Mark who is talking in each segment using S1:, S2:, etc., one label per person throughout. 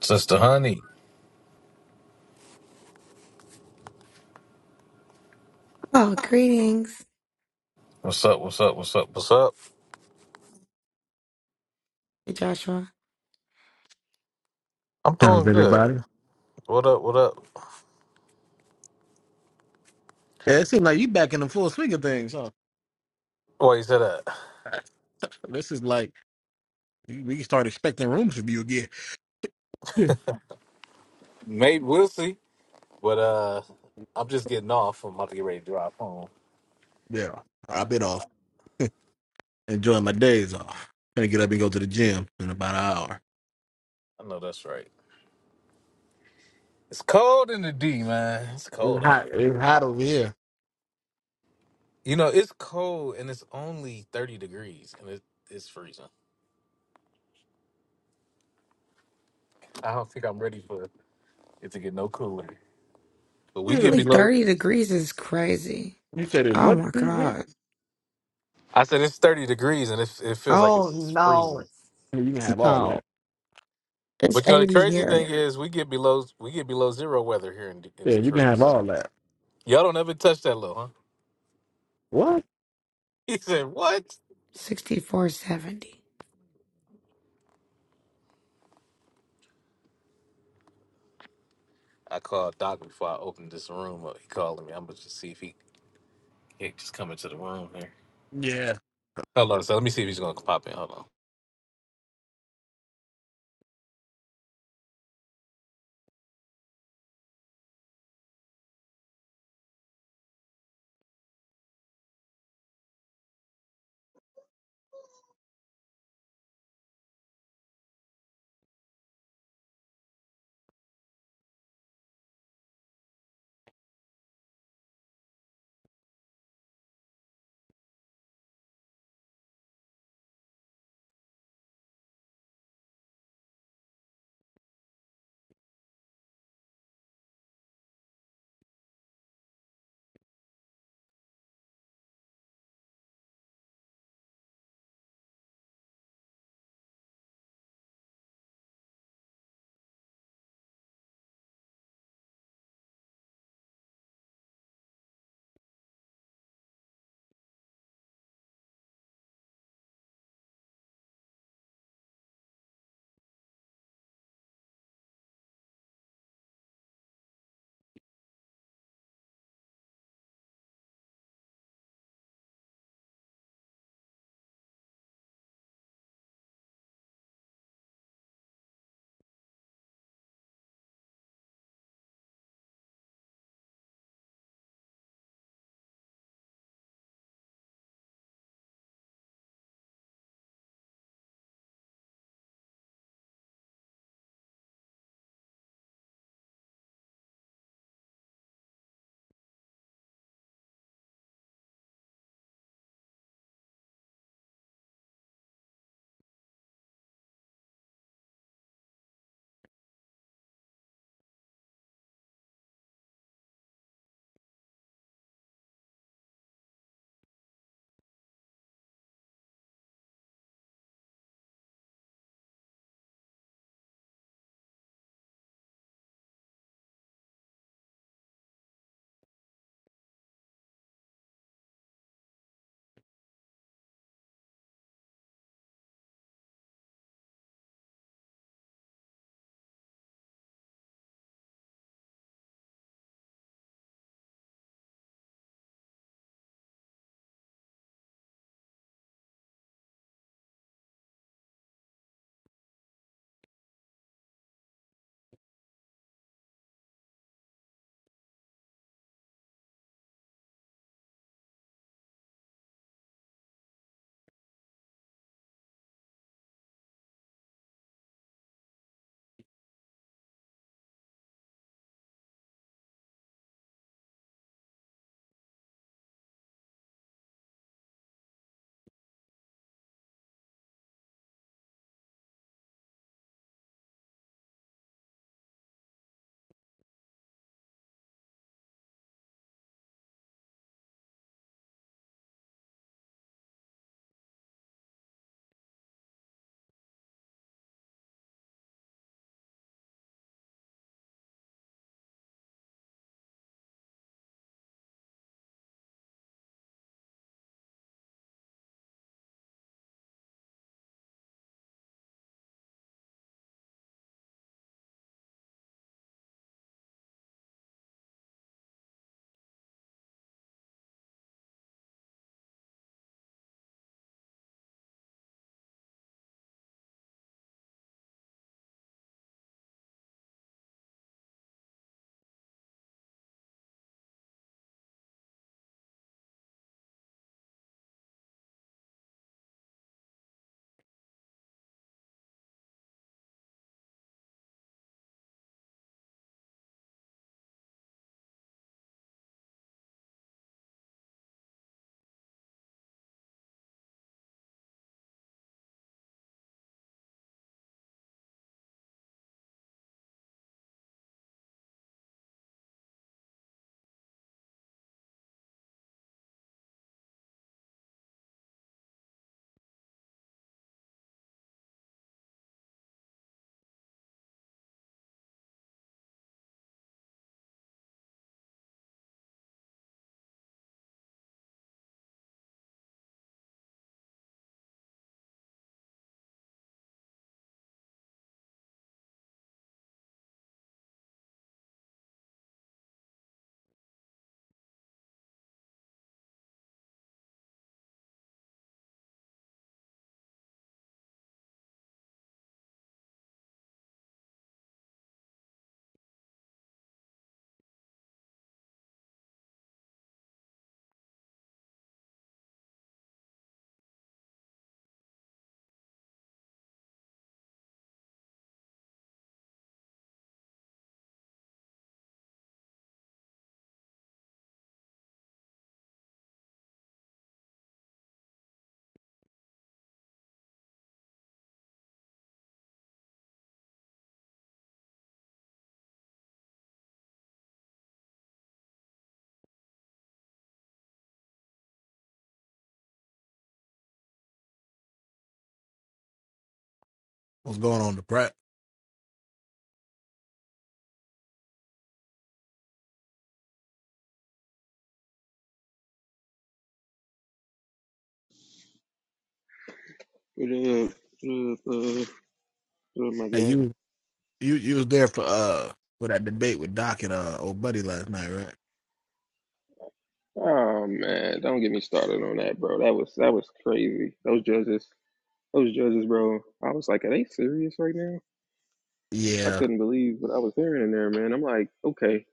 S1: Sister Honey,
S2: Oh, greetings.
S1: what's up? What's up? What's up? What's up?
S2: Hey, Joshua.
S1: I'm
S3: How's
S1: doing good.
S3: everybody?
S1: What up? What up?
S3: Yeah, it seems like you back in the full swing of things, huh?
S1: Why you say that?
S3: This is like you- we start expecting rooms from you again. Yeah.
S1: Maybe we'll see. But uh, I'm just getting off. I'm about to get ready to drive home.
S3: Yeah. I've been off, enjoying my days off. Gonna get up and go to the gym in about an hour.
S1: I know that's right. It's cold in the D, man. It's cold
S3: It's
S1: out
S3: hot.
S1: here.
S3: It's hot over here.
S1: You know, it's cold and it's only 30 degrees and it, it's freezing. I don't think I'm ready for it to get no cooler. But we get
S3: Yeah.
S2: Only
S1: below.
S2: 30 degrees is crazy.
S3: You said it's
S2: Oh
S3: what?
S2: my
S3: degrees here?
S2: God.
S1: I said it's 30 degrees and it, it feels like it's
S2: Oh
S1: just
S2: no.
S1: freezing.
S3: You can have all
S2: No.
S3: that.
S2: It's
S1: But you know the
S2: 80
S1: crazy thing
S2: here.
S1: is we get below we get below zero weather here in D- in
S3: Yeah, you can
S1: Detroit.
S3: have
S1: So
S3: all that.
S1: y'all don't ever touch that low, huh?
S3: What?
S1: He said what?
S2: 64, 70.
S1: I called Doc before I opened this room up. He called me. I'm gonna just see if he he just come into the room here.
S3: Yeah.
S1: Hold on, so let me see if he's gonna pop in. Hold
S3: What's going on, the prep?
S4: What up? What up, uh, what up, my
S3: Hey,
S4: guy?
S3: you, you, you was there for uh for that debate with Doc and uh old buddy last night, right?
S4: Oh man, don't get me started on that, bro. That was that was crazy. Those judges, those judges, bro. I was like, are they serious right now? I
S3: Yeah.
S4: couldn't believe what I was hearing in there, man. I'm like, okay.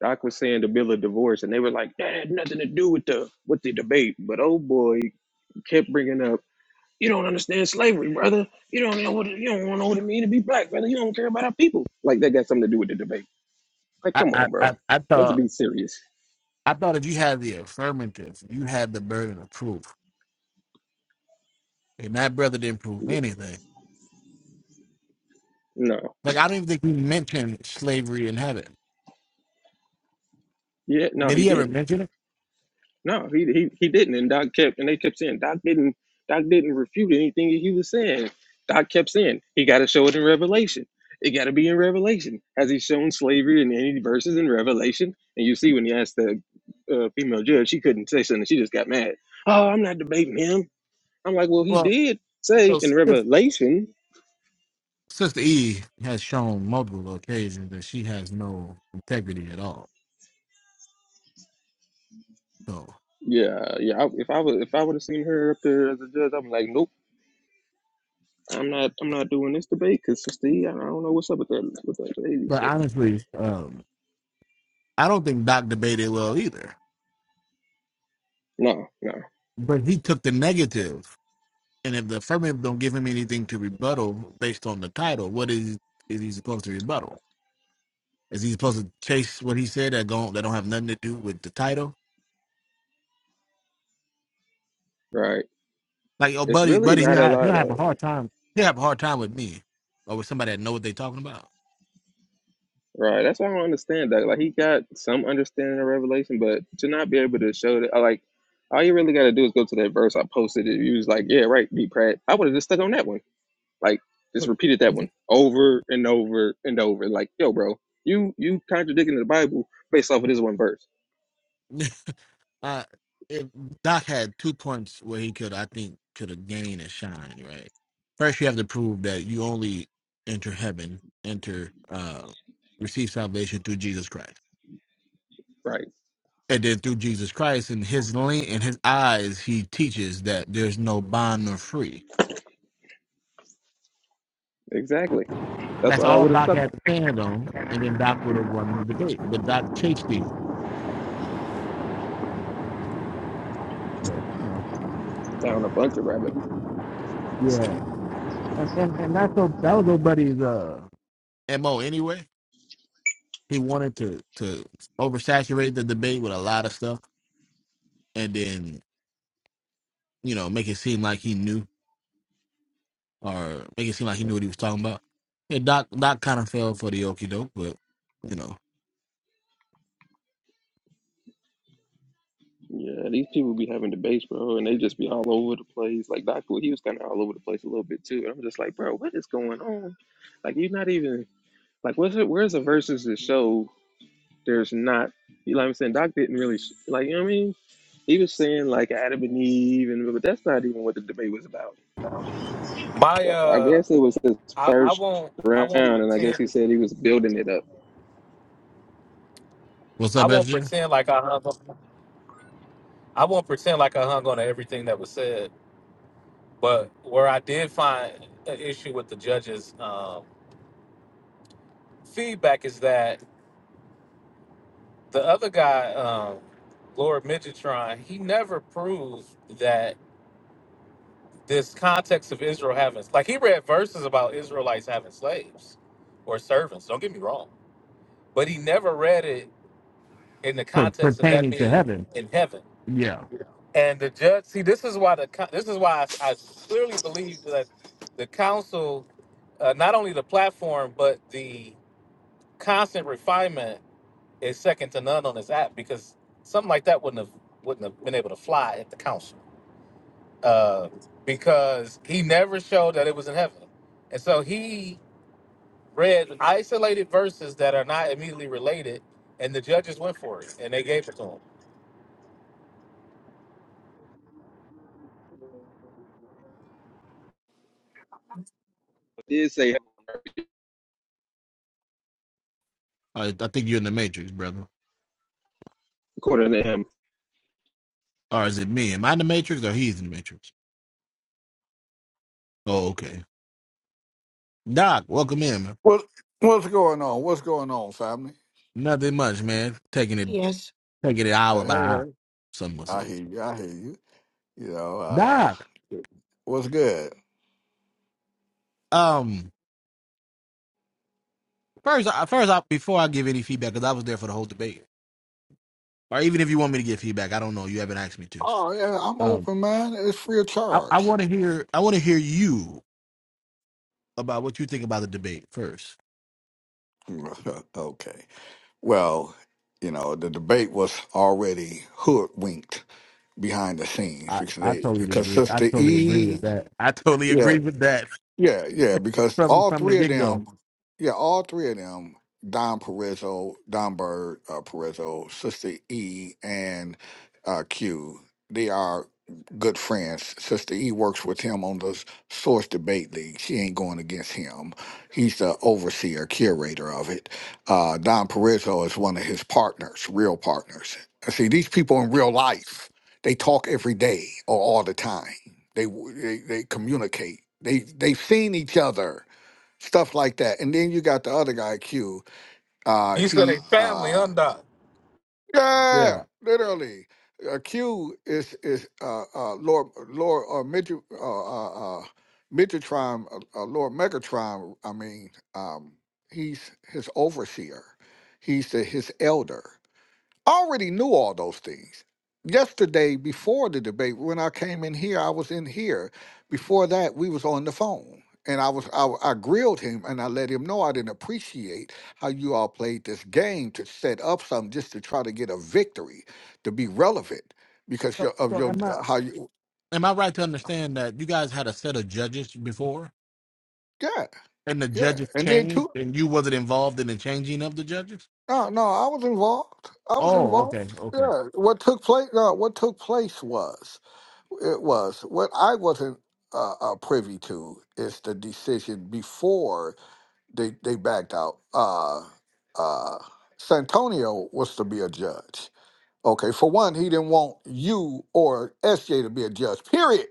S4: Doc was saying the bill of divorce, and they were like, that had nothing to do with the with the debate. But oh boy, kept bringing up, you don't understand slavery, brother. You don't know what it- you don't know what it mean to be black, brother. You don't care about our people. Like that got something to do with the debate. Like,
S3: I,
S4: come
S3: I,
S4: on, bro.
S3: I, I
S4: Let's
S3: thought.
S4: be serious.
S3: I thought if you had the affirmative, you had the burden of proof. And that brother didn't prove anything.
S4: No.
S3: Like, I don't even think he mentioned slavery in heaven.
S4: Yeah, no,
S3: Did
S4: he
S3: he ever
S4: didn't.
S3: mention it?
S4: No, he he, he didn't. And Doc kept and they kept saying Doc didn't Doc didn't refute anything that he was saying. Doc kept saying he gotta show it in Revelation. It gotta be in Revelation. Has he shown slavery in any verses in Revelation? And you see when he asked the uh, female judge, she couldn't say something, she just got mad. Oh, I'm not debating him. I'm like, well he
S3: Well,
S4: did say
S3: well
S4: in
S3: Sis-
S4: Revelation.
S3: Sister E has shown multiple occasions that she has no integrity at all. So,
S4: Yeah, yeah. I, if I was, if I would have seen her up there as a judge, I'm like, nope. I'm not I'm not doing this debate because Sister E, I don't know what's up with that with that lady.
S3: but
S4: So
S3: honestly, um, I don't think Doc debated well either.
S4: no, no,
S3: But he took the negative, and if the affirmative don't give him anything to rebuttal based on the title, what is is he supposed to rebuttal? Is he supposed to chase what he said that don't that don't have nothing to do with the title?
S4: right.
S3: Like, oh,
S4: It's
S3: buddy,
S4: really
S3: buddy, he'll
S4: not a
S3: have, he'll
S4: lot
S3: have
S4: of
S3: a hard time. He'll have a hard time with me or with somebody that know what they talking about.
S4: right. That's why I don't understand that. Like he got some understanding of Revelation, but to not be able to show that, I like all you really got to do is go to that verse I posted. It you was like, yeah, right, be Pratt. I would have just stuck on that one. Like just repeated that one over and over and over. Like yo, bro, you you contradicting the Bible based off of this one verse,
S3: uh, if Doc had two points where he could, I think, could have gained and shine. Right. First, you have to prove that you only enter heaven, enter, uh, receive salvation through Jesus Christ.
S4: right?
S3: And then through Jesus Christ and his lean and his eyes, he teaches that there's no bond nor free.
S4: Exactly. That's
S3: That's
S4: what I
S3: all
S4: would have
S3: Doc
S4: stuck on.
S3: had to stand on. And then Doc would have won the debate. But Doc chased him. But you know.
S4: down a bunch of rabbit
S3: Yeah. And and, and that's so that was old buddy's uh MO anyway. He wanted to to oversaturate the debate with a lot of stuff and then, you know, make it seem like he knew or make it seem like he knew what he was talking about. Yeah, Doc Doc kind of fell for the okie doke, but you know,
S4: Yeah, these people be having debates, bro, and they just be all over the place. Like Doc, he was kind of all over the place a little bit too. And I'm just like, bro, what is going on? Like, you're not even like, where's it? Where's the verses that show there's not? You know what I'm saying? Doc didn't really sh- like. You know what I mean? He was saying like Adam and Eve, and but that's not even what the debate was about.
S1: on. My
S4: But I
S1: uh,
S4: guess it was his
S1: I, I
S4: first
S1: won't I
S4: round,
S1: won't
S4: and I guess he
S1: pretend
S4: said he was building it up.
S3: what's
S1: I
S3: up,
S1: won't
S3: SJ?
S1: pretend like I hung on, I won't pretend like I hung on to everything that was said. But where I did find an issue with the judges' um, feedback is that The other guy, um, Lord Midgetron, he never proved that this context of Israel having like he read verses about Israelites having slaves or servants. Don't get me wrong, but he never read it in the
S3: Per-
S1: context of that
S3: pertaining to
S1: being
S3: heaven,
S1: in heaven.
S3: yeah.
S1: And the judge, see, this is why the co- this is why I, I clearly believe that the council, uh, not only the platform but the constant refinement is second to none on this app because something like that wouldn't have wouldn't have been able to fly at the council uh, because he never showed that it was in heaven, and so he read isolated verses that are not immediately related, and the judges went for it and they gave it to him.
S4: He did say
S3: I, I think you're in the Matrix, brother.
S4: according to him.
S3: Or is it me? Am I in the Matrix or he's in the Matrix? Oh, okay. Doc, welcome in, man.
S5: What what's going on? What's going on, family?
S3: Nothing much, man. Taking it
S2: Yes.
S3: taking it hour
S5: Uh,
S3: by
S5: Hey, hey.
S3: hour. Someone
S5: I
S3: said.
S5: hear you. I hear you. You know, uh
S3: Doc.
S5: what's good?
S3: Um. First, first, I, before I give any feedback, because I was there for the whole debate, or even if you want me to give feedback, I don't know. You haven't asked me to.
S5: Oh yeah, I'm
S3: Um,
S5: open, man. It's free of
S3: I, I
S5: charge.
S3: want to hear. I want to hear you about what you think about the debate first.
S5: okay. Well, you know, the debate was already hoodwinked behind the scenes
S3: I,
S5: because
S3: I
S5: they
S3: totally
S5: because
S3: agree. I
S5: Sister
S3: totally agree with
S5: E
S3: that I totally
S5: yeah,
S3: agree with that.
S5: Yeah, yeah, because
S3: from
S5: all
S3: from the
S5: three of
S3: get go.
S5: them, yeah, all three of them, Don Perezzo, Don Bird, uh, Perezzo, Sister E, and uh, Q, they are good friends. Sister E works with him on the Source Debate League. She ain't going against him. He's the overseer, curator of it. Uh, Don Perezzo is one of his partners, real partners. See, these people in real life, they talk every day or all the time. They they, they communicate. They they've seen each other, stuff like that. And then you got the other guy, Q. Uh,
S1: You said
S5: he
S1: a family
S5: uh,
S1: undone.
S5: yeah,
S3: Yeah.
S5: literally. Uh, Q is is uh, uh, Lord Lord uh, Mid- uh, uh, uh, Midratron, uh, uh, Lord Megatron. I mean, um, he's his overseer. He's the, his elder already knew all those things. Yesterday, before the debate, when I came in here, I was in here. Before that, we was on the phone, and I was I, I grilled him and I let him know I didn't appreciate how you all played this game to set up something just to try to get a victory, to be relevant because
S3: So,
S5: your, of
S3: so
S5: your
S3: am I?
S5: uh, how you
S3: Am I right to understand that you guys had a set of judges before,
S5: yeah
S3: and the
S5: yeah
S3: judges
S5: and then
S3: changed,
S5: too
S3: and you wasn't involved in the changing of the judges?
S5: no no I was involved I was
S3: Oh, okay,
S5: involved yeah what took place no what took place was. It was. What I wasn't uh, uh, privy to is the decision before they, they backed out. Uh, uh, Santonio was to be a judge. Okay, for one, he didn't want you or SJ to be a judge, period.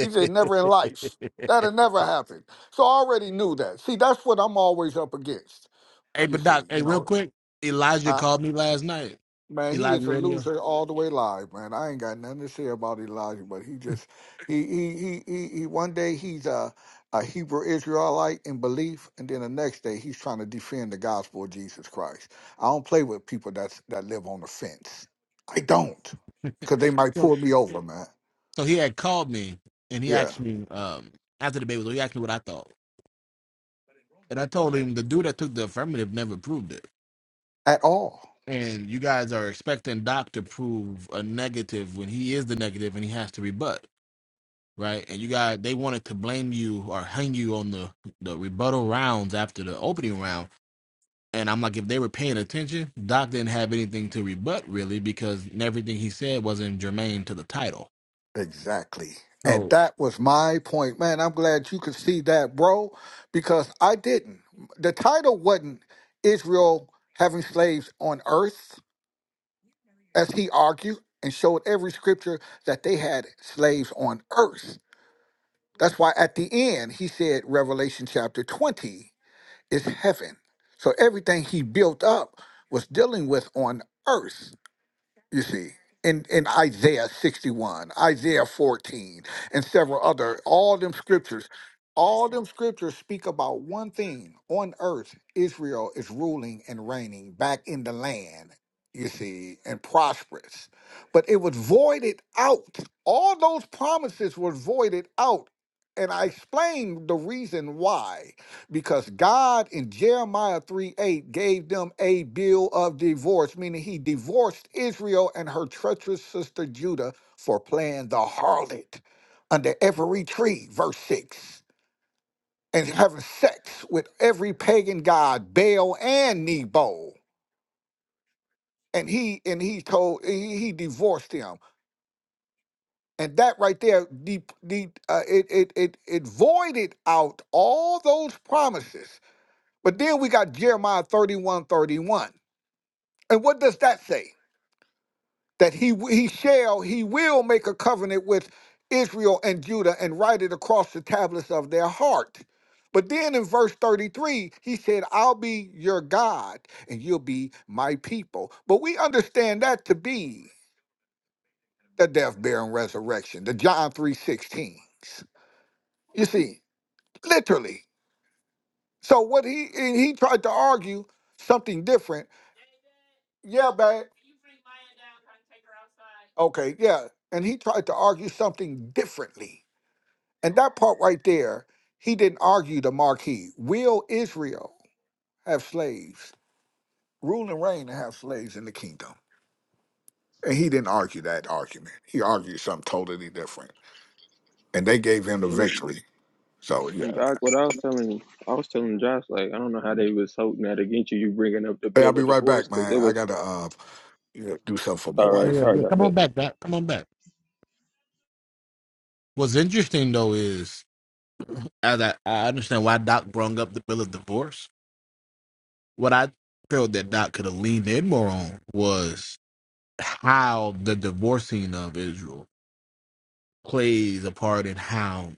S5: He said, never in life. That'll never happen. So I already knew that. See, that's what I'm always up against,
S3: Hey,
S5: you
S3: but
S5: see,
S3: Doc, hey,
S5: you
S3: real
S5: know.
S3: quick, Elijah called me last night.
S5: Man, he
S3: Elijah
S5: is a
S3: Radio.
S5: loser all the way live, man. I ain't got nothing to say about Elijah, but he just he he he he, he one day he's a, a Hebrew Israelite in belief, and then the next day he's trying to defend the gospel of Jesus Christ. I don't play with people that's that live on the fence. I don't. Because they might
S3: So,
S5: pull me over, man.
S3: so he had called me and he
S5: Yeah.
S3: asked me um, after the debate was over, he asked me what I thought. And I told him the dude that took the affirmative never proved it.
S5: At all.
S3: And you guys are expecting Doc to prove a negative when he is the negative and he has to rebut, right? And you guys, they wanted to blame you or hang you on the, the rebuttal rounds after the opening round And I'm like, if they were paying attention, Doc didn't have anything to rebut really because everything he said wasn't germane to the title.
S5: Exactly. And
S3: So
S5: that was my point. Man, I'm glad you could see that, bro, because I didn't. The title wasn't Israel having slaves on earth, as he argued and showed every scripture that they had slaves on earth. That's why at the end he said Revelation chapter 20 is heaven. So everything he built up was dealing with on earth you see in, in isaiah 61 isaiah 14 and several other all them scriptures all them scriptures speak about one thing on earth israel is ruling and reigning back in the land you see and prosperous but it was voided out all those promises were voided out and i explained the reason why because God in Jeremiah 3 8 gave them a bill of divorce, meaning he divorced Israel and her treacherous sister Judah for playing the harlot under every tree, verse 6, and having sex with every pagan god, Baal and Nebo. And he and he told he, he divorced him. And that right there, the, the, uh, it, it, it, it voided out all those promises. But then we got Jeremiah 31 31. And what does that say? That he he shall he will make a covenant with Israel and Judah and write it across the tablets of their heart. But then in verse 33, he said, I'll be your God and you'll be my people. But we understand that to be the death, burial, and resurrection, the John 3:16. You see, literally. So what he and he tried to argue something different. Yeah, babe. Okay, yeah. And he tried to argue something differently And that part right there, he didn't argue the marquee. Will Israel have slaves? Rule and reign to have slaves in the kingdom. And he didn't argue that argument. He argued something totally different. And they gave him the victory. So
S4: And
S5: yeah.
S4: Doc, what I was telling, I was telling Josh, like I don't know how they was holding that against you. You bringing up the
S5: Hey, I'll
S4: bill
S5: be
S4: of
S5: right
S4: divorce
S5: back,
S4: because it
S5: man. I
S4: was
S5: gotta uh you know, do something for my
S4: all
S3: yeah,
S4: right,
S3: yeah,
S5: wife.
S4: all right,
S3: yeah.
S4: Doc.
S3: Come on
S4: But
S3: back, Doc. Come on back. What's interesting though is as I, I understand why Doc brung up the bill of divorce. What I felt that Doc could have leaned in more on was how the divorcing of Israel plays a part in how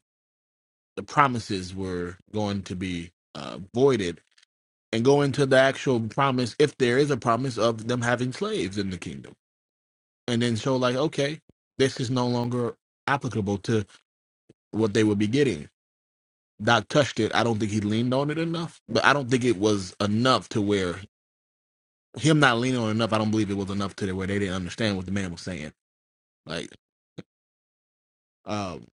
S3: the promises were going to be uh, voided and go into the actual promise, if there is a promise of them having slaves in the kingdom, and then show like, okay, this is no longer applicable to what they would be getting. Doc touched it. I don't think he leaned on it enough, but I don't think it was enough to where him not leaning on it enough. I don't believe it was enough to where they didn't understand what the man was saying. Like, um,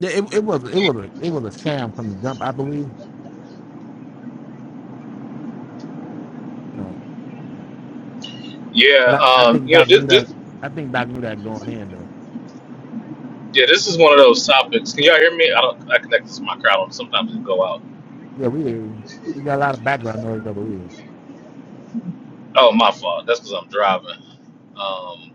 S3: yeah, it, it was it was a, it was a sham from the jump, I believe. So,
S1: Yeah,
S3: but I, I
S1: um,
S3: think
S1: you know,
S3: Doc
S1: this,
S3: knew that.
S1: this,
S3: I think Doc knew that going in though.
S1: yeah, this is one of those topics. Can y'all hear me? I don't. I connect to my crowd. Sometimes it go out.
S3: Yeah, we we got a lot of background noise over here.
S1: Oh, my fault. That's because I'm driving. Um,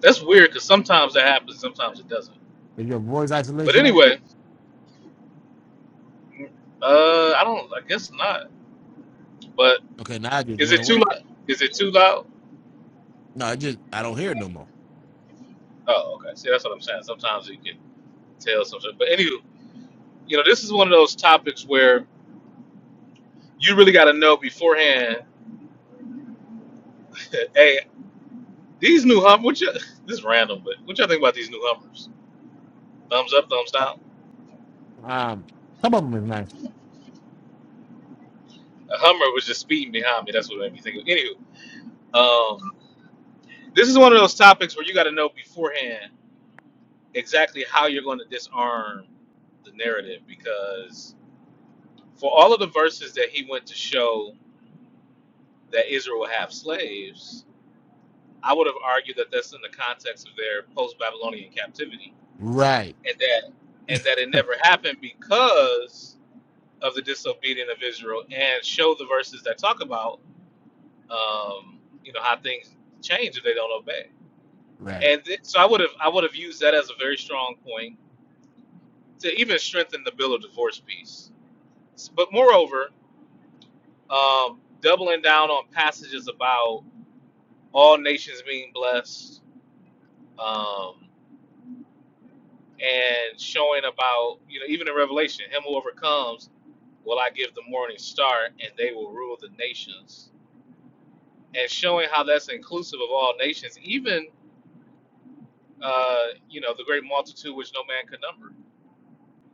S1: that's weird because sometimes that happens. Sometimes it doesn't.
S3: Is your voice
S1: But
S3: isolation on?
S1: anyway, uh, I don't. I guess not. But
S3: Okay, now I just
S1: is
S3: went
S1: it too
S3: away.
S1: loud? Is it too loud?
S3: No, I just I don't hear it no more.
S1: Oh, okay. See, that's what I'm saying. Sometimes you can tell something. But anywho, you know, this is one of those topics where you really got to know beforehand. hey, these new Hummers. what you? This is random, but what y'all think about these new Hummers? Thumbs up, thumbs
S3: Uh,
S1: down.
S3: Um, some of them is nice.
S1: A Hummer was just speeding behind me. That's what made me think of. Anywho, um, this is one of those topics where you got to know beforehand exactly how you're going to disarm the narrative because For all of the verses that he went to show that Israel will have slaves, I would have argued that that's in the context of their post-Babylonian captivity,
S3: Right,
S1: and that and that it never happened because of the disobedience of Israel, and show the verses that talk about um, you know how things change if they don't obey.
S3: right.
S1: And th- so I would have I would have used that as a very strong point to even strengthen the bill of divorce piece. S- But moreover, um, doubling down on passages about all nations being blessed, um, and showing about, you know, even in Revelation, him who overcomes will I give the morning star, and they will rule the nations. And showing how that's inclusive of all nations, even, uh, you know, the great multitude which no man could number,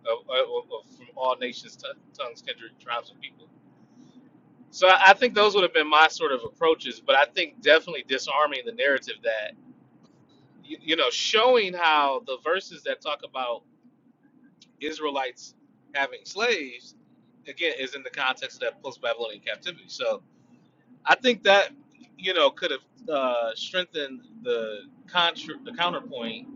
S1: of, of, of- from all nations, t- tongues, kindred, tribes, and people. So I I think those would have been my sort of approaches, but I think definitely disarming the narrative that, you, you know, showing how the verses that talk about Israelites having slaves, again, is in the context of that post Babylonian captivity. So I think that, you know, could have uh, strengthened the, contra- the counterpoint.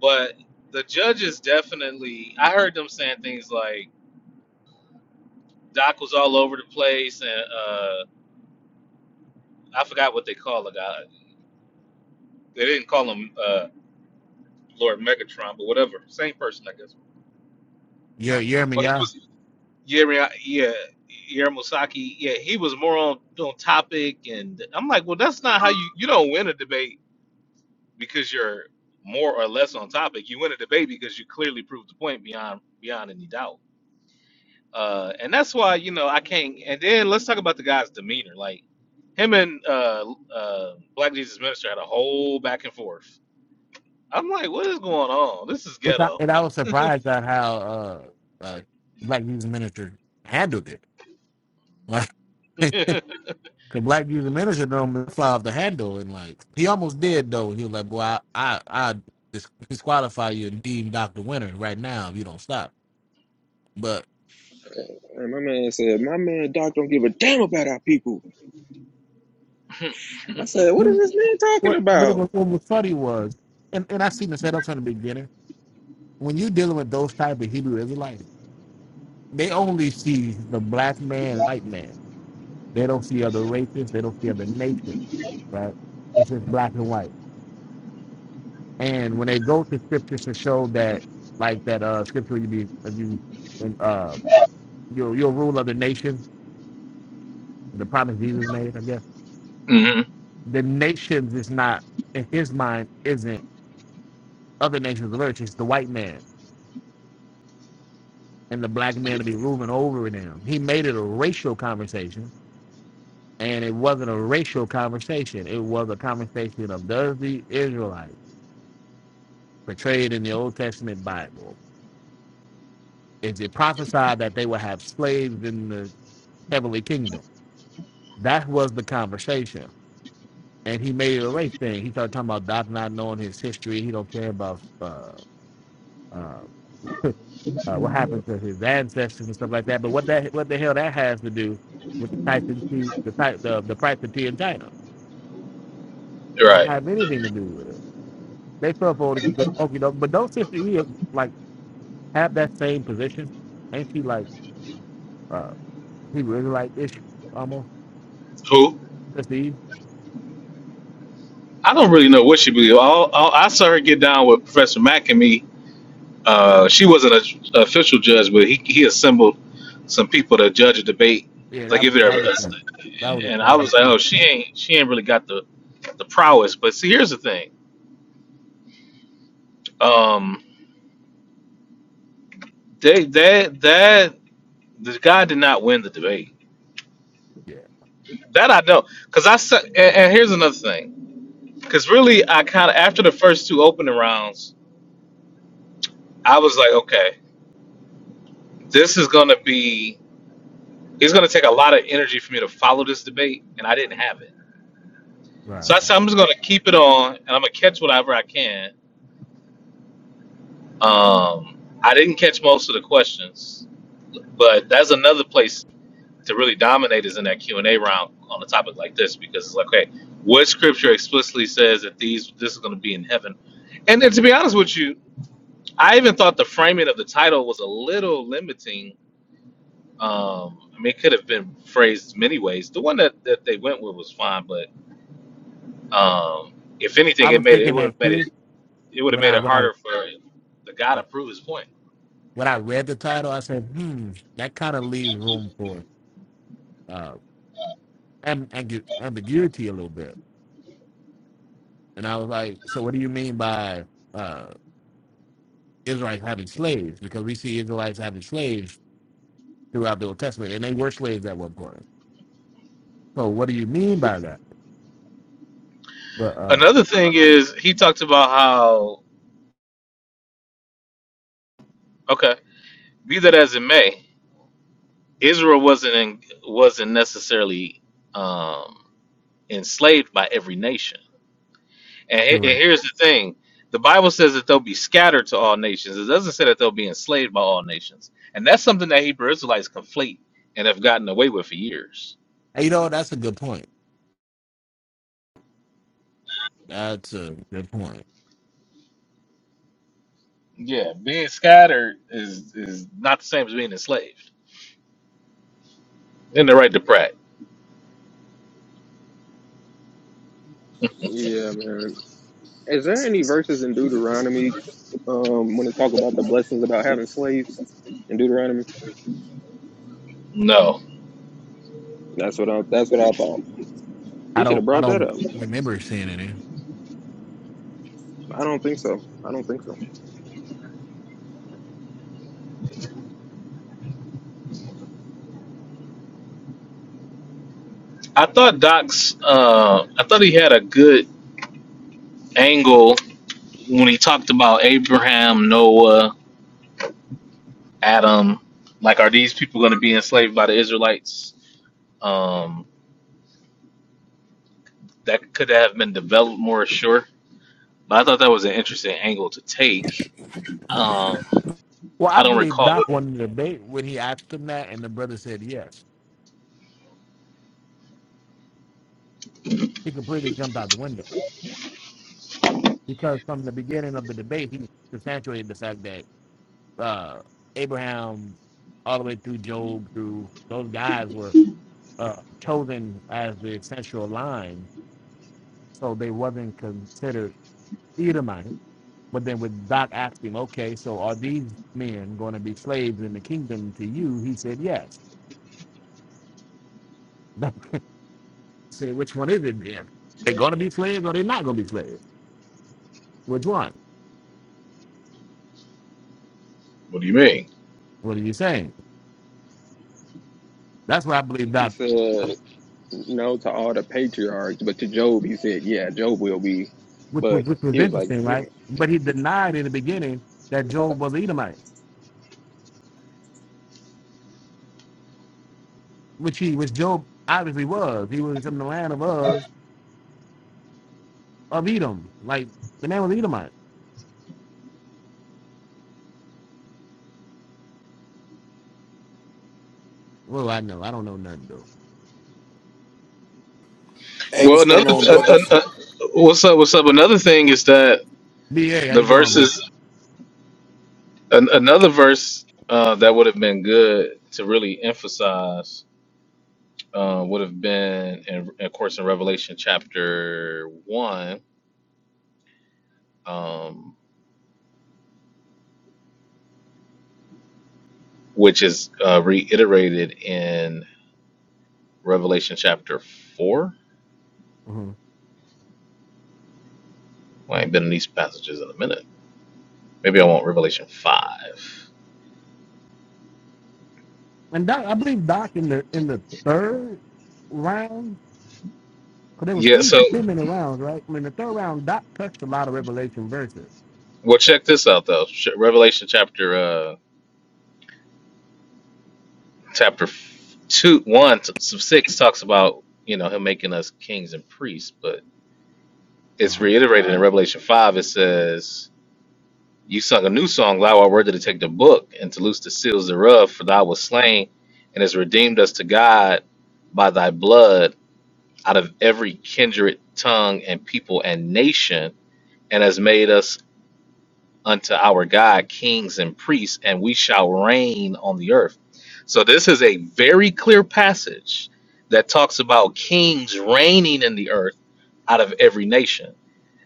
S1: But the judges definitely, I heard them saying things like, Doc was all over the place, and uh, I forgot what they call the guy. They didn't call him uh, Lord Megatron, but whatever. Same person, I guess.
S3: You you hear me,
S1: Oh, he
S3: yeah.
S1: was Jeremy, uh, yeah, Yair Musaki. yeah, he was more on on topic, and I'm like, well, that's not how you you don't win a debate because you're more or less on topic. You win a debate because you clearly proved the point beyond beyond any doubt. Uh, and that's why you know I can't. And then let's talk about the guy's demeanor. Like him and uh, uh, Black Jesus Minister had a whole back and forth. I'm like, what is going on? This is
S3: Which I,
S1: ghetto.
S3: and I was surprised at how uh, uh Black Youth Minister handled it. Like the Black Youth Minister normally fly off the handle and like he almost did though. He was like, "Boy, I I, I dis- disqualify you and deem Doctor Winner right now if you don't stop." But
S4: and my man said, my man Doc don't give a damn about our people. I said, what is
S3: what?
S4: this man talking
S3: But it
S4: about?
S3: was, what was funny was, and and I seen the setup from the beginning when you're dealing with those type of Hebrew Israelites, they only see the black man, white man. They don't see other races. They don't see other nations, right? It's just black and white. And when they go to scriptures to show that, like that uh, scripture you be if you and uh your your rule of the nation, the promise Jesus made, I guess
S1: hmm
S3: the nations is not in his mind isn't other nations of earth. It's the white man and the black man to be ruling over them. He made it a racial conversation And it wasn't a racial conversation. It was a conversation of does the Israelites portrayed in the Old Testament Bible, is it prophesied that they will have slaves in the heavenly kingdom? That was the conversation. And he made it a race thing. He started talking about Doc not knowing his history. He don't care about uh, uh, uh, what happened to his ancestors and stuff like that. But what that what the hell that has to do with the price of tea, the type the the price of tea in China? It don't
S1: Right.
S3: have anything to do with it. They felt for you you know, but don't sister E like have that same position. Ain't she like uh he really like ish almost
S1: Who?
S3: sister E?
S1: I don't really know what she believed. All, all, I saw her get down with Professor McAmee. Uh, she wasn't a a official judge, but he, he assembled some people to judge a debate,
S3: Yeah,
S1: like
S3: that
S1: if
S3: was
S1: it
S3: that was a-
S1: a,
S3: that was
S1: and
S3: a
S1: I
S3: shame
S1: was like, oh,
S3: too.
S1: she ain't she ain't really got the the prowess. But see, here's the thing. Um, they that that the guy did not win the debate.
S3: Yeah.
S1: That I know, cause I said. And, and here's another thing, cause really, I kind of after the first two opening rounds, I was like, okay, this is gonna be. It's going to take a lot of energy for me to follow this debate, and I didn't have it.
S3: Right,
S1: So I
S3: right.
S1: said I'm just going to keep it on, and I'm going to catch whatever I can. Um, I didn't catch most of the questions, but that's another place to really dominate is in that Q and A round on a topic like this because it's like, okay, what scripture explicitly says that these this is going to be in heaven? And then to be honest with you, I even thought the framing of the title was a little limiting. Um, I mean, it could have been phrased many ways. The one that, that they went with was fine, but Um, if anything,
S3: I
S1: it
S3: was
S1: made it, it
S3: thinking
S1: would
S3: that
S1: have made it
S3: too
S1: it would have
S3: when
S1: made
S3: I
S1: it
S3: when I
S1: harder for the guy to prove his point.
S3: when I read the title, I said, hmm, that kind of leaves room for uh am- ambi- ambiguity a little bit. And I was like, so what do you mean by uh Israelites having slaves? Because we see Israelites having slaves throughout the Old Testament, and they were slaves at one point. So what do you mean by that? But um,
S1: Another thing is he talked about how okay, be that as it may, Israel wasn't in, wasn't necessarily um, enslaved by every nation. And, he- and
S3: correct.
S1: here's the thing: the Bible says that they'll be scattered to all nations. It doesn't say that they'll be enslaved by all nations, and that's something that Hebrew Israelites conflate and have gotten away with for years
S3: Hey, You know that's a good point. That's a good point.
S1: Yeah, being scattered is is not the same as being enslaved. In the right to Pratt.
S4: Yeah, man. Is there any verses in Deuteronomy um, when they talk about the blessings about having slaves in Deuteronomy?
S1: No,
S4: That's what I. That's what I thought.
S3: I
S4: He should have
S3: don't I
S4: brought that
S3: don't
S4: up.
S3: remember seeing any.
S4: I don't think so. I don't think so. I
S1: I thought Doc's. Uh, I thought he had a good angle when he talked about Abraham, Noah, Adam. Like, are these people going to be enslaved by the Israelites? Um, that could have been developed more sure. But I thought that was an interesting angle to take. Um,
S3: Well,
S1: I
S3: I
S1: don't
S3: believe
S1: recall.
S3: Doc
S1: What,
S3: won the debate when he asked him that, and the brother said yes. He completely jumped out the window because from the beginning of the debate, he substantiated the fact that uh, Abraham, all the way through Job, through those guys were uh, chosen as the essential line, so they wasn't considered Edomites But then with Doc asking, okay, so are these men going to be slaves in the kingdom to you? He said, yes. Say, which one is it then? They're going to be slaves or they're not going to be slaves? Which one?
S1: what do you mean?
S3: What are you saying? That's why I believe
S4: think he
S3: Doc,
S4: said. no to all the patriarchs, but to Job, he said, yeah, Job will be.
S3: which was,
S4: But
S3: which was
S4: he was like,
S3: interesting,
S4: mm.
S3: right? But he denied in the beginning that Job was an Edomite, which he, which Job obviously was. He was from the land of Uz, of Edom. Like, the man was Edomite. Well, I know. I don't know nothing, though.
S6: Hey, what's
S1: Well, another.
S6: going on,
S1: Uh, uh,
S6: brothers?
S1: uh, what's up? What's up? Another thing is that
S3: B.A., how
S1: the
S3: you doing,
S1: verses
S3: bro?
S1: An- another verse uh, that would have been good to really emphasize uh, would have been, in, of course, in Revelation chapter one, um, which is uh, reiterated in Revelation chapter four. Well, I ain't been in these passages in a minute. Maybe I want Revelation five.
S3: And Doc, I believe Doc in the in the third round, because there was
S1: Yeah.
S3: three
S1: So,
S3: 10 minute rounds, right? I mean, the third round, Doc touched a lot of Revelation verses.
S1: well, check this out though. Sh- Revelation chapter uh, chapter f- two one to six talks about you know him making us kings and priests, but it's
S3: Uh-huh.
S1: reiterated in Revelation 5. It says, You sung a new song, thou art worthy to take the book and to loose the seals thereof, for thou wast slain and hast redeemed us to God by thy blood out of every kindred, tongue, and people and nation, and has made us unto our God kings and priests, and we shall reign on the earth. So, this is a very clear passage that talks about kings reigning in the earth out of every nation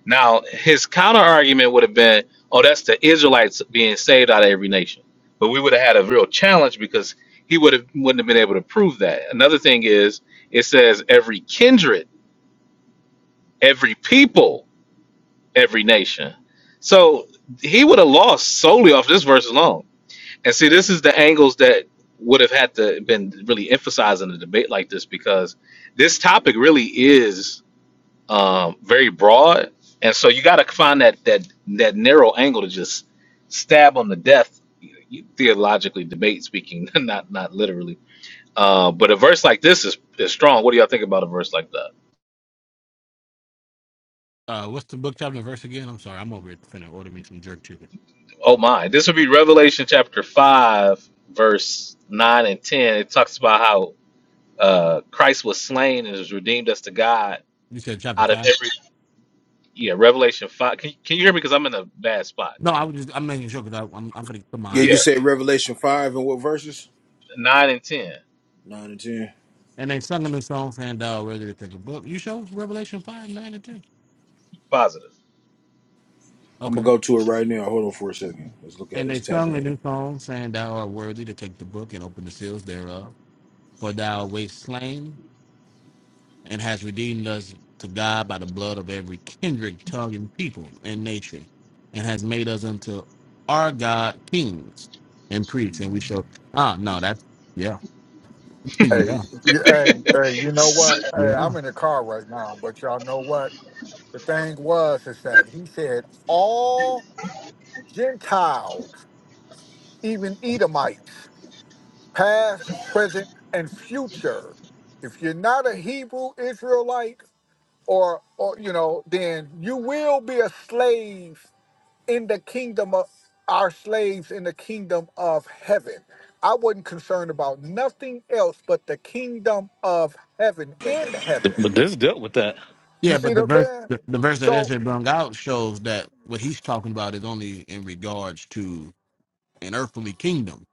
S1: now, his counter argument would have been, oh, that's the Israelites being saved out of every nation. But we would have had a real challenge because he would have wouldn't have been able to prove that. Another thing is it says every kindred, every people, every nation. So he would have lost solely off this verse alone. And see, this is the angles that would have had to been really emphasized in a debate like this because this topic really is um, very broad, and so you got to find that that that narrow angle to just stab them to death. Theologically, debate speaking, not not literally. Uh, but a verse like this is is strong. What do y'all think about a verse like that?
S3: Uh, what's the book chapter and verse again? I'm sorry, I'm over here finna order me some jerk chicken.
S1: Oh my, this would be Revelation chapter five, verse nine and ten. It talks about how uh, Christ was slain and has redeemed us to God
S3: You said chapter
S1: out of
S3: five?
S1: every. Yeah, Revelation five. Can, can you hear me? Because I'm in a bad spot.
S3: No, I was just I'm making sure because I'm I'm gonna put
S6: Yeah,
S3: my
S6: you
S1: Yeah,
S3: eyes on.
S6: said Revelation 5 and what verses?
S1: nine and ten,
S6: 9 and 10.
S3: And they sung a new song saying, "Thou ready to take a book." You show Revelation five nine and ten.
S1: positive.
S6: I'm
S3: Okay.
S6: going to go to it right now. Hold on for a second. Let's look at it.
S3: And
S6: Let's
S3: they
S6: tap
S3: sung a
S6: in.
S3: new song saying, "Thou art worthy to take the book and open the seals thereof, for thou wast slain." and has redeemed us to God by the blood of every kindred, tongue, and people and nation, and has made us unto our God kings and priests. And we shall ah no, that's yeah,
S5: Hey,
S3: yeah,
S5: y- hey, hey, you know what? Hey,
S3: yeah,
S5: I'm in the car right now, but y'all know what? The thing was is that he said all Gentiles, even Edomites. past, present, and future. If you're not a Hebrew Israelite or, or you know, then you will be a slave in the kingdom of our slaves in the kingdom of heaven. I wasn't concerned about nothing else but the kingdom of heaven in heaven.
S1: But this dealt with that.
S5: You
S3: yeah.
S5: see
S3: But the
S5: what I'm
S3: verse,
S5: saying?
S3: the, the verse that
S5: So
S3: Ezra brung out shows that what he's talking about is only in regards to an earthly kingdom.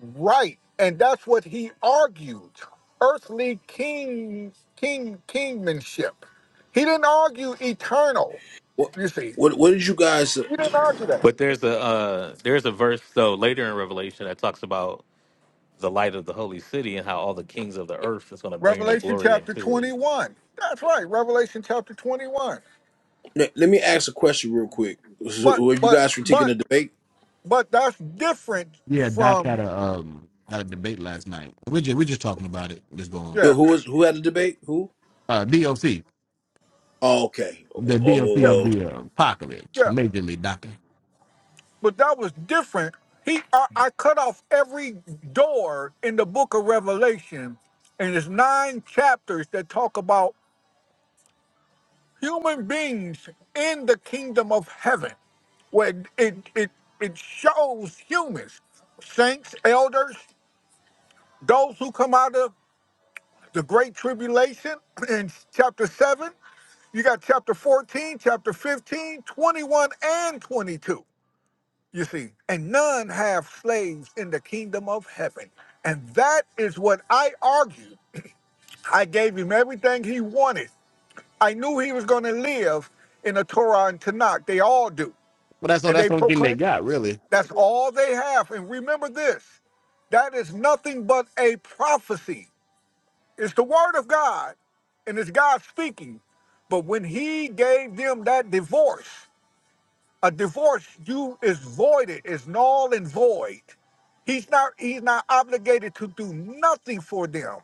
S5: Right. And that's what he argued. Earthly king king kingmanship. He didn't argue eternal.
S6: What
S5: You see.
S6: What, what did you guys.
S5: You didn't argue that.
S1: But there's a uh, there's a verse though later in Revelation that talks about the light of the holy city and how all the kings of the earth is going to bring their
S5: Revelation
S1: glory
S5: chapter
S1: into it.
S5: 21. That's right. Revelation chapter 21.
S6: Let let me ask a question real quick. So,
S5: But
S6: were you
S5: but
S6: guys critiquing
S5: but
S6: the debate?
S5: but that's different
S3: Yeah, Doc had
S5: from
S3: a um had a debate last night. We're just, we're just talking about it. Just going
S5: yeah.
S6: Who was who had the debate? Who?
S3: uh, DOC,
S6: Oh, okay. Oh,
S3: the
S6: well, oh,
S3: DOC
S6: well.
S5: Yeah.
S3: of
S6: well.
S3: the uh, apocalypse,
S5: Yeah.
S3: majorly Doc
S5: But that was different. He I, I cut off every door in the book of Revelation and there's nine chapters that talk about human beings in the kingdom of heaven, where it, it, it shows humans, saints, elders, those who come out of the great tribulation in chapter 7. You got chapter 14, chapter 15, 21, and 22, you see. And none have slaves in the kingdom of heaven. And that is what I argued. I gave him everything he wanted. I knew he was going to live in a Torah and Tanakh. They all do.
S3: Well, that's all.
S5: and
S3: That's
S5: they
S3: the only thing they
S5: proclaim
S3: got, really.
S5: that's all they have. And remember this that is nothing but a prophecy. It's the word of God, and it's God speaking. But when he gave them that divorce, a divorce you is voided, is null and void. He's not he's not obligated to do nothing for them.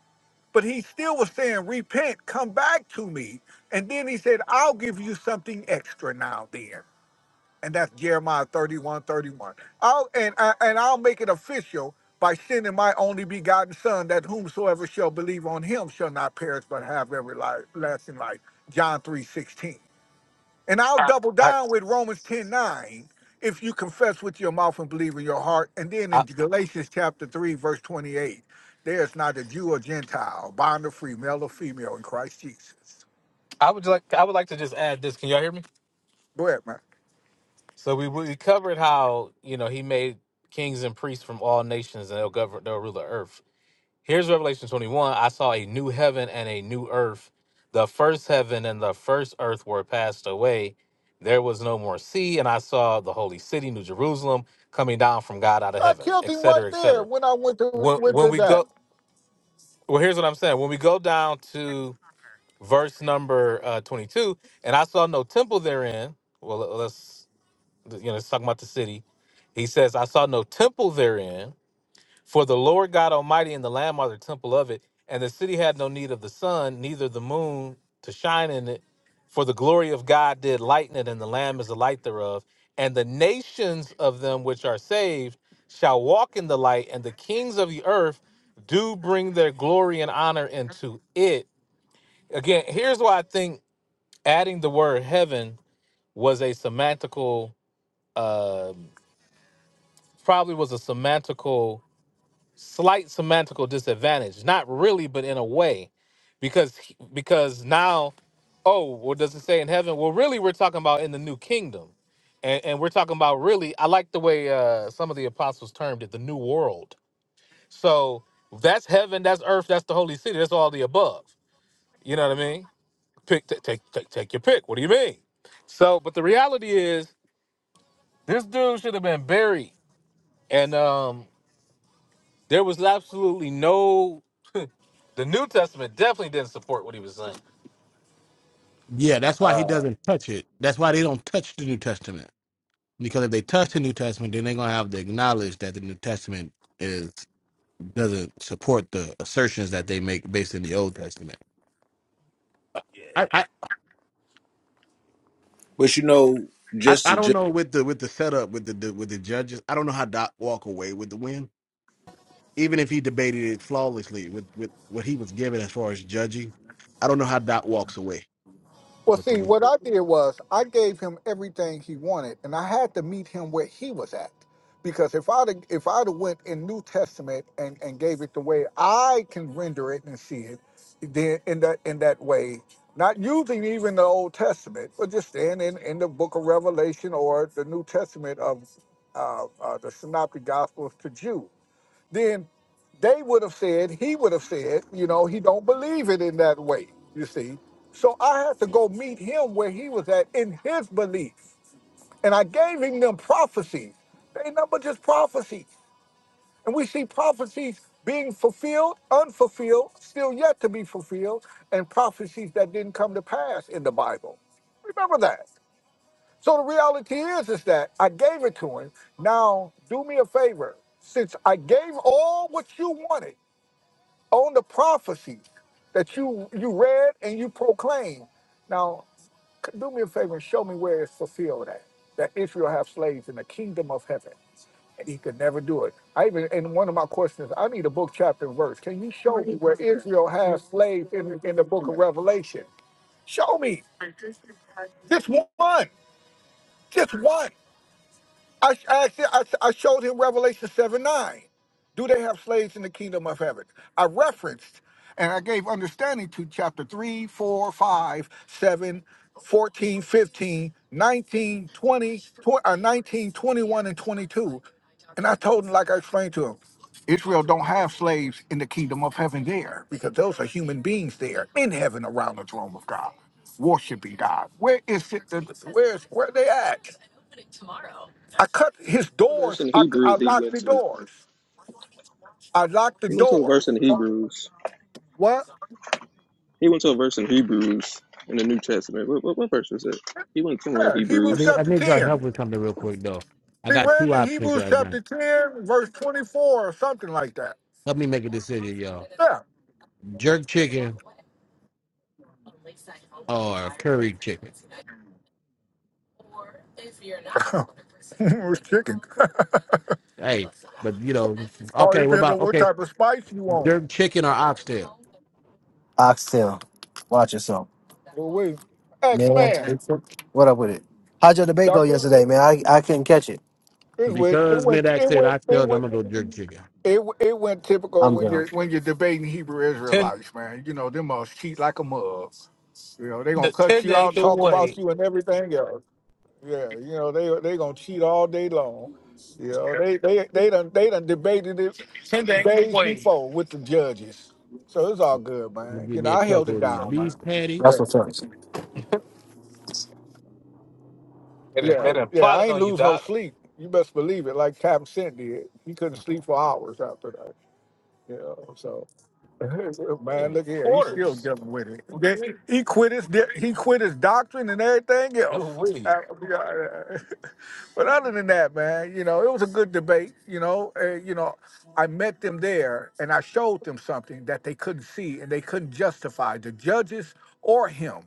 S5: But he still was saying, Repent, come back to me. And then he said, I'll give you something extra now then and that's Jeremiah thirty-one, thirty-one. 31. I'll, and, I- and I'll make it official by sending my only begotten son that whomsoever shall believe on him shall not perish but have everlasting life. John 3 16. And I'll double
S1: I,
S5: down with Romans 10 9, if you confess with your mouth and believe in your heart. And then in
S1: I
S5: Galatians chapter 3, verse 28, there is neither Jew or Gentile, bond or free, male or female in Christ Jesus.
S1: I would like I would like to just add this. Can y'all hear me?
S5: Go ahead, man.
S1: So we we covered how you know he made kings and priests from all nations and they'll govern they'll rule the earth. Here's Revelation 21. I saw a new heaven and a new earth. The first heaven and the first earth were passed away. There was no more sea, and I saw the holy city, New Jerusalem, coming down from God out of
S5: I
S1: heaven,
S5: killed
S1: et
S5: him right
S1: cetera, et
S5: there
S1: cetera.
S5: when I went to
S1: When,
S5: went
S1: when
S5: to
S1: we
S5: that.
S1: go, well, here's what I'm saying. When we go down to verse number uh, 22, and I saw no temple therein. Well, let's, you know, it's talking about the city. He says, I saw no temple therein for the Lord God Almighty and the Lamb are the temple of it, and the city had no need of the sun, neither the moon to shine in it. For the glory of God did lighten it, and the Lamb is the light thereof. And the nations of them which are saved shall walk in the light, and the kings of the earth do bring their glory and honor into it. Again, here's why I think adding the word heaven was a semantical, uh, probably was a semantical slight semantical disadvantage not really but in a way because he- because now oh what does it say in heaven well really we're talking about in the new kingdom and, and we're talking about really i like the way uh, some of the apostles termed it the new world so that's heaven that's earth that's the holy city that's all the above you know what i mean pick t- take, take take your pick what do you mean so but the reality is this dude should have been buried and um there was absolutely no The New Testament definitely didn't support what he was saying.
S3: Yeah, that's why he
S1: Uh,
S3: doesn't touch it. That's why they don't touch the New Testament. Because if they touch the New Testament, then they're gonna have to acknowledge that the New Testament is doesn't support the assertions that they make based in the Old Testament. I, I,
S6: But you know,
S3: I
S6: just
S3: I
S6: to
S3: don't
S6: just,
S3: know with the with the setup with the, the with the judges. I don't know how Doc walk away with the win, even if he debated it flawlessly with with what he was given as far as judging. I don't know how Doc walks away
S5: Well,
S3: with the
S5: see,
S3: win.
S5: what I did was I gave him everything he wanted, and I had to meet him where he was at, because if I'd have- if I'd have went in New Testament and and gave it the way I can render it and see it, then in that in that way, not using even the Old Testament, but just staying in in the Book of Revelation or the New Testament of uh, uh, the Synoptic Gospels to Jew then they would have said, he would have said, you know, he don't believe it in that way, you see. So I had to go meet him where he was at in his belief. And I gave him them prophecies. They ain't nothing but just prophecies. And we see prophecies being fulfilled, unfulfilled, still yet to be fulfilled, and prophecies that didn't come to pass in the Bible. Remember that. So the reality is, is that I gave it to him. Now do me a favor. Since I gave all what you wanted, on the prophecies that you you read and you proclaim. Now, c- do me a favor and show me where it's fulfilled at. That Israel have slaves in the kingdom of heaven, and he could never do it. I even in one of my questions, I need a book, chapter, and verse. Can you show me where Israel has slaves in in the book of Revelation? Show me just one, just one. I, I, asked I, I showed him Revelation 7 9. Do they have slaves in the kingdom of heaven? I referenced and I gave understanding to chapter three four five seven fourteen fifteen nineteen twenty 4, 5, tw- uh, 19, twenty-one, and 22. And I told him, like I explained to him, Israel don't have slaves in the kingdom of heaven there because those are human beings there in heaven around the throne of God, worshiping God. Where is it? Where's where they at? I cut his doors.
S4: verse in
S5: I, I
S4: Hebrews he
S5: locked
S4: went
S5: the
S4: to.
S5: doors. I locked the
S4: He went to a verse
S5: doors.
S4: in Hebrews.
S5: What?
S4: He went to a verse in Hebrews in the New Testament. What, what, what verse was it? He went somewhere in
S5: Yeah,
S3: I
S5: Hebrews
S4: Hebrews.
S3: need I
S5: chapter
S3: need y'all
S5: 10.
S3: help with something real quick though. I
S5: He
S3: got two
S5: read in
S3: options
S5: Hebrews
S3: right now.
S5: chapter 10, verse 24 or something like that.
S3: Help me make a decision, y'all.
S5: Yeah.
S3: Jerk chicken or curry chicken?
S5: it was chicken.
S3: Hey, but you know,
S5: All
S3: okay, what
S5: depends on
S3: about
S5: what
S3: okay,
S5: type of spice you want.
S3: jerk chicken or oxtail?
S7: Oxtail. Watch yourself.
S5: Well, we. X
S7: Man,
S5: Man.
S7: what up with it? How'd your debate go
S5: Doctor.
S7: yesterday, man? I, I couldn't catch it.
S5: It went, it
S3: Because mid
S5: went,
S3: ax
S5: it
S3: said
S5: went, it
S3: oxtails, I'm
S5: went,
S3: gonna go jerk chicken.
S5: it, went- it went typical
S7: I'm
S5: when
S7: done.
S5: you're when you're debating Hebrew
S1: ten,
S5: Israelites, man. You know them must cheat like a mug. You know they gonna
S1: to,
S5: cuss
S1: ten
S5: you
S1: to ain't
S5: out,
S1: the
S5: talk about
S1: way.
S5: you, and everything else. Yeah, you know they they gonna cheat all day long. You know they they they done they done debated it
S1: Ten to ain't the
S5: days
S1: way.
S5: before with the judges. So it's all good,
S3: I'm
S5: man.
S3: gonna give
S5: You know
S3: me a
S5: I held
S3: couple
S5: it
S3: of these
S5: down, man.
S3: beef
S7: That's
S3: patties.
S5: Yeah,
S7: what's up.
S1: And it,
S5: yeah,
S1: and
S3: Right.
S1: it
S5: yeah. I
S1: plotted
S5: ain't
S1: on you,
S5: lose no
S1: Doc.
S5: sleep. You best believe it. Like Captain Sent did, he couldn't sleep for hours after that. You know, so man,
S1: Dang,
S5: look here, he's still
S1: quarters.
S5: getting with it.
S1: What do
S5: They-
S1: you read?
S5: He quit his di- he quit his doctrine and everything else.
S1: You read.
S5: I- I- I- But other than that, man, you know, it was a good debate. You know, uh, you know, I met them there and I showed them something that they couldn't see and they couldn't justify the judges or him.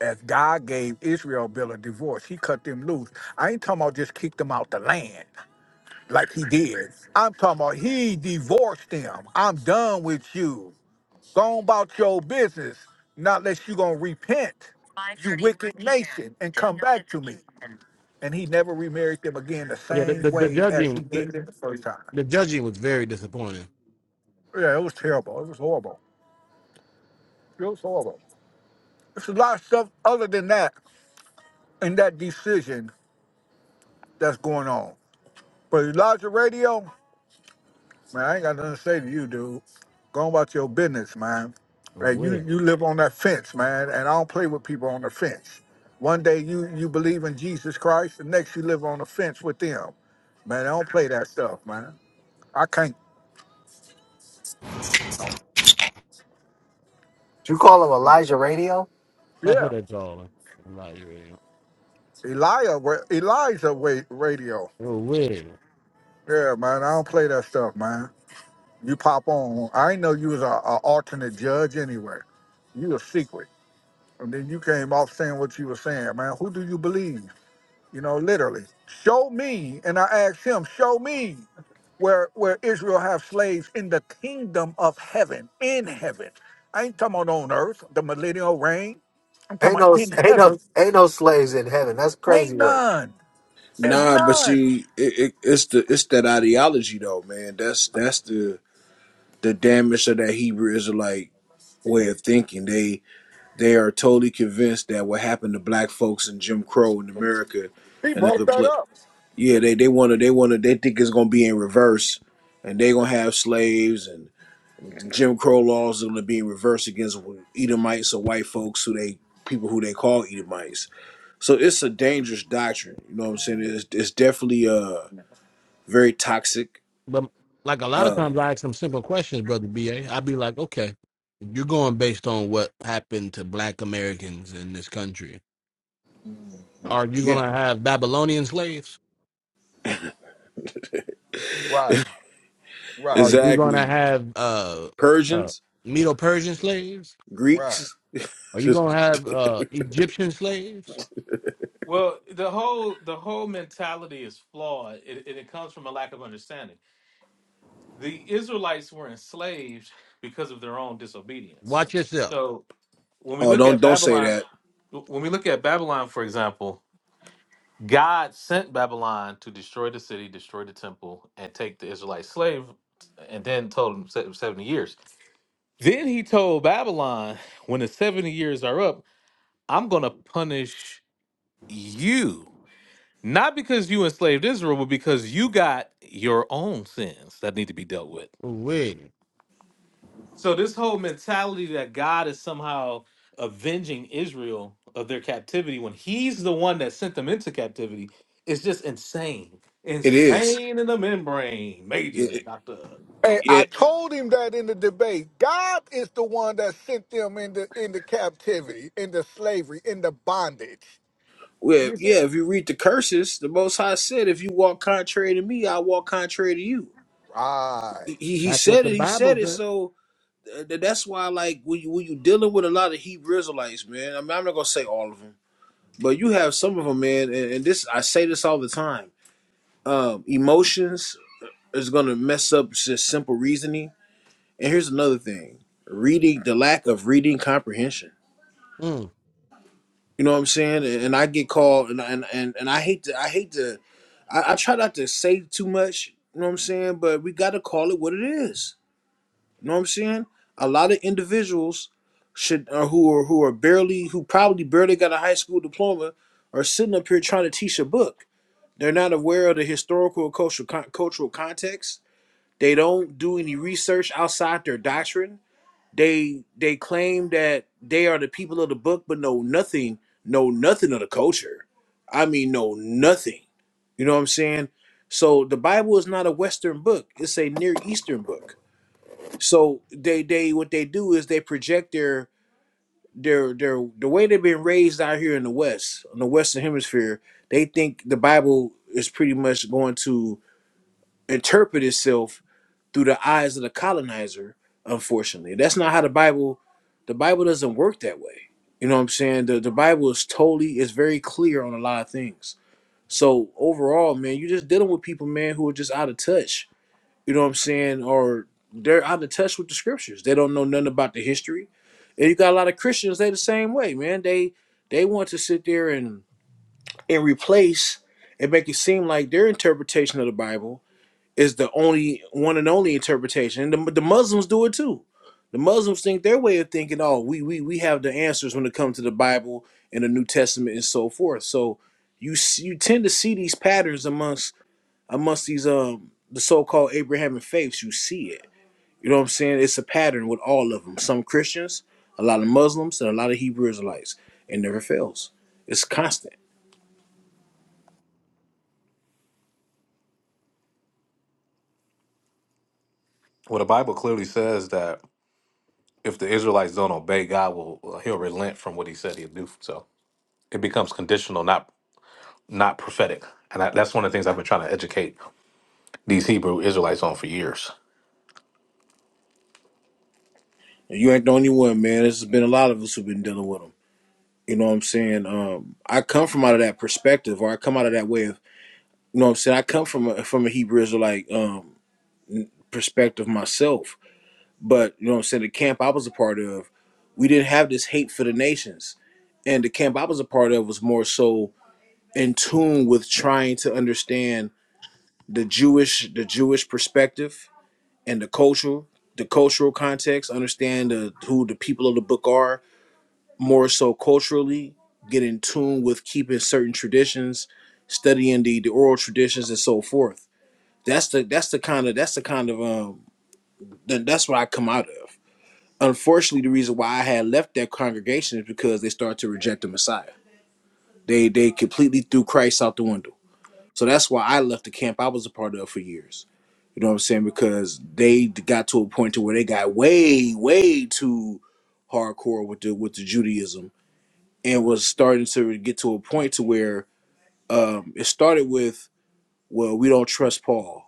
S5: As God gave Israel Bill a divorce, he cut them loose. I ain't talking about just kick them out the land like he did. I'm talking about he divorced him. I'm done with you. Go on about your business. Not unless you gonna repent, you wicked nation, and come back to me. And he never remarried them again the
S3: Yeah, the,
S5: same
S3: the, the
S5: way as he
S3: judging the,
S5: did it the first time.
S3: the judging was very disappointing.
S5: Yeah, it was terrible. It was horrible. It was horrible. There's a lot of stuff other than that in that decision that's going on. But Elijah Radio, Man, I ain't got nothing to say to you, dude. Go about your business, man. Like you,
S3: Away.
S5: you live on that fence, man, and I don't play with people on the fence. One day you you believe in Jesus Christ, the next you live on the fence with them. Man, I don't play that stuff, man. I can't.
S7: You call him Elijah Radio?
S3: That's what
S5: Yeah,
S3: they call it. I'm not even-
S5: Elijah, Elijah, wait, radio.
S3: Away.
S5: Yeah, man, I don't play that stuff, man. You pop on. I ain't know you was a, a alternate judge anyway. You a secret, and then you came off saying what you were saying, man. Who do you believe? You know, literally, show me. And I asked him, show me where where Israel have slaves in the kingdom of heaven, in heaven. I ain't talking about on earth, the millennial reign. I'm talking
S7: Ain't
S5: about
S7: no
S5: in
S7: ain't
S5: heaven.
S7: no ain't no slaves in heaven. That's crazy
S5: Ain't
S7: work.
S5: none. There's
S6: nah. But
S5: none.
S6: see, it, it, it's the it's that ideology though, man. That's that's the the damage of that Hebrew Israelite way of thinking. They They are totally convinced that what happened to black folks in Jim Crow in America
S5: He
S6: and
S5: brought
S6: other
S5: that
S6: place,
S5: up.
S6: yeah, they they want to they want to they think it's gonna be in reverse, and they gonna have slaves and Jim Crow laws are gonna be in reverse against Edomites or white folks who they people who they call Edomites. So it's a dangerous doctrine. You know what I'm saying? It's it's definitely uh very toxic.
S3: but like a lot of
S6: Uh,
S3: times I ask them simple questions, brother BA. I'd be like, okay, you're going based on what happened to black Americans in this country. Are you
S6: yeah,
S3: gonna have Babylonian slaves?
S5: Right, right,
S3: Are you gonna
S6: exactly.
S3: have uh, uh
S6: Persians,
S3: Medo Persian slaves?
S5: right.
S6: Greeks.
S3: Are you gonna have uh Egyptian slaves?
S1: Well, the whole the whole mentality is flawed, and and it comes from a lack of understanding. The Israelites were enslaved because of their own disobedience.
S3: Watch yourself.
S1: So when we
S6: Oh,
S1: look
S6: don't
S1: at
S6: don't say
S1: Babylon,
S6: that.
S1: when we look at Babylon, for example, God sent Babylon to destroy the city, destroy the temple, and take the Israelite slave, and then told him se- 70 years. Then he told Babylon, when the 70 years are up, I'm going to punish you. Not because you enslaved Israel, but because you got your own sins that need to be dealt with.
S3: Wait,
S1: So this whole mentality that God is somehow avenging Israel of their captivity when he's the one that sent them into captivity is just insane.
S6: It is.
S1: Insane in the membrane, majorly, Dr.
S5: And I
S6: Yeah,
S5: told him that in the debate, God is the one that sent them into into captivity, into slavery, into bondage.
S6: well, yeah. If you read the curses, the Most High said, "If you walk contrary to me, I walk contrary to you."
S5: Right.
S6: He he
S3: that's what
S6: said
S3: the
S6: it. He
S3: Bible
S6: said it.
S3: says.
S6: So uh, th- that's why, like, when you when you dealing with a lot of Hebrew Israelites, man. I mean, I'm not gonna say all of them, but you have some of them, man. And, and this, I say this all the time. Um, emotions is gonna mess up just simple reasoning. And here's another thing: reading the lack of reading comprehension.
S3: Mm.
S6: You know what I'm saying? And, and I get called, and and and, and I hate to, I hate to. I, I try not to say too much, you know what I'm saying? But we got to call it what it is. You know what I'm saying? A lot of individuals should uh, who are who are barely who probably barely got a high school diploma are sitting up here trying to teach a book. They're not aware of the historical or cultural con- cultural context. They don't do any research outside their doctrine they they claim that they are the people of the book, but know nothing, know nothing of the culture. I mean, know nothing. You know what I'm saying? So the Bible is not a Western book; it's a Near Eastern book. So they they what they do is they project their their their the way they've been raised out here in the West, in the Western Hemisphere. They think the Bible is pretty much going to interpret itself through the eyes of the colonizer, unfortunately. That's not how the Bible the Bible doesn't work that way. You know what I'm saying? The the Bible is totally is very clear on a lot of things. So overall, man, you're just dealing with people, man, who are just out of touch. You know what I'm saying? Or they're out of touch with the scriptures. They don't know nothing about the history. And you got a lot of Christians, they the same way, man. They they want to sit there and and replace and make it seem like their interpretation of the Bible is the only one and only interpretation. And the, the Muslims do it too. The Muslims think their way of thinking, oh, we we we have the answers when it comes to the Bible and the New Testament and so forth. So you s- you tend to see these patterns amongst amongst these um the so-called Abrahamic faiths. You see it. You know what I'm saying? It's a pattern with all of them. Some Christians, a lot of Muslims, and a lot of Hebrew Israelites. It never fails. It's constant.
S1: Well, the Bible clearly says that if the Israelites don't obey, God will uh, He'll relent from what He said He'd do. So it becomes conditional, not not prophetic. And I, that's one of the things I've been trying to educate these Hebrew Israelites on for years.
S6: And you ain't the only one, man. There's been a lot of us who've been dealing with them. You know what I'm saying? Um, I come from out of that perspective, or I come out of that way of, you know what I'm saying? I come from a, from a Hebrew Israelite um, perspective myself. But, you know what I'm saying? The camp I was a part of, we didn't have this hate for the nations. And the camp I was a part of was more so in tune with trying to understand the Jewish, the Jewish perspective and the cultural, the cultural context, understand the, who the people of the book are, more so culturally, get in tune with keeping certain traditions, studying the, the oral traditions and so forth. That's the that's the kind of that's the kind of um that, that's what I come out of. Unfortunately, the reason why I had left that congregation is because they started to reject the Messiah. They they completely threw Christ out the window. So that's why I left the camp I was a part of for years. You know what I'm saying? Because they got to a point to where they got way, way too hardcore with the with the Judaism and was starting to get to a point to where um, it started with, well, we don't trust Paul.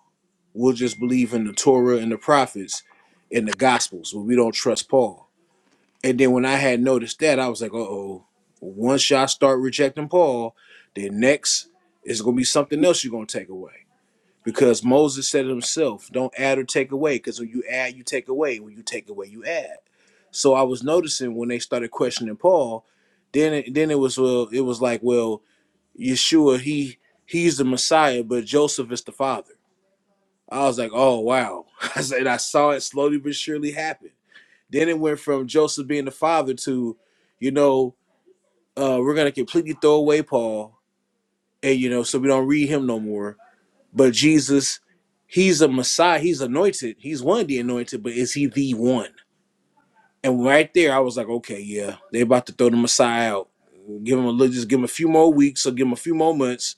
S6: We'll just believe in the Torah and the prophets and the Gospels, but we don't trust Paul. And then when I had noticed that, I was like, uh oh, once y'all start rejecting Paul, then next is going to be something else you're going to take away. Because Moses said it himself, don't add or take away, because when you add, you take away. When you take away, you add. So I was noticing when they started questioning Paul, then it, then it was well, it was like, well, Yeshua, he he's the Messiah, but Joseph is the father. I was like, oh wow. I said I saw it slowly but surely happen. Then it went from Joseph being the father to, you know, uh, we're gonna completely throw away Paul, and you know, so we don't read him no more but Jesus, he's a Messiah. He's anointed. He's one of the anointed, but is he the one? And right there, I was like, okay, yeah, they about to throw the Messiah out. Give him a little, just give him a few more weeks or give him a few more months,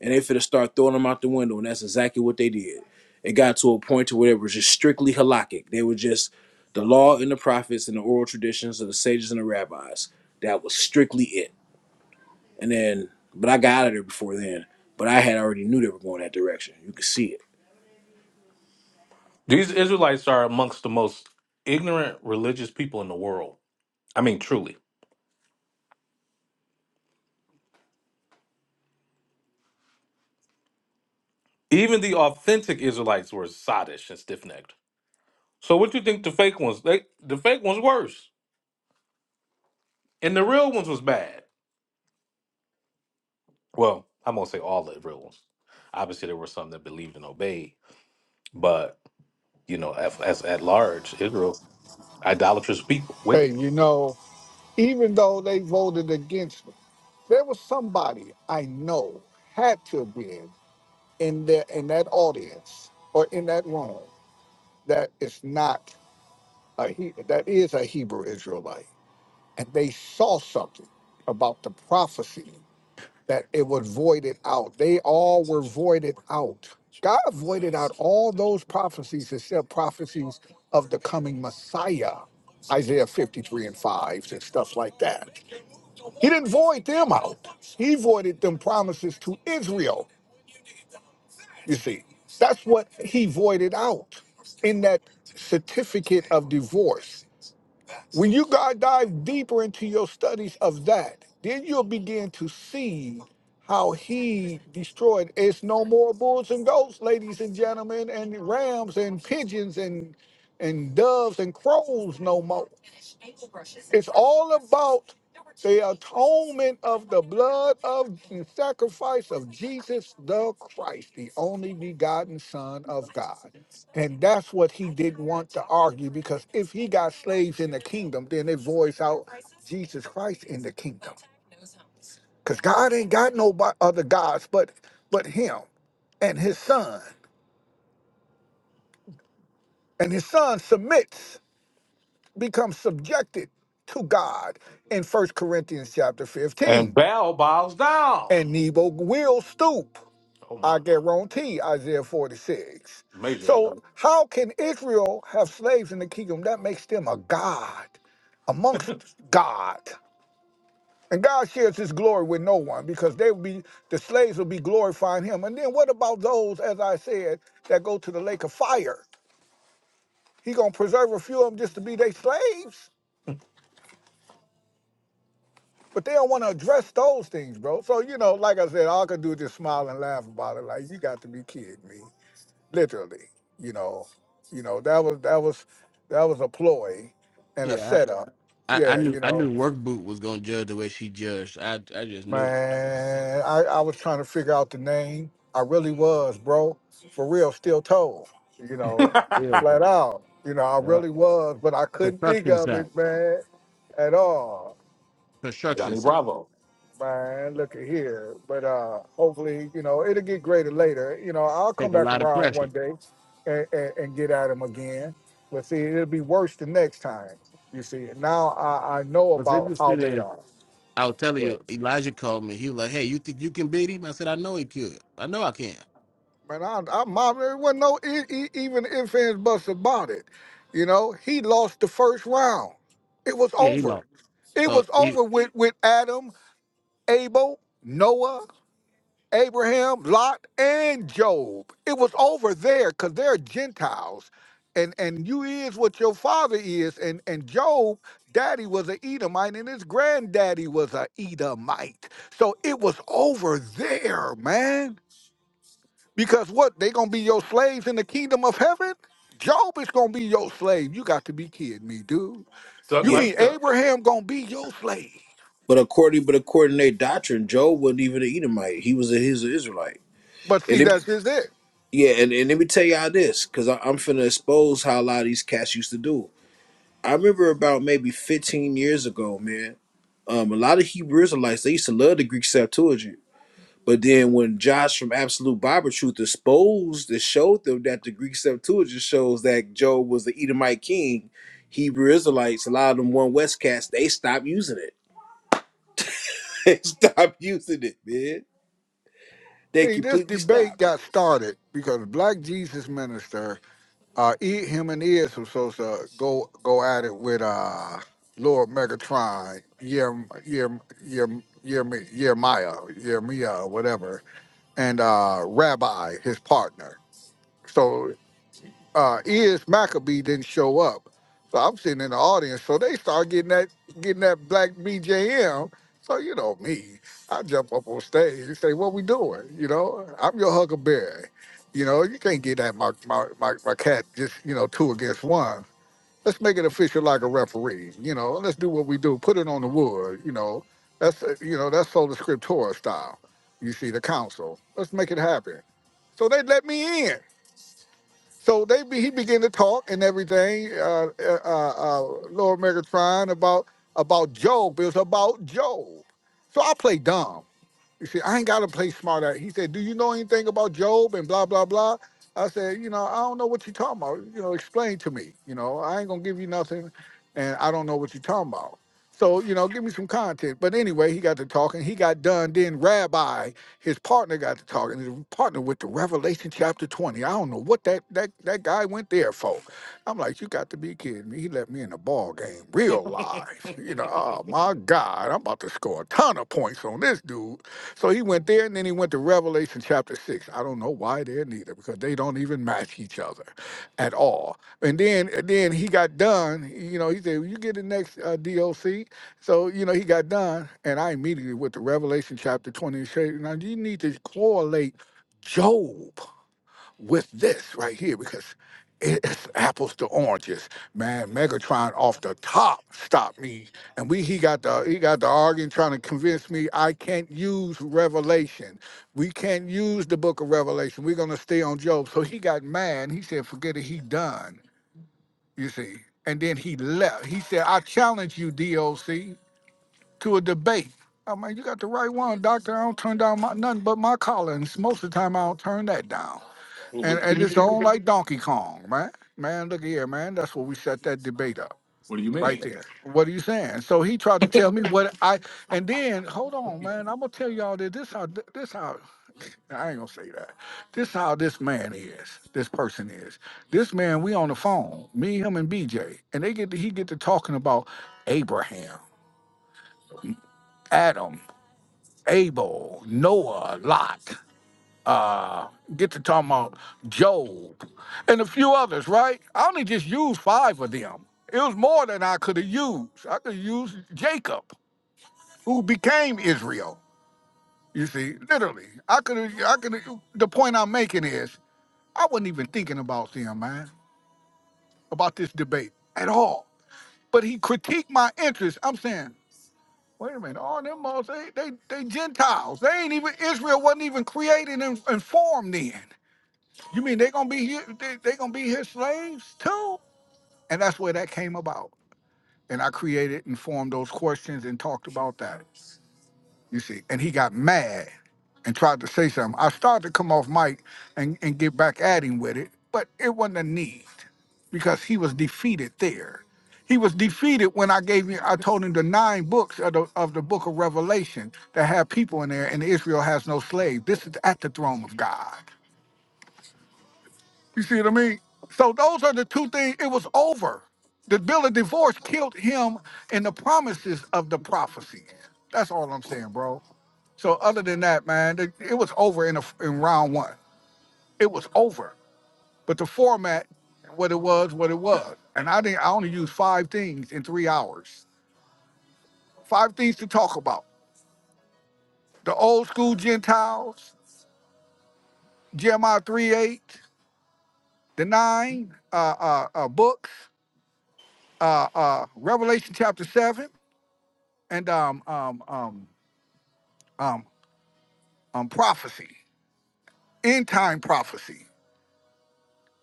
S6: and they finna start throwing him out the window. And that's exactly what they did. It got to a point to where it was just strictly halakhic. They were just the law and the prophets and the oral traditions of the sages and the rabbis. That was strictly it. And then, but I got out of there before then. But I had already knew they were going that direction. You could see it.
S1: These Israelites are amongst the most ignorant religious people in the world. I mean, truly. Even the authentic Israelites were sottish and stiff necked. So what you think the fake ones? They the fake ones worse. And the real ones was bad. Well, I'm gonna say all the real ones. Obviously there were some that believed and obeyed, but you know, as, as at large, Israel, idolatrous people,
S5: Hey,
S1: wicked.
S5: you know. even though they voted against me. There was somebody I know had to have been in there in that audience or in that room that is not a he that is a Hebrew Israelite, and they saw something about the prophecy that it would void it out. They all were voided out. God voided out all those prophecies except prophecies of the coming Messiah, Isaiah 53 and 5 and stuff like that. He didn't void them out. He voided them promises to Israel. You see, that's what he voided out in that certificate of divorce. When you guys dive deeper into your studies of that, then you'll begin to see how he destroyed. It's no more bulls and goats, ladies and gentlemen, and rams and pigeons and and doves and crows no more. It's all about the atonement of the blood of and sacrifice of Jesus the Christ, the only begotten Son of God. And that's what he didn't want to argue because if he got slaves in the kingdom, then it voids out Jesus Christ in the kingdom. Because God ain't got no bo- other gods but but him and his son. And his son submits, becomes subjected to God in First Corinthians chapter
S1: And
S5: 15.
S1: Baal bows down.
S5: And Nebo will stoop.
S1: Oh
S5: I
S1: my.
S5: guarantee Isaiah 46.
S1: Majorly
S5: So, how can Israel have slaves in the kingdom? That makes them a God amongst God. And God shares his glory with no one because they will be the slaves will be glorifying him. And then what about those, as I said, that go to the lake of fire? He gonna preserve a few of them just to be their slaves. But they don't want to address those things, bro. So, you know, like I said, all I could do is just smile and laugh about it. Like, you got to be kidding me. literally. You know, you know that was that was that was a ploy and a
S3: Yeah,
S5: setup.
S3: I, I, I
S5: Yeah,
S3: knew
S5: you
S3: I knew
S5: know,
S3: work boot was gonna judge the way she judged. I I just knew it.
S5: man, I I was trying to figure out the name. I really was, bro. For real, still told. You know,
S1: done.
S3: Still
S5: flat
S3: though.
S5: out. You know, I
S3: Yeah.
S5: really was, but I couldn't think
S3: Construction
S5: of
S3: site.
S5: it, man, at all.
S3: construction
S1: Johnny
S3: site.
S1: Bravo.
S5: Man, look at here. But uh hopefully, you know, it'll get greater later. You know, I'll come
S3: Take a
S5: back
S3: lot of
S5: around
S3: pressure.
S5: one day and, and, and get at him again. But see, it'll be worse the next time. You see, now I, I know
S3: What's
S5: about how
S3: interesting
S5: they
S3: is
S5: are.
S3: I will tell
S5: Well,
S3: you, Elijah called me. He was like, "Hey, you think you can beat him?" I said, "I know he could. I know I can."
S5: man, I, I mom, there wasn't no e- e- even if ands buts about it. You know, he lost the first round. It was
S3: Yeah, he
S5: over.
S3: lost.
S5: It
S3: So
S5: was
S3: he,
S5: over with with Adam, Abel, Noah. Abraham, Lot, and Job. It was over there because they're Gentiles. And and you is what your father is. And and Job, daddy was an Edomite, and his granddaddy was an Edomite. So it was over there, man. Because what, they gonna be your slaves in the kingdom of heaven? Job is gonna be your slave. You got to be kidding me, dude.
S1: Stuck
S5: You
S6: Yeah.
S1: like
S5: mean
S1: that.
S5: Abraham gonna be your slave?
S6: But according, but according to their doctrine, Job wasn't even an Edomite. He was a his an Israelite.
S5: But see,
S6: And it,
S5: that's just it.
S6: yeah, and, and let me tell y'all this, because I'm finna expose how a lot of these cats used to do. I remember about maybe 15 years ago, man. Um, a lot of Hebrew Israelites they used to love the Greek Septuagint, but then when Josh from Absolute Bible Truth exposed and showed them that the Greek Septuagint shows that Job was the Edomite king, Hebrew Israelites, a lot of them one West cats, they stopped using it. they stopped using it, man They
S5: See, this
S6: completely
S5: debate
S6: stopped.
S5: got started because Black Jesus Minister, uh, e, him and Iz was supposed to go go at it with uh, Lord Megatron, Yer Yer Yer Yerm, Yermiah, Yermiah, whatever, and uh, Rabbi, his partner. So uh, is Maccabee didn't show up. So I'm sitting in the audience. So they start getting that getting that black BJM. So you know me, I jump up on stage and say, "What we doing?" You know, I'm your huckleberry. You know, you can't get that my my my, my cat just you know two against one. Let's make it official like a referee. You know, let's do what we do. Put it on the wood. You know, that's uh, you know that's sola scriptura style. You see the council. Let's make it happen. So they let me in. So they be, he began to talk and everything. Uh, uh, uh, uh, Lord Megatron about about Job. It was about Job. So I play dumb. You see, I ain't gotta play smart at. He said, Do you know anything about Job and blah blah blah? I said, you know, I don't know what you're talking about. You know, explain to me. You know, I ain't gonna give you nothing and I don't know what you're talking about. So, you know, give me some content. But anyway, he got to talking, he got done. Then Rabbi, his partner got to talking, his partner with the Revelation chapter 20. I don't know what that that that guy went there for. I'm like, you got to be kidding me. He left me in the ball game,
S1: Well,
S5: real live. You know, oh my God, I'm about to score a ton of points on this dude. So he went there and then he went to Revelation chapter 6. I don't know why there neither because they don't even match each other at all. And then and then he got done, you know, he said, "You get the next uh, DOC." So, you know, he got done and I immediately went to Revelation chapter 20 and said, "Now you need to correlate Job with this right here because it's apples to oranges, man. Megatron off the top stopped me, and we he got the he got the arguing trying to convince me I can't use Revelation. We can't use the Book of Revelation. We're gonna stay on Job. So he got mad. He said, "Forget it. He done." You see, and then he left. He said, "I challenge you, DOC, to a debate." I mean, you got the right one, Doctor. I don't turn down my, nothing but my callings. Most of the time, I don't turn that down. And
S1: Wait,
S5: and it's on like Donkey Kong, man. Man, look here, man. That's where we shut that debate up.
S1: what do you
S5: Right
S1: mean?
S5: there. What are you saying? So he tried to tell me what I and then hold on, man. I'm gonna tell y'all that this how this how I ain't gonna say that. This how this man is. This person is. This man, we on the phone, me, him, and BJ, and they get to, he get to talking about Abraham, Adam, Abel, Noah, Lot. uh get to talking about Job and a few others, right? I only just used five of them. It was more than I could have used. I could use Jacob, who became Israel. You see, literally, I could have. I could. The point I'm making is, I wasn't even thinking about them, man, about this debate at all. But he critiqued my interest. I'm saying, wait a minute, all them motherfuckers, they, they, they Gentiles. They ain't even Israel wasn't even created and, and formed then. You mean they gonna be here? They, they gonna be his slaves too? And that's where that came about. And I created and formed those questions and talked about that. You see, and he got mad and tried to say something. I started to come off mic and, and get back at him with it, but it wasn't a need because he was defeated there. He was defeated when I gave him. I told him the nine books of the of the Book of Revelation that have people in there, and Israel has no slave. This is at the throne of God. You see what I mean? So those are the two things. It was over. The bill of divorce killed him and the promises of the prophecies. That's all I'm saying, bro. So other than that, man, it, it was over in, a, in round one. It was over. But the format, what it was, what it was. And I didn't. I only used five things in three hours. Five things to talk about. The old school Gentiles, Jeremiah 3 8, the nine uh, uh, uh, books, uh, uh, Revelation chapter 7 and um um um um um prophecy, end time prophecy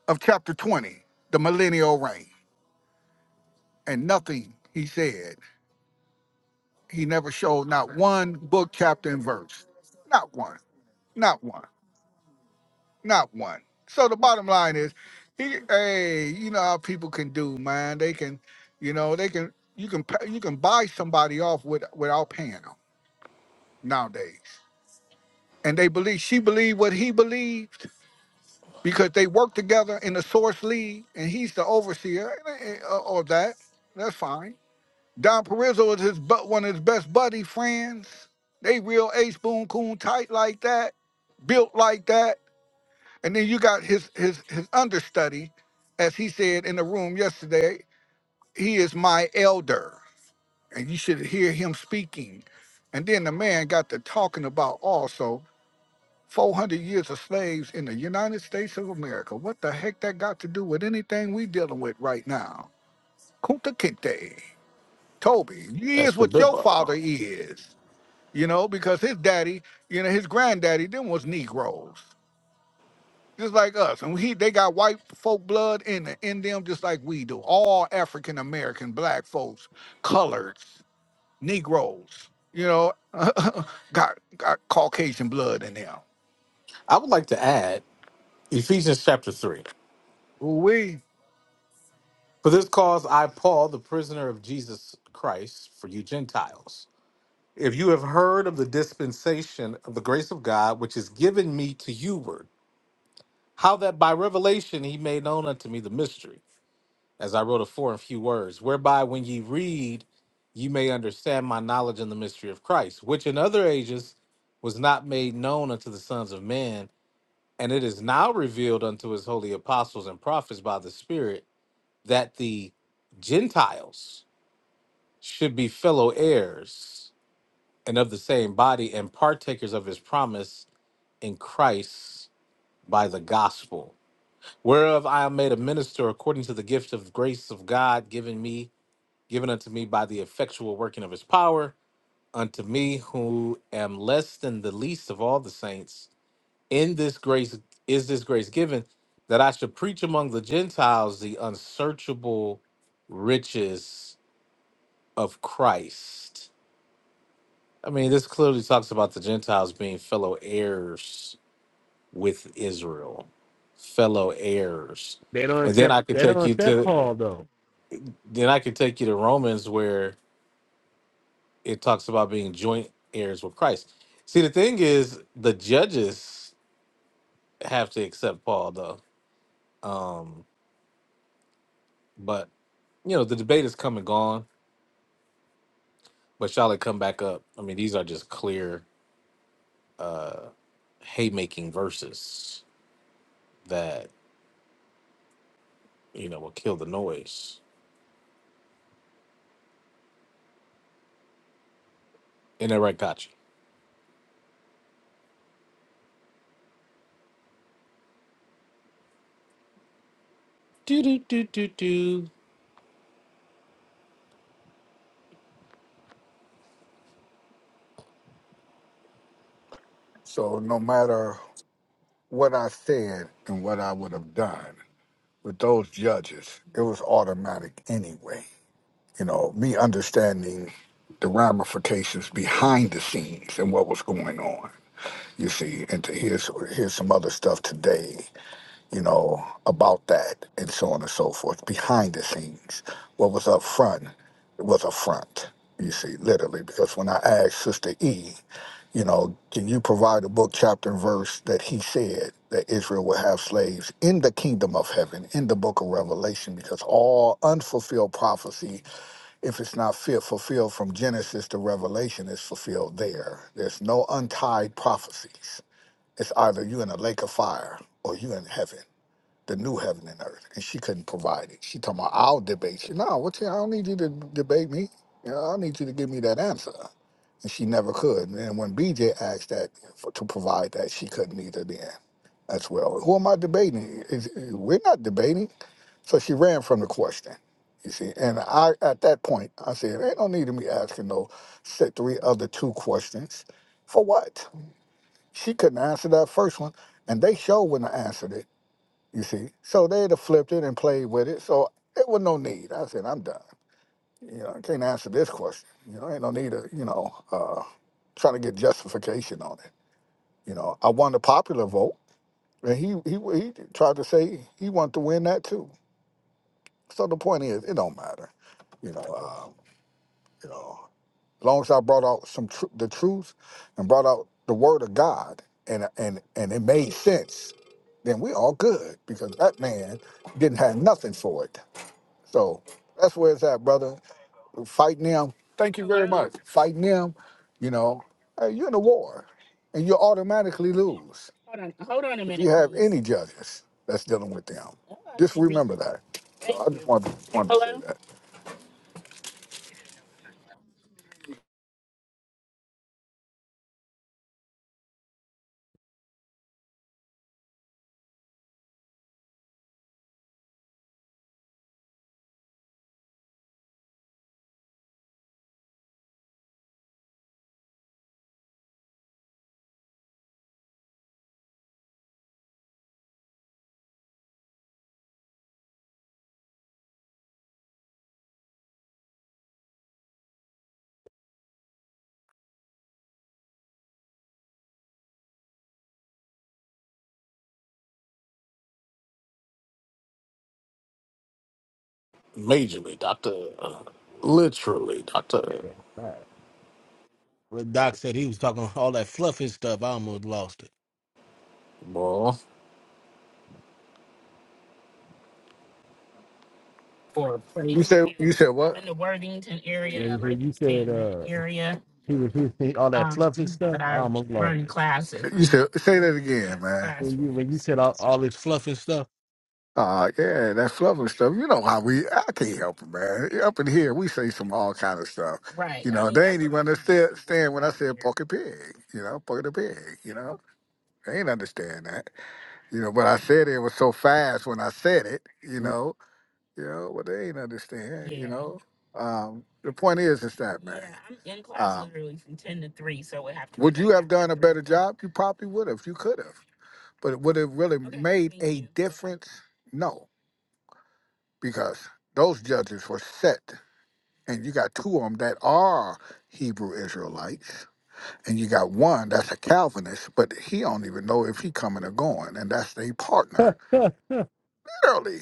S5: of chapter 20, the millennial reign. And nothing he said. He never showed not one book, chapter, and verse. Not one. Not one. Not one. So the bottom line is, he, hey, you know how people can do, man. They can, you know, they can. You can pa- you can buy somebody off with, without paying them nowadays, and they believe she believed what he believed because they work together in the source lead, and he's the overseer and- and- uh, of that. That's fine. Don Perizzo is his but one of his best buddy friends. They real ace spoon coon tight like that, built like that. And then you got his his his understudy, as he said in the room yesterday. He is my elder, and you should hear him speaking. And then the man got to talking about also. 400 years of slaves in the United States of America. What the heck that got to do with anything we dealing with right now? Kunta Kinte. Toby, you is
S1: Escabibba?
S5: what your father is. You know, because his daddy, you know, his granddaddy, them was Negroes. Just like us. And he they got white folk blood in, the- in them just like we do. All African American, black folks, coloreds, Negroes, you know, got got Caucasian blood in them.
S1: I would like to add Ephesians chapter 3.
S5: Ooh, We
S1: For this cause I, Paul, the prisoner of Jesus Christ, for you Gentiles. If you have heard of the dispensation of the grace of God, which is given me to youward, how that by revelation he made known unto me the mystery. as I wrote afore in few words, whereby when ye read, ye may understand my knowledge in the mystery of Christ, which in other ages was not made known unto the sons of men, and it is now revealed unto his holy apostles and prophets by the Spirit, that the Gentiles should be fellow heirs and of the same body and partakers of his promise in Christ by the gospel, whereof I am made a minister according to the gift of grace of God given me given unto me by the effectual working of his power, unto me who am less than the least of all the saints, in this grace is this grace given that I should preach among the Gentiles the unsearchable riches of Christ. I mean, this clearly talks about the Gentiles being fellow heirs with Israel, fellow heirs.
S3: they don't
S1: And then
S3: accept.
S1: I could
S3: They
S1: take
S3: don't
S1: you
S3: accept
S1: to
S3: Paul though.
S1: then I could take you to Romans where it talks about being joint heirs with Christ. See, the thing is, the judges have to accept Paul, though. Um, but you know, the debate is come and gone, but shall it come back up? I mean, these are just clear uh, haymaking verses that you know will kill the noise. And that right, gotcha. Do do do do do.
S5: so no matter what I said and what I would have done with those judges, it was automatic anyway. You know, me understanding the ramifications behind the scenes and what was going on. You see, and to hear here's some other stuff today you know, about that and so on and so forth behind the scenes. What was up front was a front, you see, literally, because when I asked Sister E, you know, can you provide a book, chapter, and verse that he said that Israel will have slaves in the kingdom of heaven, in the book of Revelation, because all unfulfilled prophecy, if it's not fit, fulfilled from Genesis to Revelation, is fulfilled there. There's no untied prophecies. It's either you in a lake of fire or you in heaven the new heaven and earth, and she couldn't provide it. She talking about I'll debate you. No, what you, I don't need you to debate me. You know, I don't need you to give me that answer. And she never could. And then when BJ asked that for, to provide that, she couldn't either then as well. Who am I debating? Is- we're not debating. So she ran from the question. You see, and I at that point I said, "Ain't no need of me asking no set three other two questions, for what?" She couldn't answer that first one, and they showed when I answered it. You see, so they'd have flipped it and played with it. So it was no need. I said, I'm done. You know, I can't answer this question. You know, ain't no need to, you know, uh, trying to get justification on it. You know, I won the popular vote, and he he he tried to say he wanted to win that too. So the point is, it don't matter. You know, uh, you know, as long as I brought out some tr- the truth and brought out the word of God, and and and it made sense, then we all good because that man didn't have nothing for it. So that's where it's at, brother. Fighting them. Thank you very much. Fighting them, you know, hey, you're in a war and you automatically lose if you have any judges that's dealing with them. Just remember that. So I just wanted, wanted to say
S1: Majorly, doctor. Literally, doctor.
S3: When Doc said he was talking all that fluffy stuff, I almost lost it.
S1: Boy,
S5: that. You said you said what? You
S3: When, when you said uh, he was he, he- all that fluffy stuff, I almost lost it.
S5: said say that again,
S3: When you when
S5: man.
S3: you said all, all this fluffy stuff,
S5: Uh, yeah, that's lovely stuff. You know how we, I can't help it, man. Up in here, we say some all kind of stuff. You know, they ain't what even understand when I said pocket pig, you know, pocket the pig, you know. They ain't understand that. You know, but I said it was so fast when I said it, you know, you know, but they ain't understand, you know. Um, the point is, it's that, man. Um, be would you have done a better o'clock. job? You probably would have. You could have. But would it really made a difference? No because those judges were set. And you got two of them that are Hebrew Israelites, and you got one that's a Calvinist, but he don't even know if he coming or going, and that's their partner.
S3: the
S5: Literally,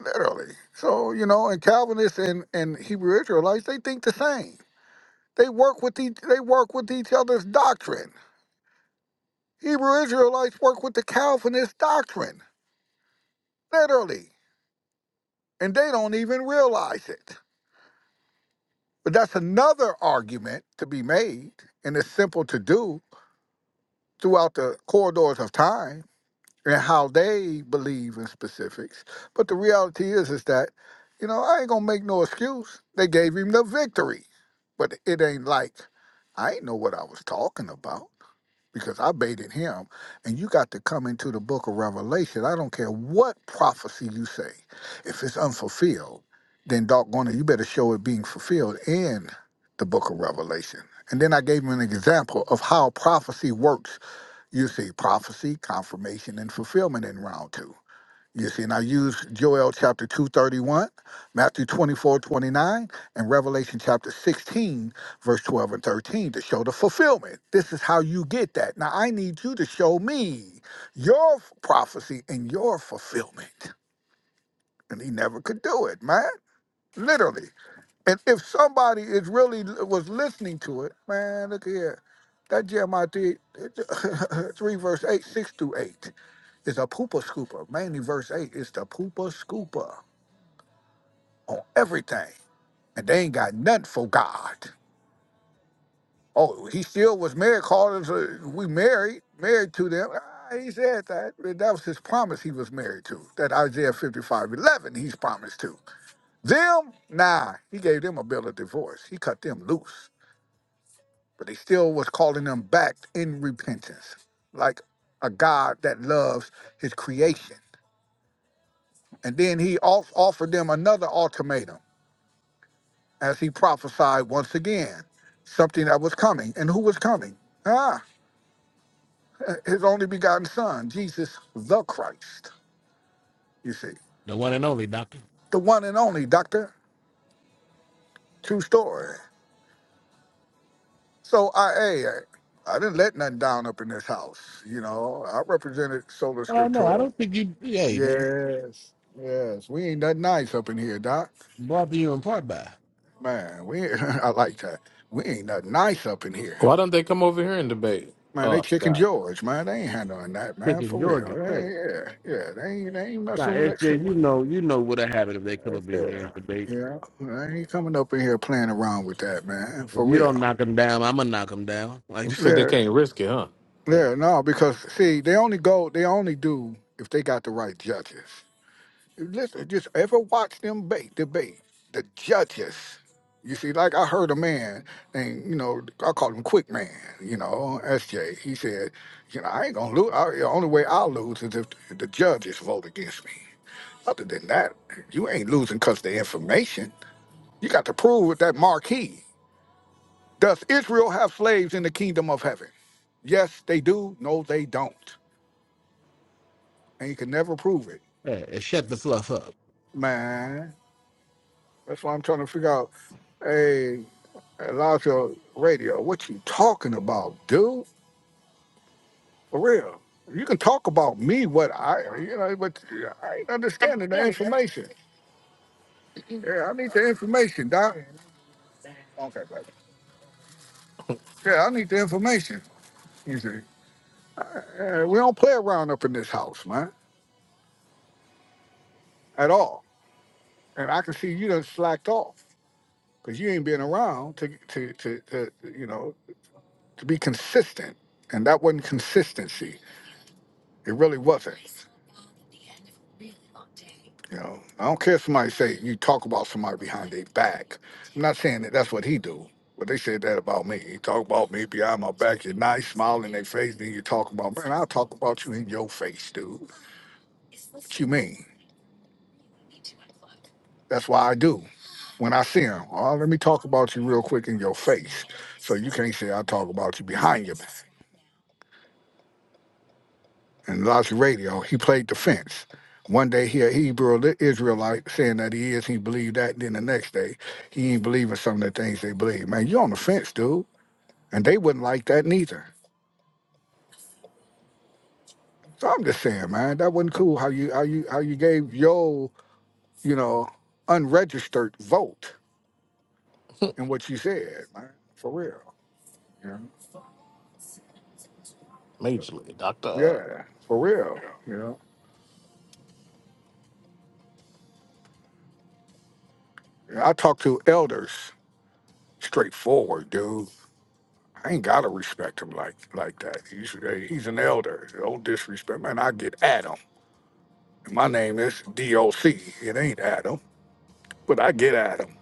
S5: literally. So you know, and Calvinists and, and Hebrew Israelites, they think the same. They work with each, they work with each other's doctrine. Hebrew Israelites work with the Calvinist doctrine, literally, and they don't even realize it. But that's another argument to be made, and it's simple to do throughout the corridors of time and how they believe in specifics. But the reality is, is that, you know, I ain't gonna make no excuse. They gave him the victory, but it ain't like I ain't know what I was talking about because I baited him. And you got to come into the book of Revelation. I don't care what prophecy you say, if it's unfulfilled, then doggone it, you better show it being fulfilled in the book of Revelation. And then I gave him an example of how prophecy works. You see prophecy, confirmation, and fulfillment in round two. You see, and I use Joel chapter 231, Matthew 24 29, and Revelation chapter 16, verse 12 and 13 to show the fulfillment. This is how you get that. Now I need you to show me your prophecy and your fulfillment. And he never could do it, man. Literally. And if somebody is really was listening to it, man, look here. That Jeremiah 3, 3 verse 8, 6 through 8 is a pooper scooper. Mainly verse 8 is the pooper scooper on everything. And they ain't got nothing for God. Oh, he still was married, called us, uh, we married, married to them. Ah, He said that. That was his promise he was married to. That Isaiah 55 11. he's promised to. Them, nah, he gave them a bill of divorce. He cut them loose. but he still was calling them back in repentance, like a God that loves his creation. And then he off- offered them another ultimatum as he prophesied once again something that was coming. And who was coming? Ah, his only begotten son, Jesus the Christ, you see,
S3: one and only doctor.
S5: the one and only, Doctor. True story. So I, hey, I I didn't let nothing down up in this house. You know, I represented Sola
S3: Oh no, I
S5: Scriptura.
S3: don't think you. Hey man,
S5: Yes, yes. We ain't nothing nice up in here, Doc.
S3: brought to you in part by.
S5: Man, we I like that. We ain't nothing nice up in here.
S1: why don't they come over here and debate?
S5: Man,
S1: Oh,
S5: they
S1: I
S5: chicken
S1: forgot.
S5: George, man. They ain't handling that, man,
S3: picking
S5: for real.
S3: Georgia straight.
S5: They, yeah, yeah. They ain't they ain't
S3: Now,
S5: messing with that shit.
S3: SJ, you know, you know what'll happen if they come
S5: Right
S3: up in here and
S5: there.
S3: debate.
S5: Yeah. They ain't coming up in here playing around with that, man.
S3: If
S5: For
S3: you don't
S5: real.
S3: knock them down, I'm gonna knock them down. Like,
S1: You said they
S5: Yeah.
S1: can't risk it, huh?
S3: hey,
S5: Yeah, no, because see, they only go they only do if they got the right judges. Listen, just ever watch them ba- debate the judges. You see, like I heard a man, and you know, I call him Quick Man. You know, SJ. He said, you know, I ain't gonna lose. I, the only way I'll lose is if the judges vote against me. Other than that, you ain't losing 'cause the information. You got to prove with that marquee. Does Israel have slaves in the kingdom of heaven? Yes, they do. No, they don't. And you can never prove it,
S3: and shut the fluff up.
S5: man. That's why I'm trying to figure out. Hey, Elijah Radio, what you talking about, dude? For real. You can talk about me, what I, you know, but I ain't understanding the information. Yeah, I need the information, Doc. Okay, baby. Yeah, I need the information. You see, Uh, we don't play around up in this house, man, at all. And I can see you done slacked off because you ain't been around to, to, to, to, you know, to be consistent. And that wasn't consistency. It really wasn't. You know, I don't care if somebody say you talk about somebody behind their back. I'm not saying that that's what he do, but they said that about me. You talk about me behind my back, you're nice, smile in their face, then you talk about man, I'll talk about you in your face, dude. What you mean? That's why I do. When I see him, oh, let me talk about you real quick in your face, so you can't say I talk about you behind your back. and Logic Radio, he played defense. One day he a Hebrew li- Israelite saying that he is, he believed that, and then the next day he ain't believing some of the things they believe. Man, you on the fence, dude. And they wouldn't like that neither. So I'm just saying, man, that wasn't cool how you how you how you gave your, you know, unregistered vote in what you said, man. For real. You know?
S1: Majorly, Doctor
S5: Yeah, for real. You know. I talk to elders straightforward, dude. I ain't gotta respect him like like that. He's uh, he's an elder. Don't disrespect, man. I get at him. My name is DOC. It ain't Adam, but I get at him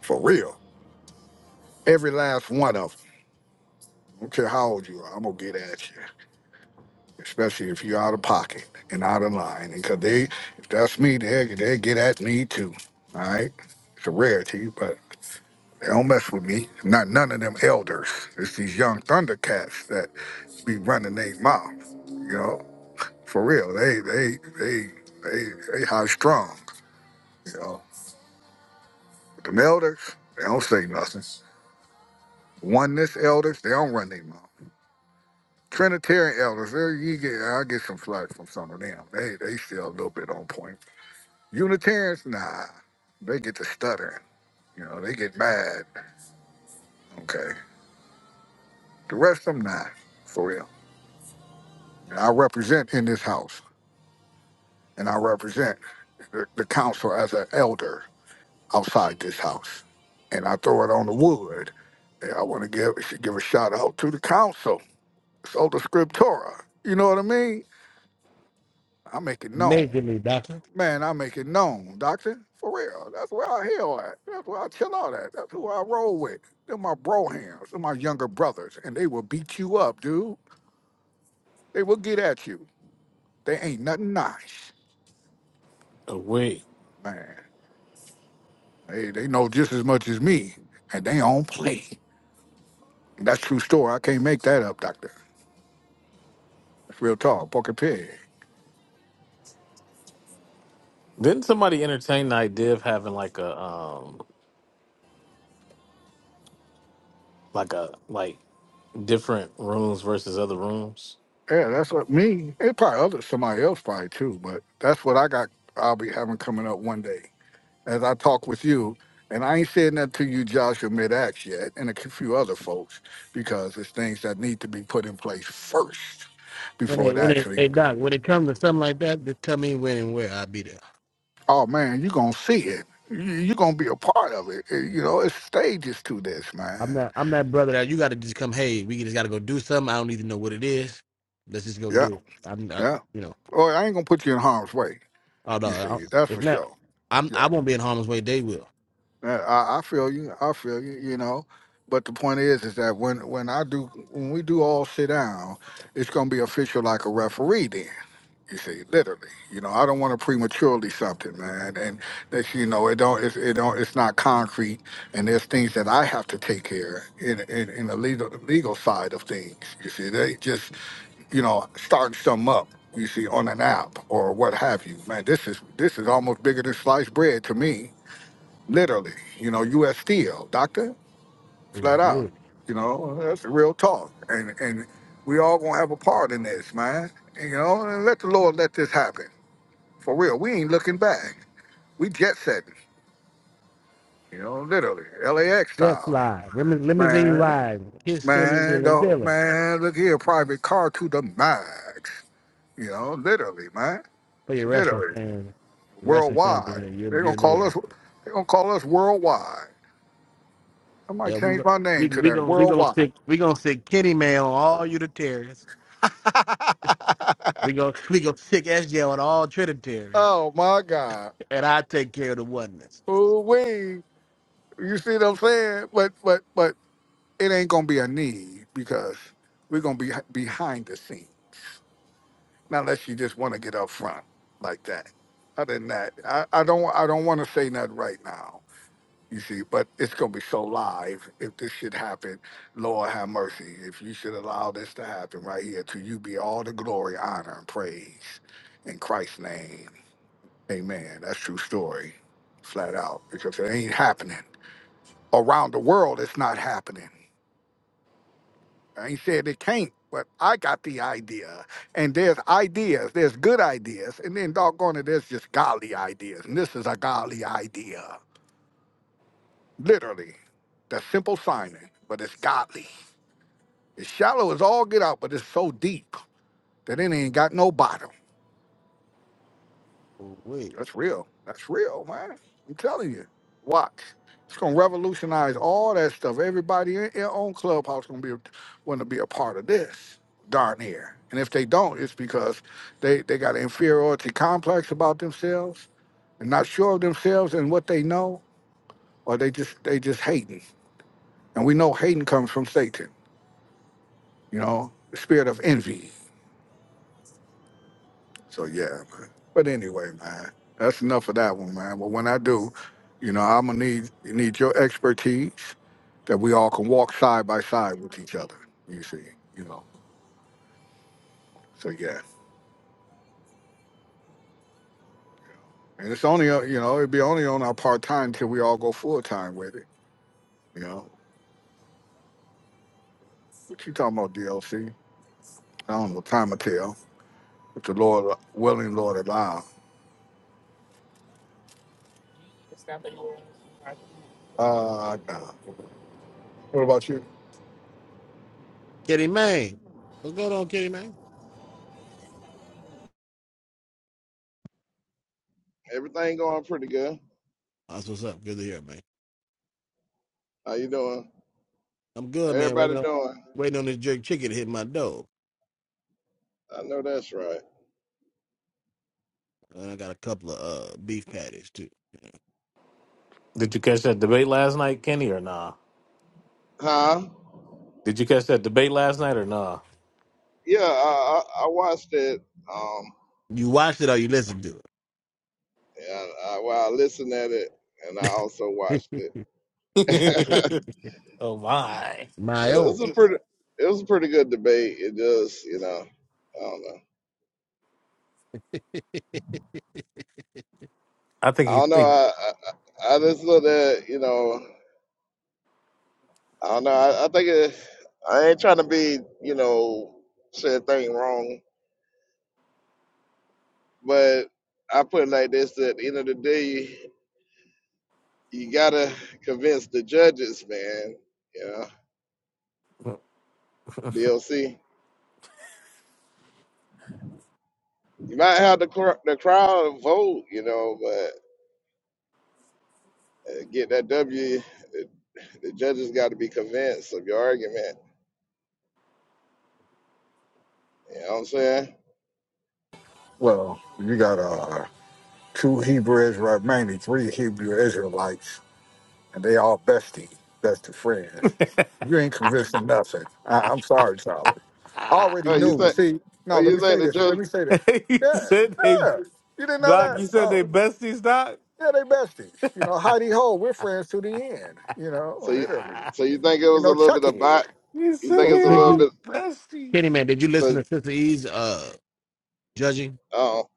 S5: for real. Every last one of them. I don't care how old you are. I'm gonna get at you, especially if you're out of pocket and out of line. And 'cause they, if that's me, they they get at me too. All right, it's a rarity, but they don't mess with me. Not none of them elders. It's these young Thundercats that be running their mouth. You know. For real, they they they they they high strong. You know, them elders they don't say nothing. Oneness elders they don't run their mouth. Trinitarian elders, there you get I get some flack from some of them. They they still a little bit on point. Unitarians, nah, they get to stuttering. You know, they get mad. Okay, the rest of them nah, for real. And I represent in this house, and I represent the, the council as an elder. outside this house. And I throw it on the wood. And I want to give should give a shout out to the council, Sola Scriptura. You know what I mean? I make it known.
S3: Majorly, doctor.
S5: Man, I make it known, Doctor. For real. That's where I heal at. That's where I chill out at. That's who I roll with. They're my bro hands. They're my younger brothers. And they will beat you up, dude. They will get at you. They ain't nothing nice.
S1: Away.
S5: Man. They they know just as much as me. And they don't play. That's true story. I can't make that up, Doctor. It's real tall, porky pig.
S1: Didn't somebody entertain the idea of having like a um like a like different rooms versus other rooms?
S5: Yeah, that's what me. It's probably other somebody else probably too, but that's what I got. I'll be having coming up one day as I talk with you. And I ain't said nothing to you, Joshua mid axe yet, and a few other folks, because it's things that need to be put in place first
S3: When
S5: before
S3: it,
S5: it
S3: when it,
S5: actually.
S3: hey doc, when it comes to something like that, just tell me when and where I'll be there.
S5: Oh man, you gonna see it. You're gonna be a part of it. Eh, You know, it's stages to this,
S3: I'm
S5: man.
S3: that, I'm that brother that you got to just come. Hey, we just got to go do something. I don't even know what it is. Let's just go
S5: Yeah,
S3: do it. I'm, I,
S5: yeah.
S3: you know,
S5: Well, I ain't gonna put you in harm's way.
S3: although
S5: You
S3: I,
S5: see, that's for
S3: it's not,
S5: sure.
S3: I'm,
S5: Yeah.
S3: I won't be in harm's way. They will.
S5: Uh, I, I feel you. I feel you. You know, but the point is, is that when when I do, when we do all sit down, it's gonna be official like a referee. Then you see, literally. You know, I don't want to prematurely something, man. And that you know, it don't, it's, it don't, it's not concrete. And there's things that I have to take care in in, in the legal legal side of things. You see, they just you know starting something up. You see, on an app or what have you, man. This is this is almost bigger than sliced bread to me literally. You know, U.S. Steel, doctor, flat out. You know, that's the real talk. And and we all gonna have a part in this, man. And, you know, and let the Lord let this happen for real. We ain't looking back. We jet setting. You know, literally, LAX
S3: Death
S5: style,
S3: Live, Lim- Limousine
S5: man.
S3: Live, Kid Stealing,
S5: Man,
S3: Dylan
S5: the,
S3: Dylan.
S5: man, look here, private car to the max. You know, literally, man,
S3: For your wrestling
S5: literally,
S3: fans, the wrestling fans in
S5: worldwide.
S3: here,
S5: They
S3: you
S5: gonna
S3: you know
S5: call us.
S3: that.
S5: They gonna call us worldwide. I
S3: Yeah,
S5: might
S3: we
S5: change
S3: go,
S5: my
S3: we
S5: name to
S3: we
S5: that.
S3: gonna we gonna
S5: Worldwide.
S3: stick we gonna stick Kenny May on all Unitarians. We gonna we gonna stick SJ on all Trinitarians,
S5: oh my God.
S3: and I take care of the oneness.
S5: Ooh wee. You see what I'm saying? But but but it ain't gonna be a need because we're gonna be h- behind the scene. Not unless you just wanna get up front like that. Other than that, I, I don't I don't wanna say nothing right now. You see, but it's gonna be so live if this should happen. Lord have mercy. If you should allow this to happen right here, to you be all the glory, honor, and praise in Christ's name. Amen. That's true story. Flat out. Because it ain't happening. Around the world, it's not happening. I ain't said it can't, but I got the idea. And there's ideas, there's good ideas, and then doggone it, there's just godly ideas. And this is a godly idea. Literally. The simple signing, but it's godly. It's shallow as all get out, but it's so deep that it ain't got no bottom.
S3: Wait,
S5: That's real. That's real, man. I'm telling you. Watch. It's gonna revolutionize all that stuff. Everybody in in on Clubhouse gonna be wanna be a part of this. Darn near. And if they don't, it's because they, they got an inferiority complex about themselves and not sure of themselves and what they know, or they just they just hating. And we know hating comes from Satan, you know, the spirit of envy So yeah, but, but anyway, man, that's enough of that one, man. But when I do, you know, I'm gonna need need your expertise that we all can walk side by side with each other. You see, you know. So yeah, and it's only uh, you know it'd be only on our part time till we all go full time with it. You know, what you talking about DLC? I don't know. Time will tell. If the Lord willing, Lord allow. Uh, no. what about you?
S3: Kenny May. what's going on, Kenny Man?
S8: Everything going pretty good.
S3: That's what's up. Good to hear, man.
S8: How you doing?
S3: I'm
S8: How
S3: good, man.
S8: everybody
S3: Waiting on
S8: doing?
S3: waiting on this jerk chicken to hit my door.
S8: I know that's right.
S3: And I got a couple of uh beef patties too.
S1: Did you catch that debate last night, Kenny, or nah?
S8: Huh?
S1: Did you catch that debate last night or nah?
S8: Yeah, I, I, I watched it. Um,
S3: You watched it or you listened to
S8: and I, well, I listened at it, and I also
S3: it?
S8: watched it. it
S1: oh my.
S3: My oh,
S8: was a pretty, it was a pretty good debate. It just, you know, I don't know.
S1: I
S8: I
S1: think you
S8: don't know.
S1: think
S8: I, I, I just looked at, you know, I don't know. I, I think it, I ain't trying to be, you know, say a thing wrong, but I put it like this: at the end of the day. You gotta convince the judges, man. You know, DLC. You might have the cr- the crowd vote, you know, but uh, get that W. The, the judges got to be convinced of your argument. You know what I'm saying?
S5: Well, you got uh two Hebrews, right? Mainly three Hebrew Israelites and they all bestie, best of friends. You ain't convincing nothing. I, I'm sorry, Charlie. I already
S8: Oh, you
S5: knew.
S8: think?
S5: See, no,
S8: Oh,
S5: let
S8: you
S5: me say
S8: think the
S5: this.
S8: judge?
S5: Let me say this.
S1: you
S5: Yeah,
S1: said they
S5: yeah. You didn't know
S1: Doc,
S5: that?
S1: you said they
S5: Oh,
S1: besties, Doc?
S5: yeah, they besties. You know, Heidi Ho, we're friends to the end. You know,
S8: So you,
S5: literally.
S8: so you think it
S5: You
S8: was
S5: know,
S8: a little bit of
S5: Chucky.
S8: bot?
S1: you
S8: You
S1: said
S8: think
S3: oh,
S8: it's
S1: they
S8: a
S3: did
S8: little
S1: all
S3: you,
S8: bit?
S3: Kenny
S1: besties.
S3: man? Did you listen
S8: So,
S3: to Sister E's uh judging?
S8: oh,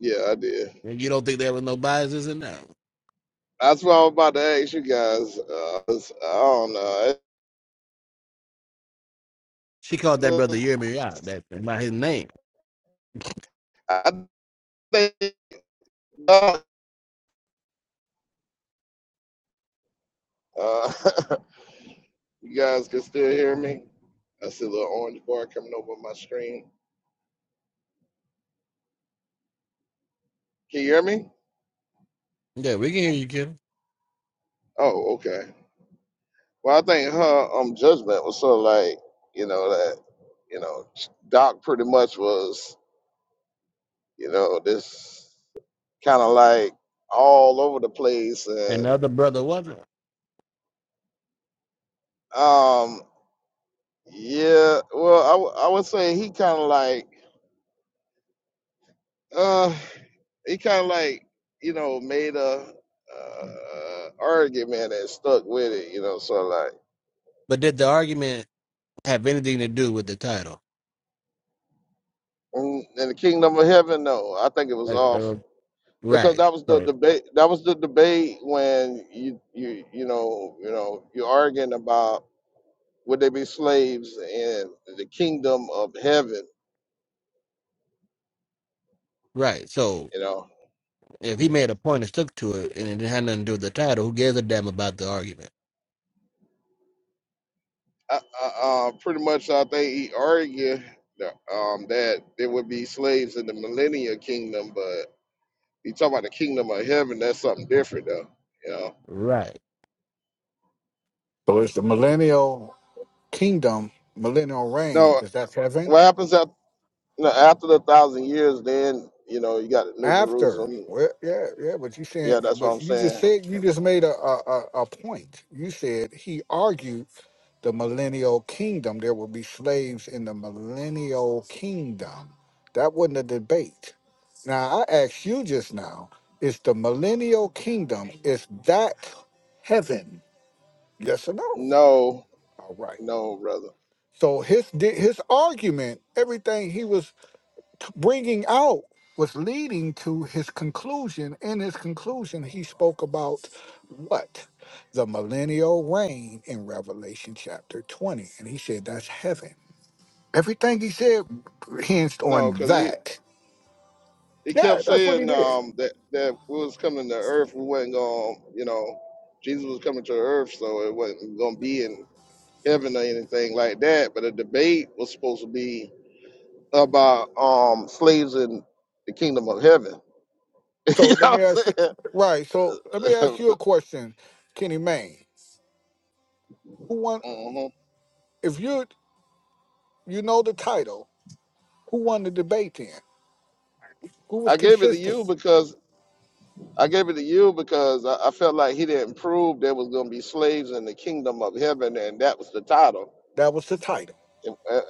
S8: yeah, I did.
S3: And you don't think there was no biases in that?
S8: That's what I was about to ask you guys. Uh, 'cause I don't know.
S3: She called that brother
S8: It's-
S3: Yirmi out that by his name,
S8: I think. Uh, You guys can still hear me? I see a little orange bar coming over my screen. Can you hear me?
S3: Yeah, we can hear you, Kenny.
S8: Oh, okay. Well, I think her um judgment was sort of like, you know, that, you know, Doc pretty much was, you know, this kind of like all over the place
S3: and the
S8: and
S3: other brother wasn't.
S8: um yeah well i, w- I would say he kind of like Uh, he kind of like you know made a uh, argument and stuck with it. You know, so like
S3: But did the argument have anything to do with the title?
S8: mm, in the kingdom of heaven, no, I think it was
S3: Hey,
S8: off
S3: uh,
S8: because
S3: Right,
S8: that was the
S3: So
S8: debate. That was the debate when you you you know you know you're arguing about would they be slaves in the kingdom of heaven.
S3: right. So
S8: You know,
S3: if he made a point and stuck to it, and it had nothing to do with the title, who gives a damn about the argument?
S8: I, I, uh, pretty much I think he argued. that, Um, that there would be slaves in the millennial kingdom, but. You talk about the kingdom of heaven, that's something different though. You know.
S3: right,
S5: So it's the millennial kingdom, millennial reign.
S8: No,
S5: Is that heaven?
S8: what happens after you know, after the thousand years, then, you know, you got New
S5: After,
S8: Jerusalem.
S5: well, yeah, yeah, but you said,
S8: Yeah, that's what
S5: but
S8: I'm
S5: you just
S8: saying.
S5: said, you just made a, a, a a point. You said he argued. the millennial kingdom. There will be slaves in the millennial kingdom. That wasn't a debate. Now I asked you just now, is the millennial kingdom, is that heaven? Yes or no?
S8: No,
S5: All right.
S8: no, brother.
S5: So his di- his argument, everything he was t- bringing out was leading to his conclusion. In his conclusion, he spoke about what? The millennial reign in Revelation chapter 20. And he said that's heaven. Everything he said hinged on
S8: No, because he,
S5: that.
S8: he
S5: Yeah,
S8: kept
S5: that's what he
S8: saying
S5: did.
S8: um that, that we was coming to earth, we wasn't gonna you know, Jesus was coming to earth, so it wasn't gonna be in heaven or anything like that. But the debate was supposed to be about um slaves in the kingdom of heaven.
S5: So
S8: you
S5: let
S8: know
S5: me ask you,
S8: what
S5: right? So let
S8: I'm
S5: me
S8: saying?
S5: ask you a question, Kenny Mayne. Who won?
S8: hmm
S5: If you you know the title, who won the debate then? Who was
S8: I gave it to
S5: consistent?
S8: you because I gave it to you because I, I felt like he didn't prove there was going to be slaves in the kingdom of heaven, and that was the title.
S5: That was the title.
S8: It, uh, uh,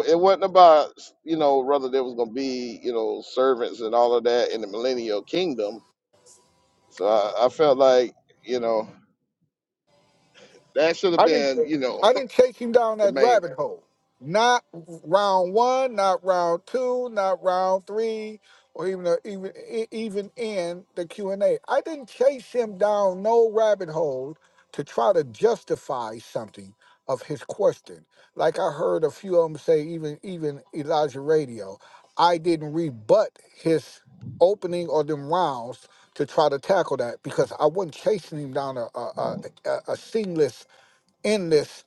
S8: it, it wasn't about you know whether there was going to be you know servants and all of that in the millennial kingdom. So I, I felt like you know that should have
S5: I didn't
S8: been you know
S5: I didn't chase him down
S8: the
S5: that
S8: main
S5: rabbit hole. Not round one, not round two, not round three, or even even e, even in the Q and A. I didn't chase him down no rabbit hole to try to justify something of his question. Like I heard a few of them say, even even Elijah Radio, I didn't rebut his opening or them rounds to try to tackle that because I wasn't chasing him down a a, a, a a seamless in this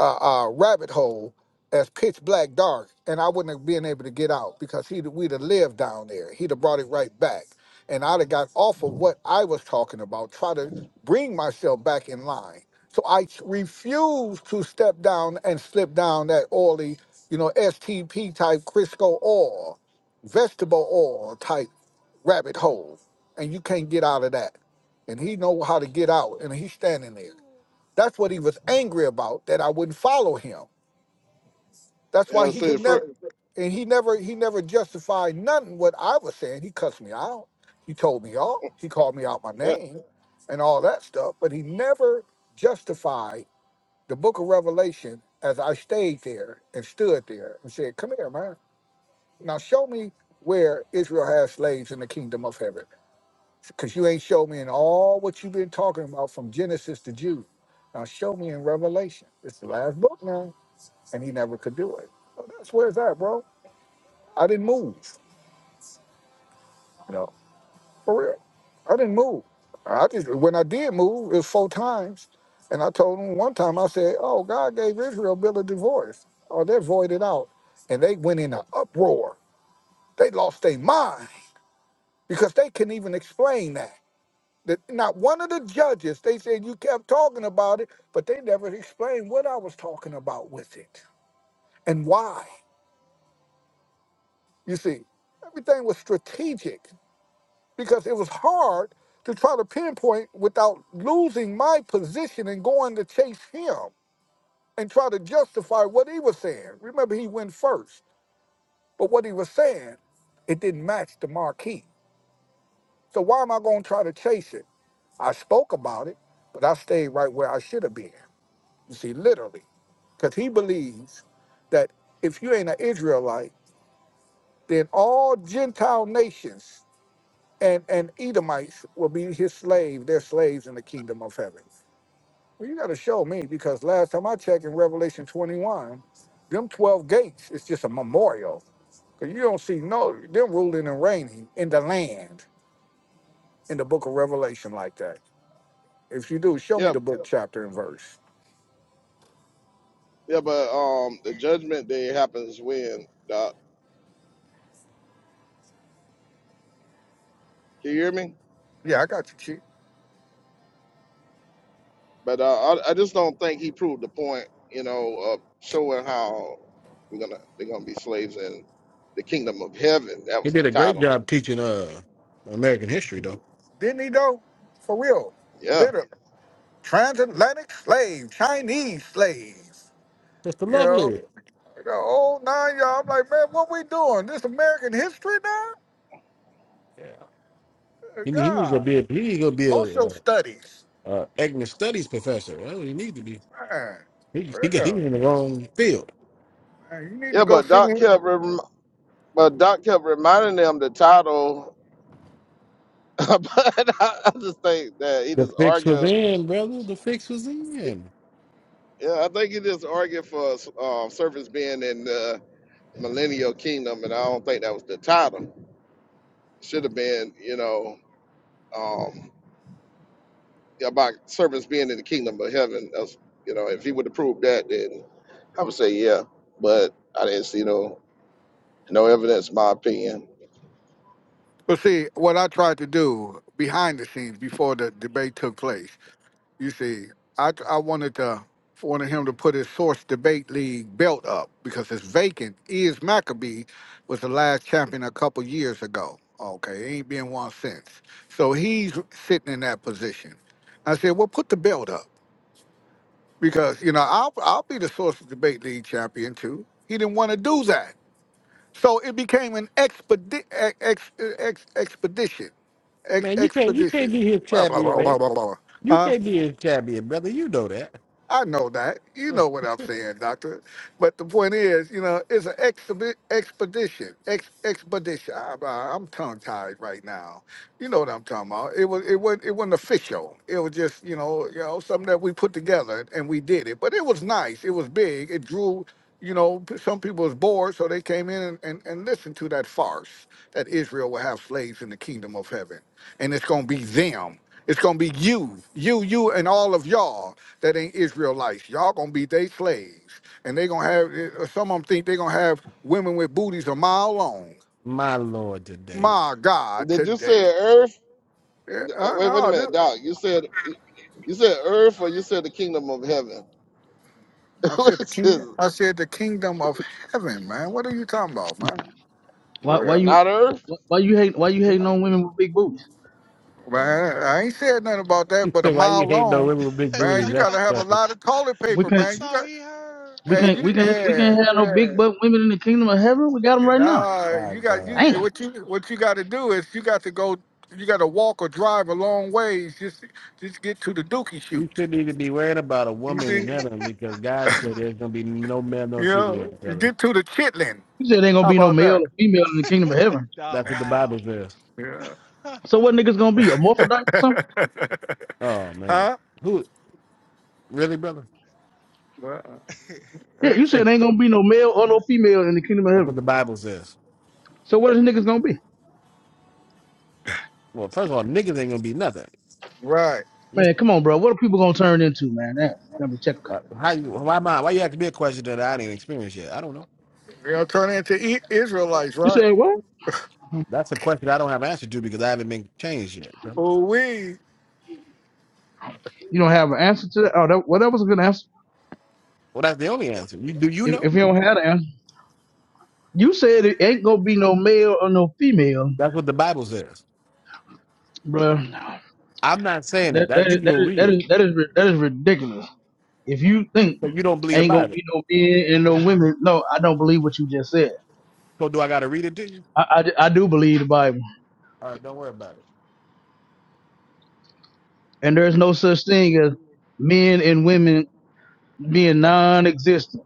S5: uh, uh, rabbit hole as pitch black dark, and I wouldn't have been able to get out because he'd we'd have lived down there. He'd have brought it right back, and I'd have got off of what I was talking about. Try to bring myself back in line. So I t- refuse to step down and slip down that oily, you know, STP type Crisco oil, vegetable oil type rabbit hole, and you can't get out of that. And he know how to get out, and he's standing there. That's what he was angry about, that I wouldn't follow him. That's
S8: you
S5: why
S8: know
S5: he
S8: see the
S5: could never
S8: first
S5: and he never he never justified nothing what I was saying. He cussed me out. He told me off. He called me out my
S8: yeah
S5: name and all that stuff. But he never justified the book of Revelation as I stayed there and stood there and said, Come here, man. Now show me where Israel has slaves in the kingdom of heaven because you ain't showed me in all what you've been talking about from Genesis to Jude. Now show me in Revelation. It's the last book now, and he never could do it. So that's where it's at, bro. I didn't move, you know, for real. I didn't move. I just when I did move, it was four times, and I told him one time I said, "Oh, God gave Israel a bill of divorce. Oh, they're voided out, and they went in an uproar. They lost their mind because they couldn't even explain that." That not one of the judges, they said you kept talking about it, but they never explained what I was talking about with it and why. You see, everything was strategic because it was hard to try to pinpoint without losing my position and going to chase him and try to justify what he was saying. Remember, he went first, but what he was saying, it didn't match the marquee. So why am I going to try to chase it? I spoke about it, but I stayed right where I should have been. You see, literally, because he believes that if you ain't an Israelite, then all Gentile nations and, and Edomites will be his slave, their slaves in the kingdom of heaven. Well, you got to show me because last time I checked in Revelation 21, them 12 gates is just a memorial. Because you don't see no, them ruling and reigning in the land in the book of Revelation like that. If you do, show me
S8: yeah
S5: the book, chapter, and verse.
S8: yeah but um the judgment day happens when Doc. Can you hear me?
S5: Yeah, I got you, Chief.
S8: But uh, I, I just don't think he proved the point, you know, of showing how we're gonna they're gonna be slaves in the kingdom of heaven. That
S3: He
S8: was
S3: did
S8: the
S3: a great
S8: title.
S3: job teaching uh American history, though.
S5: Didn't he though? For real.
S8: Yeah,
S5: Literally. transatlantic slave, Chinese slaves.
S3: Sister
S5: You know,
S3: Lovely.
S5: the old nine y'all. I'm like, man, what we doing? This American history now? Uh,
S3: He need, he need to
S5: God,
S3: be a, he need to be a,
S5: social
S3: uh
S5: studies.
S3: uh ethnic studies professor. That's what he need to be.
S5: Man,
S3: He he got- he
S5: yeah.
S3: in the wrong field.
S5: Man, you need to
S8: yeah.
S5: go
S8: But
S5: see.
S8: Doc kept rem- but Doc kept reminding them the title. but I, I just think that he
S3: The
S8: just
S3: fix was
S8: argued.
S3: in, brother. The fix was in.
S8: Yeah, I think he just argued for uh, service being in the millennial kingdom, and I don't think that was the title. Should have been, you know. um, about servants being in the kingdom of heaven. That's, you know, if he would have proved that, then I would say yeah. But I didn't see no no evidence. in My opinion.
S5: But see, what I tried to do behind the scenes before the debate took place You see, I I wanted to wanted him to put his source debate league belt up because it's vacant. E Is Maccabee was the last champion a couple years ago. Okay, ain't been one since. So he's sitting in that position. I said, well, put the belt up because you know I'll I'll be the source debate league champion too. He didn't want to do that, so it became an expedi- ex, ex, e, ex, expedition, ex,
S3: Man, you can't you can't
S5: expedition.
S3: be his
S5: Blah blah
S3: champion,
S5: blah blah
S3: man.
S5: blah blah.
S3: You
S5: Huh?
S3: can't be his champion, brother. You know that.
S5: I know that. You know what I'm saying, Doctor. But the point is, you know, it's an exhibi- expedition. Ex- expedition. I, I, I'm tongue tied right now. You know what I'm talking about. It was. It wasn't. It wasn't official. It was just, you know, you know, something that we put together and we did it. But it was nice. It was big. It drew. You know, p- some people was bored, so they came in and, and, and listened to that farce that Israel will have slaves in the kingdom of heaven, and it's gonna be them. It's gonna be you, you, you, and all of y'all that ain't Israelites. Y'all gonna be they slaves, and they gonna have eh, eh, some of them think they gonna have women with booties a mile long.
S3: My lord, today.
S5: My God,
S8: Did you
S5: today.
S8: say earth?
S5: Yeah,
S8: Uh,
S5: I,
S8: Wait, wait a
S5: know,
S8: minute,
S5: this-
S8: Doc. You said you said earth, or you said the kingdom of heaven?
S5: I said the
S8: What's his?
S5: king. I said the kingdom of heaven, man. What are you talking about, man?
S9: Why
S5: For
S9: why you
S5: real,
S8: Not Earth?
S9: why you hate why you hating on women with big boots?
S5: man. I ain't said nothing about that,
S3: He
S5: but a
S3: said, "Why you
S5: mile
S3: hate no
S5: long,
S3: women with big
S5: man.
S3: booties?"
S5: You
S3: That's
S5: gotta have a
S3: funny.
S5: lot of toilet
S9: We
S5: paper,
S9: can't
S5: man.
S10: That's
S5: You
S10: all
S5: got,
S10: he heard.
S9: we
S5: hey,
S9: can't
S5: you,
S9: we can't we
S5: yeah.
S9: can't have no big butt women in the kingdom of heaven. We got them right now.
S5: Nah,
S3: My
S5: you got
S3: God,
S5: you
S9: Damn.
S5: what you what you got to do is you got to go. You got to walk or drive a long ways just just get to the dookie shoot.
S3: you shouldn't even be worried about a woman in heaven because God said there's gonna be no man no
S5: You know,
S3: female,
S5: you
S3: brother.
S5: get to the chitlin.
S9: You said ain't gonna
S5: How
S9: be no
S5: about
S9: male or female in the kingdom of heaven.
S10: Dog,
S3: That's what the Bible
S10: wow.
S3: says.
S9: So what niggas gonna be? A morphodite or something?
S5: that?
S3: Oh man,
S5: huh?
S3: who really, brother?
S9: Yeah, you said ain't gonna be no male or no female in the kingdom of
S3: That's what
S9: heaven.
S3: the Bible says.
S9: So what is niggas gonna be?
S3: Well, first of all, niggas ain't gonna be nothing.
S5: Right.
S9: Man, come on, bro. What are people gonna turn into, man? That, let me check.
S3: Uh, How you? Why am I? Why you have to be a question that I ain't experienced yet? I don't know.
S5: You know, turn into I- Israelites,
S9: You
S5: right?
S9: said what?
S3: That's a question I don't have an answer to because I haven't been changed yet. Bro.
S5: Oh, we.
S9: You don't have an answer to that? Oh, that, well, that was a good answer.
S3: Well, that's the only answer. You do you
S9: If,
S3: know?
S9: if you don't have an answer, you said it ain't gonna be no male or no female,
S3: That's what the Bible says.
S9: bro.
S3: I'm not saying it.
S9: That that
S3: That you
S9: is
S3: can
S9: that
S3: go
S9: is
S3: read
S9: that
S3: it,
S9: is that is, ri- that is ridiculous. If you think
S3: but you don't believe the
S9: ain't gonna
S3: Bible.
S9: be no men and no women, no, I don't believe what you just said.
S3: So do I got to read it to you?
S9: I, I, d- I do believe the Bible,
S3: All right, don't worry about it.
S9: and there's no such thing as men and women being non-existent.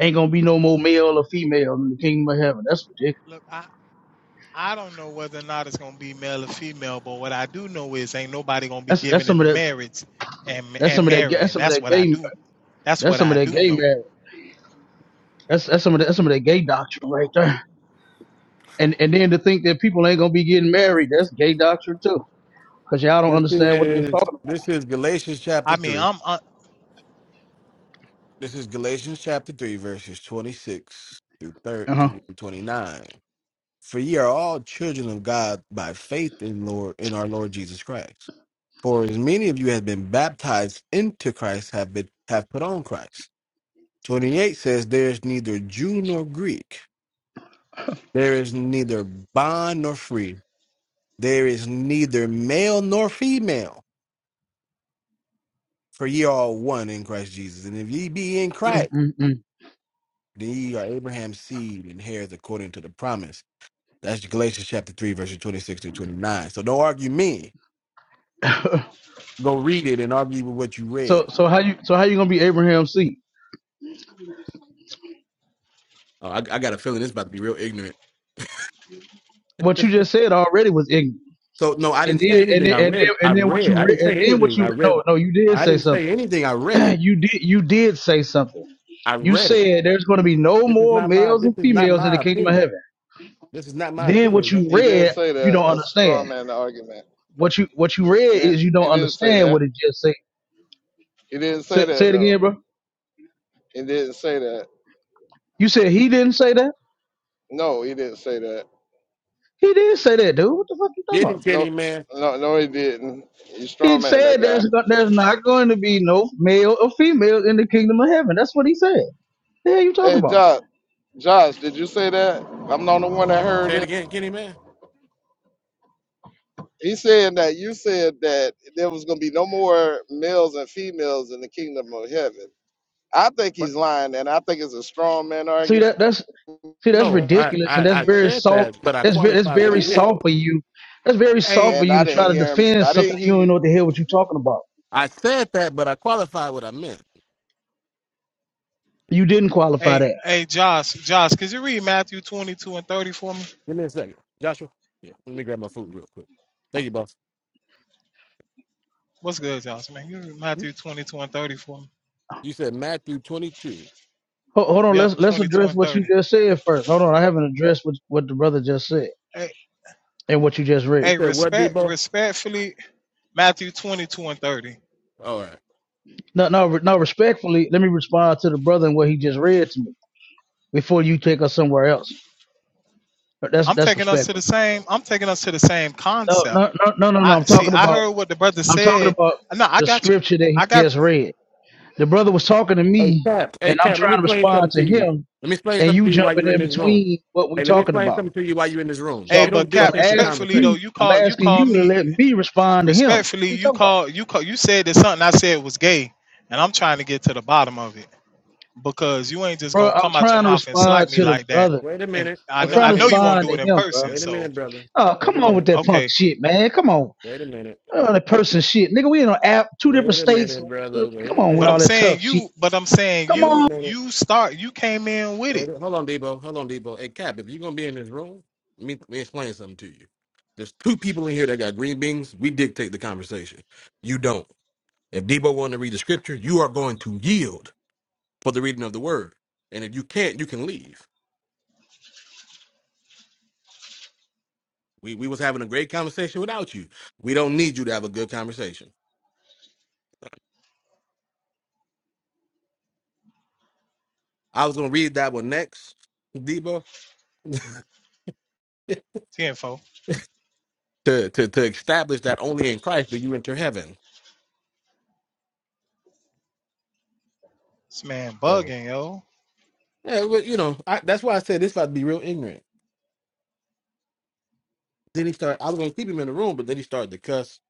S9: Ain't gonna be no more male or female in the kingdom of heaven. That's ridiculous.
S10: Look, I I don't know whether or not it's gonna be male or female, but what I do know is ain't nobody gonna be
S9: That's that's
S10: giving
S9: some
S10: into
S9: of that.
S10: marriage and
S9: That's
S10: and
S9: some of that. ga- That's
S10: marrying.
S9: some of
S10: That's
S9: that
S10: what I
S9: gay.
S10: do. That's
S9: That's
S10: what
S9: some of
S10: I
S9: that
S10: do
S9: gay
S10: know.
S9: marriage. That's that's some of that. That's some of that gay doctrine right there. And and then to think that people ain't gonna be getting married. That's gay doctrine too. Cause y'all don't
S3: This
S9: understand what that's
S3: is
S9: talking
S3: this is Galatians chapter
S10: I mean,
S3: three.
S10: I'm uh,
S3: This is Galatians chapter three, verses twenty six through thir-
S9: about. Uh-huh.
S3: through twenty nine. For ye are all children of God by faith in Lord in our Lord Jesus Christ. For as many of you have been baptized into Christ have been have put on Christ. Twenty eight says, There is neither Jew nor Greek, there is neither bond nor free, there is neither male nor female, for ye are all one in Christ Jesus. And if ye be in
S9: Mm,
S3: Christ,
S9: mm,
S3: then ye are Abraham's seed and heirs according to the promise. That's Galatians chapter three, verses twenty six to twenty nine. So don't argue me
S9: mm.
S3: go read it and argue with what you
S9: so
S3: read.
S9: so how you so how you gonna be Abraham's seed?
S3: Oh, I, I got a feeling this about to be real ignorant.
S9: What you just said already was ignorant.
S3: So no, I
S9: And
S3: didn't say
S9: then and
S3: anything.
S9: then
S3: I
S9: and
S3: read.
S9: then,
S3: I
S9: and then what
S3: read.
S9: you
S3: I
S9: re-
S3: didn't
S9: and
S3: say
S9: then what
S3: anything.
S9: you
S3: I read.
S9: no no you did
S3: I
S9: say
S3: didn't say
S9: something.
S3: anything. I read it.
S9: you did you did say something.
S3: I
S9: You
S3: read it.
S9: said there's going to be no
S3: This is
S9: more
S3: not my.
S9: males
S3: This
S9: and
S3: is not
S9: females in the
S3: my
S9: kingdom of
S3: opinion.
S9: heaven.
S3: This is not my
S9: Then what
S3: opinion, bro.
S9: you
S8: He didn't
S9: read
S8: say
S9: you
S8: that.
S9: don't
S8: That's a straw
S9: understand.
S8: man argument.
S9: What you what you
S8: He
S9: read
S8: didn't.
S9: is you don't
S8: He didn't say
S9: understand
S8: that.
S9: what it just said.
S8: He didn't say
S9: Say, say
S8: that
S9: it again,
S8: though.
S9: bro.
S8: He didn't say that.
S9: You said he didn't say that.
S8: No, he didn't say that.
S9: He did say that, dude. What the fuck you talking
S3: Get
S9: about?
S3: him, Kenny
S8: No,
S3: man.
S8: no, no, he didn't. You straw
S9: He
S8: man that
S9: said there's
S8: guy.
S9: no, there's not going to be no male or female in the kingdom of heaven. That's what he said. The hell you talking
S8: Hey,
S9: about?
S8: Josh. Josh, did you say that? I'm not the one that heard
S3: Say it
S8: him.
S3: again, Kenny man.
S8: He said that you said that there was gonna be no more males and females in the kingdom of heaven. I think
S3: But
S8: he's lying, and I think it's a strong man
S9: See
S8: argument.
S9: that that's see that's
S3: no, I
S9: ridiculous and that's
S3: I, I
S9: very
S3: said
S9: soft.
S3: that, but I
S9: That's very that's
S3: qualified what
S9: very
S3: I meant.
S9: soft for you. That's very soft
S10: hey
S9: for
S8: and
S9: you
S8: I
S9: to try
S8: didn't
S9: to
S8: hear him.
S9: defend
S8: I
S9: something
S8: didn't hear
S9: you don't
S8: you.
S9: know what the hell what you're talking about.
S3: I said that, but I qualified what I meant.
S9: You didn't qualify
S10: hey
S9: that.
S10: hey Josh Josh, could you read Matthew 22 and 30 for me?
S3: Give me a second, Joshua. Yeah, let me grab my food real quick. Thank you, boss.
S10: What's good, Josh? Man, you read Matthew 22 and 30 for me.
S3: you said Matthew 22.
S9: Hold, hold on,
S10: Yep,
S9: let's let's
S10: 22
S9: address
S10: and
S9: what you
S10: 30.
S9: just said first. Hold on, I haven't addressed what what the brother just said
S10: Hey,
S9: and what you just read.
S3: You
S10: hey,
S3: said what,
S10: respect
S3: Debo?
S10: respectfully Matthew 22 and 30.
S3: All right.
S9: No, no, re- no. Respectfully, let me respond to the brother and what he just read to me before you take us somewhere else. That's
S10: I'm
S9: that's
S10: taking us to
S9: respectful.
S10: the same, I'm taking us to the same
S9: No,
S10: concept.
S9: no, no, no, no, no.
S10: I
S9: I'm
S10: see,
S9: talking
S10: I
S9: about
S10: heard what the brother
S9: I'm talking
S10: said.
S9: about
S10: No, I
S9: the
S10: got you.
S9: scripture that he
S10: I got
S9: just read. The brother was talking to
S3: Hey,
S9: me,
S3: Cap. Hey,
S9: and I'm
S3: Cap. Let me
S9: trying to
S3: explain
S9: respond to
S3: something to you.
S9: him,
S3: Let me explain
S9: and
S3: something
S9: you
S3: to you while
S9: jumping
S3: you're in
S9: in
S3: this room.
S9: between what we
S3: Hey, let me
S9: talking
S3: explain
S9: about.
S3: something to you while you're in this room.
S9: So,
S10: hey,
S9: I'm,
S3: You don't
S10: but
S9: so
S10: cat,
S9: I'm
S3: dictate the
S9: asking
S10: respectfully
S3: conversation.
S10: though,
S9: you,
S10: you
S9: I'm
S10: call you
S9: asking
S10: call
S9: you to
S10: me
S9: let me respond to him. What
S10: respectfully,
S9: you
S10: you
S9: talking about,
S10: call you call you said that something I said was gay, and I'm trying to get to the bottom of it. Because you ain't just
S9: bro?
S10: gonna
S9: I'm
S10: come out your
S9: trying to
S10: mouth and
S9: respond
S10: slight me
S9: to the
S10: like that.
S9: brother.
S3: Wait a
S10: And
S3: minute.
S10: I
S9: I'm
S3: Wait
S10: know
S3: a
S9: trying
S10: I
S9: to
S10: know
S3: minute.
S10: you won't
S9: respond
S10: do
S9: to
S10: it in
S9: him, bro.
S10: person,
S3: Wait a
S10: so
S3: minute, brother.
S9: Oh,
S3: Wait a
S9: come on
S10: o-
S9: with
S3: minute.
S9: that punk
S10: okay.
S9: shit, man. Come on,
S3: Wait a minute.
S9: oh, that person shit, nigga. We in an app, two different
S3: Wait a
S9: states.
S3: minute, brother. Wait
S9: Come
S3: a
S9: on with
S10: But
S9: all
S10: I'm
S3: minute.
S9: that tough
S10: saying
S9: shit.
S10: you but I'm saying
S9: Come
S3: Wait a
S9: on
S10: you
S3: minute.
S10: you start you came in with it.
S3: Wait a Hold on, Debo. Hold on, Debo. Hey, Cap. If you're gonna be in this room, let me, let me explain something to you. There's two people in here that got green beans. We dictate the conversation. You don't. If Debo wanted to read the scripture, you are going to yield for the reading of the word. And if you can't, you can leave. We we was having a great conversation without you. We don't need you to have a good conversation. I was gonna read that one next, Debo,
S10: 10
S3: to to to establish that only in Christ do you enter heaven.
S10: This man
S3: So
S10: bugging, yo.
S3: yeah, but you know I, that's why I said this about to be real ignorant. Then he started. I was gonna keep him in the room, but then he started to cuss,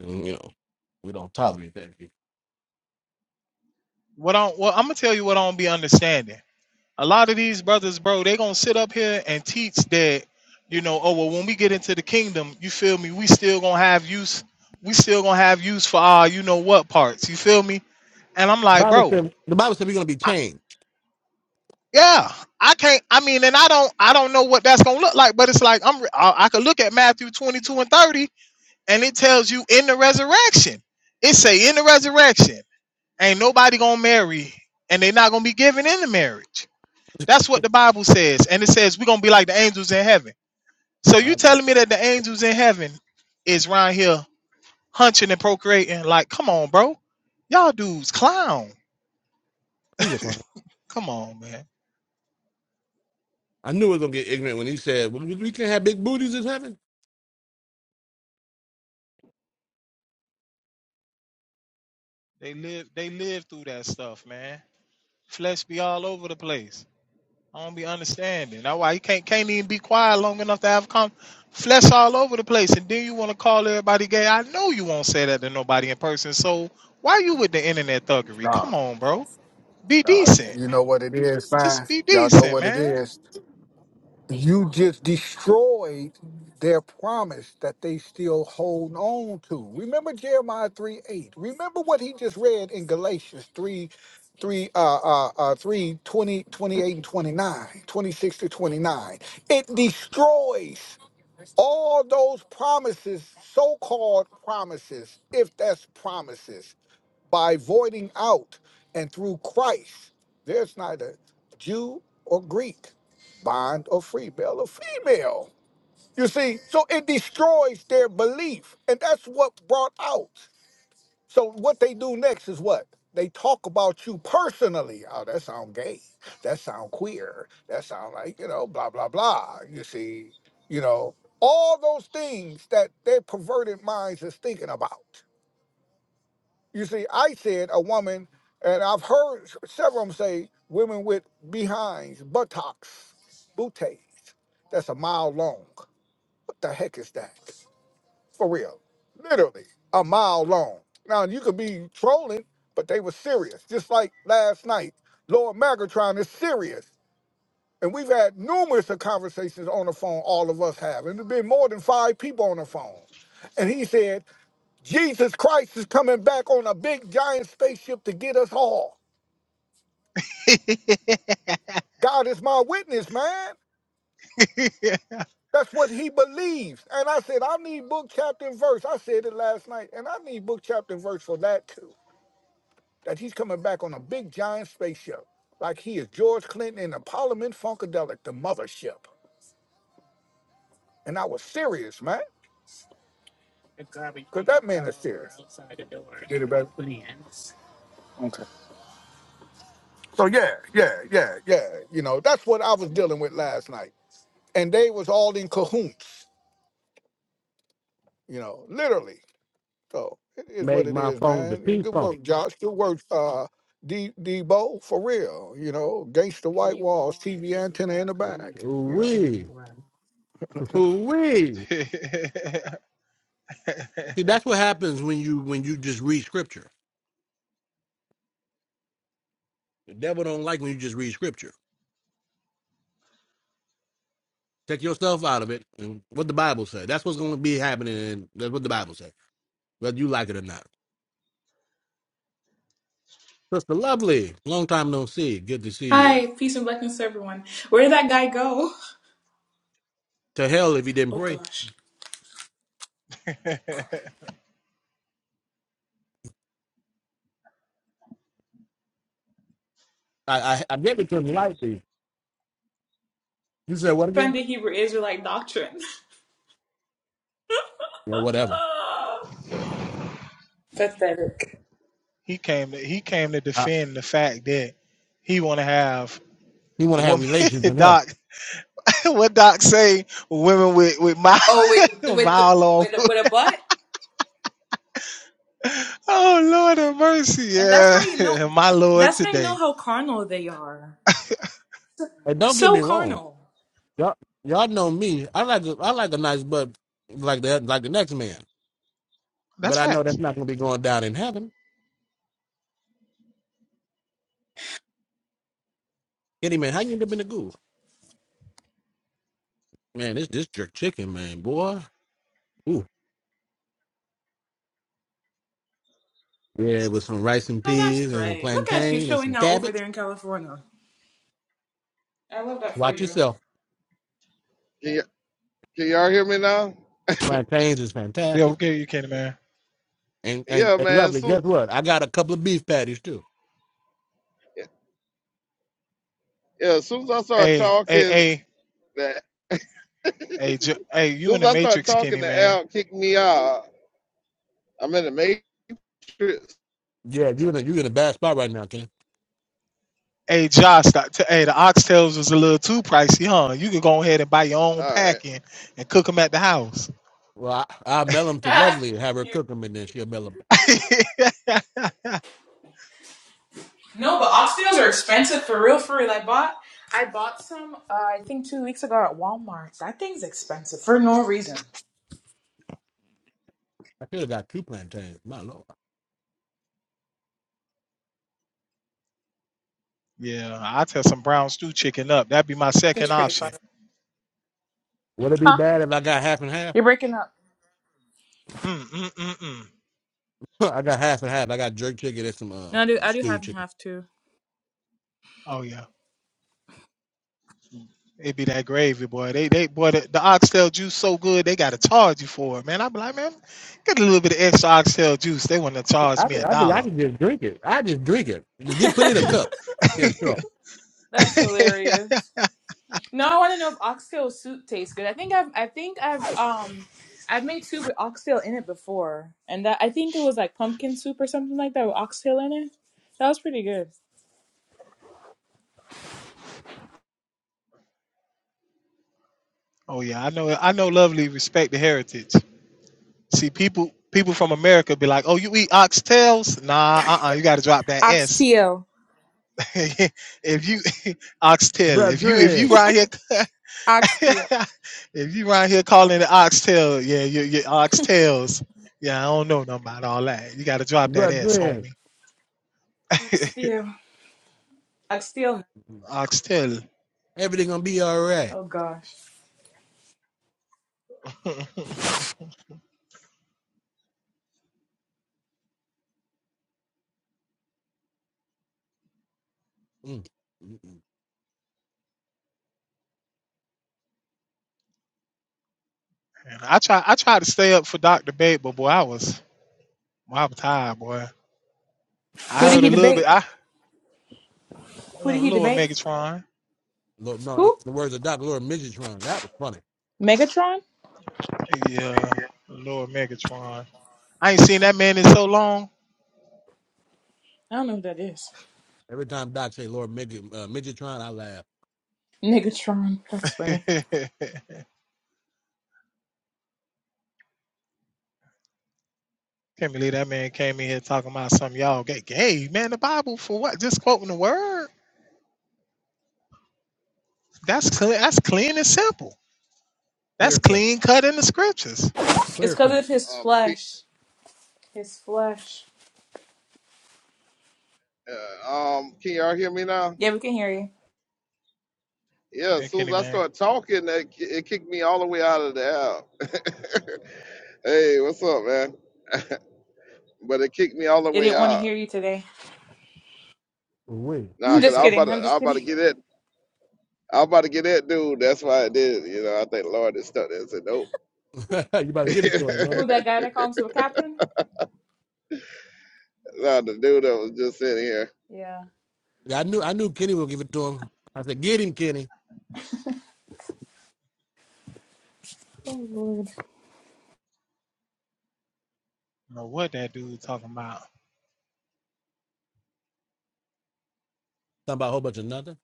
S3: and you know we don't tolerate that.
S10: What I well, I'm gonna tell you what I don't be understanding. A lot of these brothers, bro, they gonna sit up here and teach that, you know, oh well, when we get into the kingdom, you feel me? We still gonna have use. We still gonna have use for our, you know what parts. You feel me? And I'm like,
S3: Bible
S10: bro,
S3: said the Bible said we're gonna be
S10: I,
S3: changed.
S10: yeah, I can't. I mean, and I don't, I don't know what that's gonna look like, but it's like I'm, I, I could look at Matthew 22 and 30, and it tells you in the resurrection. It say in the resurrection. Ain't nobody gonna marry, and they're not gonna be given into marriage. That's what the Bible says, and it says we're gonna be like the angels in heaven. So you
S3: Bible,
S10: telling me that the angels in heaven is round here hunching and procreating? Like, come on, bro, y'all dudes clown.
S3: he's a clown.
S10: Come on, man.
S3: I knew it was gonna get ignorant when he said "Well, we can't have big booties in heaven.
S10: They live, they live through that stuff, man. Flesh be all over the place. I don't be understanding. That's why you can't can't even be quiet long enough to have come flesh all over the place, and then you want to call everybody gay. I know you won't say that to nobody in person. So why you with the internet thuggery? Come on, bro. Be
S5: Nah,
S10: decent.
S5: you know what it is, man.
S10: Just be
S5: Y'all know
S10: decent,
S5: what it
S10: man.
S5: is. you just destroyed their promise that they still hold on to. Remember Jeremiah 3 8. Remember what he just read in Galatians 3 3 uh uh, uh 3 and 29, 26 to 29 it destroys all those promises so-called promises if that's promises by voiding out and through christ there's neither jew or greek bond or free male or female. You see, so it destroys their belief. And that's what brought out. So what they do next is what? They talk about you personally. Oh, that sound gay. That sound queer. That sound like, you know, blah, blah, blah. You see, you know, all those things that their perverted minds is thinking about. You see, I said a woman, and I've heard s- several of them say women with behinds, buttocks, booties. That's a mile long. What the heck is that? For real. Literally, a mile long. Now, you could be trolling, but they were serious. Just like last night, Lord Magatron is serious. And we've had numerous of conversations on the phone, all of us have. And there's been more than five people on the phone. And he said, Jesus Christ is coming back on a big giant spaceship to get us all. God is my witness, man. That's what he believes. And I said, I need book, chapter, and verse. I said it last night, and I need book, chapter, and verse for that too. That he's coming back on a big giant spaceship, like he is George Clinton in the Parliament Funkadelic, the mothership. And I was serious, man, because that man is serious. Did it back, please. So yeah, yeah, yeah, yeah. You know, that's what I was dealing with last night. And they was all in cahoots you know, literally. So it is what
S3: Make
S5: it
S3: my
S5: is,
S3: phone the
S5: man. Yeah,
S3: P
S5: Good
S3: phone.
S5: work, Josh. Good work, uh, D D Bo for real. You know, gangster white walls, TV antenna in the back. You
S3: Ooh-wee.
S5: know.
S3: Ooh-wee. See, that's what happens when you when you just read scripture. The devil don't like when you just read scripture. Take yourself out of it and what the Bible said. That's what's gonna be happening and that's what the Bible said, whether you like it or not. Sister Lovely, long time no see. Good to see you.
S11: Hi, peace and blessings to everyone. Where did that guy go?
S3: To hell if he didn't
S11: Oh
S3: pray.
S11: gosh.
S3: I I, I gave it to him lightly. You said what again?
S11: Defended Hebrew Israelite doctrine.
S3: Yeah, whatever.
S10: he came to he came to
S3: I,
S10: defend the fact that he want to have
S3: he wanna have
S10: women.
S3: relations in heaven.
S10: Doc, what Doc say? Women with with mild,
S11: Oh, with with the
S10: mild off
S11: with a, with a butt.
S10: Oh Lord have mercy.
S11: and that's how you
S10: Yeah.
S11: know
S10: My Lord
S11: that's how you know
S10: today.
S11: how carnal they are.
S3: And don't get
S11: So
S3: me wrong.
S11: carnal.
S3: Y'all, y'all know me. I like a, I like a nice butt like the like the next man, but
S10: That's
S3: I know
S10: facts.
S3: that's not gonna be going down in heaven. Any man, how you end up in the goo? Man, this this jerk chicken, man, boy. Ooh, yeah, with some rice and
S11: Oh
S3: peas
S11: that's
S3: and
S11: right. Look at you
S3: plantain and some
S11: showing out over
S3: cabbage.
S11: there in California. I love that for
S3: Watch
S11: you.
S3: yourself.
S8: Can, y- can y'all hear me now?
S3: Plantains is
S10: Yeah,
S3: fantastic
S10: okay, you kidding, man.
S3: and and,
S8: Yeah,
S3: and
S8: man.
S3: lovely.
S8: Soon,
S3: Guess what? I got a couple of beef patties too.
S8: yeah, as soon as I started
S10: Hey, hey,
S8: talking,
S10: hey,
S8: that
S10: hey, J- hey, you
S8: soon
S10: in
S8: as
S10: the
S8: I started
S10: Matrix,
S8: talking,
S10: Kenny,
S8: the
S10: man.
S8: Al kicked me out. I'm in the matrix.
S3: Yeah, you in a, you in a bad spot right now, Ken.
S10: Hey, Josh, that- t- hey, the oxtails was a little too pricey, huh? You could go ahead and buy your own
S8: All right.
S10: packing and and cook them at the house.
S3: Well, I, I mail them to Lovely and have her
S11: You-
S3: cook them, and then she'll mail them.
S11: no, but oxtails are expensive for real, for real. I bought I bought some uh, I think two weeks ago at Walmart. That thing's expensive for no reason.
S3: I should have got two plantains. My lord,
S10: yeah, I'll tell some brown stew chicken up. That'd be my
S11: It's
S10: second
S11: pretty fun.
S10: option.
S3: would it be
S11: Huh?
S3: bad if I got half and half?
S11: You're breaking up.
S10: Mm, mm, mm, mm.
S3: I got half and half. I got jerk chicken and some uh,
S11: No, I do. I do half
S3: stewed
S11: and
S3: chicken.
S11: half too.
S10: Oh, yeah. It be that gravy, boy. They they boy the, the oxtail juice so good they gotta charge you for it, man. I be like, man, get a little bit of extra oxtail juice. They wanna charge
S3: I
S10: me
S3: think,
S10: a
S3: I think I
S10: dollar.
S3: can just drink it. I just drink it. Just get put in a cup. Yeah, sure.
S11: That's hilarious. No, I want to know if oxtail soup tastes good. I think I've, I think I've, um, I've made soup with oxtail in it before, and that I think it was like pumpkin soup or something like that with oxtail in it. That was pretty good.
S10: oh yeah, I know I know lovely respect the heritage. See people people from America be like, Oh, you eat oxtails? Nah, uh uh you gotta drop that S.
S11: Oxtail.
S10: if you oxtail, if you if you
S3: Brethren,
S10: right here
S11: Oxtail.
S10: if you right here calling it oxtail, yeah, you you oxtails. Yeah, I don't know nothing about all that. You gotta drop that S,
S3: brethren,
S10: homie.
S11: Oxtail. Oxtail.
S10: Oxtail.
S3: everything gonna be all right.
S11: Oh gosh.
S3: Mm. Mm-mm.
S10: And I try I tried to stay up for Dr. Babe, but boy, I was boy, I was tired, boy. I
S11: Who did
S10: heard
S11: he
S10: a little
S11: debate?
S10: bit I
S11: Who did
S10: uh,
S11: he
S10: Lord
S11: debate?
S10: Megatron.
S3: Lord, no, in
S11: Who?
S3: the words of Doc, Lord Midgetron, that was funny.
S11: Megatron?
S10: Yeah, Lord Megatron. I ain't seen that man in so long.
S11: I don't know who that is.
S3: Every time Doc say Lord Midget, uh, Midgetron, I laugh.
S11: Megatron. That's
S10: Can't
S11: funny.
S10: believe that man came in here talking about some y'all get gay. Man, the Bible for what? Just quoting the word. That's
S3: Yeah.
S10: clean that's clean and simple. That's
S3: Clear cut,
S10: clean cut in the scriptures.
S11: It's
S3: clear
S11: because
S3: cut.
S11: of his
S8: Um, can,
S11: flesh. His flesh.
S8: uh, um, can y'all hear me now?
S11: Yeah, we can hear you.
S8: Yeah, as
S10: Yeah,
S8: soon as
S10: Kenny
S8: I
S10: man.
S8: started talking, that ki- it kicked me all the way out of the Al. hey, what's up, man? but it kicked me all the
S11: It
S8: way
S11: didn't want to
S8: out.
S11: hear you today.
S3: Wait,
S11: I'm
S8: Nah, cause
S11: just
S8: I'm about
S11: kidding. I'm
S8: to, I'm
S11: just
S8: about
S11: kidding.
S8: to get it. I'm about to get that dude. That's why I did. You know, I think Lord is stuck there and said, nope.
S3: you about to give it to him, man?
S11: Who that guy that called him a captain?
S8: no, the dude that was just sitting here.
S11: Yeah.
S3: Yeah, I knew, I knew Kenny would give it to him. I said, get him, Kenny.
S11: Oh Lord.
S10: know what that dude talking about.
S3: Talking about a whole bunch of nothing.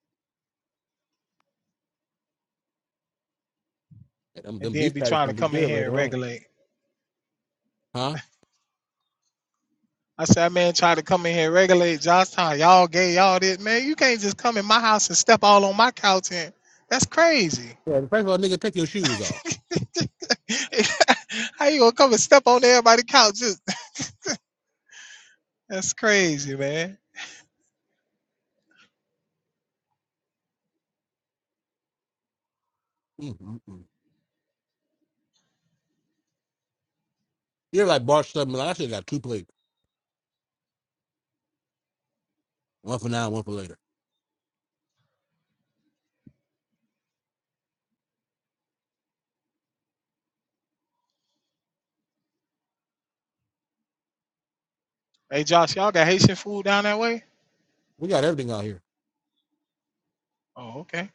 S3: Them,
S10: And
S3: them
S10: then
S3: beef
S10: be
S3: patties
S10: trying to
S3: gonna be
S10: come in
S3: good
S10: here and
S3: later on.
S10: regulate.
S3: Huh?
S10: I said, that man tried to come in here and regulate Johnstown. Y'all gay, y'all this. Man, you can't just come in my house and step all on my couch In that's crazy.
S3: Yeah, first of all, nigga, take your shoes off.
S10: How you gonna come and step on everybody's couch? Just, that's crazy, man.
S3: Mm-mm-mm. You're like Bart Stubman. Like, I should have got two plates, one for now, one for later.
S10: Hey Josh, y'all got Haitian food down that way?
S3: We got everything out here.
S10: Oh, okay.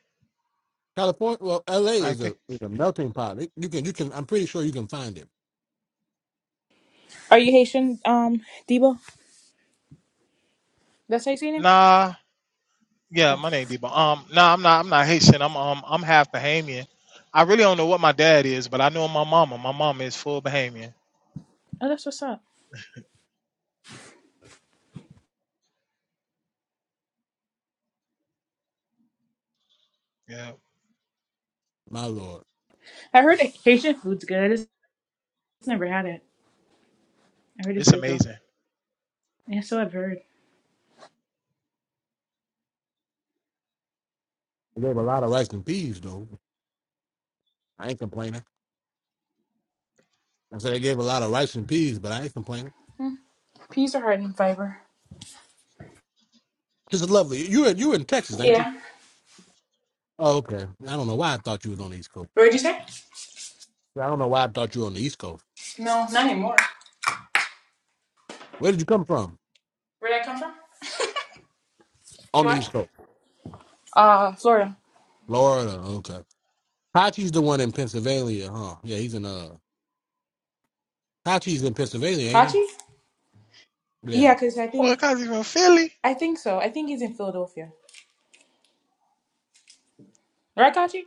S3: California, well, L.A.
S10: I
S3: is
S10: think.
S3: a is a melting pot. It- you can you can. I'm pretty sure you can find it.
S11: Are you Haitian, um, Debo? That's how you seen him?
S10: Nah, yeah,
S11: Oh.
S10: my name Debo. Um, nah, I'm not I'm not Haitian. I'm um I'm half Bahamian. I really don't know what my dad is, but I know my mama. My mama is full Bahamian.
S11: Oh, that's what's up.
S10: Yeah.
S3: My lord,
S11: I heard it. Haitian food's good. It's it's never had it. I heard it's
S10: It's
S11: good though.
S10: amazing.
S11: Yeah, so I've heard.
S3: they gave a lot of rice and peas though. I ain't complaining. I said they gave a lot of rice and peas, but I ain't complaining.
S11: Peas are hard in fiber.
S3: This is lovely. You in you in Texas, ain't you?
S11: Yeah.
S3: Oh, okay. I don't know why I thought you was on the East Coast.
S11: Where'd you say?
S3: I don't know why I thought you were on the East Coast.
S11: No, not anymore.
S3: Where did you come from?
S11: Where'd I come from?
S3: On the
S11: What?
S3: East Coast,
S11: Uh, Florida.
S3: Florida. Okay. Hachi's the one in Pennsylvania, huh? Yeah, he's in uh Tachi's in Pennsylvania, ain't he?
S11: Kachi?
S3: Yeah.
S11: Yeah, because I think
S10: Well, cause he's from Philly.
S11: I think so. I think he's in Philadelphia. Right, Kachi?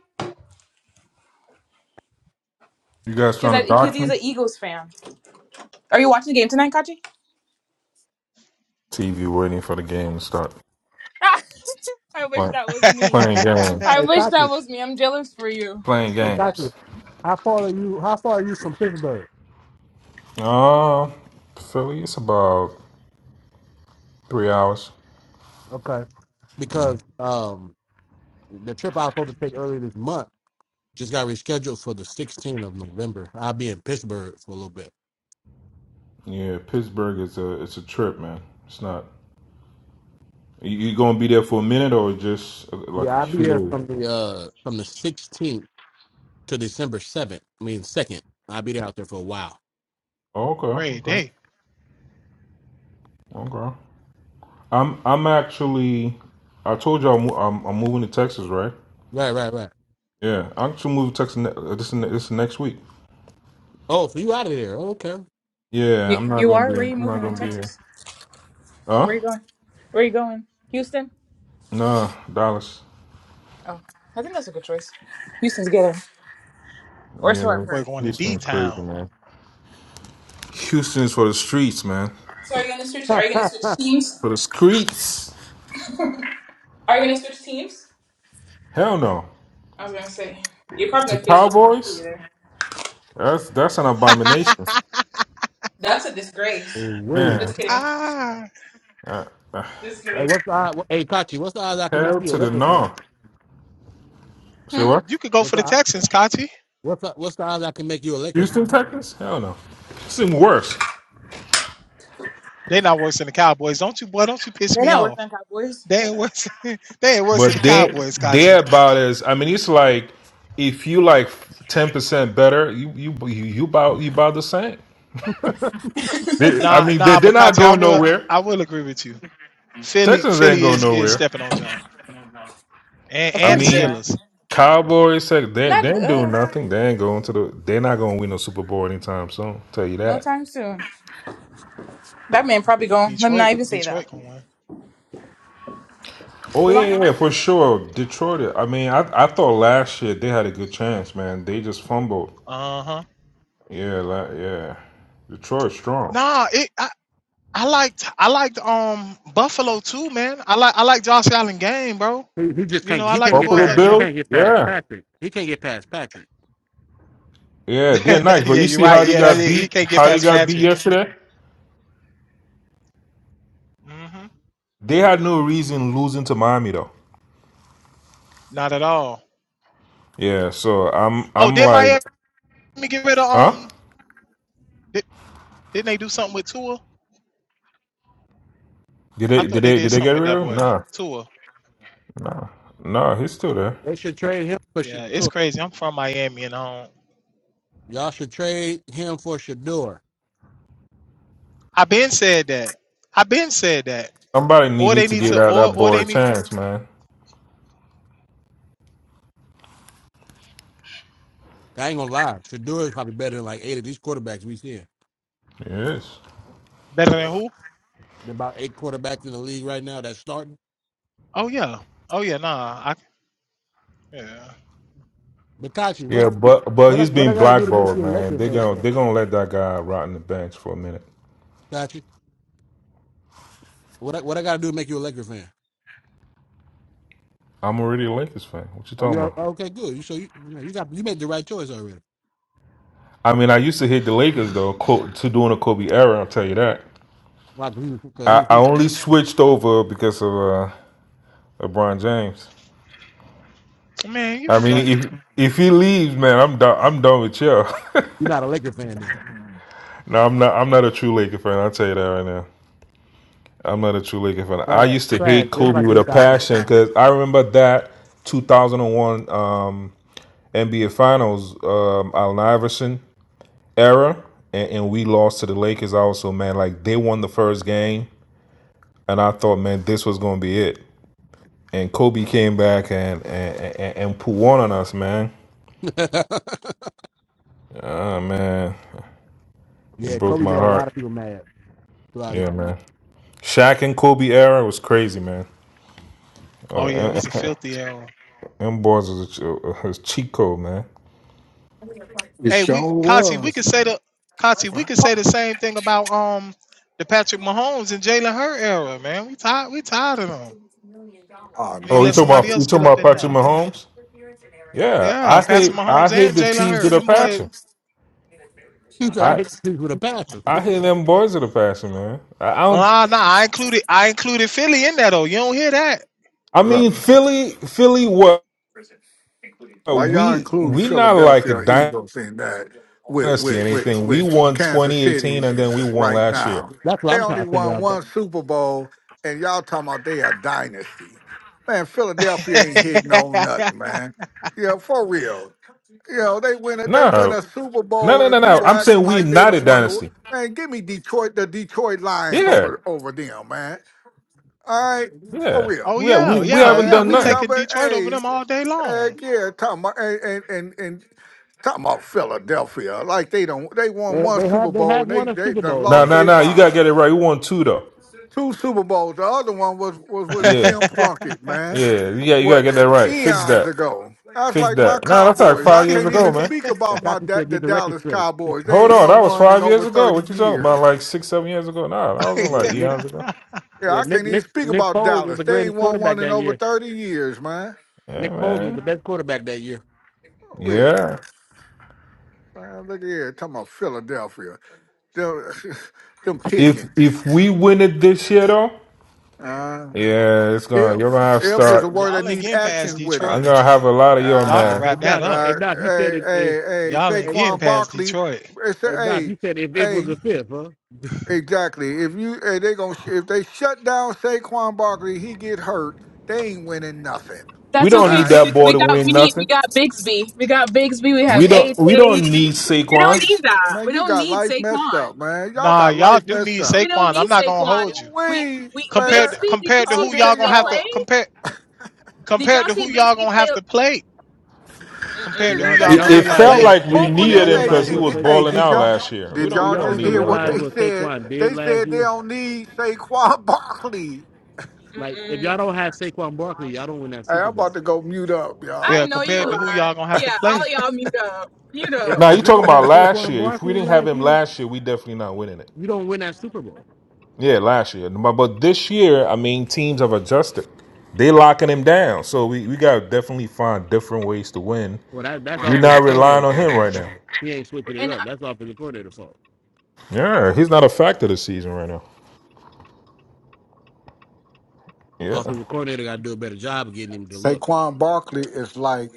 S12: You guys trying
S11: Because
S12: to
S11: because
S12: dox
S11: he's
S12: me?
S11: an Eagles fan. Are you watching the game tonight, Kachi?
S12: TV waiting for the game to start.
S11: I wish
S12: Playing,
S11: that was me.
S12: playing games.
S11: I
S3: Hey,
S11: wish that
S3: Tati.
S11: was me. I'm jealous for you.
S12: Playing
S3: Hey,
S11: But
S3: Tati.
S12: games.
S3: How far are you? How far are you from Pittsburgh?
S12: Uh, Philly, it's about three hours.
S3: Okay, because um, the trip I was supposed to take earlier this month just got rescheduled for the 16th of November. I'll be in Pittsburgh for a little bit.
S12: Yeah, Pittsburgh is a it's a trip, man. It's not. You, you gonna be there for a minute or just uh, like
S3: Yeah,
S12: a
S3: I'll be
S12: few
S3: there
S12: days?
S3: from the uh from the 16th to December 7th. I mean, second. I'll be there out there for a while.
S12: Oh,
S10: Great
S12: okay, okay,
S10: day.
S12: okay. I'm I'm actually. I told you I'm mo- I'm, I'm moving to Texas, right?
S3: Right, right, right.
S12: Yeah, I'm actually moving to Texas ne- uh, this ne- this next week.
S3: Oh, so you out of there? Oh, okay.
S12: Yeah,
S11: you,
S12: I'm not
S11: you
S12: gonna
S11: are. Where
S12: be.
S11: are you
S12: I'm not
S11: moving in
S12: gonna be here.
S11: Texas? Where
S12: Huh?
S11: are you going? Where are you going? Houston.
S12: Nah, Dallas.
S11: Oh, I think that's a good choice. Houston's ghetto, or so I've
S12: Yeah,
S10: That Boy
S11: heard.
S10: going to D
S12: Houston's crazy,
S10: town.
S12: man. Houston's for the streets, man.
S11: So are you gonna switch? Are you gonna switch teams?
S12: For the streets.
S11: Are you gonna switch teams?
S12: Hell no.
S11: I was gonna say you're probably
S12: The
S11: gonna face a lot of people
S12: Cowboys.
S11: there.
S12: That's that's an abomination,
S11: That's a disgrace.
S3: Woo.
S12: man.
S11: Just kidding.
S10: Ah,
S12: Uh, uh,
S11: Just
S3: Hey,
S11: kidding.
S3: what's the odd? Hey, Kachi, what's the odds I can make
S12: hell
S3: you a
S12: to the
S3: Lakers fan?
S12: no. Say
S11: Hmm?
S12: what?
S10: you could go
S3: What's
S10: for the
S3: the?
S10: Texans, Kachi.
S3: What's the, what's the odds I can make you a linker?
S12: Houston Texans? Hell no. It's even worse.
S10: They not worse than the Cowboys. Don't you, boy? Don't you piss
S11: They're
S10: me
S11: not worse
S10: off?
S11: than Cowboys.
S10: They ain't worse. they ain't worse than
S12: But
S10: the
S12: they
S10: Cowboys, Kachi.
S12: they're about as I mean, it's like if you like ten percent better, you you you you about you about the same. They, I
S10: Nah,
S12: mean, they,
S10: nah,
S12: they're
S10: but
S12: not
S10: Kachi, I
S12: going
S10: will,
S12: nowhere.
S10: I will agree with you. Philly,
S12: Texans ain't
S10: Philly
S12: going
S10: is is
S12: nowhere.
S10: stepping on John and
S11: Of
S12: I
S10: and the
S11: course they
S12: mean,
S11: are.
S10: Steelers.
S12: Cowboys said they they
S11: Not
S12: ain't
S11: uh,
S12: doing nothing. They ain't going to the. They're not going to win no Super Bowl anytime soon. Tell you
S11: no
S12: that.
S11: time soon. That man probably gone. Let me not
S10: Detroit,
S11: even say that.
S10: Detroit
S11: The
S10: gonna win.
S12: Oh yeah, yeah,
S11: Yolanda.
S12: yeah, for sure. Detroit. I mean, I I thought last year they had a good chance, man. They just fumbled.
S10: Uh huh.
S12: Yeah, la yeah. Detroit strong.
S10: Nah, it. I, I liked I liked um Buffalo too, man. I like I like Josh Allen game, bro.
S3: He, he just
S10: You
S3: can't.
S10: know I
S3: He
S10: like
S3: can't
S10: them
S3: get
S10: boys
S12: Buffalo
S10: up
S3: past. He
S10: there.
S12: Bill.
S3: can't get past
S12: Yeah,
S3: Patrick. He can't get past Patrick.
S12: yeah. They're nice, but
S10: yeah,
S12: you
S10: you're
S12: see
S10: right.
S12: how they
S10: Yeah, that
S12: got
S10: he
S12: beat.
S10: can't get
S12: How they
S10: past
S12: got beat
S10: Patrick.
S12: yesterday.
S10: hmm
S12: They had no reason losing to Miami though.
S10: Not at all.
S12: Yeah. So I'm
S10: Oh,
S12: I'm
S10: did
S12: like,
S10: Miami get rid of
S12: huh?
S10: um? Did, didn't they do something with Tua?
S12: Did
S10: I
S12: they
S10: thought
S12: did
S10: they
S12: they
S10: did
S12: did they get
S10: something with
S12: rid
S10: that
S12: of him?
S10: boy
S12: Nah,
S10: Tua.
S12: nah. He's still there.
S3: They should trade him for
S10: Yeah, it's
S3: Shadour.
S10: crazy. I'm from Miami, and um,
S3: Y'all should trade him for Shadour.
S10: I been said that. I been said that.
S12: Somebody need,
S10: Or
S12: need
S10: they
S12: to
S10: need
S12: give
S10: to,
S12: that,
S10: or
S12: that
S10: or
S12: boy
S10: they
S12: a
S10: need
S12: chance, man.
S3: I ain't gonna lie. Shadour is probably better than like eight of these quarterbacks we see.
S12: Yes.
S10: better than who?
S3: There's about eight quarterbacks in the league right now that's starting.
S10: Oh yeah. Oh yeah. Nah. I yeah.
S3: Mikachi, what
S12: Yeah, but but
S3: what I,
S12: he's
S3: what
S12: being
S3: I got to do to make
S12: blackballed,
S3: you a
S12: man.
S3: Laker
S12: They
S3: fan
S12: gonna
S3: though?
S12: they gonna let that guy rot in the bench for a minute.
S3: Mikachi, what I, what I got to do to make you a Laker fan?
S12: I'm already a Lakers fan. What you
S3: Oh,
S12: talking
S3: you're
S12: about?
S3: okay. Good. You so you you got you made the right choice already.
S12: I mean, I used to hate the Lakers though, co- to doing the Kobe era. I'll tell you that.
S3: Like, because he,
S12: I,
S3: he,
S12: I
S3: he-
S12: only switched over because of uh, LeBron James.
S10: Man, you
S12: I mean, if
S10: funny.
S12: if he leaves, man, I'm done. I'm done with you.
S3: you're not a Laker fan then.
S12: no, I'm not. I'm not a true Laker fan. I'll tell you that right now. I'm not a true Laker fan. I
S3: Trash,
S12: used to
S3: trash,
S12: hate
S3: just
S12: Kobe
S3: like
S12: with
S3: your
S12: a
S3: doctor.
S12: passion because I remember that 2001 um, NBA Finals, um, Allen Iverson era, and, and we lost to the Lakers. Also, man, like they won the first game, and I thought, man, this was gonna be it. And Kobe came back and and and, and put one on us, man. Ah, man, it
S3: Yeah,
S12: broke
S3: Kobe
S12: my
S3: made a lot
S12: heart.
S3: of people mad throughout his.
S12: Yeah, man. Shaq and Kobe era was crazy, man.
S10: Oh yeah, it
S12: Uh,
S10: was a filthy error.
S12: and boys was a, was cheat code, man.
S5: It
S10: Hey,
S5: sure
S10: we Kati, we could
S5: was.
S10: say the Kati, we could say the same thing about um the Patrick Mahomes and Jalen Hurt era, man. We tired, we tired of them.
S5: Oh
S10: We need to
S12: Oh, you
S10: let
S5: no,
S12: talking
S5: man.
S10: somebody
S12: about you
S10: else get
S12: talking
S10: up
S12: about
S10: in
S12: Patrick
S10: there.
S12: Mahomes? Yeah,
S10: Yeah,
S12: I hate
S10: Patrick
S12: I
S10: Mahomes
S12: hate
S10: and
S12: the
S10: Jalen
S12: Chiefs with
S10: Hurt.
S12: a
S10: Them boys.
S12: passion.
S3: He said, "I
S12: I
S3: hit the Chiefs with a passion."
S12: I hate them boys with a passion, man. I, I don't.
S10: Nah, nah. I included, I included Philly in that Oh, You don't hear
S12: I
S5: Look,
S12: mean, Philly, Philly. What
S5: why y'all
S12: we
S5: including
S12: we not like
S5: Philadelphia
S12: a
S5: Eagles in that with
S12: dynasty or
S5: with with
S12: anything. We
S5: with
S12: won
S5: Kansas
S12: 2018
S5: City
S12: and then we won
S5: right
S12: last year.
S5: now?
S3: That's what
S5: They
S3: I'm trying
S5: only
S3: to figure
S5: won
S3: out.
S5: one Super Bowl, and y'all talking about they a dynasty. Man, Philadelphia ain't hitting on
S10: that?
S5: nothing, man. Yeah, for real. You know, they win a they win
S12: No,
S5: a Super
S12: no,
S5: Bowl
S12: no, no,
S5: and
S12: no.
S5: people
S12: I'm
S5: acting
S12: saying we
S5: like they
S12: not a
S5: don't want to.
S12: dynasty.
S5: Man, give me Detroit, the Detroit Lions
S12: Yeah,
S5: over over them, man. All right, for
S12: yeah.
S5: real,
S10: oh
S12: We we
S10: yeah,
S12: we
S10: yeah,
S12: haven't
S10: yeah.
S5: man.
S12: done
S10: We
S5: Leave
S12: nothing.
S5: Y'all,
S10: taking
S5: but
S10: Detroit over
S5: hey,
S10: them all day long.
S5: heck yeah, talking about and and and, and talking about Philadelphia, like they don't they won
S3: They,
S5: one
S3: they have
S5: Super
S3: they
S5: Bowl
S3: have
S5: and they
S3: won a
S5: they
S3: Super
S5: done
S3: Bowl
S12: No,
S5: lost
S3: though.
S12: no,
S5: their
S12: no. You gotta
S5: mind.
S12: get it right. We won two though.
S5: Two Super Bowls. The other one was was with
S12: Yeah,
S5: Jim Plunkett, man
S12: yeah. You got you gotta get that
S5: wasn't it?
S12: right. Fix
S5: Eons
S12: that.
S5: ago. That's
S12: Fix
S5: like my
S12: that. Nah, that's like
S5: Cowboys. I
S12: five years
S5: can't
S12: ago,
S5: even
S12: man.
S5: speak
S3: But
S5: about my
S3: Kachi
S5: da-
S3: said,
S5: the
S3: "Get the record
S5: Dallas
S3: straight."
S5: Cowboys. They
S12: Hold
S5: ain't
S12: on,
S5: won
S12: that was
S5: one in
S12: five years
S5: over
S12: ago.
S5: 30
S12: What you talking
S5: years.
S12: about? Like six, seven years ago? Nah, that wasn't
S3: Yeah,
S12: like
S3: Nick.
S12: eons ago.
S5: Yeah,
S3: Yeah,
S5: I
S3: Nick.
S5: can't even
S3: Nick.
S5: speak
S3: Nick
S5: about
S3: Foles was
S5: Dallas.
S3: the
S5: They ain't
S3: greatest
S5: won one
S3: quarterback
S5: in
S3: that
S5: over
S3: year.
S5: 30 years, man.
S12: Yeah,
S3: Nick Foles was the
S12: man.
S3: best quarterback that year.
S5: Well,
S12: Yeah.
S5: man, look at here, talking about Philadelphia. Them, them
S12: If
S5: pigeons.
S12: if we win it this year though,
S5: Uh,
S12: yeah, it's gonna you're
S5: if.
S12: gonna have to
S5: If is a
S12: start
S5: word that
S10: Y'all ain't
S5: need
S10: getting past
S5: action with it.
S12: I'm
S10: Detroit.
S12: gonna have a lot of your
S10: Y'all can
S5: Uh,
S12: man.
S3: Hey
S10: wrap that
S3: Doc.
S10: up.
S5: uh,
S3: Hey Doc. You said
S5: hey,
S3: it is.
S5: hey, hey,
S10: Y'all ain't
S3: Hey,
S10: getting
S5: Saquon
S10: past
S5: Barkley.
S10: Detroit.
S5: It's a,
S3: hey Doc.
S5: hey,
S3: You said if it was
S5: hey,
S3: a fifth, huh?
S5: Exactly. If you eh, they gonna sh- if they shut down Saquon Barkley, he get hurt. They ain't winning nothing.
S12: We
S11: That's
S5: All
S12: don't
S11: okay
S12: need
S5: right,
S11: because we,
S12: that boy
S11: we
S12: to
S11: got we
S12: win
S11: need we
S12: nothing.
S11: got Bigsby. We got Bigsby. We have
S12: We don't
S11: AJ.
S12: we don't
S11: We
S12: need
S11: don't need
S12: Saquon.
S11: that.
S5: man.
S11: We
S5: You
S11: don't
S5: got
S11: need
S5: life messed
S11: Saquon.
S5: up, man. Y'all
S10: Nah,
S5: got
S10: y'all
S5: life
S10: do
S5: messed
S10: need
S5: up.
S11: We don't
S10: Saquon. I'm
S11: need
S10: not gonna
S11: Saquon.
S10: hold you.
S11: We
S5: We,
S11: we
S5: but uh,
S10: Compared to,
S11: Bigsby. Did you
S10: compared to
S11: see
S5: out
S10: who y'all
S5: there,
S10: gonna
S11: Bigsby
S10: have to
S11: play?
S5: y'all.
S10: compare
S11: Did
S10: compared
S11: y'all
S10: to
S11: see
S10: who y'all
S11: Bigsby
S10: gonna
S11: play?
S10: have to play.
S11: Mm
S3: Do
S10: Compared to
S5: It's,
S10: who
S11: mm
S3: y'all
S5: they
S3: do
S10: y'all
S12: It,
S10: gonna
S3: y'all
S5: just
S12: it
S10: have to
S3: realize
S12: felt
S5: hey,
S3: what
S10: play.
S12: like
S3: do
S12: we
S3: y'all,
S5: both
S3: do
S5: of
S3: y'all
S5: them.
S12: needed him
S5: Hey,
S3: realize
S12: because
S5: eh,
S12: he
S3: what
S5: di-
S12: was
S3: Sa-
S5: hey,
S12: balling
S5: did
S12: out
S5: y'all?
S12: last year. We
S3: do,
S5: Did
S3: do
S12: don't
S5: y'all
S12: we
S3: y'all
S12: don't
S5: just
S3: even
S12: need
S5: hear
S12: him like
S5: what
S3: realize
S5: they
S12: that.
S3: what
S5: said?
S3: Saquon did
S5: They
S3: last
S5: said they
S3: year?
S5: don't need Saquon Barkley.
S11: mm
S3: Like, if
S11: mm.
S3: y'all don't have Saquon Barkley, y'all don't win that
S5: Hey, I'm
S3: Super
S5: about
S3: Bowl.
S5: to go mute up,
S11: I
S10: Yeah,
S5: y'all.
S11: know you
S10: compared to who
S11: lying.
S10: y'all gonna have to
S11: Yeah, all
S10: play.
S11: y'all mute up. Mute
S3: If
S11: up.
S12: Now
S3: if
S12: you
S3: you
S12: talking
S3: don't
S12: about
S3: have
S12: last
S3: Saquon
S12: year. If we
S3: Barkley
S12: didn't have
S3: last
S12: him
S3: year,
S12: last year, we definitely not winning it.
S3: you don't win that Super Bowl.
S12: Yeah, last year. But, but this year, I mean, teams have adjusted. They locking him down. So we, we gotta definitely find different ways to win.
S3: Well, that that's
S12: We're
S3: offensive
S12: not relying
S3: coordinator
S12: on
S3: fault.
S12: him right now.
S3: He ain't switching it
S11: and.
S3: up. That's offensive coordinator fault.
S12: Yeah, he's not a factor this season right now. Yeah.
S3: Offensive coordinator got to do a better job of getting him to look.
S5: Saquon Barkley is like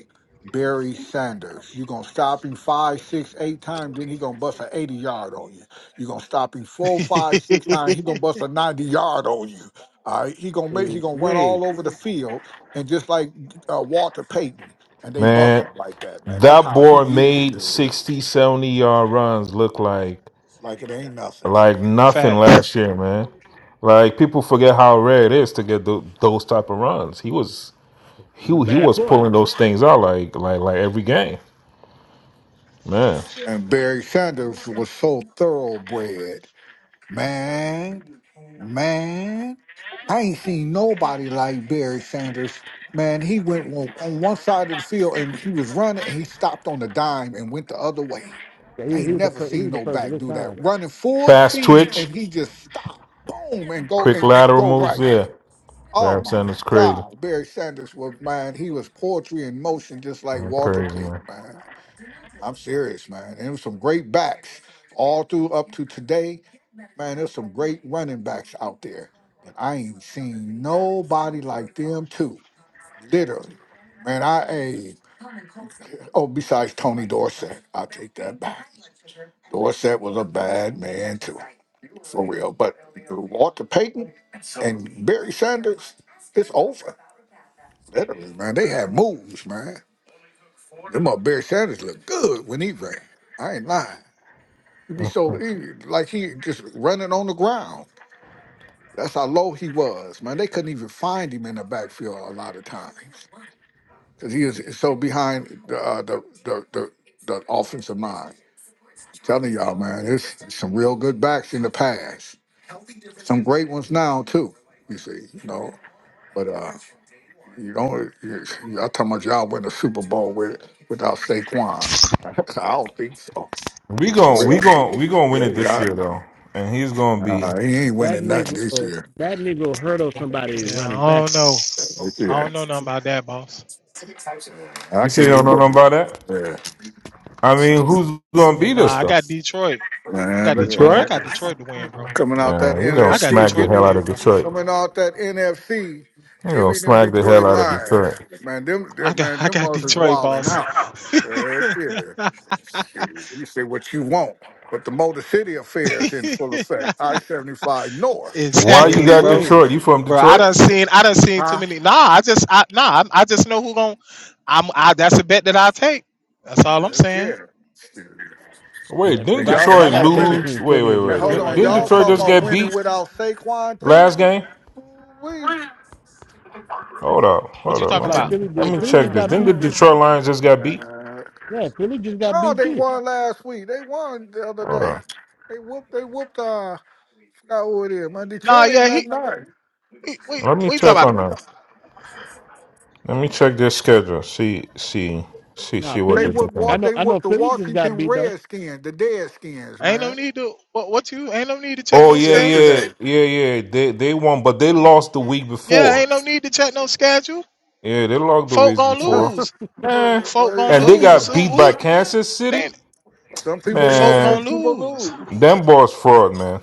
S5: Barry Sanders. You're gonna stop him five, six, eight times, then he gonna bust an 80 yard on you. You're gonna stop him four, five, six times, he gonna bust a 90 yard on you. All right, he gonna make he
S3: Ooh,
S5: gonna run
S3: Wait,
S5: all over the field and just like uh, Walter Payton, and they bust
S12: Man,
S5: him like that, man. That's
S12: that
S5: how
S12: boy
S5: he is,
S12: made
S5: dude.
S12: 60, 70 yard runs look like
S5: Like it ain't nothing.
S12: like nothing
S10: Facts.
S12: last year, man. Like people forget how rare it is to get tho- those type of runs. He was he
S3: he's a
S12: he
S3: bad
S12: was
S3: boy.
S12: pulling those things out like like like every game, man.
S5: And Barry Sanders was so thoroughbred. Man, man, I ain't seen nobody like Barry Sanders. Man, he went on, on one side of the field and he was running and he stopped on the dime and went the other way.
S3: Yeah, He,
S5: I ain't
S3: he was the
S5: never
S3: first, he
S5: seen
S3: was the
S5: no
S3: first of
S5: back
S3: his
S5: do that.
S3: time.
S5: Running full
S12: Fast
S5: speed
S12: twitch.
S5: and he just stopped, boom, and go
S12: Quick
S5: and
S12: lateral
S5: go
S12: moves,
S5: right.
S12: yeah.
S5: Oh
S12: Barry
S5: my
S12: Sanders crazy.
S5: God, Barry Sanders was man. He was poetry in motion, just like
S12: Man,
S5: Walter
S12: crazy
S5: Payton,
S12: man.
S5: man. I'm serious, man. And it was some great backs all through up to today Man, there's some great running backs out there, but I ain't seen nobody like them two. Literally. Man, I hey, oh, besides Tony Dorsett, I'll take that back. Dorsett was a bad man too, for real. But Walter Payton and Barry Sanders, it's over. Literally, man. They had moves, man. Them up Barry Sanders looked good when he ran. I ain't lying. He'd be so he, like he just running on the ground. That's how low he was, man. They couldn't even find him in the backfield a lot of times because he was so behind the, uh, the, the the the offensive line. telling y'all, man, there's some real good backs in the past. Some great ones now too. You see, you know. But uh, you don't. You, y'all talking about y'all win the Super Bowl with without Saquon? I don't think so.
S12: We gon' we
S5: Real.
S12: gon' we gonna win
S5: Yeah,
S12: it this
S5: I-
S12: year though. And he's gonna be
S5: uh, he ain't
S3: That
S5: winning nothing
S3: nigga,
S5: this year.
S3: that nigga hurdled somebody
S10: Yeah, I
S3: running back.
S10: don't know.
S5: This
S10: I
S5: year,
S10: don't know nothing about that, boss.
S5: I
S12: you say
S5: can't
S12: you don't
S5: even
S12: know nothing
S5: put.
S12: about that?
S5: Yeah,
S12: I mean who's gonna
S10: Yeah,
S12: beat
S10: nah,
S12: us
S10: I
S12: though?
S10: got Detroit. I got
S5: man.
S10: Detroit. I
S12: Detroit?
S10: got Detroit to win, bro.
S5: Coming out that
S12: Man, we gonna
S10: I got
S5: NFC,
S12: smack the
S5: give
S10: Detroit to
S5: me
S12: hell out
S10: win,
S12: of
S10: bro.
S12: Detroit.
S5: coming out that NFC,
S12: We
S5: give
S12: gonna
S5: me them
S12: smack the
S5: Detroit
S12: hell out of
S5: Lions,
S12: Detroit.
S5: man. Them,
S10: I
S5: them
S10: got
S5: man,
S10: I
S5: them
S10: got
S5: boys is
S10: Detroit,
S5: wilding
S10: boss.
S5: out. Heck yeah. Shit, You say what you want, but the Motor City affair is in full effect. I seventy five North,
S12: Why
S3: Oh
S12: you
S10: Exactly,
S12: got
S10: bro.
S3: wait,
S12: Detroit? You from
S10: Bro, I
S12: Detroit?
S10: done seen I done seen too
S5: huh?
S10: many. Nah, I just I nah, I, I just know who gon' I'm I that's a bet that I take. That's all I'm saying.
S3: yeah.
S12: Wait,
S3: If,
S12: didn't
S3: if
S5: And
S3: I
S5: y'all
S3: if
S5: talking
S3: I
S12: Detroit
S3: got a
S5: about
S3: bet
S5: winning?
S12: lose?
S3: between
S12: Wait,
S3: Philly
S12: wait,
S3: and
S5: And
S12: wait.
S5: hold
S3: Detroit
S12: Didn't
S3: right
S5: on,
S12: didn't
S3: now,
S5: y'all
S3: I'm
S12: Detroit
S5: talking
S12: just
S3: finna,
S5: about
S12: get
S3: I'm
S5: winning
S12: beat
S5: without Saquon too?
S12: last game?
S5: We
S12: Hold up,
S10: What
S12: hold
S10: you
S12: up.
S3: just
S10: talking
S12: Let
S3: like
S10: about?
S12: me,
S3: Philly
S12: let
S3: did.
S12: me
S3: Philly
S12: check
S3: just
S12: this.
S3: got
S12: Didn't the
S3: beat
S12: Detroit Lions just got beat?
S3: Yeah, Philly just got
S5: no,
S3: beat
S5: they
S3: too.
S5: won last week. They won the other
S12: Hold
S5: day.
S12: up.
S5: They whooped. They whooped. Uh, I forgot who it is. Man,
S10: Nah,
S5: Detroit ain't
S10: yeah, he
S5: nothing. nice.
S10: we we,
S12: Let me
S10: we talking
S12: check
S10: about
S12: on that. Let me check their schedule. See, see, see,
S3: Nah,
S12: see what
S5: They
S12: they're
S3: Philly.
S5: would
S3: I
S12: doing.
S5: walk.
S3: know.
S5: They
S3: I know.
S5: whooped the
S3: Philly just got
S5: Washington
S3: beat though.
S5: Redskins, the Deadskins,
S10: ain't no
S5: man.
S10: need to what what you ain't no need to check
S12: Oh
S10: no
S12: yeah,
S10: schedule.
S12: yeah,
S5: Yesterday.
S12: yeah, yeah. They they won, but they lost the week
S10: Yeah,
S12: before.
S10: ain't no need to check no schedule.
S12: Yeah, they lost the
S10: Folk
S12: week
S10: gonna
S12: before.
S10: lose.
S5: Uh,
S12: Eh.
S5: uh,
S10: Folk
S5: uh,
S10: gonna
S12: And
S5: Some
S12: they
S10: lose.
S5: people,
S12: got beat by
S10: Who
S12: Kansas
S10: who?
S12: City.
S5: some people
S10: folk
S5: win, some
S12: Man,
S10: gonna
S5: people
S10: lose.
S5: lose.
S12: them boys fraud, man.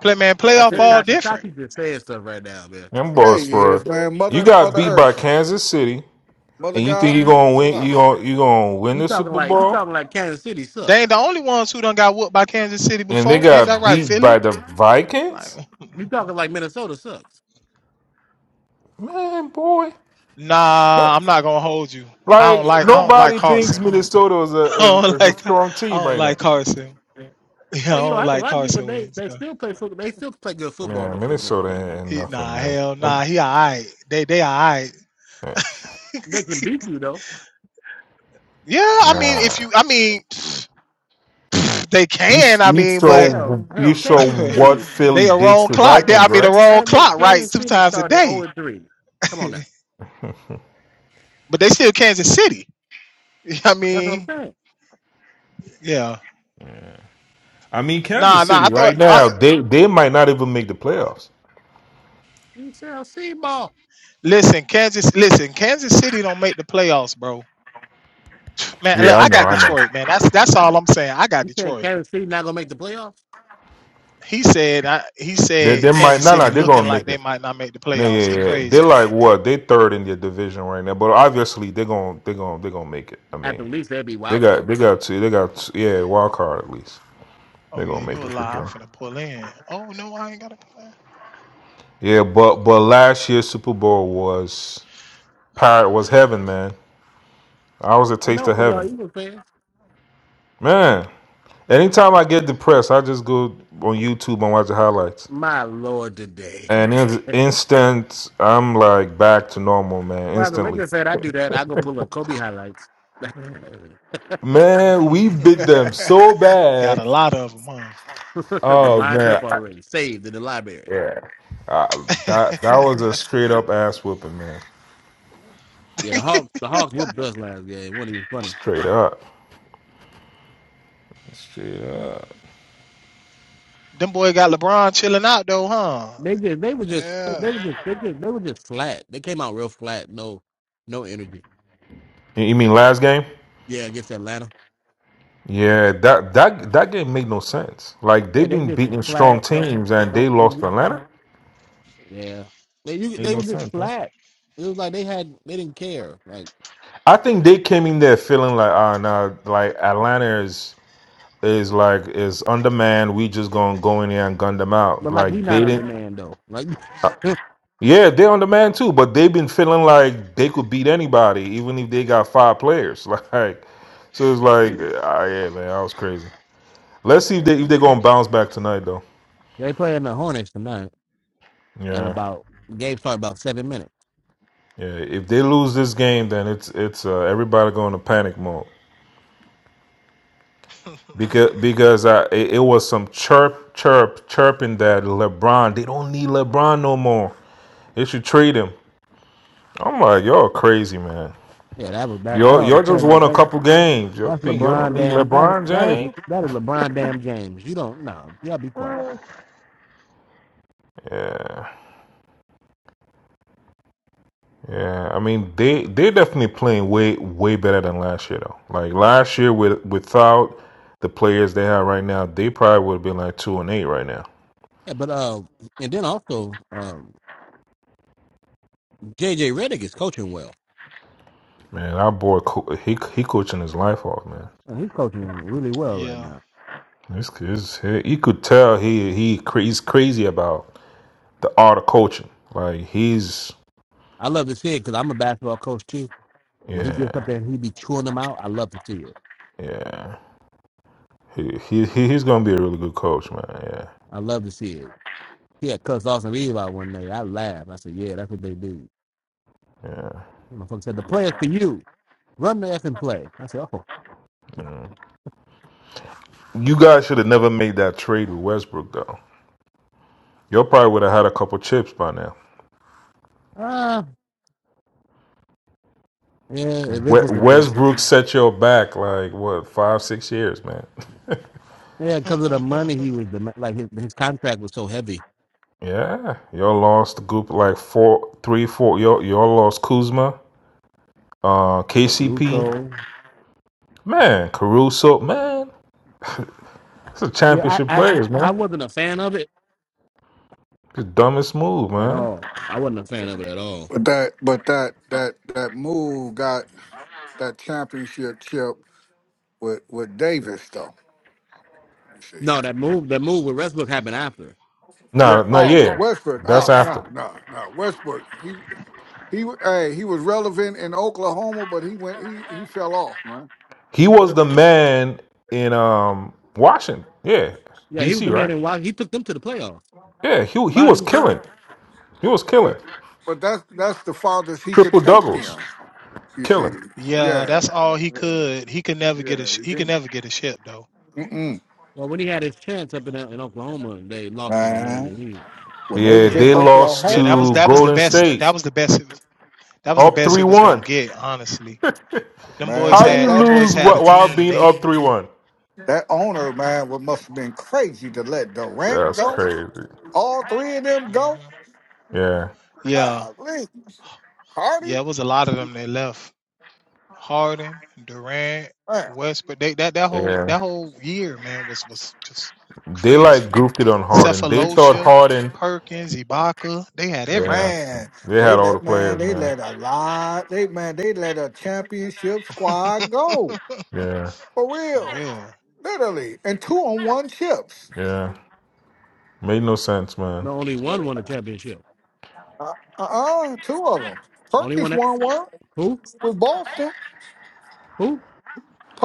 S10: Play man,
S5: But I
S3: I
S10: playoff
S3: think
S5: tell you,
S10: ball
S3: Tati
S10: different.
S3: Tati just saying stuff right now, man.
S12: Them
S5: yeah,
S12: boys
S5: yes,
S12: fraud.
S5: man.
S12: You
S5: Mother,
S12: got
S5: Mother
S12: beat by
S5: Earth,
S12: Kansas City,
S5: Mother
S12: and you think
S5: God,
S12: you're gonna
S5: chill
S12: win?
S5: out.
S12: You gonna you gonna win
S3: You
S12: the
S3: talking
S12: Super
S3: like you
S12: Bowl?
S3: talking like Kansas City
S10: They
S3: sucks.
S10: ain't the only ones who done got whooped by Kansas City
S12: And they
S10: before. Ain't that
S12: got
S10: right,
S12: beat
S10: Philly?
S12: by the
S10: Like,
S12: Vikings.
S3: You talking like Minnesota sucks.
S12: Man, boy.
S10: nah, I'm not gonna hold you. I don't
S12: Like
S10: like I don't like
S12: nobody thinks
S10: Carson.
S12: Minnesota is
S10: I
S12: a is,
S10: don't
S12: is a
S10: like I
S12: strong team
S10: don't
S12: right now.
S10: like Carson. Yeah, I
S3: Well, you don't
S10: don't
S3: have to
S10: like
S3: like them, but
S10: Carson
S3: they
S10: Wentz.
S3: they
S10: uh,
S3: still play football. They still play good football
S12: Man,
S3: up in
S12: Minnesota
S3: Minnesota.
S12: ain't ain't
S10: He, nah,
S12: nothing, man.
S10: hell nah,
S12: Um,
S10: he alright. They they alright.
S12: man,
S3: They can beat you though.
S10: Yeah, I mean
S12: Nah.
S10: if you I mean they
S12: You s-
S10: can, I
S12: you
S10: mean, but
S3: Hell,
S12: show you
S3: hell,
S12: show
S3: Kansas
S12: what
S3: City,
S12: Philly
S10: they a
S12: did
S10: wrong
S12: to
S10: clock. They I
S12: Vikings,
S10: mean a
S12: right?
S10: wrong
S3: Kansas,
S10: clock, right?
S3: Kansas
S10: Two
S3: City
S10: times a
S3: started 0
S10: day.
S3: and 3. Come on now.
S10: but they still Kansas City. I
S3: That's what I'm
S10: mean,
S3: saying.
S10: yeah.
S12: I mean
S10: Nah,
S12: Kansas
S10: nah. I
S12: City
S10: thought.
S12: right
S10: I,
S12: now, they they might not even make the playoffs.
S3: You say I'll see ball.
S10: listen, Kansas. Listen, Kansas City don't make the playoffs, bro. Man, look,
S12: Yeah, I
S10: I
S12: know,
S10: got
S12: I know.
S10: Detroit, man. That's that's all I'm saying. I got
S3: You saying
S10: Detroit.
S3: Kansas City not gonna make the playoffs?
S10: He said. I, he
S12: They they
S10: said
S12: might
S10: Kansas
S12: not nah, nah,
S10: City
S12: they're
S10: looking
S12: gonna
S10: like
S12: make
S10: they
S12: it.
S10: might not make the
S12: Yeah,
S10: playoffs.
S12: yeah,
S10: He
S12: yeah. They're
S10: crazy.
S12: like what? They third in their division right now, but obviously they're gonna they're gonna they're gonna make it. I
S3: At the
S12: mean,
S3: least they'd be
S12: they
S3: welcome.
S12: got they got two they got two, yeah wild card at least.
S10: Oh
S12: They're
S10: yeah,
S12: gonna
S10: you
S12: make
S10: a
S12: it for
S10: lie. I'm
S12: sure.
S10: finna pull in. Oh no, I ain't got a plan.
S12: Yeah, but but last year's Super Bowl was pirate was heaven, man. I was a
S3: I
S12: taste
S3: know
S12: of
S3: for y'all
S12: heaven,
S3: Eagles fans.
S12: man. Anytime I get depressed, I just go on YouTube and watch the highlights,
S3: My lord, today.
S12: and in instant, I'm like back to normal, man.
S3: Well, as a
S12: Instantly,
S3: Lakers fan, I do that. I go pull up Kobe highlights. they
S12: man. We bit them so
S10: got a
S12: bad.
S10: lot of them,
S3: are
S12: Oh
S3: lined up
S12: man, I-
S3: already, saved in the library.
S12: yeah. I, that that was a
S10: huh?
S12: straight up ass whooping, man.
S3: Yeah, the Hawks, the Hawks whooped us last game. It wasn't even funny.
S12: Straight up, straight up.
S10: Them boy got LeBron chilling out though, huh?
S3: They just, they were just, they
S10: Yeah.
S3: were just, they just, they were just flat. They came out real flat. No, no energy.
S12: You you mean last game?
S3: Yeah, against Atlanta.
S12: Yeah, that that that game made no sense. Like
S3: Yeah,
S12: they've
S3: they
S12: been
S3: just were
S12: beating strong
S3: flat. No,
S12: teams and they
S3: no
S12: lost
S3: energy.
S12: to Atlanta.
S3: Yeah, they, you,
S12: Made
S3: they
S12: no
S3: were just
S12: sense, man.
S3: flat. It was like they had, they didn't care. Like,
S12: I think they came in there feeling like, ah, nah, like Atlanta is is like is undermanned. We just gonna go in there and gun them out.
S3: but like we
S12: Like they
S3: not
S12: didn't.
S3: undermanned though. Like,
S12: Yeah, they're undermanned too, but they've been feeling like they could beat anybody, even if they got five players. Like, so it's like, ah, yeah, man, I was crazy. Let's see if they if they're gonna bounce back tonight, though.
S3: They playing the Hornets tonight, and
S12: Yeah.
S3: about game start about seven minutes.
S12: Yeah, if they lose this game, then it's it's uh, everybody going to panic mode because because I it, it was some chirp chirp chirping that LeBron they don't need LeBron no more. They should trade him. I'm like y'all crazy man.
S3: Yeah, that was that. I
S12: Y'all
S3: don't
S12: y'all just
S3: understand that.
S12: won a
S3: that
S12: couple games. Y'all
S3: that's
S12: think y'all don't
S3: LeBron
S12: need
S3: damn. That
S12: LeBron
S3: that is
S12: James?
S3: that is LeBron damn James. You don't no. Y'all be quiet.
S12: Yeah, yeah. I mean they they definitely playing way way better than last year though. Like last year with without the players they have right now, they probably would have been like two and eight right now.
S3: Yeah, but uh, and then also um, JJ Redick is coaching well.
S12: Man, our boy, co- he he coaching his life off, man.
S3: Uh, He's coaching really well right
S10: Yeah.
S3: now.
S12: This is he, you could tell he he cra- he's crazy about the art of coaching. Like he's
S3: I love to see it because I'm a basketball coach too. When he gets up
S12: yeah
S3: there and he be chewing them out, I love to see it.
S12: yeah he, he he- he's gonna be a really good coach, man. Yeah
S3: I love to see it. He had cussed Austin Reeves out one day. I laughed. I said, "Yeah, that's what they do."
S12: yeah.
S3: Motherfucker said, "The players for you. Run the effing play." I said, "Oh
S12: You guys should have never made that trade with Westbrook though. Y'all probably would have had a couple chips by now.
S3: Ah, yeah, if it
S12: We-
S3: was a fit.
S12: Westbrook set y'all back like what five six years, man.
S3: Yeah, because of the money he was dema- like his, his contract was so heavy.
S12: Yeah, y'all lost the group like four three four. Y'all y'all lost Kuzma. uh, KCP,
S3: Caruso.
S12: man, Caruso, man, it's a
S3: Yeah,
S12: championship
S3: I, I
S12: players,
S3: I
S12: man.
S3: wasn't a fan of it
S12: The dumbest move,
S3: at
S12: man.
S3: all. I wasn't a fan of it at all.
S5: But that, but that, that, that move got that championship chip with with Davis though. You see.
S3: No, that move that move with Westbrook happened after.
S5: Yeah.
S12: No, no,
S5: Oh, with
S12: yeah,
S5: Westbrook.
S12: that's
S5: Oh,
S12: after.
S5: no, no, no. Westbrook. He he. Hey, he was relevant in Oklahoma, but he went. He he fell off, man.
S12: He was the man in um Washington, yeah,
S3: Yeah, he was
S12: DC,
S3: the man
S12: right?
S3: in why he took them to the playoffs
S12: Yeah, he he
S3: by
S12: was
S3: himself.
S12: killing. He was killing
S5: That- But that's that's the farthest he could
S12: triple
S5: take
S12: doubles,
S5: them. You
S12: killing.
S5: see,
S10: Yeah,
S5: yeah,
S10: that's all he
S5: yeah,
S10: could. He could never get
S5: yeah.
S10: a sh-
S5: He
S10: he could
S5: didn't-
S10: never get a ship though.
S5: Mm-mm,
S3: Well, when he had his chance up in uh,
S10: Uh-huh.
S3: in Oklahoma, they lost to the Miami
S5: man.
S3: Heat.
S5: When they
S12: Yeah,
S5: was in
S12: they
S10: Yeah.
S12: lost
S10: Yeah, that
S5: Oklahoma,
S10: was
S12: to
S10: that was the
S12: Golden
S10: best
S12: State,
S10: that was the best it was, that was the
S12: up
S10: best
S12: three
S10: it was going
S12: one.
S10: to get, honestly. Them
S5: man,
S10: boys
S12: How
S5: that
S12: you
S10: had them
S5: that
S10: boys
S12: lose
S10: had a
S12: wh- while
S10: team.
S12: being
S10: They
S12: up three one?
S5: that owner man would, must have been crazy to let Durant
S12: That's
S5: go.
S12: crazy.
S5: All three of them go.
S10: Mhm.
S12: Yeah,
S10: yeah.
S5: Golly,
S10: Yeah,
S5: Hardy,
S10: it was a lot of them that left. Harden, Durant,
S5: man.
S10: Westbrook. They that that whole
S12: yeah.
S10: that whole year, man, was was just
S12: They like
S10: crazy.
S12: goofed it on Harden. They thought
S10: Cephalosha,
S12: Harden.
S10: Perkins, Ibaka, they had
S12: Yeah,
S10: everybody.
S5: Man,
S12: they
S5: they
S12: had all the
S5: let man,
S12: players,
S5: they
S12: man.
S5: let a lot. They man, they let a championship squad go
S12: Yeah,
S5: for
S10: For
S5: real,
S10: real.
S5: literally, and two on one chips.
S12: yeah, made no sense, man.
S3: No, only one won the championship.
S5: Uh uh, two of them.
S3: Only
S5: Perkins
S3: one that
S5: won one
S3: who
S5: with Boston.
S3: who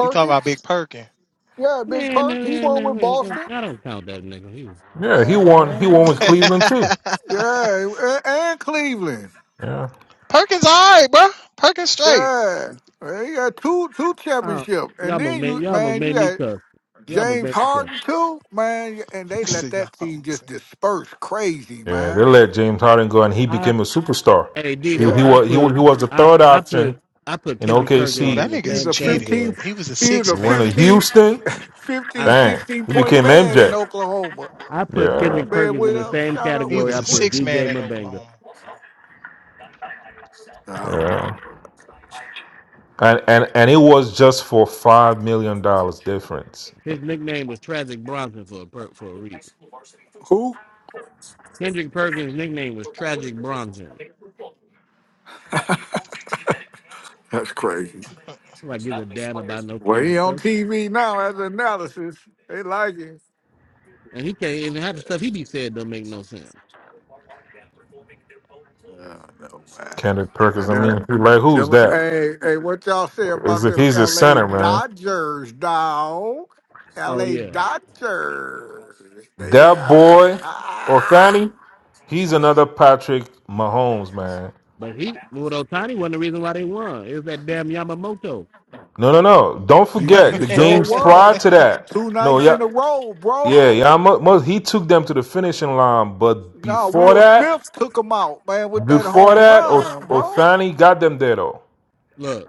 S10: You talking about Big Perkins.
S5: yeah, Big
S3: man,
S5: Perk, he
S3: man,
S5: won
S3: man, man,
S5: with
S3: man,
S5: Boston.
S3: I don't count that nigga.
S12: Yeah, he won. He
S5: Man,
S12: won with
S5: shit.
S12: Cleveland too.
S5: yeah, and, and Cleveland,
S12: Yeah,
S10: Perkins all right, bro. Perkins straight.
S5: yeah. Man, You got two two
S3: Uh,
S5: championship,
S3: y'all
S5: and
S3: almost
S5: then
S3: made
S5: you
S3: y'all almost
S5: man, you
S3: made me
S5: got
S3: cuss. Y'all almost
S5: James
S3: made me cuss.
S5: Harden too, man, and they
S10: See,
S5: let
S10: y'all,
S5: that
S10: i
S5: team just disperse crazy,
S12: yeah. They
S5: man.
S12: let James Harden go, and he
S3: I
S12: became a superstar.
S3: hey
S12: He he
S3: Debo,
S5: Yeah,
S3: I
S12: was he, wa-
S3: put
S12: he was the
S3: I
S12: third
S3: I put
S12: option
S3: I put
S12: in
S3: Kendrick
S10: no,
S3: Perkins
S12: OKC.
S3: in
S10: that
S3: the
S5: he was
S10: nigga's
S3: same
S5: a
S10: cheating.
S5: 15,
S3: category.
S10: He was a
S5: he was
S12: He
S5: a
S10: six
S12: went
S10: man.
S12: to
S5: 15,
S12: Houston.
S10: He,
S5: 15, sixteen
S3: I
S12: Bang! He
S5: point
S12: became
S5: man in
S12: MJ.
S5: Oklahoma.
S3: I put
S12: Yeah,
S5: That
S3: Kendrick
S5: man
S3: Perkins in
S5: went
S3: the
S5: up,
S3: same
S10: Mhm.
S5: shot up
S10: he
S5: with
S3: category.
S5: the
S10: was
S3: I
S10: a
S3: put
S10: six
S5: quickest.
S10: man
S3: DJ
S10: in
S3: Mabanga.
S10: Oklahoma.
S5: I don't know.
S12: yeah. And and and it was just for five million dollars difference.
S3: His nickname was Tragic Bronson for a per, for a reason.
S5: Who?
S3: Kendrick Perkins' nickname was Tragic Bronson.
S5: That's crazy.
S3: Nobody gives a damn about no
S5: Well, he
S3: Kendrick
S5: on
S3: Perkins,
S5: TV now as analysis. They like him.
S3: and he can't even half the stuff he be said don't make no sense.
S5: Oh, no, man.
S12: Kendrick
S5: Now,
S12: Perkins. I
S5: Them,
S12: mean, like who's
S5: them,
S12: that?
S5: hey, hey, what y'all say
S12: Is
S5: about
S12: that
S5: them
S12: he's a
S5: L.A.
S12: center, man.
S5: Dodgers, dog?
S3: Oh
S5: L.A.
S3: yeah,
S5: Dodgers. They,
S12: That boy,
S5: ah,
S12: Othani, he's another Patrick Mahomes, man.
S3: but he well Otani wasn't the reason why they won. It was that damn Yamamoto.
S12: No, no, no. Don't
S5: You,
S12: forget
S5: you
S12: the
S5: sure
S12: games prior
S5: was
S12: to that.
S5: two
S12: No,
S5: nights
S12: yeah,
S5: in a row, bro.
S12: yeah, yeah. mu- mu- He took them to the finishing line, but
S5: Now
S12: before
S5: Will
S12: that,
S5: Smith took him out, man, with that
S12: before
S5: home
S12: that, O-
S5: run, bro.
S12: Othani got them there though.
S3: Look.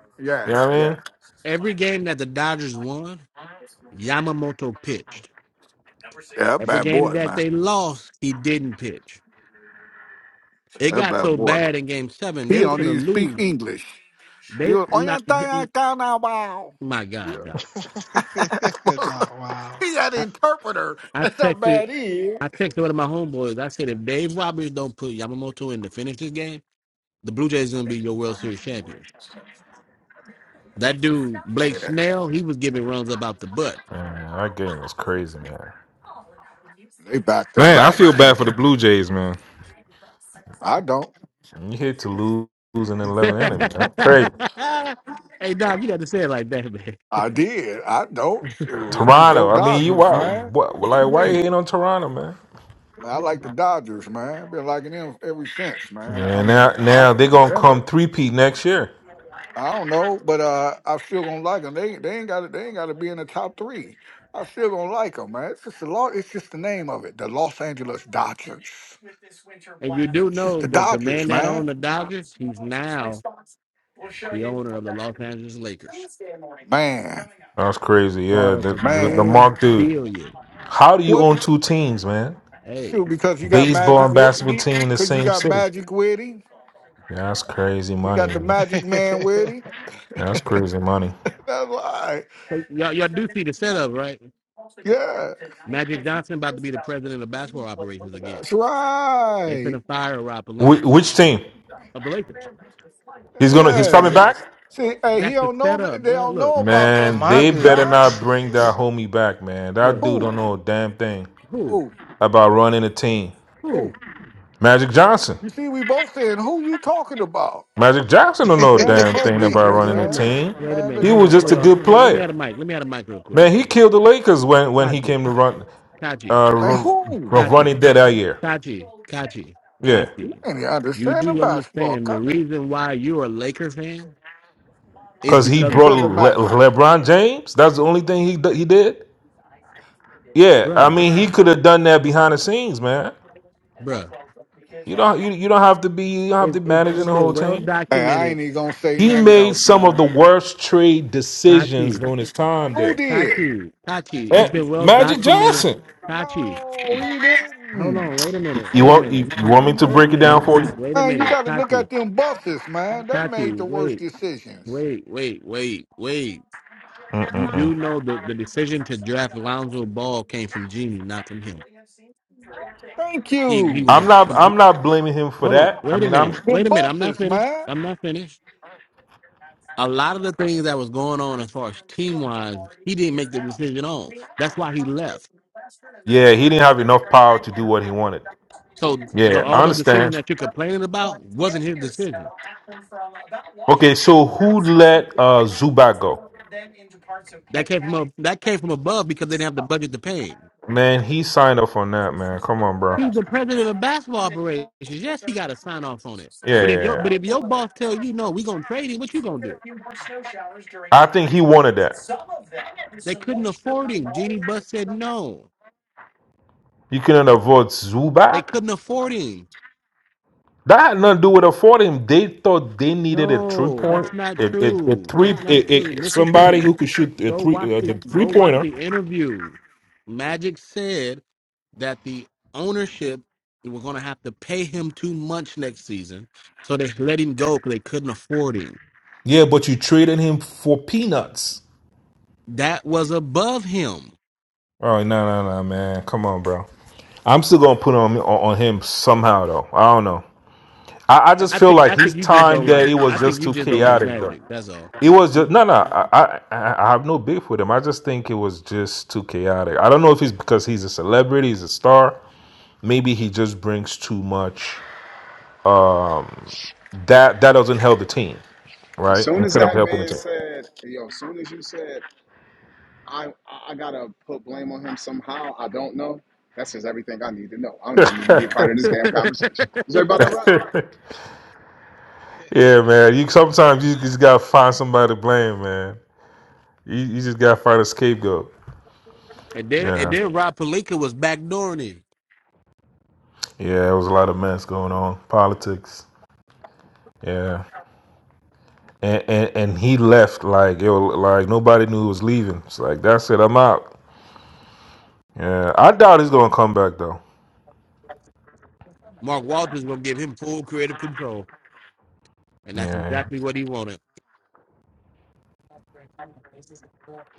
S12: You
S5: Yeah,
S12: know what I
S5: yeah, yeah.
S12: mean?
S3: Every game that the Dodgers won, Yamamoto pitched.
S5: That
S3: Every
S5: bad
S3: game
S5: boy,
S3: that
S5: man.
S3: they lost, he didn't pitch. It
S5: Yeah, That
S3: got
S5: bad
S3: so
S5: boy.
S3: bad in Game Seven,
S5: He
S3: they was
S5: don't
S3: gonna
S5: even speak
S3: lose.
S5: English. He
S3: They
S5: was on your
S3: not.
S5: thing I found now, about.
S3: My God,
S5: Yeah.
S3: Doc.
S10: Nah, wow.
S5: he got an
S3: I
S5: interpreter.
S3: I
S5: That's how
S3: texted.
S5: bad he is.
S3: I texted one of my homeboys. I said, if Dave Roberts don't put Yamamoto in to finish this game, the Blue Jays gonna be your World Series champions. That dude Blake
S5: Yeah,
S3: Snell, he was giving runs about the butt.
S12: Man, that game was crazy, man.
S5: they back to
S12: Man, I
S5: back
S12: feel bad for the
S5: champion.
S12: Blue Jays, man.
S5: I don't.
S12: You hate to lose in 11 innings, man. Crazy.
S3: hey, Doc, you got to say it like that, man.
S5: I did. I don't. Shoot,
S12: Toronto.
S5: Go
S12: I mean, you
S5: Dodgers,
S12: why
S5: man.
S12: what
S5: What
S12: like
S5: you
S12: why you
S5: mean?
S12: hating on Toronto, man?
S5: I like the Dodgers, man. I've been liking them ever since, man. I
S12: Yeah, now
S5: mean, I
S12: now
S5: can
S12: they're gonna come
S5: remember.
S12: three peat next year.
S5: I don't know, but uh, I'm still gonna like them. They they ain't got to they ain't got to be in the top three. I still gonna like them, man. It's just the law. It's just the name of it, the Los Angeles Dodgers.
S3: And you do
S5: It's just
S3: know
S5: the
S3: that the man
S5: Dodgers,
S3: that
S5: man.
S3: owned the Dodgers, he's now the owner of the Los Angeles Lakers.
S5: Man.
S12: That's crazy.
S3: Bought
S12: Yeah,
S3: them
S12: the,
S3: for
S12: the the
S5: Man.
S3: ten
S12: Mark dude.
S3: billion.
S12: How do you
S5: What?
S12: own two teams, man?
S3: dollars.
S5: Shoot,
S3: Hey,
S5: because you got
S12: Baseball
S5: magic
S12: and basketball
S5: Wi-
S12: team in the
S5: because you
S12: same
S5: got
S12: city.
S5: magic with him.
S12: That's crazy
S5: You
S12: money,
S5: got the
S12: man.
S5: magic man with him.
S12: That's crazy money.
S5: That's why,
S3: so y'all, y'all do see the setup, right?
S5: Yeah.
S3: Magic
S5: That's
S3: Johnson about to be the president of basketball operations again. They
S5: right.
S3: finna fire Rob Palinka
S12: Wh- which team?
S3: of the Lakers.
S12: He's gonna he's coming
S5: Yeah.
S12: back.
S5: See, hey, he
S3: That's the
S5: don't know that
S3: setup,
S5: they
S3: bro.
S5: don't
S3: Look,
S5: know about that
S12: Man,
S10: My
S12: they
S5: stuff,
S12: better
S5: Josh.
S12: not
S10: goodness.
S12: bring that homie back, man. That
S3: look.
S12: dude
S5: Who?
S12: don't know a damn thing
S3: Who?
S5: Who?
S12: about running a team.
S3: Who?
S5: Who?
S12: Magic Johnson.
S5: You see, we both saying, who you talking about?
S12: Magic Johnson don't know a
S10: Fact.
S3: Wait,
S5: Man,
S12: damn thing about
S3: wait,
S5: police,
S12: running
S3: wait
S12: a
S3: a
S5: man.
S3: minute.
S12: team.
S3: Wait a
S5: Man, look
S3: minute.
S12: He
S3: Hold
S12: was
S5: here,
S3: on, hold on,
S12: just a
S5: brother.
S3: y'all. Get,
S12: good
S3: wait, let me
S12: player.
S3: have a mic. Let me have a mic real quick.
S12: Man, he killed the Lakers when, when he
S3: Kachi,
S12: came to run
S3: Kachi,
S12: uh
S5: Like,
S12: ru-
S5: who?
S12: ru-
S3: Kachi.
S12: running that that year.
S3: Kachi, Kachi,
S12: Yeah,
S5: You
S3: Kachi,
S5: ain't even
S3: you
S5: understanding
S3: do
S5: basketball,
S3: understand the
S5: copy.
S3: reason why you're a Laker fan is
S12: cause he
S5: It's
S3: because,
S12: brought
S5: because of
S12: Le-
S5: magic.
S12: LeBron James. That's the only thing he d- he did. Yeah, I
S3: bruh,
S12: mean he could have done that behind the scenes, man.
S3: bruh,
S12: You don't you, you don't have to be you don't have
S3: it's,
S12: to
S3: it's,
S12: managing
S3: it's
S12: the
S3: been
S12: whole
S3: well
S12: team.
S5: Hey, I
S3: documented.
S5: ain't even gonna say
S12: He
S5: nothing
S12: made
S5: else,
S12: some of the
S5: man.
S12: worst trade decisions
S3: Kachi,
S12: during his time
S5: Who
S12: there.
S5: did?
S3: Kachi, Kachi, it's
S12: Eh,
S3: been well
S12: Magic
S3: documented.
S12: Johnson.
S3: Kachi,
S5: No, he
S3: hold
S5: didn't.
S3: on, wait a minute,
S12: You
S3: wait a
S12: want
S3: minute,
S12: you, you want me to
S3: wait a
S12: break it
S3: minute,
S12: down for you?
S3: wait a
S5: Man, you
S3: minute,
S5: gotta look
S3: Kachi,
S5: at them buses, man. They made the
S3: Kachi,
S5: worst
S3: wait,
S5: decisions.
S3: wait, wait, wait, wait. You do know the, the decision to draft Lonzo Ball came from Genie, not from him.
S5: Thank
S3: He, he
S5: you.
S3: was
S12: I'm
S3: a
S12: not
S3: complete.
S12: I'm not blaming him for
S3: Hold on.
S12: that. I
S3: Wait a
S12: mean I'm
S3: minute.
S5: The
S3: Wait a minute. I'm not
S5: buses,
S3: finished.
S5: man.
S3: I'm not finished. A lot of the things that was going on as far as team wise, he didn't make the decision on. That's why he left.
S12: yeah, he didn't have enough power to do what he wanted.
S3: So the
S12: Yeah,
S3: all
S12: I
S3: the decision
S12: understand.
S3: that you're complaining about wasn't his decision.
S12: Okay, so who let uh Zubac go?
S3: That came from a, that came from above because they didn't have the budget to pay him.
S12: Man, he signed up on that, man. Come on, bro.
S3: He's the president of basketball operations. Yes, he got to sign off on it.
S12: Yeah,
S3: But
S12: yeah,
S3: if your
S12: yeah.
S3: but if your boss tell you no, we gonna trade him. What you gonna do?
S12: I think he wanted that.
S3: They couldn't afford him. Jeannie Buss said no.
S12: You couldn't have
S3: They
S12: Zubac?
S3: couldn't afford him.
S12: That had nothing to do with affording him. They thought they needed a three
S3: No,
S12: point
S3: that's not
S12: it it a
S3: true.
S12: three
S3: That's
S12: a
S3: not true.
S12: it,
S3: Listen to
S12: somebody who could shoot a
S3: go
S12: three
S3: watch
S12: uh,
S3: the
S12: the three
S3: go watch
S12: pointer.
S3: the interview. Magic said that the ownership were going to have to pay him too much next season, so they let him go because they couldn't afford him.
S12: Yeah, but you traded him for peanuts.
S3: That was above him.
S12: Oh no no no man, come on, bro. I'm still gonna put on on, on him somehow though. I don't know. I, I
S3: I
S12: just
S3: I
S12: feel
S3: think I
S12: like
S3: think
S12: his
S3: you just
S12: time
S3: don't
S12: there
S3: like
S12: it
S3: I
S12: was
S3: think
S12: just
S3: you
S12: too
S3: just don't like
S12: chaotic though.
S3: Magic. That's all.
S12: It was just
S3: and
S12: no no. I, I I have no beef with him. I just think it was just too chaotic. I don't know if it's because he's a celebrity, he's a star. Maybe he just brings too much. That that doesn't help the team,
S13: As
S12: right?
S13: soon as
S12: Instead of
S13: that
S12: helping
S13: man
S12: the
S13: said, "Yo," as soon as you said, "I I gotta put blame on him somehow," I don't know. That's just everything I need to know. I don't even need to be a part of this damn conversation. Is
S12: team.
S13: everybody all right?
S12: yeah, man. You sometimes you
S10: Yeah,
S12: just gotta find somebody to blame, man. You, you just gotta find a scapegoat.
S3: then and
S12: Yeah.
S3: then Rob Palinka was backdooring him.
S12: Yeah, it was a lot of mess going on, politics. Yeah, and and, and he left like it was, like nobody knew he was leaving. It's like that's it, I'm out. Yeah, I doubt he's gonna come back though.
S3: Mark Walters gonna give him full creative control, and that's
S12: Yeah,
S3: exactly what he wanted.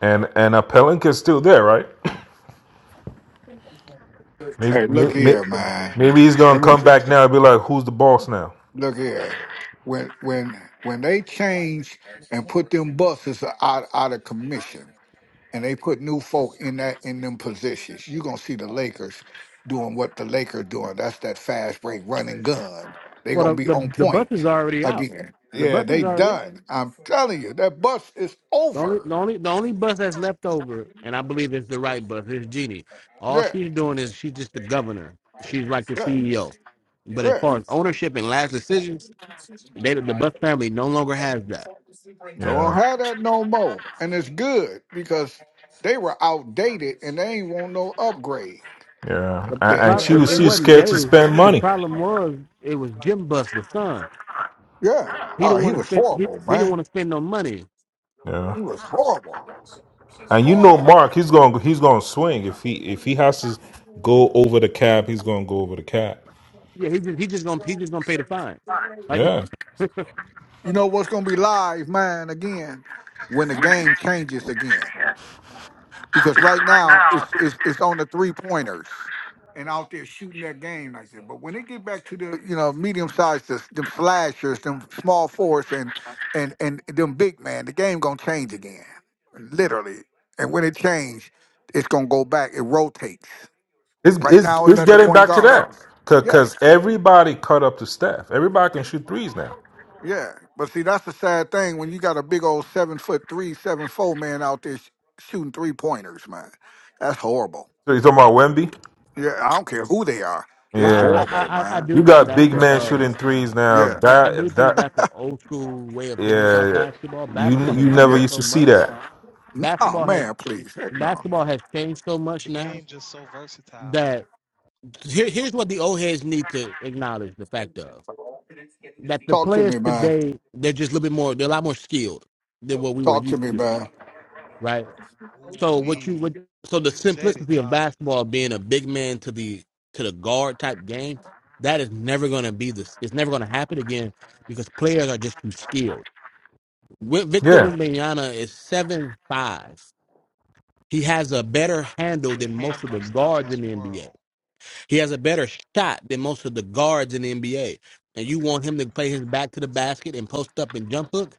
S12: and and uh, Pelinka's still there, right? Maybe,
S5: Hey, look
S12: maybe
S5: here, man.
S12: maybe he's gonna
S5: Let me
S12: come
S5: t-
S12: back now and be like, who's the boss now?
S5: look here. When when when they change and put them buses out out of commission. and they put new folk in that in them positions. You're gonna see the Lakers doing what the Lakers doing. That's that fast break running gun. They
S3: Well,
S5: gonna
S3: the,
S5: be
S3: the
S5: on
S3: the bus is
S5: point
S3: already out.
S5: again.
S3: The
S5: Yeah,
S3: bus
S5: they
S3: is already out.
S5: done. I'm telling you, that bus is
S3: The only
S5: over.
S3: the only the only bus that's left over, and I believe it's the right bus. It's Jeannie. All
S5: Yeah,
S3: she's doing is she's just the governor. She's like the CEO. But as
S5: yeah,
S3: far as ownership and last decisions, they the bus
S5: yeah.
S3: family no longer has that.
S5: Don't
S12: Yeah,
S5: have that no more. And it's good because they were outdated and they ain't want no upgrade.
S12: yeah,
S3: The,
S12: and,
S3: the
S5: And, you
S12: and she
S3: problem
S12: was
S3: it, it
S12: she
S3: wasn't
S12: scared to
S3: Dave.
S12: spend
S3: The
S12: money.
S3: problem was it was Jim Bus, the son.
S5: yeah.
S3: He
S5: Oh,
S3: didn't
S5: he
S3: want to
S5: was
S3: spend. He,
S5: horrible,
S3: he didn't
S5: man.
S3: want to spend no money.
S12: Yeah,
S5: He was horrible.
S12: and you know
S5: Horrible.
S12: Mark, he's gonna he's gonna swing if he if he has to go over the cap, he's gonna go over the cap.
S3: Yeah, he just he just gonna he just gonna pay the fine. Like
S12: Yeah.
S5: You know what's gonna be live, man, again, when the game changes again. because right now it's it's it's on the three pointers and out there shooting that game like that. But when they get back to the you know medium sized them them slashers, them small forwards, and and and them big man, the game gonna change again, literally. And when it change, it's gonna go back. It rotates.
S12: It's
S5: Right
S12: it's
S5: now, it's
S12: it's
S5: at the
S12: getting
S5: point
S12: back to that
S5: guards. Yeah.
S12: because everybody cut up the staff. Everybody can shoot threes now.
S5: Yeah, but see, that's the sad thing when you got a big old seven foot three, seven four man out there sh- shooting three pointers, man. That's horrible.
S12: So you talking about Wemby?
S5: Yeah, I don't care who they are. It's
S3: Well, I, I,
S12: Yeah,
S5: horrible,
S3: I, I
S5: man.
S3: do
S12: you
S3: think
S12: got
S3: that's
S12: big
S3: a
S12: men
S3: um,
S12: shooting threes now.
S5: Yeah,
S3: I, I do
S12: That
S3: think
S12: that
S3: that's an old school way of thinking about
S12: yeah,
S3: basketball.
S12: you
S3: Basketball has
S12: you never
S5: yeah.
S3: changed
S12: used
S3: so
S12: to see
S3: much.
S12: that.
S5: Oh
S3: Basketball has
S5: man, please, heck no.
S10: yeah.
S3: basketball has changed so much
S10: The
S3: now
S10: game just so versatile.
S3: that here, here's what the old heads need to acknowledge the fact of that the
S5: Talk to
S3: players
S5: me, man.
S3: today they're just a little bit more they're a lot more skilled than what we were
S5: Talk to
S3: used
S5: me,
S3: to,
S5: man.
S3: right?
S10: Ooh
S3: So what you
S10: wee.
S3: would so the
S10: You said it,
S3: simplicity of
S10: Josh.
S3: basketball being a big man to the to the guard type game, that is never going to be this. It's never going to happen again because players are just too skilled. Wi- Victor
S12: Yeah,
S3: Wembanyama is seven five. He has a better handle
S10: With
S3: than most of the
S10: handles out
S3: guards in
S10: this
S3: the NBA.
S10: world.
S3: He has a better shot than most of the guards in the NBA. And you want him to play his back to the basket and post up and jump hook?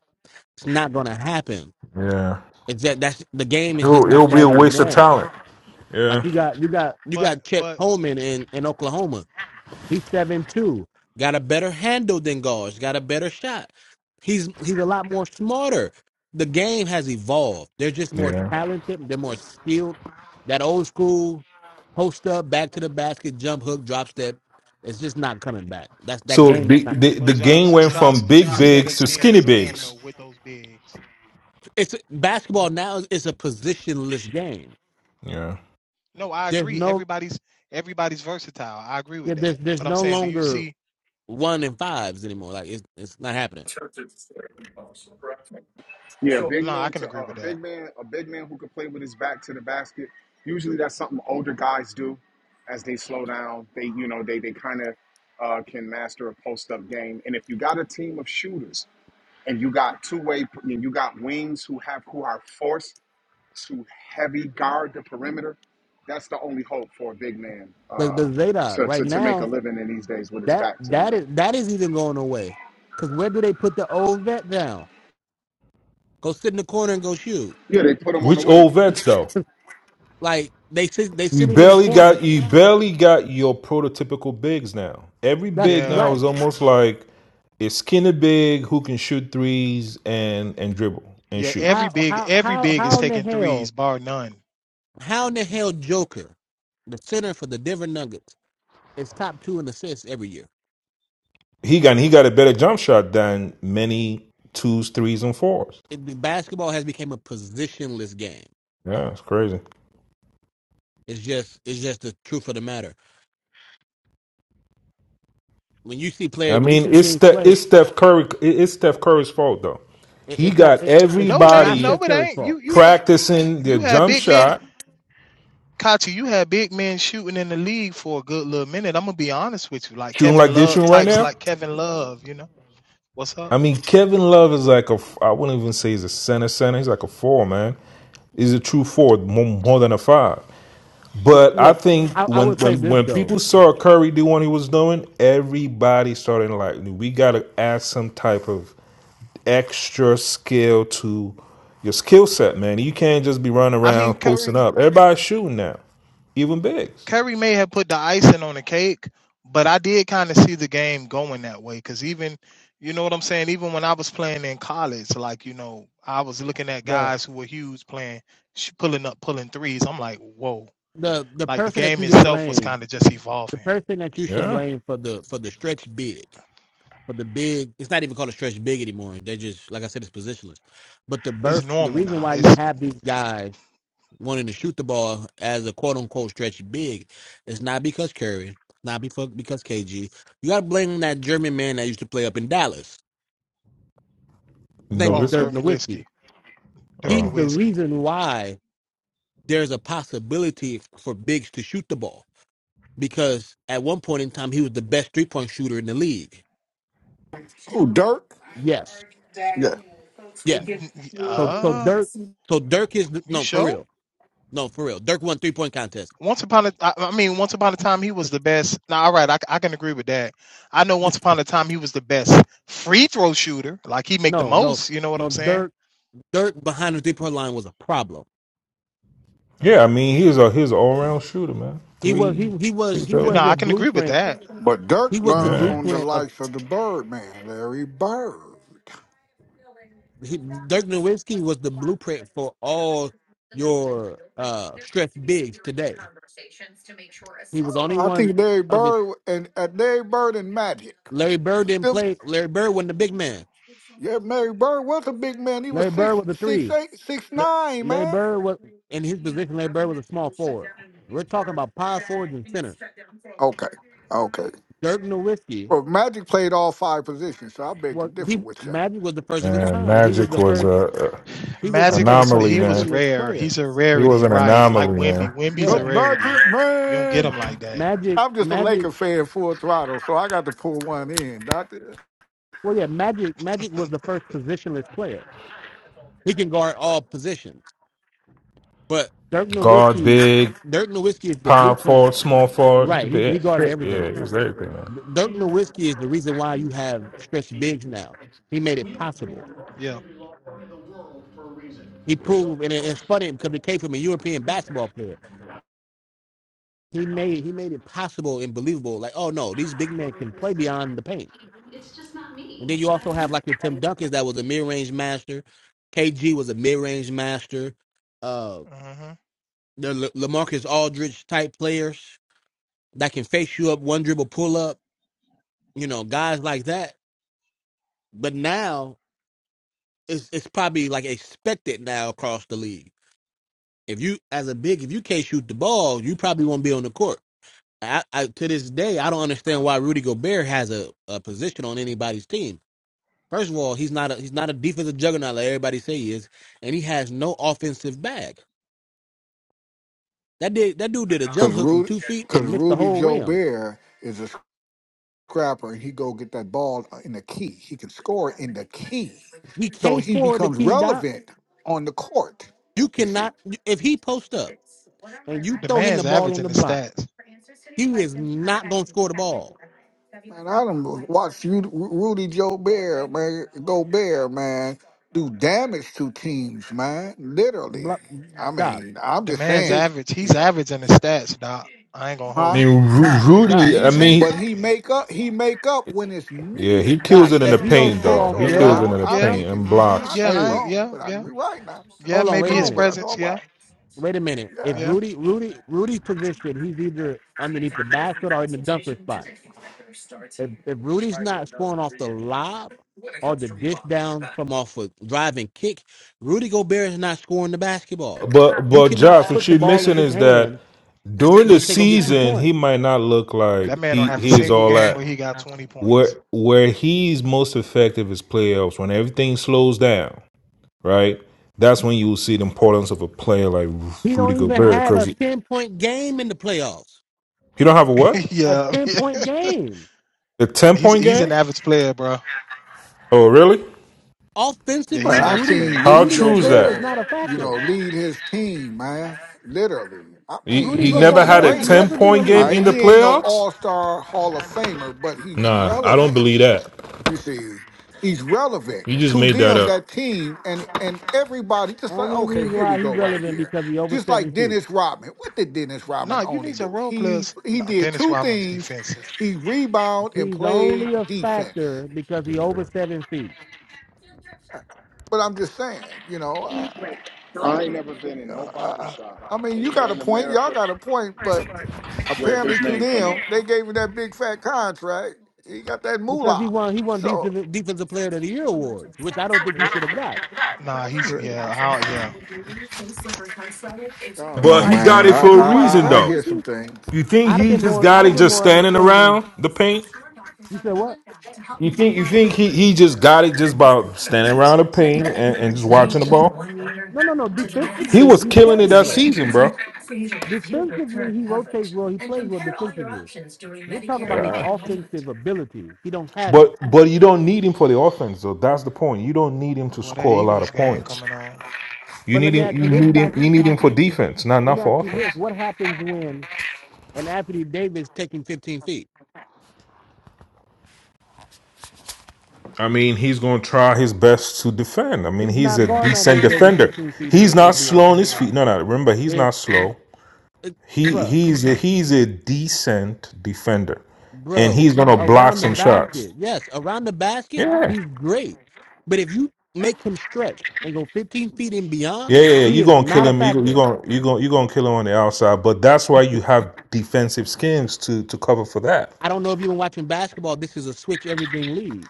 S3: It's not going to happen.
S12: yeah.
S3: It's that that's the game is just
S12: It'll
S3: not
S12: it'll be
S3: that
S12: a waste of
S3: anymore.
S12: talent.
S3: Like
S12: Yeah,
S3: you got you got you
S10: But
S3: got Chet
S10: but
S3: Holman in in Oklahoma. He's seven two. Got a better handle than Gauge. Got a better shot. He's he's a lot more smarter. The game has evolved. They're just more
S12: yeah.
S3: talented. They're more skilled. That old school post up, back to the basket, jump hook, drop step. It's just not coming back. That's that
S12: So
S3: game. Is
S12: big,
S3: not,
S12: the
S10: but
S12: the game
S10: Josh,
S12: went from
S10: Josh, do
S12: big
S10: you see that
S12: bigs
S10: as
S12: to
S10: being the
S12: skinny
S10: norm though
S12: bigs.
S10: with those bigs?
S3: it's basketball now. is is a positionless game.
S12: Yeah.
S10: No, I
S3: There's
S10: agree.
S3: no
S10: Everybody's everybody's versatile. I agree
S3: yeah,
S10: with that.
S3: there's there's
S10: But I'm
S3: no
S10: saying, do you
S3: longer
S10: see?
S3: one and fives anymore. Like it's it's not happening.
S13: Yeah, a big
S10: No, I
S13: man
S10: can
S13: to
S10: agree
S13: uh, a
S10: with that.
S13: big man, a big man who can play with his back to the basket. Usually, that's something older guys do. As they slow down, they you know they they kind of uh, can master a post up game. And if you got a team of shooters and you got two way, and you got wings who have who are force to heavy guard the perimeter, that's the only hope for a big man
S3: But
S13: uh,
S3: but Zadok,
S13: to,
S3: right
S13: to, to make a
S3: now,
S13: living in these days with his
S3: that
S13: back to the
S3: that
S13: rim.
S3: is that is even going away. Cause where do they put the old vet down? Go sit in the corner and go shoot.
S13: Yeah, they put him on the
S12: Which
S13: wing.
S12: old vets though?
S3: Like they sit they
S12: You
S3: sit him in the
S12: barely
S3: corner.
S12: got you barely got your prototypical bigs now. Every
S3: That's
S12: big now
S10: Yeah,
S3: right.
S12: is almost like it's skinny big who can shoot threes and and dribble and
S10: yeah.
S12: shoot.
S10: Every
S3: How
S10: big
S3: how
S10: every
S3: how
S10: big is
S3: how in the
S10: taking
S3: hell
S10: threes, bar none.
S3: how in the hell Joker, the center for the Denver Nuggets, is top two in assists every year.
S12: He got he got a better jump shot than many twos, threes, and fours.
S3: It, the basketball has become a positionless game.
S12: Yeah, it's crazy.
S3: It's just it's just the truth of the matter. When you see play
S12: I
S3: when you
S12: mean,
S3: see
S12: it's
S3: teams
S12: Ste-
S3: play,
S12: it's Steph Curry. it- It's Steph Curry's fault though.
S3: it,
S12: He
S3: it's not
S12: got
S3: it, it's
S10: No, it
S3: it's
S10: ain't.
S3: not
S10: No,
S12: everybody
S3: Steph
S10: it
S3: Curry's
S10: ain't.
S3: fault.
S10: You you had
S12: practicing their
S10: you had
S12: jump
S10: big men,
S12: shot,
S10: Kachi. You had big men shooting in the league for a good little minute. I'm gonna be honest with you, like
S12: shooting
S10: Kevin
S12: like they're
S10: Love
S12: shooting right
S10: types,
S12: now.
S10: like Kevin Love. You know what's
S12: I
S10: up?
S12: mean, Kevin Love is like ai f- I wouldn't even say he's a center center. He's like a four, man. He's a true four, more, more than a five.
S3: w-
S12: But I
S3: look,
S12: think
S3: I, I
S12: when,
S3: would say
S12: when
S3: this
S12: when
S3: though:
S12: people saw Curry do what he was doing, everybody started like, we got to add some type of extra skill to your skill set, man. You can't just be running
S10: I mean
S12: around
S10: Curry.
S12: posting up. Everybody's shooting now, even bigs.
S10: Kyrie may have put the icing on the cake, but I did kind of see the game going that way. Cause even, you know what I'm saying? Even when I was playing in college, like, you know, I was looking at
S3: the
S10: guys who were huge playing, sh- pulling up, pulling threes. I'm like, whoa.
S3: the the
S10: Like the
S3: person that you
S10: game
S3: can
S10: itself was
S3: blame,
S10: kind of just
S3: the
S10: evolving.
S3: person that you should
S12: Yeah,
S3: blame for the for the stretch big, for the big. It's not even called a stretch big anymore. They just like I said, it's positionless. But the
S10: It's
S3: birth, the
S10: normal
S3: reason
S10: now.
S3: why you
S10: It's,
S3: have these guys wanting to shoot the ball as a quote unquote stretch big, is not because Curry, not because because KG. You got to blame that German man that used to play up in Dallas. His name was
S10: oh,
S3: Dirk
S12: Nowitzki.
S10: dirt and
S3: Nowitzki.
S10: whiskey, dirt
S3: He's
S10: and
S12: Oh,
S3: the
S10: whiskey.
S3: reason why there's a possibility for Biggs to shoot the ball because at one point in time he was the best three point shooter in the league.
S5: Who Dirk?
S3: Yes,
S5: Yeah,
S3: yes. So so
S10: Uh,
S3: Dirk, so
S10: you
S3: Dirk is
S10: you
S3: no for
S10: sure?
S3: real, no for real. Dirk won three point contest.
S10: Once upon a, I I mean, once upon a time he was the best. Now, all right, I I can agree with that. I know once upon a time he was the best free throw shooter. Like he make the
S3: No, no,
S10: most. You know what I'm
S3: no.
S10: saying?
S3: Dirk, Dirk behind the three point line was a problem.
S12: yeah.
S10: Hmm.
S12: I mean, he's a he's an all round shooter, man.
S3: He was
S12: Three,
S3: he he was
S12: three
S3: he was
S12: throws.
S10: No,
S3: your
S10: I can agree with
S3: blueprint.
S10: that.
S5: but
S3: He
S5: Dirk
S3: was the
S5: learned
S12: Yeah.
S5: from the
S3: blueprint of
S5: likes of the Birdman, Larry Bird.
S3: he, Dirk Nowitzki was the blueprint for all your uh stretch bigs today.
S5: I
S3: He was the
S5: don't
S3: only
S5: know. I
S3: one
S5: think Larry
S3: of his
S5: Bird and uh, Larry Bird and Magic.
S3: Larry Bird didn't play. Larry Bird wasn't the big man.
S5: Yeah, Mary Bird was a big man. He was
S3: Larry
S5: six,
S3: Bird was a
S5: six,
S3: three.
S5: eight, six, nine,
S3: Larry
S5: man.
S3: Bird was in his position. Larry Bird was a small forward. We're talking about power forwards and centers.
S5: Okay, okay.
S3: Dirk Nowitzki
S5: Well, Magic played all five positions, so I beg to
S3: was
S5: differ
S3: he?
S5: with you.
S3: Magic was the first of his
S12: And
S3: time. He was
S12: Magic
S3: the
S12: was
S3: first.
S12: a, a
S3: He was the
S10: Magic
S3: first
S10: was
S12: anomaly,
S10: he was
S12: man.
S3: positionless
S10: rare.
S3: player.
S10: He's a
S12: He was
S10: rarity,
S12: an
S10: right? Like
S12: anomaly,
S10: Wimby.
S12: man.
S10: Wimby's
S5: The
S10: a
S3: Yeah,
S10: rarity.
S5: Magic
S10: You don't get him
S5: Man.
S10: like that.
S3: Magic.
S5: I'm just a
S3: Magic.
S5: Laker fan, full throttle, so I got to pull one in, doctor.
S3: Well, yeah, Magic. Magic was the first positionless player. He can guard all positions. But Dirk
S12: Guard
S3: Nowitzki,
S12: big,
S3: Dirk Nowitzki is the
S12: power
S3: blueprint.
S12: forward, small forward. He
S3: Right.
S12: could
S3: He
S12: be
S3: he guarded everything.
S12: yeah, he was everything, man.
S3: Dirk Nowitzki is the reason why you have stretch bigs now. He made it possible.
S10: Yeah.
S3: He proved, and it's funny because it came from a European basketball player. He made he made it possible and believable. Like, oh no, these big men can play beyond the paint. And then you also have like your Tim Duncan that was a mid range master. KG was a mid range master. Uh,
S10: hmm
S3: the Le- Lamarcus Aldridge type players that can face you up one dribble pull up. You know, guys like that. But now it's it's probably like expected now across the league If you, as a big, if you can't shoot the ball, you probably won't be on the court. I, I to this day, I don't understand why Rudy Gobert has a, a position on anybody's team. First of all, he's not a he's not a defensive juggernaut like everybody say he is, and he has no offensive bag. That did that dude did a
S5: Cause
S3: jump hook from
S5: Rudy,
S3: two feet
S5: cause
S3: and missed the
S5: Rudy
S3: whole rim.
S5: Jobert is a scrapper, and he go get that ball in the key. He can score in the key,
S3: He
S5: so
S3: can't
S5: he
S3: score the
S5: becomes
S3: key dot.
S5: relevant on the court.
S3: You
S5: You see.
S3: cannot if he posts up and you
S10: The
S3: throw him the
S10: man's
S3: ball on
S10: averaging
S3: the
S10: the
S3: block.
S10: stats.
S3: He is not gonna score the ball.
S5: Man, I done watched you, Rudy Joe Bear, man, go Bear, man, do damage to teams, man. Literally.
S3: Block,
S5: I
S3: dot.
S5: mean, I'm
S10: The
S5: just
S3: If
S10: man's
S3: it
S5: saying,
S10: average.
S5: you
S10: He's
S5: know,
S10: average in the stats, Doc. I ain't gonna
S12: I
S5: huh?
S10: hold you.
S12: mean, Ru-
S3: dot
S12: Rudy.
S10: I
S12: I
S10: said
S12: mean,
S10: he's
S5: But he
S10: yeah,
S5: make up, he make up when it's
S12: yeah, he
S5: needed.
S12: kills
S3: dot.
S12: it in
S3: If
S12: the
S5: That
S3: he don't
S12: paint,
S3: score
S5: defense
S12: though.
S3: off the
S12: He
S5: or
S12: kills it
S10: yeah,
S3: lob
S12: in
S5: whatever.
S12: the
S5: I'm
S10: yeah,
S12: paint
S5: thinking,
S12: and
S5: you know,
S10: hmm
S5: I
S12: blocks.
S5: could
S10: yeah.
S5: be
S10: I
S3: Hey,
S10: ain't,
S5: wrong,
S10: yeah,
S5: but I can
S10: yeah,
S5: be right now. I
S10: yeah.
S3: hold
S5: could be
S3: on, wait
S10: Maybe
S3: a
S10: his
S5: wrong,
S3: minute.
S5: but I know
S10: presence.
S5: I'm
S10: Yeah,
S5: right.
S3: Wait a minute. If
S10: yeah.
S3: Rudy Rudy Rudy's position, he's either underneath the basket or in the dunker spot. If if Rudy's not scoring off the lob or the dish down from off a driving kick, Rudy Gobert is not scoring the basketball.
S12: But
S3: You
S12: but
S3: cannot
S12: Josh, what
S3: put the
S12: you're
S3: ball in
S12: missing
S3: his
S12: is that
S3: hand
S12: during the
S3: and say go get two
S12: season, he
S3: points.
S12: might not look like
S10: That man don't
S12: he
S10: have a
S12: he is
S10: single
S12: all
S10: game
S12: that.
S10: where he got twenty points.
S12: Where where he's most effective is playoffs when everything slows down. right? That's when you will see the importance of a player like
S3: He
S12: Rudy
S3: don't even
S12: Gobert
S3: have
S12: because
S3: a
S12: he
S3: ten point game in the playoffs.
S12: you don't have a what?
S3: A
S10: yeah,
S3: ten
S10: yeah.
S3: point game.
S12: A 10
S10: he's
S12: point
S10: he's
S12: game?
S10: an average player, bro.
S12: Oh, really?
S10: Yeah, he's
S5: But
S3: Offensively,
S10: an
S5: I've
S10: average
S3: Rudy
S5: seen
S10: player.
S12: How
S5: Rudy
S3: Rudy
S12: true is
S3: Gobert is
S12: that?
S5: Gobert,
S3: not a
S5: you know,
S3: factor.
S5: lead his team, man. Literally. I
S12: He,
S5: mean,
S3: Rudy
S12: he
S5: he
S3: Go-
S5: ain't
S12: never
S5: the
S12: had
S3: Gobert
S12: a
S3: has
S12: 10
S5: greatest.
S3: never been a
S12: point
S5: All
S12: game
S3: leader.
S5: right.
S12: in the
S5: He ain't no
S12: playoffs?
S5: all star Hall of Famer, but he's
S12: Nah, I don't
S5: relevant.
S12: believe that.
S5: You see, he's relevant
S12: You just
S5: to
S12: made that
S5: them,
S12: up.
S5: that team, and and everybody. Just like
S3: Only
S5: okay,
S3: reason
S5: here we
S3: why he's
S5: go right
S3: relevant
S5: here.
S3: because he over
S5: Just like
S3: seven feet.
S5: Dennis Rodman. What did Dennis Rodman
S10: Nah, you
S5: only
S10: need some
S5: do?
S10: role
S5: He
S10: players.
S5: he
S10: Nah,
S5: did
S10: Dennis
S5: two
S10: Rodman's
S5: things.
S10: defensive.
S5: He rebound and
S3: He's only
S5: played
S3: a
S5: defense.
S3: factor because he over seven feet.
S5: But I'm just saying, you know, I,
S13: I ain't never been in no
S5: I,
S13: barber
S5: I
S13: shop
S5: I mean, you got
S13: anywhere
S5: a
S13: in
S5: point. Y'all
S13: America
S5: got a point. But
S13: where
S5: apparently,
S13: his
S5: to
S13: name come
S5: them,
S13: up.
S5: they gave him that big fat contract. He got that
S3: Because he
S5: moolah.
S3: won he won
S5: So.
S3: decent defensive player of the year awards, which I don't think he should have got.
S10: Nah, he's yeah, how yeah.
S5: Oh
S12: But
S5: no,
S12: he
S3: Like to,
S5: man!
S12: got it
S3: to
S5: I
S12: for
S5: I
S12: a
S3: be quite
S12: reason,
S5: I, I
S3: frank
S12: though.
S3: with
S5: hear some
S3: you,
S5: things.
S12: You think
S3: I'd have
S12: he
S3: been
S12: just
S3: more
S12: got
S3: I'd have
S12: it
S3: been
S12: just
S3: more
S12: standing
S3: understanding.
S12: around the paint?
S3: You said what?
S12: You think you think he, he just got it just by standing around the paint and, and just watching the ball?
S3: No, no, no.
S12: He
S3: Defensively
S12: was
S3: he
S12: killing it
S3: plays
S12: that
S3: well.
S12: season, bro.
S3: Defensively he rotates well, he plays well defensively. We're talking about his
S12: Yeah.
S3: offensive ability. He don't have it.
S12: But but you don't need him for the offense though. That's the point. You don't need him to
S10: Boy, that
S12: score a lot
S10: Eagles
S12: of
S10: game
S12: points.
S10: coming on.
S12: You
S3: But let
S12: need
S3: me
S12: him
S3: ask you
S12: you
S3: this,
S12: need him you
S3: Tati.
S12: need him for defense, not
S3: Let me
S12: not
S3: ask
S12: for
S3: you this.
S12: offense.
S3: What happens when and Anthony Davis taking 15 feet.
S12: I mean, he's gonna try his best to defend. I mean,
S3: He's
S12: he's
S3: not
S12: a
S3: guarding
S12: decent
S3: Anthony Davis
S12: defender.
S3: 15 feet and,
S12: He's not
S3: and
S12: slow
S3: beyond.
S12: on his feet. No, no, remember, he's
S3: If,
S12: not slow.
S3: it,
S12: He
S3: bruh,
S12: he's a, he's a decent defender. And
S3: bro,
S12: he's gonna block
S3: around the
S12: some shots.
S3: basket, yes, around the basket,
S12: Yeah.
S3: he's great. But if you make him stretch and go 15 feet and
S12: Yeah,
S3: beyond,
S12: yeah, yeah.
S3: he
S12: You're
S3: is
S12: gonna kill
S3: not a
S12: him. You're gonna you're
S3: factor.
S12: gonna you're gonna you're gonna kill him on the outside. But that's why you have defensive schemes to to cover for that.
S3: I don't know if you've been watching basketball. This is a switch everything league.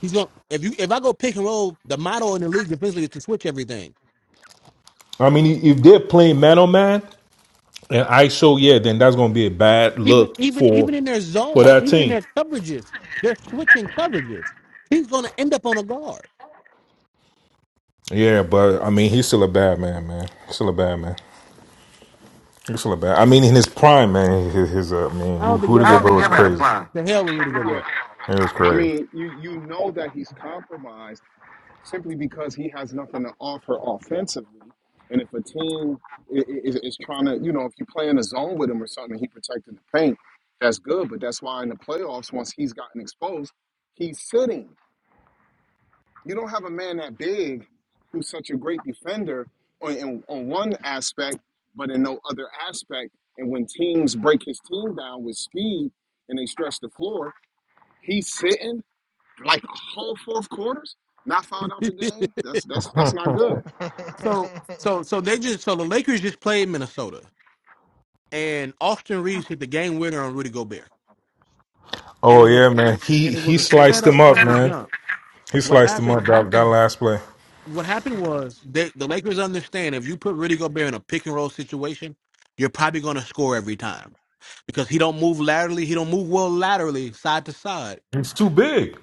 S3: He's going to if you if I go pick and roll, the motto in the league defensively is to switch everything.
S12: I mean, if they're playing man on man and ISO, yeah, then that's gonna be a bad
S3: Even
S12: look
S3: even even
S12: for
S3: in their
S12: for
S3: zones,
S12: that
S3: even in
S12: team.
S3: their coverages, they're switching coverages. He's gonna end up on a guard.
S12: Yeah, but I mean, he's still a bad man, man. He's still a bad man. He's still a bad. I mean, in his prime, man, his, his uh, I
S3: I
S12: who,
S3: don't think he
S12: who to
S3: ever had
S12: get
S3: a
S12: but was
S3: prime.
S12: crazy.
S3: The hell with
S13: I
S3: Rudy
S13: mean, yeah,
S3: Gobert.
S12: It was
S13: I
S12: crazy.
S13: mean, you you know that he's compromised simply because he has nothing to offer offensively. And if a team is, is trying to, you know, if you play in a zone with him or something, he protecting the paint, that's good. But that's why in the playoffs, once he's gotten exposed, he's sitting. You don't have a man that big who's such a great defender on, in, on one aspect, but in no other aspect. And when teams break his team down with speed and they stretch the floor, he's sitting like a whole fourth quarters, not fouling out the game. That's that's that's not good.
S3: so so so they just so the Lakers just played Minnesota and Austin Reeves hit the game winner on Rudy Gobert. And
S12: Oh
S3: it was
S12: yeah, man. He
S3: and it
S12: he
S3: was a
S12: sliced him
S3: setup
S12: up,
S3: from the
S12: man.
S3: jump.
S12: He
S3: What
S12: sliced him
S3: happened
S12: up that, that last play.
S3: what happened was they, the Lakers understand if you put Rudy Gobert in a pick and roll situation, you're probably going to score every time because he don't move laterally. He don't move well laterally, side to side.
S12: He's too big.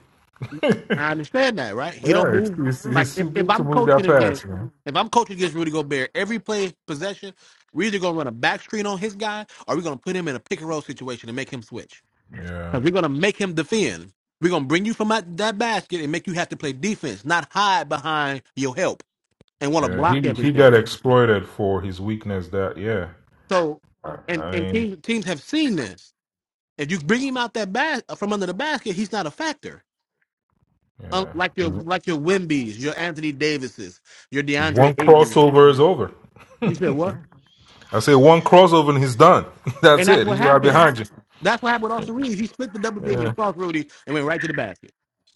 S3: I understand that, right? He don't
S12: Yeah, it's,
S3: move
S12: it's,
S3: like
S12: it's
S3: if,
S12: too
S3: if
S12: big to
S3: I'm
S12: move that
S3: coaching against
S12: fast, man.
S3: if I'm coaching against Rudy Gobert, every play possession, we're either going to run a back screen on his guy or we're going to put him in a pick and roll situation and make him switch.
S12: Yeah.
S3: Because we're going to make him defend. We're going to bring you from out that basket and make you have to play defense, not hide behind your help and want to
S12: Yeah,
S3: block
S12: he he
S3: everything.
S12: got exploited for his weakness. That yeah,
S3: So, and
S12: I
S3: and
S12: mean
S3: teams teams have seen this. If you bring him out that bas- from under the basket, he's not a factor. Un-
S12: yeah,
S3: like your like your Wimby's, your Anthony Davises, your DeAndre
S12: one
S3: Ayton.
S12: crossover is over.
S3: You said what?
S12: I say one crossover and he's done.
S3: And
S12: That's
S3: that's
S12: it.
S3: what
S12: He's right
S3: happened.
S12: behind you.
S3: That's what happened with Austin Reeves. He split the double team
S12: Yeah,
S3: and crossed Rudy and went right to the basket.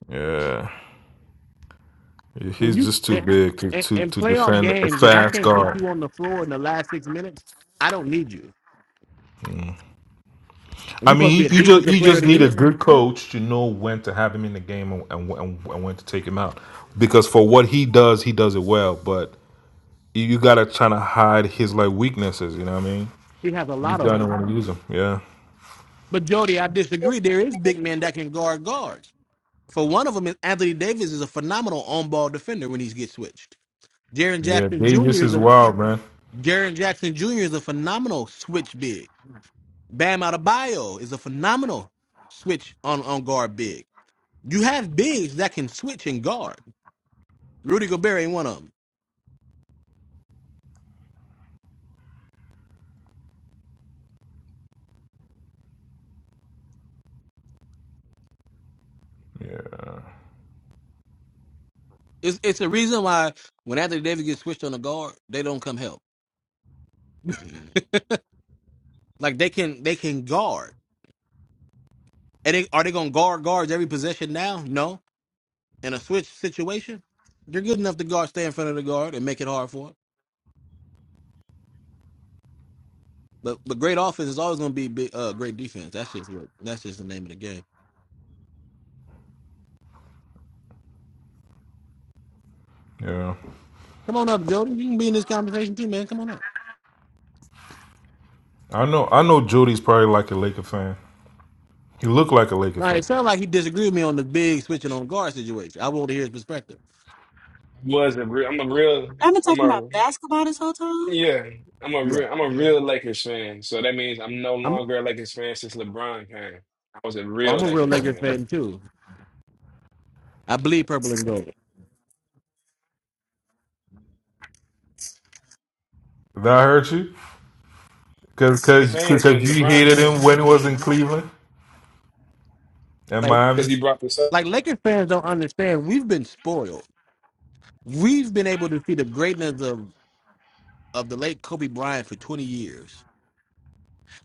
S12: yeah.
S3: When
S12: He's
S3: you
S12: just too
S3: in,
S12: big to
S3: in,
S12: to,
S3: in
S12: to
S3: playoff
S12: defend a
S3: games, if I
S12: fast
S3: can't put
S12: guard.
S3: you on the floor in the last six minutes, I don't need you. And
S12: I
S3: you're supposed to be
S12: mean,
S3: a
S12: you just
S3: defensive
S12: you
S3: player of
S12: just
S3: the
S12: need a
S3: year.
S12: good coach to know when to have him in the game and and, and, and when to take him out. Because for what he does, he does it well. But you, you gotta try to hide his like weaknesses. You know what I mean?
S3: He has a
S12: You
S3: lot of them.
S12: gotta want to use him. Yeah.
S3: But Jody, I disagree. There is big men that can guard guards. For one of them, is Anthony Davis is a phenomenal on-ball defender when he gets switched. Jaren
S12: Yeah,
S3: Jackson
S12: Davis
S3: Jr. is
S12: is
S3: a
S12: wild, man.
S3: Jaren Jackson Jr. is a phenomenal switch big. Bam Adebayo is a phenomenal switch on on guard big. You have bigs that can switch and guard. Rudy Gobert ain't one of them.
S12: Yeah,
S3: It's it's a reason why when Anthony Davis gets switched on a guard, they don't come help. like they can they can guard. And they, are they gonna guard guards every possession now? No in a switch situation, you're good enough to guard, stay in front of the guard, and make it hard for it. But but great offense is always going to be big, uh, great defense. That's just what that's just the name of the game.
S12: yeah.
S3: Come on up, Jody. You can be in this conversation too, man. Come on up.
S12: I know. I know. Jody's probably like a Laker fan. He looked like a Laker
S3: All right, it
S12: fan.
S3: sounds like he disagreed with me on the big switching on guard situation. I want to hear his perspective.
S14: was a real, I'm a real,
S15: I've been
S14: I'm
S15: talking about
S14: a,
S15: basketball this whole time.
S14: yeah, I'm a
S3: Yeah,
S14: real, I'm a
S10: yeah,
S14: real Lakers fan. So that means I'm no
S3: I'm
S14: longer a Lakers fan since LeBron came. I was a
S3: I'm
S14: real
S3: a real
S14: Lakers
S3: Lakers
S14: fan.
S3: fan too. I bleed purple and gold.
S12: Did I hurt you? Because
S14: And fans when
S12: because you
S14: LeBron
S12: hated
S14: came
S12: him when he was in Cleveland and
S3: Like
S12: Miami.
S14: because he brought this up.
S3: like Lakers fans don't understand. We've been spoiled. We've been able to see the greatness of of the late Kobe Bryant for 20 years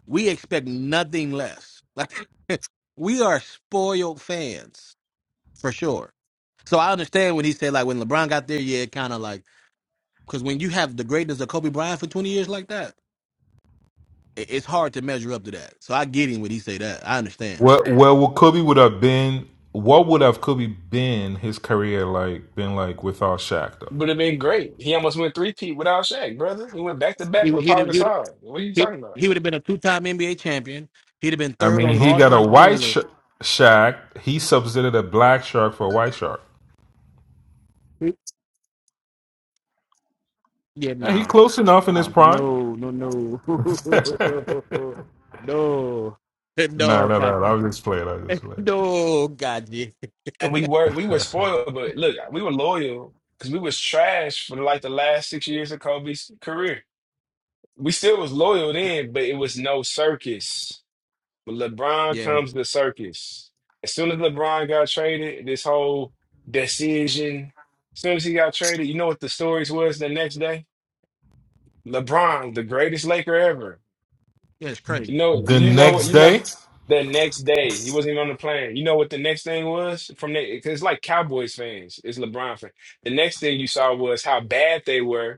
S3: We expect nothing less. Like we are spoiled fans for sure. So I understand when he said like when LeBron got there, yeah, it kind of like because when you have the greatness of Kobe Bryant for twenty years like that, it, it's hard to measure up to that. So I get him when he say that. I understand.
S12: Well, well, what Kobe would have been? What would have Kobe been his career like? Been like without Shaq though.
S14: Would have been great. He almost went three peat without Shaq, brother. He went back to
S3: He
S14: back
S3: would-
S14: with
S3: he'd have-
S14: Paul
S3: he would
S14: Gasol. What are you
S3: he
S14: talking about?
S3: he would have been a two time NBA champion. He'd have been
S12: I
S3: third
S12: mean,
S3: on the
S12: he
S3: all
S12: got a
S3: time scoring
S12: white sh-
S3: list.
S12: Shaq. He substituted a black shark for a white shark.
S3: He- Yeah,
S12: Yeah, he
S3: no,
S12: close enough in his
S3: no,
S12: prime.
S3: no, no, no, no, no,
S12: No, no,
S3: no,
S12: no. I was just playing. I was just playing.
S3: no, God, yeah,
S14: And we were we were spoiled, but look, we were loyal because we was trash for like the last six years of Kobe's career. We still was loyal then, but it was no circus. When LeBron
S3: yeah,
S14: comes to circus, as soon as LeBron got traded, this whole decision, as soon as he got traded, you know what the stories was the next day? LeBron, the greatest Laker ever.
S3: yeah, it's
S14: You
S3: crazy.
S14: know,
S12: The
S14: you
S10: ain't
S14: know
S10: no
S14: what,
S12: next
S10: way.
S14: you know,
S12: day,
S14: the next day, he wasn't even on the plane. You know what the next thing was from that? Because it's like Cowboys fans, it's LeBron fans. The next thing you saw was how bad they were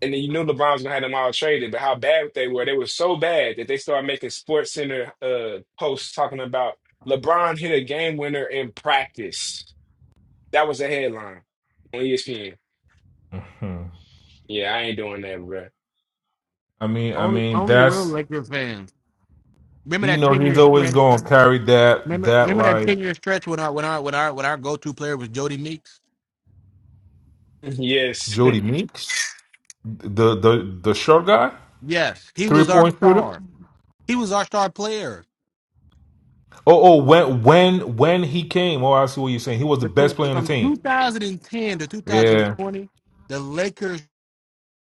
S14: and then you knew LeBron's gonna have them all traded, but how bad they were. They were so bad that they started making Sports Center uh posts talking about LeBron hit a game winner in practice. That was a headline on ESPN. Yeah, I ain't doing that, bro.
S12: I mean, I
S3: Only,
S12: mean,
S3: only real
S12: that's
S3: Laker fans. Remember
S12: you
S3: that
S12: know,
S3: ten
S12: he's
S3: year
S12: always
S3: stretch.
S12: going to carry that
S3: Remember,
S12: that
S3: remember that
S12: like
S3: ten year stretch when our, when our, when our, when our go to player was Jody Meeks.
S14: yes.
S12: Jody Meeks, the the the short guy,
S3: Yes, he
S12: three
S3: was our
S12: point shooter.
S3: star. He was our star player.
S12: Oh, oh, when when when he came, oh, I see what you're saying. He was the best
S3: Between
S12: player on the
S3: from
S12: team.
S3: 2010 to
S12: Yeah,
S3: 2020, the Lakers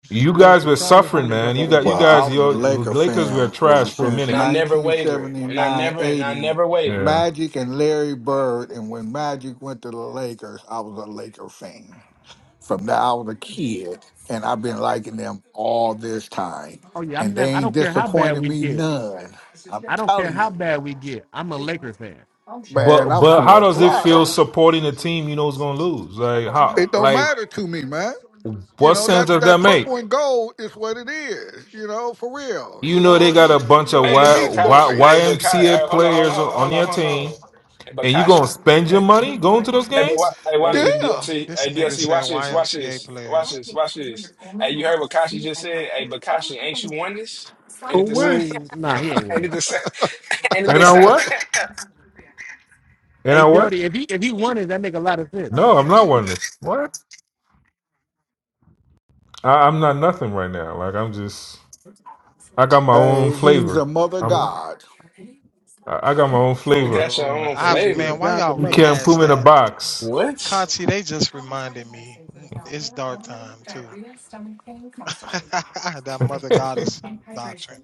S12: you
S3: was
S12: guys
S3: the
S12: were
S3: Charlotte
S12: suffering,
S3: Hornets of
S12: man.
S3: the
S12: You
S3: league.
S12: got you
S5: Well, I
S12: guys,
S5: was a
S12: your
S5: Laker
S12: Lakers were
S5: fan ever
S12: trash for a
S5: since
S14: And
S12: minute.
S14: I never wavered. And I
S5: 1979
S14: never and I
S5: 80.
S14: never wavered.
S12: Yeah.
S5: Magic and Larry Bird, and when Magic went to the Lakers, I was a Laker fan. From that, I was a kid, and I've been liking them all this time.
S3: Oh yeah, I'm
S5: And they
S3: never. I
S5: ain't
S3: don't care how bad
S5: disappointed
S3: we
S5: me
S3: get.
S5: none. I'm
S3: I don't care
S5: telling you.
S3: how bad we get. I'm a Laker fan.
S12: But
S5: Man, I'm
S12: but how
S5: full
S12: does it feel
S5: throttle.
S12: supporting a team you know is gonna lose? Like how
S5: It don't
S12: like
S5: matter to me, man. You
S12: What
S5: know
S12: sense
S5: that
S12: does that
S5: that
S12: make?
S5: purple and gold is what it is. You know, for real.
S12: You
S5: You
S12: know
S5: know,
S12: they got
S5: it-
S12: a bunch
S5: you
S12: of
S5: know the
S14: Hey,
S12: y,
S14: but
S5: Beach
S12: y,
S14: Kosh, hey,
S5: Boys.
S14: but Kosh,
S12: YMCA
S14: uh, hold on, hold
S12: players
S14: on,
S12: on on
S14: hold on,
S12: your
S14: hold
S12: team,
S14: on. But
S12: and you
S14: Kosh,
S12: gonna spend your money going to those
S14: Hey, but wa
S12: games?
S14: hey, watch
S3: Hey,
S14: this,
S5: Yeah,
S14: DLC.
S10: This a
S14: Hey,
S10: nigga
S14: DLC,
S10: said
S14: watch this, watch
S10: YMCA
S14: this, watch
S10: players.
S14: this, watch this. Hey, you heard what Kashi just said? Hey, but Kashi, ain't you won this? Ain't
S5: for
S14: it the same?
S5: which
S3: oh nah, he ain't with me.
S14: ain't it the same? ain't it
S12: And
S14: the
S12: I
S14: same?
S12: what? And
S3: Hey
S12: I what?
S3: Jody, if he if he won it, that make a lot of sense.
S12: No, I'm not one of this. What? I, I'm not nothing right now. Like I'm just, I got my own
S5: hey, he's
S12: flavor.
S5: a mother
S12: I'm,
S5: god,
S12: I I got my own
S10: Oh
S14: you
S12: flavor.
S14: got your
S10: Lord,
S14: own
S3: Yeah,
S10: I
S3: He's a he's a
S10: man,
S14: flavor.
S10: why
S3: god the
S10: y'all
S12: You
S3: mother.
S12: can't
S10: rehash
S12: put me in a
S10: that?
S12: box.
S14: What?
S10: Kati, they just reminded me it's dark time too. that mother goddess doctrine.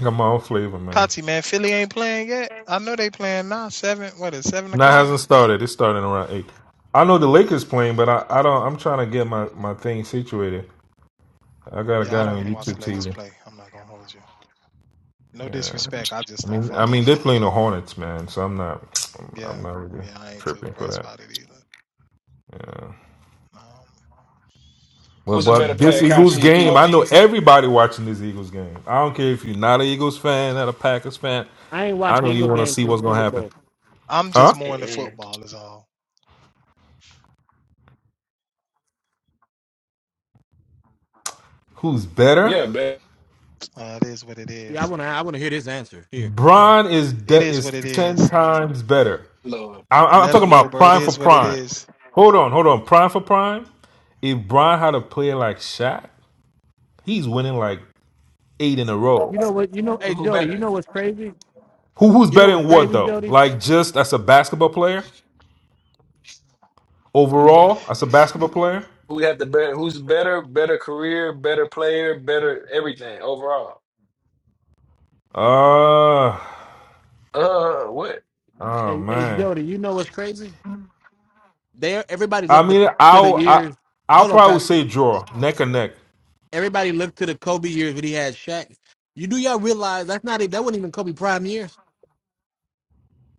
S12: I got my own flavor, man.
S10: Kati, man, Philly ain't playing yet. I know they playing now. Seven, what is it, seven
S12: And that
S10: o'clock?
S12: hasn't started. It's starting around eight. I know the Lakers playing, but I, I don't. I'm trying to get my, my thing situated. I got a guy
S10: Yeah, I don't
S12: on
S10: want to watch the
S12: YouTube
S10: Lakers
S12: TV.
S10: play. I'm not gonna hold you. No
S12: Yeah,
S10: disrespect, I just
S12: I
S10: don't
S12: mean, I
S10: follow
S12: mean,
S10: them.
S12: they're playing the Hornets, man. So I'm not,
S10: Yeah,
S12: I'm not really
S10: yeah, I ain't too
S12: tripping for
S10: impressed
S12: that.
S10: about it either.
S12: Yeah.
S10: Um,
S12: Well,
S14: Who's a better
S12: but this
S14: player,
S12: Eagles
S14: Kashi?
S12: game, I know
S14: Kobe?
S12: everybody watching this Eagles game. I don't care if you're not an Eagles fan, not a Packers fan.
S3: I ain't
S12: I
S3: watched the
S12: know
S3: Eagle
S12: you want to
S3: game
S12: see
S3: since
S12: what's gonna
S3: Super
S12: happen.
S3: Bowl.
S10: I'm just
S12: Huh?
S10: more into
S14: Mm-mm.
S10: football, is all.
S12: Who's better?
S14: Yeah, better.
S10: Uh, it is what it
S3: Yeah, I
S10: is.
S3: wanna I wanna hear this answer here.
S12: Bron is
S10: It
S12: de-
S10: is
S12: is
S10: what it is.
S12: ten times better.
S14: Lord.
S12: I- I'm
S10: Let them
S12: talking
S10: know,
S12: about
S10: bro. It
S12: prime for
S10: is what it
S12: prime.
S10: is.
S12: Hold on, hold on. Prime for prime. If Bron had to play like Shaq, he's winning like eight in a row.
S3: You know what? You know, hey
S14: Who
S3: Jody, you
S14: better?
S3: know what's crazy?
S12: Who who's
S3: You know
S12: better
S3: what's
S12: in what
S3: crazy,
S12: though?
S3: Jody?
S12: Like just as a basketball player overall, as a basketball player.
S14: Who have the better? Who's better? Better career, better player, better everything overall.
S12: Uh
S14: Uh, what?
S12: oh
S3: Hey, hey
S12: man.
S3: Jody, you know what's crazy? There, everybody
S12: I
S3: looked the
S12: mean,
S3: To the
S12: I'll I,
S3: years,
S12: I'll
S3: hold on,
S12: probably
S3: guys.
S12: say draw neck and neck.
S3: everybody looked to the Kobe years when he had Shaq. You do y'all realize that's not That wasn't even Kobe prime years.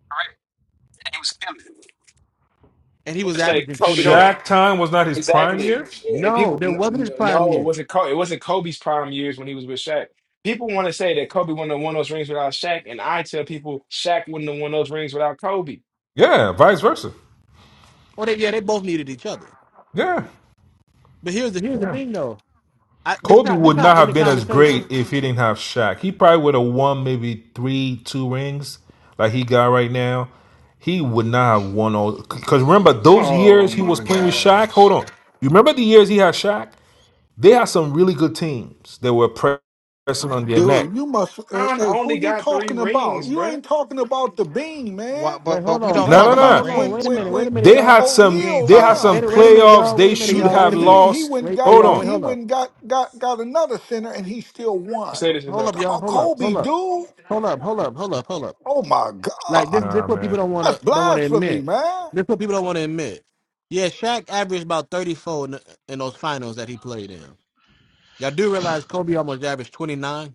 S14: All right, he was killing. it.
S3: And
S14: I'm
S3: he
S14: gonna
S3: was
S14: say
S3: averaging
S14: Kobe
S3: 28.
S14: don't.
S12: Shaq time was not his prime
S14: Exactly.
S12: years.
S14: Yeah, And
S3: No,
S14: people,
S3: there
S14: n-
S3: wasn't his
S14: n-
S3: prime
S14: no, it
S3: year.
S14: wasn't Kobe. It wasn't Kobe's prime years when he was with Shaq. People want to say that Kobe wouldn't have won those rings without Shaq, and I tell people Shaq wouldn't have won those rings without Kobe.
S12: Yeah, vice versa.
S3: Or they yeah, they both needed each other.
S12: Yeah.
S3: But here's the Here's the thing, though. I, this
S12: Kobe
S3: not this
S12: would not
S3: not in the
S12: have been as
S3: conversation.
S12: great if he didn't have Shaq. He probably would have won maybe three, two rings like he got right now. He would not have won all because remember those
S14: Oh
S12: years he was
S14: my
S12: playing with Shaq. Hold
S14: gosh.
S12: on, you remember the years he had Shaq? They had some really good teams that were pressing on their neck.
S5: dude. You must. Hey,
S14: I
S5: hey,
S14: only
S5: who you
S14: got three
S5: talking about?
S14: rings,
S5: You
S14: bruh.
S5: ain't talking about the bean,
S10: Why,
S5: man.
S3: Wait,
S10: but
S3: hold
S10: but we
S3: on,
S10: don't
S3: hold
S12: No,
S5: Because
S10: talk
S12: no,
S3: on,
S10: about
S12: no.
S5: when
S3: hold on.
S5: when
S12: no.
S3: Wait
S10: rings,
S3: a
S5: when
S3: minute,
S10: bro.
S3: wait a
S5: when
S3: minute,
S12: They
S5: when
S3: y'all.
S12: had
S10: We
S12: some.
S10: ain't
S5: O'Neal
S12: They had
S10: talking
S12: some
S5: left.
S3: Wait,
S10: about
S3: a- wait a minute,
S10: rings.
S12: playoffs.
S3: y'all. Wait
S12: They
S3: a minute,
S5: he
S12: should
S3: y'all.
S5: got
S3: Wait
S12: have
S3: a minute.
S5: he he
S12: lost.
S5: went and
S3: Wait, hey,
S5: got
S12: Hold
S3: y'all. Wait,
S12: on.
S5: he
S3: hold up,
S5: went and got got got another center and he still won.
S14: Say this
S5: You
S3: hold
S14: about
S3: up,
S5: talking
S3: y'all.
S5: about
S3: Hold up,
S5: Kobe,
S3: hold up,
S5: dude?
S3: hold up, hold up, hold up, hold up.
S5: Oh my
S3: Like
S5: God,
S3: this, this
S12: Nah,
S3: what people
S12: man.
S3: don't want
S5: that's
S3: to don't want to
S5: blasphemy,
S3: admit.
S5: man.
S3: This what people don't want to admit. Yeah, Shaq averaged about thirty four in, in those finals that he played in. Y'all do realize Kobe almost averaged 29?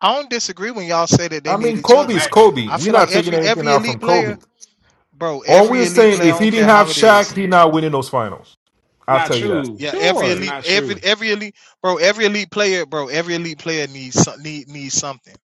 S10: I don't disagree when y'all say that they
S12: I
S10: need
S12: mean,
S10: each other.
S12: Kobe's
S14: exactly.
S12: Kobe.
S10: I
S12: We're
S10: feel like
S12: not taking
S10: every
S12: anything
S10: every
S12: out from
S10: elite player,
S12: Kobe.
S10: bro.
S12: All
S10: Every
S12: we're
S10: elite
S12: saying,
S10: player. I
S12: if he
S10: don't
S12: didn't
S10: care
S12: have
S10: how it
S12: Shaq,
S10: is.
S12: he not winning those finals. I'll
S14: Not
S12: tell you that.
S14: true.
S10: Yeah, every
S14: That's
S3: Sure.
S10: elite,
S14: not
S10: every
S14: true.
S10: every elite, bro. Every elite player, bro. Every elite player needs some- need needs something.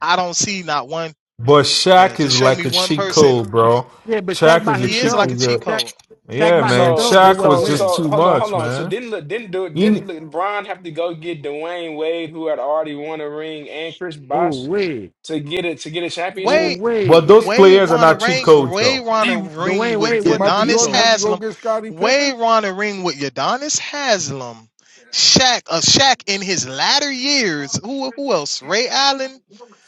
S10: I don't see not one.
S12: But
S10: Yeah,
S12: Shaq
S10: just
S12: is
S10: show
S12: like
S10: me
S12: a
S10: one
S12: cheat
S10: person.
S12: code, bro.
S3: Yeah, but Shaq
S12: Shaq
S3: by
S12: is a
S10: He is
S12: cheat.
S3: himself,
S10: like a
S12: code.
S10: cheat
S3: Shaq,
S10: code.
S3: Shaq
S12: yeah,
S3: by
S12: man.
S3: himself,
S14: So,
S3: they
S12: Shaq
S3: wasn't
S14: so,
S12: was
S3: winning.
S12: just
S14: so,
S12: too
S14: hold on, hold
S12: much,
S14: on. So
S12: man.
S14: didn't Le- didn't do it?
S12: He,
S14: Didn't LeBron have to go get Dwayne Wade, who had already won a ring, and Chris
S3: Oh
S14: Bosh
S3: wait,
S14: to get it to get a
S3: oh
S14: championship?
S10: Wade
S12: but
S3: wait.
S12: those
S10: Wade
S12: players are
S10: wanna
S12: not cheat
S10: ring
S12: codes, though.
S10: Wade wanna
S14: D
S10: ring
S3: Dwayne
S10: with
S3: Wade
S5: Did
S3: wasn't a
S5: Michael
S10: Udonis
S5: Jordan have
S3: Chico.
S5: to go
S10: Haslam.
S5: get Scottie Pippen?
S10: Wade wanna ring with Udonis Haslam. Shaq a uh, Shaq in his latter years. Who who else? Ray Allen.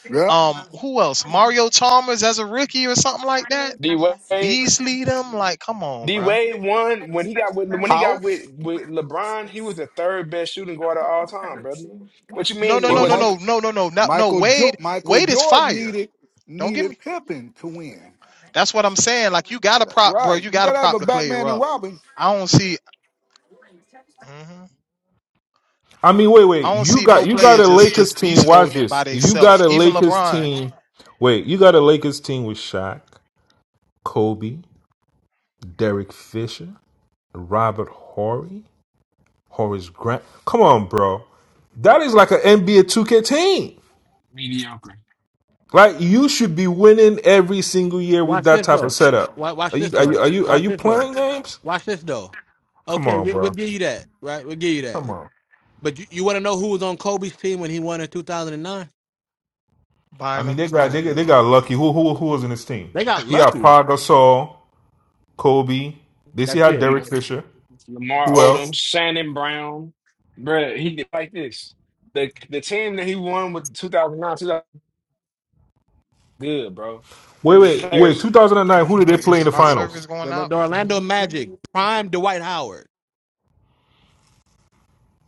S5: Yep.
S10: Um who else? Mario Chalmers as a rookie or something like that?
S14: D Wade.
S10: Beasley them? Like, come on,
S14: D
S10: bro.
S14: Wade won when he got with when he got with
S5: House.
S14: with LeBron. He was the third best shooting guard of all time, brother. What you
S10: No,
S14: mean
S10: no,
S14: it
S5: Well,
S10: no, no, no,
S5: Michael
S14: wasn't
S10: no, no, no, no, no.
S5: Michael jo-
S10: Wade,
S5: Michael
S10: Wade is
S5: Jordan
S10: fire.
S5: needed
S10: Don't get me.
S5: needed Pippen to win.
S10: That's what I'm saying. Like you gotta
S5: That's
S10: prop, bro.
S5: right.
S10: You
S5: You
S10: gotta
S5: gotta have
S10: prop
S5: a
S10: the player
S5: Batman and
S10: up.
S5: Robin.
S10: I don't see. mhm.
S12: I mean, wait, wait.
S10: I don't
S12: You
S10: see no
S12: got you
S10: player
S12: got a
S10: just
S12: Lakers
S10: just
S12: team.
S10: beast
S12: Watch
S10: moding it by
S12: this. You got
S10: themselves.
S12: a
S10: Even
S12: Lakers
S10: LeBron
S12: team. Wait, you got a Lakers team with Shaq, Kobe, Derek Fisher, Robert Horry. Horace Grant. Come on, bro. That is like an NBA 2K team.
S14: mediocre.
S12: Like you should be winning every single year with
S3: Watch
S12: that
S3: this
S12: type of
S3: though.
S12: setup.
S3: Watch,
S12: Are
S3: watch this
S12: you are you
S3: though.
S12: are you, are
S3: Watch
S12: you
S3: this though.
S12: playing games?
S3: Watch this though.
S12: Come
S3: Okay,
S12: on,
S3: we, we'll
S12: bro.
S3: give you that, right? We'll give you that.
S12: Come on.
S3: But you, you want to know who was on Kobe's team when he won in 2009?
S12: I
S10: buying
S12: mean,
S10: them.
S12: they got
S10: Oh,
S12: they, got-
S10: never
S12: they
S10: mind.
S12: got lucky. Who who who was in this team?
S3: They got
S12: He had
S3: lucky.
S12: Paul Gasol, Kobe. They see
S3: That's
S12: how
S3: it.
S14: Lamar,
S12: Derek Fisher.
S14: Lamar
S12: Who else?
S14: Odom, Shannon Brown, bruh, He did like this. The the team that he won with 2009, 2000, good, bro.
S12: Wait,
S14: Their
S12: wait, wait.
S14: Players
S12: 2009. Who did they
S10: Wait,
S12: play
S10: is
S12: in
S10: it
S12: the
S10: my service
S12: finals?
S10: going
S3: The,
S10: out?
S3: the Orlando Magic prime Dwight Howard.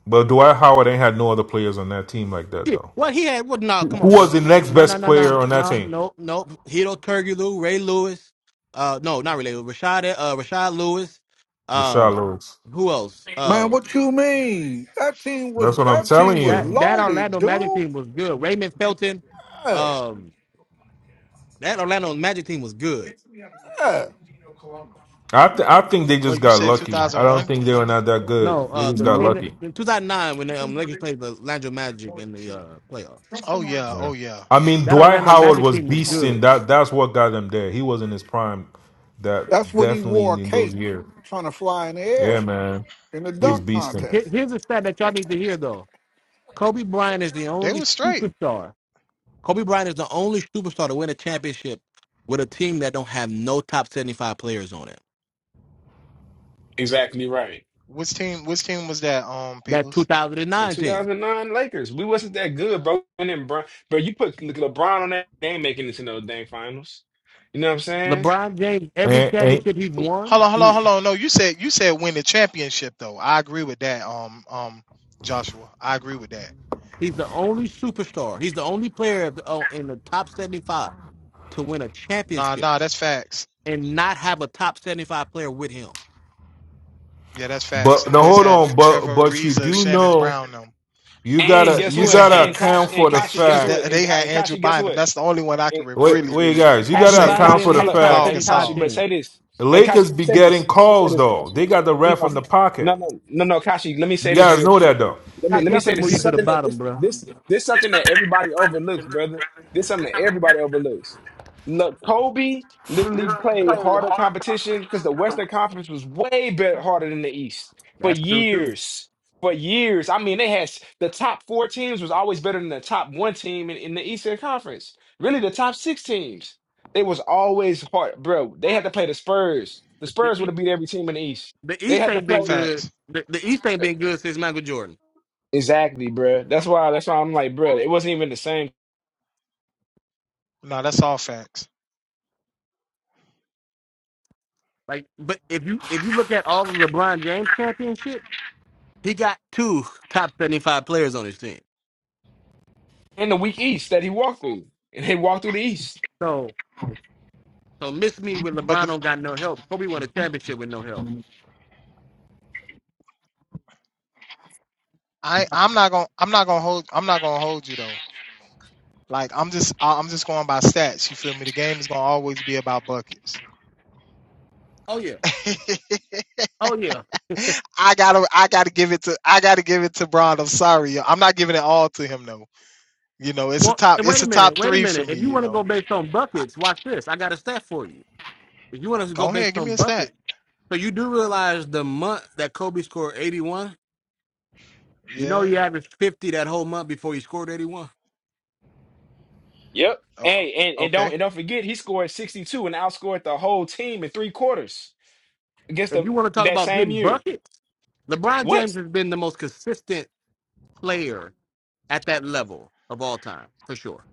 S12: But Dwight Howard ain't had no other players on that team like that
S3: Shit,
S12: though.
S3: what he had? What? No,
S12: Who
S3: come
S12: who
S3: on, bro.
S12: was the next
S3: No, no,
S12: best
S3: no,
S12: player
S3: no,
S12: on that
S3: no,
S12: team?
S3: no, no. Hito Turkoglu, Ray Lewis. Uh, no, not Ray Lewis. Rashad, uh, Rashad Lewis. Uh,
S12: Rashad Lewis.
S3: who else?
S5: Man, what
S3: Um,
S5: you mean? That team was
S12: That's what I'm
S5: that
S12: telling
S5: team was
S3: that
S12: you.
S3: that
S5: loaded,
S3: Orlando Magic
S5: dude.
S3: team was good. Raymond Felton.
S5: Yeah,
S3: Um, that Orlando Magic team was good.
S5: yeah.
S12: I th- I think they just
S10: Wait, you
S12: got
S10: said
S12: lucky. I don't
S10: 2001?
S12: think they were not that good.
S3: No,
S12: They
S3: uh,
S12: just
S3: the
S12: got
S3: team
S5: Well,
S3: that,
S12: lucky.
S3: in 2009 when the um, Lakers played the Orlando Magic in the uh playoff.
S10: Oh yeah,
S12: Yeah.
S10: oh yeah.
S12: I mean,
S3: That
S12: Dwight
S3: Orlando
S12: Howard
S3: Magic
S12: was
S3: team was
S12: beasting.
S3: good.
S12: That that's what got them there. He was in his prime. That
S5: that's when he
S12: definitely
S5: wore
S12: in,
S5: a
S12: in those
S5: cape
S12: years.
S5: trying to fly in the
S12: Yeah,
S5: air
S12: man.
S5: in the
S12: He was
S3: Did-
S5: dunk
S12: beasting.
S3: here-
S5: contest.
S3: here's a stat that y'all need to hear though. Kobe Bryant is the
S10: They
S3: only
S10: was straight.
S3: superstar. Kobe Bryant is the only superstar to win a championship with a team that don't have no top 75 players on it.
S14: exactly right.
S10: Which team? Which team was that? Um,
S3: That
S10: peoples.
S14: The
S3: 2009 team.
S14: 2009 Lakers, we wasn't that good, bro. And then, bro, but you put Le- LeBron on that, they ain't making it to no dang finals. You know what I'm saying?
S3: LeBron James, every
S12: And, and
S3: championship he's won,
S10: Hold on, hold on,
S14: He
S10: hold on. No, you said you said win the championship though. I agree with that. Um, um, Joshua, I agree with that.
S3: he's the only superstar. He's the only player of the- oh, in the top 75 to win a
S10: Nah,
S3: championship.
S10: nah, that's facts.
S3: and not have a top 75 player with him.
S10: Yeah, that's facts.
S12: but
S10: Them
S12: no,
S10: boys
S12: hold
S10: had
S12: on. But
S10: Trevor
S12: but you
S10: Ariza,
S12: do
S10: Shannon
S12: know
S10: Brown. Them,
S12: you
S14: and
S10: them
S12: gotta
S14: guess
S12: you
S10: boys
S14: what?
S12: gotta
S10: had.
S14: And Kashi
S12: account
S14: and
S12: for the
S14: Kashi, guess
S12: fact.
S14: what? And,
S10: they
S14: Ka-
S10: had
S14: and
S10: Andrew
S14: Kashi, guess
S10: Bynum.
S14: what?
S10: That's the only one I can
S14: And,
S12: Wait
S10: really,
S12: wait
S10: really
S12: guys,
S14: and
S12: you
S3: Andrew
S12: gotta
S14: Kashi
S10: say
S14: and
S3: Bottom
S10: was
S12: account for
S14: Kashi,
S3: didn't
S12: the
S14: hello,
S3: make top
S14: I,
S10: Paul
S12: fact
S14: I
S3: 75
S14: Kashi,
S10: Gasol.
S14: but
S3: teams.
S14: say this.
S12: the
S14: Hey Kashi,
S12: Lakers
S14: let me
S12: be
S14: say
S12: getting
S14: this. Let me say
S12: calls
S14: this,
S12: though.
S14: Kashi.
S12: They got the
S14: No,
S12: ref in
S14: no,
S12: the
S14: no,
S12: pocket.
S14: no, no, no, Kashi. Let me say
S12: You
S14: this
S12: guys
S14: real
S12: know
S14: quick.
S12: that though.
S14: let me
S3: Scott,
S10: Ain't
S14: let
S10: no
S14: me
S3: y'all
S14: say
S3: finna
S10: need
S14: this.
S10: to
S3: move
S14: This
S3: you
S14: is
S10: say
S3: to the
S14: something
S10: that.
S14: that
S3: bottom,
S14: this
S3: bro.
S14: this this something that everybody overlooks, brother. This something that everybody overlooks. Look, Kobe literally played harder competition because the Western Conference was way better harder than the East for
S3: That's true too.
S14: years. For years, I mean, they had s- the top four teams was always better than the top one team in, in the Eastern Conference. Really, the top six teams, they was always hard, bro. They had to play the Spurs. The
S3: The,
S14: Spurs would
S3: E-
S14: have beat every team in the East.
S3: the
S14: They
S3: East
S14: had to
S3: ain't
S14: play.
S3: been good.
S10: Facts.
S3: The, the East ain't been good since Michael Jordan.
S14: Exactly, bruh. That's why. That's why I'm like, bruh, It wasn't even the same
S10: No, that's all facts.
S3: Like, but if you if you look at all the LeBron James championships, he got two top 75 players on his team.
S14: in the weak East that he walked through, and he walked through the East.
S3: So so miss me with
S10: But
S3: LeBron
S10: the
S3: don't got no help. Kobe won a championship with no help.
S10: I I'm not gonna I'm not gonna hold I'm not gonna hold you though. Like I'm just I- am just going by stats. You feel me? The game is gonna always be about buckets.
S3: Oh yeah. Oh yeah.
S10: I gotta I gotta give it to I gotta give it to Bron. I'm sorry, I'm not giving it all to him though. You know, it's a
S3: Well,
S10: top
S3: wait
S10: it's
S3: a
S10: a top
S3: minute. Wait a
S10: three for
S3: minute.
S10: me.
S3: If you
S10: You
S3: want to go
S10: know,
S3: based on
S10: I,
S3: buckets, watch this. I got a stat for you. If you want us to go
S10: go ahead,
S3: based
S10: give
S3: on
S10: me a stat.
S3: bucket, so you do realize the month that Kobe scored 81, you know
S10: Yeah.
S3: he averaged 50 that whole month before he scored 81.
S14: Yep.
S10: Oh,
S14: Hey, and and don't
S10: okay.
S14: and don't forget, he scored 62 and outscored the whole team in three quarters against
S3: If you
S14: them
S3: want to talk
S14: that
S3: about
S14: same
S3: getting
S14: year.
S3: buckets, LeBron
S14: What?
S3: James has been the most consistent player at that level of all time, for sure.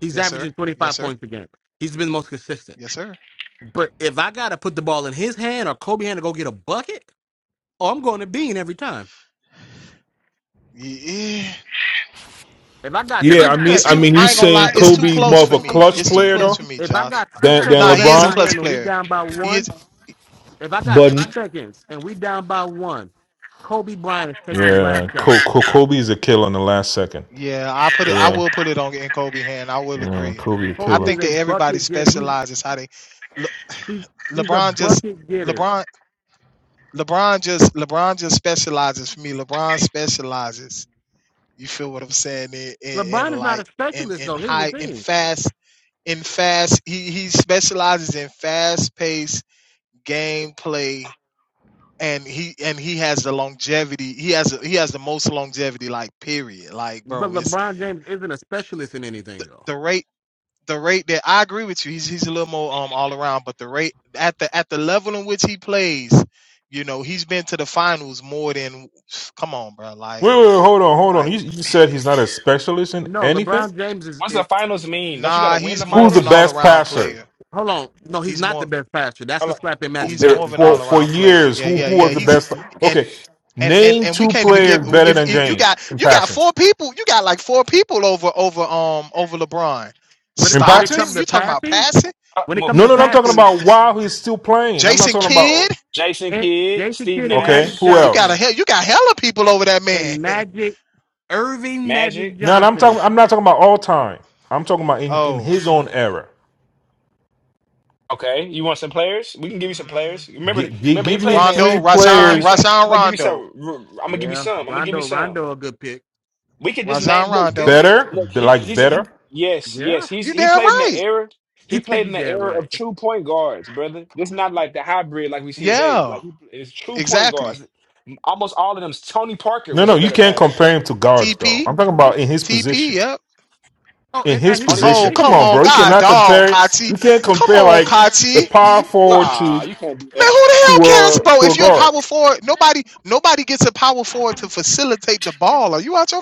S3: He's
S10: Yes, sir.
S3: averaging
S10: Yes,
S3: 25
S10: sir.
S3: points a game. He's been the most consistent.
S10: Yes, sir.
S3: But if I got to put the ball in his hand or Kobe hand to go get a bucket, oh, I'm going to Bean every time.
S10: Yeah.
S3: If I got
S12: Yeah, I
S3: six
S12: mean,
S10: It's
S12: I
S3: seconds,
S10: too.
S12: mean, you
S10: I ain't gonna
S12: saying
S10: lie. It's too
S12: Kobe
S10: close
S12: more of
S10: for
S12: a
S10: me.
S12: clutch
S10: It's too
S12: player though
S10: close for me,
S3: if I
S10: Josh.
S3: got six
S12: than than
S10: Nah,
S3: seconds
S10: he
S3: left
S10: is
S3: in
S10: a
S3: the
S12: LeBron,
S10: clutch
S3: game and we
S10: player.
S3: down by
S10: He
S3: one,
S10: is.
S3: If I got six
S12: but
S3: seconds and we down by one, Kobe Bryant is taking the last
S12: yeah,
S3: shot.
S12: Ko, Ko, Kobe is a killer in the last second.
S10: Yeah, I put it. I
S12: Yeah,
S10: will put it on in Kobe hand. I will
S12: yeah,
S10: agree.
S12: Kobe a
S10: I
S3: Kobe
S12: killer.
S3: is
S10: think
S3: a
S10: that everybody
S3: bucket getter. He's
S10: specializes how they. Le,
S3: he's he's a
S10: LeBron just.
S3: bucket getter.
S10: LeBron. LeBron just. LeBron just specializes for me. LeBron specializes. You feel what I'm saying? In in, in
S3: LeBron is not a
S10: like in
S3: specialist
S10: in
S3: though. Here's the
S10: high in
S3: thing.
S10: fast in fast he, he specializes in fast paced gameplay and he and he has the longevity he has he has the most longevity like period like
S3: But
S10: bro it's
S3: LeBron James isn't a specialist in
S10: the,
S3: anything though.
S10: the rate the rate that I agree with you he's he's a little more um all around but the rate at the at the level in which he plays you know he's been to the finals more than come on bro like
S12: Wait, wait, hold on, hold on.
S10: like
S12: You, you said he's not a specialist in
S3: No,
S12: anything.
S3: LeBron James is.
S14: What's
S3: is
S14: the finals mean? Don't you got to
S10: nah
S14: win
S10: he's
S14: the
S3: wh-
S10: more
S12: Who's
S10: of
S12: the
S10: an
S14: finals?
S10: all
S12: best
S10: around
S12: passer
S10: player
S3: hold on. No, he's
S10: he's
S3: not the
S10: more
S3: best passer. That's the
S14: Hello,
S3: slap in Magic
S10: he's
S12: Eh,
S10: more of
S3: Johnson's
S10: an
S12: for
S10: all
S3: face.
S12: for
S10: around player
S12: years?
S10: yeah
S12: Who
S10: yeah
S12: who
S10: yeah
S12: was the
S10: he's
S12: best?
S10: and
S12: Okay,
S10: and and
S12: name
S10: and we
S12: two
S10: can't even give
S12: players better
S10: if,
S12: than
S10: if you
S12: James
S10: got
S12: in
S10: you got
S12: passing.
S10: four people you got like four people over over um over LeBron
S3: When it,
S12: In
S3: when it comes
S10: Stockton
S12: passes?
S3: to
S10: you talking about
S3: passing,
S10: passing
S14: uh,
S3: when it comes
S14: move.
S12: No,
S3: to
S12: no, no, I'm talking
S10: S-
S3: passing,
S12: about while he's still playing. I'm not
S10: Jason
S12: talking
S10: Kidd
S12: about
S14: Jason Kidd,
S3: Jason
S14: Steve
S3: Kidd and
S12: okay.
S3: Magic
S12: Who
S14: Nash,
S10: you got
S12: else?
S10: a
S3: Johnson
S10: hell you got hella people over that man
S3: and Magic Irving Magic
S14: Magic.
S12: No, no, I'm
S3: Johnson
S12: talking. I'm not talking about all time. I'm talking about in, in
S10: oh
S12: his own era.
S14: Okay, you want some players? We can give you some
S10: mm,
S14: players. Remember,
S12: G- g-
S14: remember, he
S12: give
S14: played
S12: me
S14: in the. I'm
S12: three
S10: Rondo
S14: gonna give
S10: Rajon
S14: you
S12: players
S14: some. I'm
S10: Rajon
S14: gonna give you
S10: Rondo
S14: some. I'm gonna give you
S3: Yeah,
S14: some. I'm gonna give you
S3: Rondo,
S14: some.
S3: Rondo, a good pick.
S14: We could just
S10: Rajon
S14: name look this
S10: Rondo
S12: better,
S14: look he
S12: like
S14: he's in
S12: better.
S14: yes, yes.
S3: Yeah,
S14: He's
S10: you
S14: he
S10: damn
S14: played in the
S10: right
S14: era
S3: he
S14: he
S3: said
S14: played
S3: you
S14: in the
S3: damn
S14: era of
S3: right.
S14: true point guards, brother. This is not like the hybrid like we see today.
S10: yeah
S14: Like he it's true point
S10: exactly
S14: guards. Almost all of them Tony Parker
S12: No,
S14: was
S12: no,
S14: a
S12: you
S14: better
S12: can't
S14: passer.
S12: compare him to guards though.
S10: TP
S12: I'm talking about in his
S10: TP
S12: position.
S10: yep
S3: Oh,
S12: In
S3: and
S12: his
S3: at his
S14: Only
S10: oh
S12: position, come
S10: come
S12: on,
S3: position,
S10: on
S12: bro. You
S10: God
S12: cannot
S10: dog
S12: compare. You
S10: Kati
S12: can't
S10: come
S12: compare
S10: on
S12: like the
S10: Kati
S12: power
S10: Who,
S12: forward to
S14: ah, you can't do
S10: Man, who
S14: that.
S10: the hell
S12: to
S10: cares,
S12: a
S10: bro?
S12: to a
S10: If you're a
S12: guard.
S10: power forward, nobody nobody gets a power forward to facilitate the ball. Are you out your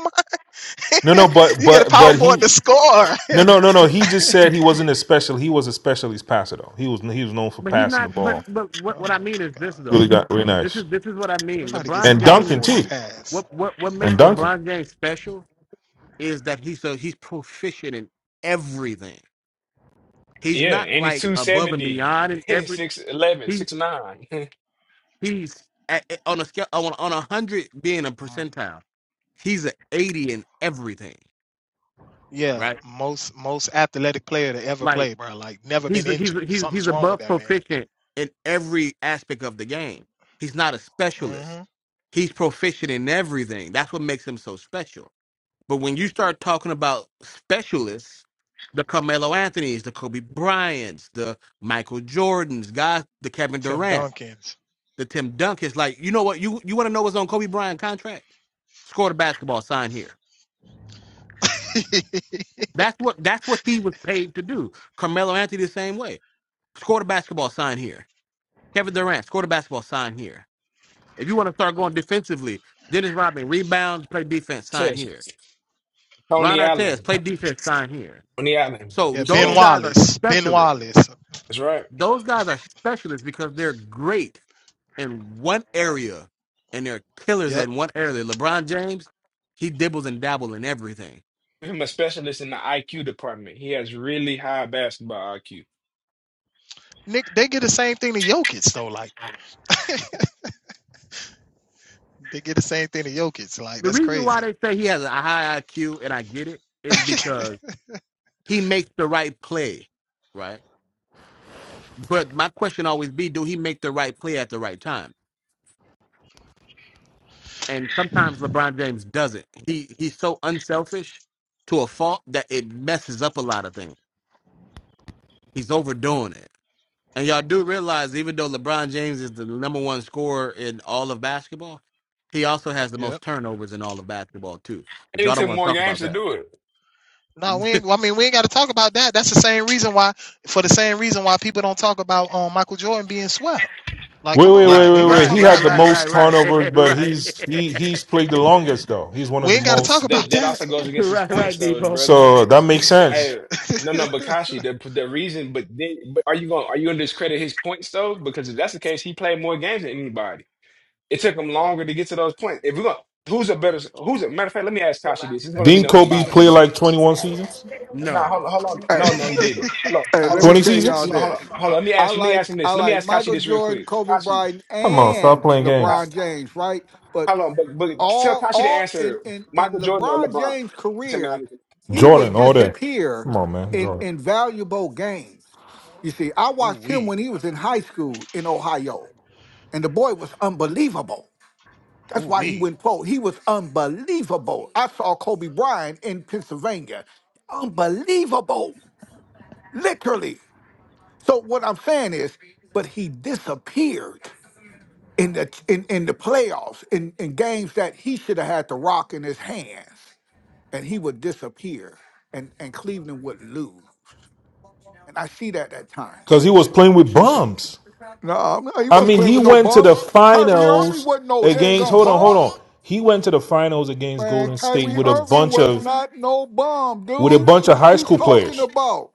S12: No,
S10: mind?
S12: no, but
S10: you get a
S12: but
S10: power
S12: but
S10: forward to
S12: he.
S10: score.
S12: No, no, no, no. He just said he wasn't a special. He was a specialist passer though. He was he was known for
S3: but he's
S12: passing the
S3: not. But
S12: ball.
S3: but what what I
S10: Oh
S3: mean
S10: my
S3: is this
S10: gosh.
S3: though.
S12: Really got really
S3: This
S12: nice.
S3: is this is what I mean.
S10: Nobody gets a
S3: LeBron
S12: And
S10: power
S3: James.
S12: Duncan
S10: forward to
S12: too.
S10: pass.
S3: What what what
S12: and
S3: makes
S12: Duncan.
S3: LeBron James special is that he's so he's proficient in everything. He's
S14: Yeah,
S3: not
S14: and he's
S3: like
S14: two
S3: above and
S14: seventy
S3: beyond in every.
S14: six eleven
S3: He
S14: six nine.
S3: he's at, on a scale on on a hundred being a
S10: Mm.
S3: percentile. He's an eighty in everything.
S10: Yeah,
S3: Right.
S10: most most athletic player to ever
S3: Like.
S10: play, bro. Like never been
S3: He's a, he's
S10: injured.
S3: a, he's he's
S10: Something's wrong with
S3: above
S10: that man.
S3: proficient in every aspect of the game. He's not a specialist.
S10: hmm
S3: He's proficient in everything. That's what makes him so special. But when you start talking about specialists, the Carmelo Anthony's, the Kobe Bryant's, the Michael Jordans, guys, the Kevin
S10: Tim
S3: Durant,
S10: Duncans.
S3: the Tim Duncan's, like you know what you you want to know what's on Kobe Bryant contract? Score the basketball, sign here. That's what that's what he was paid to do. Carmelo Anthony the same way. Score the basketball, sign here. Kevin Durant, score the basketball, sign here. If you want to start going defensively, Dennis Rodman, rebound, play defense, sign here.
S14: Test.
S3: Ron
S14: Tony
S3: Artest,
S14: Allen.
S3: play defense, sign here.
S14: Tony Allen.
S3: So
S10: yeah,
S14: Bruce
S10: Ben
S3: those
S14: Bowen.
S3: guys are
S10: Wallace. Ben
S3: specialists.
S10: Wallace.
S14: That's right.
S3: Those guys are specialists because they're great in one area and they're killers
S10: Yep.
S3: in one area. LeBron James, he dibbles and dabbles in everything.
S14: I'm a specialist in the IQ department. He has really high basketball IQ.
S10: Nick, they get the same thing to Jokic though. Like they get the same thing to Jokic. Like
S3: The
S10: that's
S3: reason why
S10: crazy.
S3: they say he has a high IQ, and I get it, is because he makes the right play, right? But my question always be, do he make the right play at the right time? and sometimes LeBron James doesn't. He he's so unselfish to a fault that it messes up a lot of things. He's overdoing it. And y'all do realize even though LeBron James is the number one scorer in all of basketball, he also has the
S10: Yeah.
S3: most turnovers in all of basketball too. But
S14: They need
S3: y'all don't
S14: took
S3: want to
S14: more
S3: talk
S14: games
S3: about
S14: to
S3: that.
S14: do it.
S10: No, we ain't, well, I mean we ain't got to talk about that. That's the same reason why, for the same reason why people don't talk about um Michael Jordan being swept. Like,
S12: Wait,
S10: come
S12: wait,
S10: on,
S3: right,
S12: wait,
S10: we ain't
S12: wait,
S10: got to
S12: wait.
S3: right,
S12: He
S10: talk
S3: right,
S12: had
S10: about
S12: the
S3: right,
S10: that.
S3: right,
S12: most
S3: right.
S12: turnover, but
S3: right.
S12: he's he he's played the longest though. He's one of
S10: We
S12: the
S10: ain't got to talk
S14: So
S12: most.
S14: that
S10: about
S14: that
S10: that.
S14: also goes against his
S3: right,
S14: points,
S3: right,
S14: though,
S3: Debo.
S14: brother.
S12: So that makes sense.
S14: Hey, no, no, Bakashi. The the reason, but then, but are you going to are you going to discredit his points though? Because if that's the case, he played more games than anybody. It took him longer to get to those points. If we going who's a better, who's a matter of fact, let me ask Kashi this. He's gonna let me
S12: Didn't
S14: know his
S12: Kobe play
S14: bias.
S12: like twenty one seasons?
S14: No,
S3: No.
S14: hold on, hold on.
S5: Hey,
S14: No, no, he didn't. Hold on,
S5: hey,
S14: hold
S5: let
S14: on.
S5: me
S10: Kachi, you
S12: Twenty
S5: tell
S10: funny
S5: y'all
S12: seasons?
S14: Hold on,
S10: boy.
S14: hold on,
S5: this.
S14: hold on. Let me
S5: I
S14: ask. Let me
S5: like
S14: ask him
S5: I
S14: this. Let me
S5: like
S14: ask Kashi
S5: Michael
S14: this real
S5: Jordan,
S14: quick.
S5: Kobe
S14: Kashi,
S5: Bryant,
S12: Come on, stop
S5: and
S12: playing
S14: Ka-
S5: LeBron
S12: games.
S5: James, right? But
S14: hold on. But but tell
S5: all
S14: Kashi to
S5: all in
S14: answer
S5: in, in
S14: Michael Jordan or
S5: LeBron
S14: LeBron.
S5: James'
S14: Tell me all
S5: career, he
S3: Oh.
S5: would
S12: Jordan, all that.
S5: disappear
S12: Come on, man,
S5: in,
S12: Jordan.
S5: in valuable games. You see, I
S10: Ooh
S5: watched him
S10: wee,
S5: when he was in high school in Ohio. And the boy was unbelievable. That's
S10: ooh
S5: why he
S10: wee.
S5: went pro. He was unbelievable. I saw Kobe Bryant in Pennsylvania. Unbelievable, literally. So what I'm saying is, but he disappeared in the in, in the playoffs, in, in games that he should have had the rock in his hands. And he would disappear and, and Cleveland would lose. And I see that at
S12: Because he
S5: times.
S12: was playing
S5: You
S12: with
S5: should,
S12: bums.
S5: no, he
S12: I
S5: wasn't
S12: mean,
S5: playing
S12: he
S5: with no
S12: went to the
S5: bums. Kyrie Irving
S12: finals
S5: wasn't no dang
S12: against.
S5: on
S12: Hold on, hold
S5: bum.
S12: on. He went to the finals against
S5: Man,
S12: Golden State
S5: Kyrie
S12: with a
S5: Irving
S12: bunch
S5: was
S12: of
S5: not no bum,
S12: with a
S5: dude.
S12: bunch of
S5: What
S12: high
S5: you
S12: school
S5: talking
S12: players.
S5: about?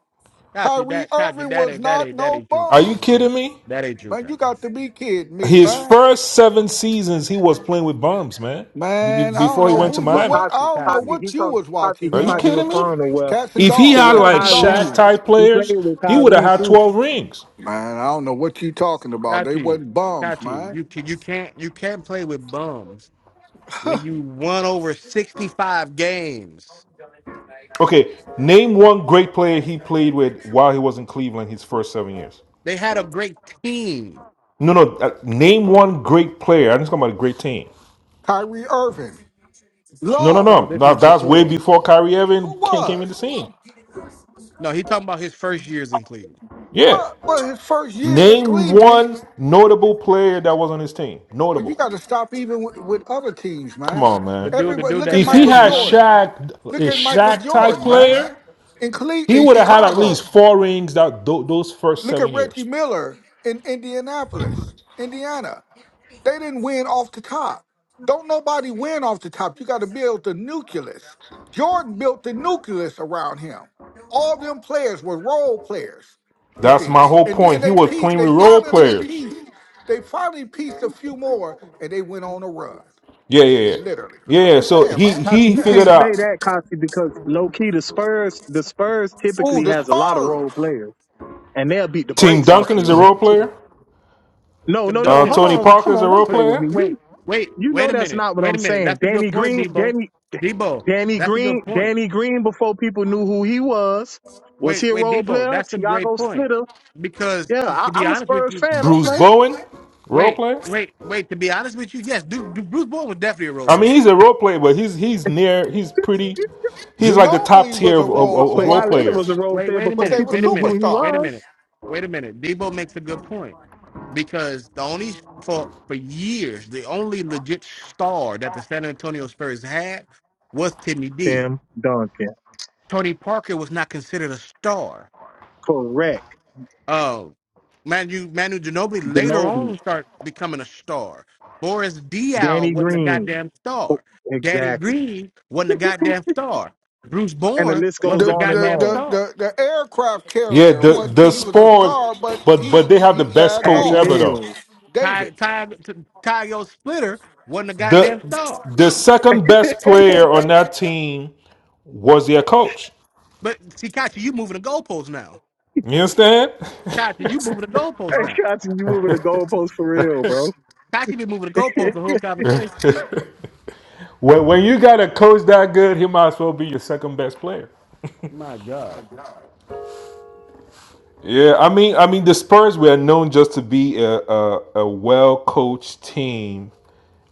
S3: Kachi,
S5: Kyrie
S3: that Kachi,
S5: Irving
S3: that
S5: was
S3: ain't that
S5: not
S3: ain't that
S5: no
S3: ain't true,
S12: Are
S3: Kachi.
S5: bum.
S12: you kidding me?
S3: That ain't true,
S5: Man, you
S3: Kachi.
S5: got to be kidding me,
S12: His
S5: man.
S12: first seven seasons, he was playing with bums, man. Be- be-
S5: Man, I don't
S12: Before he
S5: know
S12: went to
S5: who
S3: Kachi,
S5: you
S10: But
S12: Miami,
S5: what I
S10: Tati,
S5: don't know
S3: Kachi.
S10: Tati, he
S5: what you
S10: talk,
S5: was
S10: Tati,
S5: watching,
S10: he
S12: are you
S10: might
S5: man.
S10: be
S12: kidding me?
S10: referring to where
S5: Cats and
S12: If he
S10: to
S5: dogs,
S12: had
S10: where
S5: cats
S12: like
S5: and
S12: Shaq
S10: Kyrie,
S5: dogs.
S12: type
S10: he played
S12: players,
S10: with
S12: he would have
S10: Kyrie
S12: had
S10: too.
S12: twelve rings.
S5: Man, I don't know what you talking about. They
S3: Kachi,
S5: wasn't bums,
S3: Kachi,
S5: man.
S3: you can you can't you can't play with bums when you won over sixty five games.
S12: Okay, name one great player he played with while he was in Cleveland his first seven years.
S3: They had a great team.
S12: No, no, uh, name one great player. I'm just talking about a great team.
S5: Kyrie Irving.
S12: No, no,
S5: Love.
S3: No,
S12: no.
S3: this
S12: Now
S3: is
S12: that's way
S3: before.
S12: before Kyrie Irving
S5: Who
S12: came, came in the
S5: was?
S12: scene.
S3: No, he talking about his first years in Cleveland.
S12: Yeah.
S5: What, well, his first years at
S12: Name
S5: Cleveland.
S12: one notable player that was on his team.
S5: Well, you
S12: Notable.
S5: got to stop even with, with other teams,
S12: Come
S5: man.
S12: on,
S3: The
S12: man.
S3: dude, the
S5: Everybody,
S3: dude
S5: look at
S3: that
S12: If he
S5: Michael
S3: smashed his
S12: had
S3: mama.
S5: Jordan.
S12: Shaq,
S5: Look
S12: a
S5: at Michael
S12: Shaq type
S5: Jordan, man,
S12: player,
S5: in Cle-
S12: he
S5: in
S12: would have had at least
S5: Chicago.
S12: four rings that tho- those first
S5: Look at
S12: seven
S5: Reggie
S12: years.
S5: Miller in Indianapolis, Indiana. They didn't win off the top. Don't nobody win off the top. You got to build the nucleus. Jordan built the nucleus around him. All them players were role players, you
S12: That's
S5: see.
S12: my whole
S5: And then
S12: point. He
S5: they
S12: was
S5: pieced,
S12: playing
S5: they
S12: with role
S5: finally
S12: players.
S5: pieced, they finally pieced a few more and they went on a run.
S12: Yeah,
S5: You
S12: yeah,
S5: see,
S12: yeah.
S5: literally.
S12: Yeah,
S5: I'm
S12: yeah.
S5: just
S12: so
S5: saying,
S12: he
S5: man.
S10: Tati,
S12: he
S10: you
S12: figured
S10: can't say
S12: out
S10: that, Tati, because low key the Spurs, the Spurs
S5: Ooh,
S10: typically
S5: the
S10: has a lot of role
S5: Spurs.
S10: players, and they'll beat the
S12: Team
S10: brakes off of
S12: Duncan
S10: you
S12: is a
S10: with
S12: role
S10: them too.
S12: player.
S10: No,
S3: Them
S10: no, no.
S12: Uh,
S3: Duckins.
S10: Hold
S3: But,
S12: Tony
S10: on.
S12: Parker
S10: Come
S12: is a
S10: on.
S12: role
S10: Don't
S3: but
S10: play with
S12: player.
S10: me.
S3: wait,
S10: You
S3: wait,
S10: you
S3: wait
S10: know
S3: a
S10: that's
S3: minute,
S10: not what
S3: wait
S10: I'm
S3: a minute.
S10: saying.
S3: That's a good
S10: Danny
S3: point,
S10: Green,
S3: Debo.
S10: Danny
S3: Debo,
S10: Danny
S3: that's a
S10: Green,
S3: good point.
S10: Danny Green before people knew who he was. Was
S3: Wait,
S10: he a
S3: wait,
S10: role
S3: Debo,
S10: player?
S3: that's a great
S10: Tiago
S3: point.
S10: Splitter.
S3: Because
S10: Yeah,
S3: to,
S10: I,
S3: to be
S10: I'm a
S3: honest with
S10: Spurs
S3: you,
S10: fan. Don't
S12: Bruce
S10: play.
S12: Bowen, role
S3: wait,
S12: player.
S3: wait, wait. To be honest with you, yes, dude, Bruce Bowen was definitely a
S12: I
S3: road
S12: mean, he's a role player, but he's he's near. He's pretty. He's like the top
S5: Ginobili was
S12: tier
S5: a
S12: of,
S5: role
S12: of of
S10: So
S3: wait,
S12: role
S10: while
S5: player,
S10: Leonard was
S12: players.
S10: a role
S3: wait,
S10: player
S3: wait a
S5: but
S10: before
S5: they
S3: minute,
S5: were
S10: people
S3: wait a
S10: knew who
S3: minute,
S10: he
S3: wait a
S10: was.
S5: superstars.
S3: minute, wait a minute. Debo makes a good point because the only for for years the only legit star that the San Antonio Spurs had was Timmy D.
S10: Tim Duncan.
S3: Tony Parker was not considered a star.
S10: Correct.
S3: Uh, Manu Manu Ginobili later
S10: Ginobili.
S3: on started becoming a star. Boris Diaw
S10: Danny
S3: wasn't a
S10: Green.
S3: goddamn
S10: Oh,
S3: star. Daddy
S10: Exactly.
S3: Green wasn't a goddamn star. Bruce
S10: And the
S3: Bowen
S10: list goes
S3: wasn't a
S5: The
S10: on and
S5: the
S3: goddamn
S5: the
S10: on.
S3: star.
S5: the, the aircraft
S12: Yeah,
S5: carrier
S12: the
S5: wasn't
S12: the
S5: he was a
S12: Spurs,
S5: star, but
S12: but
S5: he
S12: but they have the
S5: he
S12: best
S5: backed
S12: coach
S10: Patty
S5: off.
S12: ever though.
S10: Mills.
S3: Ty,
S5: David.
S3: Ty, Tygo Splitter wasn't a
S12: The
S3: goddamn star.
S12: the second best player on that team was their coach.
S3: But Tikachi, you moving the goalposts now.
S12: You understand?
S3: Tikachi, you moving the goalposts
S10: Hey,
S3: now.
S10: Shotzi, you moving the goalpost for real, bro.
S3: Tikachi been moving the goalposts the whole conversation.
S12: when when you got a coach that good, he might as well be your second best player.
S3: My God,
S12: Yeah, I mean, I mean, the Spurs were known just to be a a, a well coached team,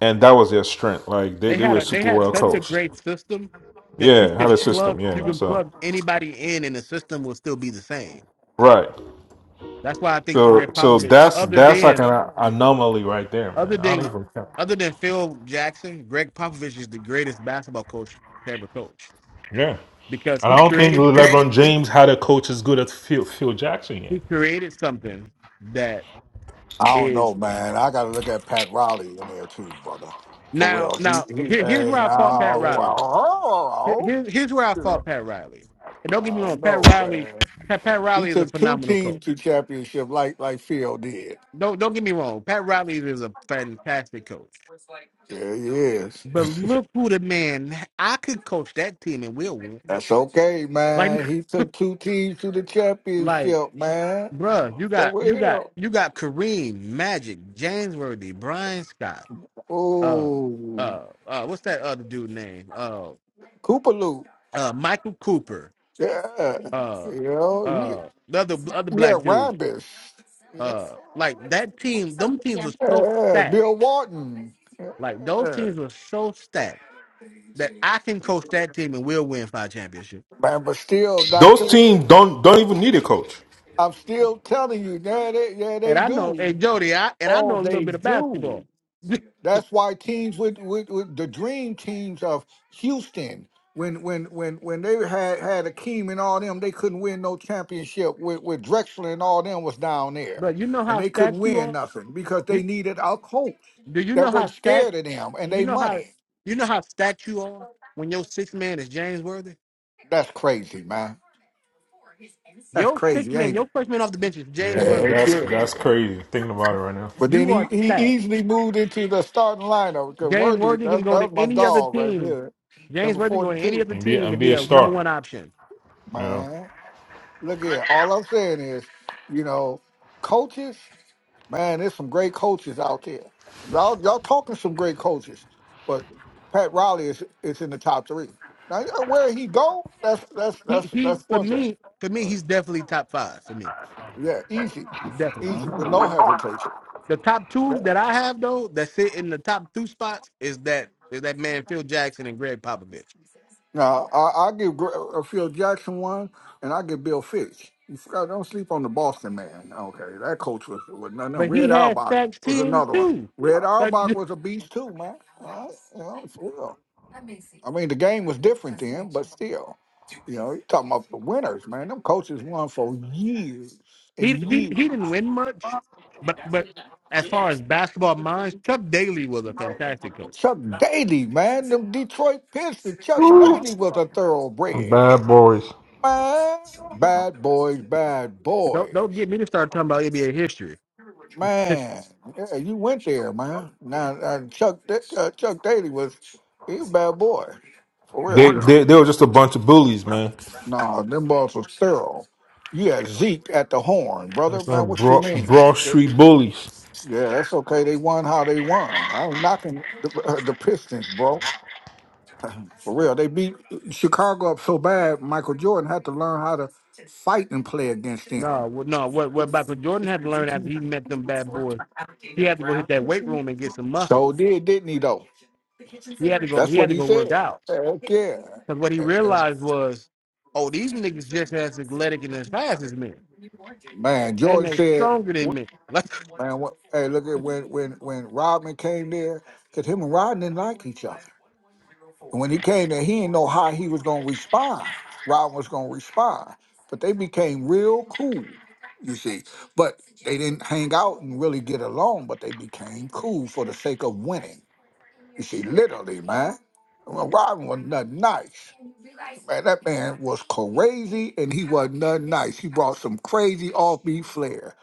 S12: and that was their strength. Like they,
S3: they
S12: they
S3: had
S12: were
S3: a they
S12: super
S3: had
S12: well
S3: such a
S12: coached.
S3: great system that you
S12: Yeah, had
S3: could
S12: a system.
S3: plug you
S12: Yeah,
S3: can
S12: so
S3: plug anybody in and the system will still be the same.
S12: right.
S3: That's why I think
S12: So
S3: Greg
S12: so
S3: Popovich,
S12: that's
S3: other
S12: that's like
S3: than
S12: an anomaly right there, man.
S3: other
S12: I don't
S3: than
S12: even count.
S3: other than Phil Jackson, Greg Popovich is the greatest basketball coach to ever coach
S12: Yeah.
S3: because
S12: And I
S3: he
S12: don't think
S3: created he
S12: LeBron James had a coach as good as Phil, Phil Jackson
S3: he
S12: yet.
S3: created something that
S5: I don't know,
S3: is
S5: man. I gotta look at Pat Riley in there too, brother. For
S3: now
S5: real. He
S3: now
S5: he
S3: here, here's
S5: hey,
S3: where I fought Pat Riley. Here,
S5: oh,
S3: here- here's where I fought Pat Riley. And don't
S5: I
S3: get me
S5: don't
S3: wrong, Pat
S5: know,
S3: Riley
S5: man.
S3: Pat, Pat
S5: He
S3: Riley is a
S5: took two
S3: phenomenal coach.
S5: teams to championship like like Phil did.
S3: Don't don't get me wrong, Pat Riley is a fantastic coach.
S5: Yeah, he is.
S3: But look who the man I could coach that team and we'll win.
S5: That's okay,
S3: Like
S5: man. He took two teams to the
S3: like
S5: championship, man.
S3: bruh, you got
S5: For
S3: you got
S5: real.
S3: you got Kareem, Magic, James Worthy, Brian Scott, uh
S5: Oh,
S3: uh uh what's that other dude name? Uh
S5: Cooper Loop.
S3: uh Michael Cooper
S5: Yeah.
S3: uh
S5: You know, yeah,
S3: uh the other other
S5: yeah
S3: black dude.
S5: Rambis. Yeah.
S3: Uh like that team, them teams were so
S5: yeah,
S3: stacked.
S5: Bill Walton.
S3: Like those
S5: Yeah.
S3: teams were so stacked that I can coach that team and we'll win five championships.
S5: Man, but still, Doctor,
S12: Those teams don't don't
S5: I,
S12: even need a coach.
S5: I'm still telling you, yeah, they, yeah,
S3: And
S5: they
S3: I know
S5: do.
S3: and Jody, I and I know a little bit of basketball.
S5: That's why teams with, with, with the dream teams of Houston, when when when when they had had Akeem and all them, they couldn't win no championship with, with Drexler and all them was down there.
S3: but you know
S5: And
S3: how
S5: they couldn't
S3: stacked you
S5: win
S3: are?
S5: nothing because they
S3: You,
S5: needed a coach
S3: do you
S5: that
S3: know how
S5: wasn't
S3: stacked
S5: scared of them and
S3: you
S5: they
S3: know how
S5: money.
S3: you know how stacked you are when your sixth man is James Worthy?
S5: That's crazy, man. That's
S3: Your sixth
S5: crazy,
S3: man,
S5: ain't it?
S3: your first man off the bench is James
S12: Yeah,
S5: Heck
S3: Worthy.
S12: that's
S5: yeah.
S12: that's crazy. Thinking about it right now,
S5: But then
S3: You
S5: he,
S3: are
S5: he
S3: stacked.
S5: easily moved into the starting lineup because
S3: James
S5: Worthy,
S3: Worthy can
S5: that,
S3: go
S5: that
S3: to
S5: was my
S3: any other
S5: dog right
S3: team.
S5: there,
S3: James
S5: number
S3: Worthy can go to any
S5: 42.
S3: other
S12: and be
S3: team to
S12: and
S3: be
S12: be a
S3: a number
S12: star.
S3: one option.
S12: You know,
S5: Man. Look here, all I'm saying is, you know, coaches, man, there's some great coaches out there. Y'all, y'all talking some great coaches, but Pat Riley is is in the top three. Now you know, where he go, that's that's
S3: He
S5: that's
S3: he
S5: that's
S3: for
S5: one thing.
S3: me, for me,
S5: But,
S3: he's definitely top five for me.
S5: yeah, easy,
S3: Definitely.
S5: easy with no hesitation.
S3: The top two
S5: Yeah.
S3: that I have though that sit in the top two spots is that is that man Phil Jackson and Greg Popovich.
S5: Now, I, I give Gr- uh, uh, Phil Jackson one, and I give Bill Fitch. You forgot, don't sleep on the Boston man. Okay, that coach was, was nothing.
S3: But he
S5: Red
S3: had
S5: Auerbach
S3: stacks
S5: was
S3: teams
S5: another one.
S3: too.
S5: Red
S3: Like
S5: Auerbach was a beast too, man. All right, you know, for real. I mean, the game was different then, but still, you know, you talking about the winners, man. Them coaches won for years
S3: he
S5: and
S3: he he didn't
S5: years.
S3: win much, but but as far as basketball minds, Chuck Daly was a fantastic coach.
S5: Chuck Daly, man, them Detroit Pistons. Chuck
S3: So,
S5: Daly was a thoroughbred.
S12: Bad boys.
S5: Man, bad boys, bad boys.
S3: don't don't get me to start talking about NBA history.
S5: Man, yeah, you went there, man. Now uh, Chuck uh, Chuck Daly was he a bad boy, for
S12: they
S5: real.
S12: they they were just a bunch of bullies, man.
S5: No, them balls was thorough. You had Zeke at the horn, brother.
S12: That's
S5: Man,
S12: not
S5: what you
S12: broad,
S5: mean?
S12: broad
S5: Yeah,
S12: street bullies.
S5: yeah, that's okay. They won how they won. I'm knocking the, uh, the Pistons, bro. For real, they beat Chicago up so bad. Michael Jordan had to learn how to fight and play against them.
S3: No, wh- no. What what Michael Jordan had to learn after he met them bad boys, he had to go hit that weight room and get some muscle.
S5: So did, didn't he? Though.
S3: He had to go.
S5: That's
S3: He had
S5: what
S3: to
S5: he
S3: go work
S5: said.
S3: out
S5: Heck yeah.
S3: because what he
S5: And- and-
S3: realized was, oh, these niggas just as athletic and as fast as me,
S5: man,
S3: and
S5: Jordan
S3: they
S5: said,
S3: stronger than me. Like,
S5: wh- man, what, hey, look at when when when Rodman came there, because him and Rodman didn't like each other when he came there, he didn't know how he was gonna respond. Robin was gonna respond, but they became real cool, you see. But they didn't hang out and really get along, but they became cool for the sake of winning. You see, literally, man. Well, Robin was not nice. Man, that man was crazy and he was not nice. He brought some crazy offbeat flair.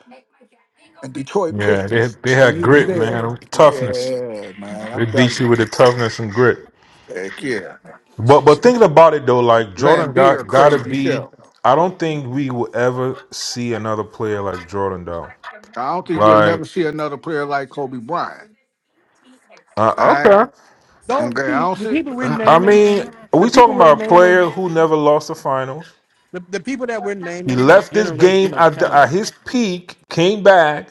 S5: And Detroit
S12: Yeah, they
S5: Pistons,
S12: they
S5: when
S12: had
S5: he was
S12: grit,
S5: there,
S12: man, toughness.
S5: yeah, man, I'm
S12: They
S5: telling
S12: beat
S5: you,
S12: you with the toughness and grit.
S5: heck yeah.
S12: But but thinking about it though, like Jordan
S5: Lambeer
S12: got gotta
S5: crazy
S12: be.
S5: self.
S12: I don't think we will ever see another player like Jordan though.
S5: I don't think we'll
S12: Like
S5: never see another player like Kobe Bryant.
S12: uh,
S5: All right.
S12: okay,
S3: don't
S5: Okay. I
S3: see
S5: don't
S3: the
S5: see.
S3: people we're
S12: I
S3: naming.
S12: mean,
S3: The
S12: we
S3: people
S12: talking
S3: we're
S12: about a
S3: naming.
S12: player who never lost the finals.
S3: The, the people that we're
S12: He
S3: naming are
S12: left this game
S3: generational
S12: at, the,
S3: talent.
S12: at his peak, came back,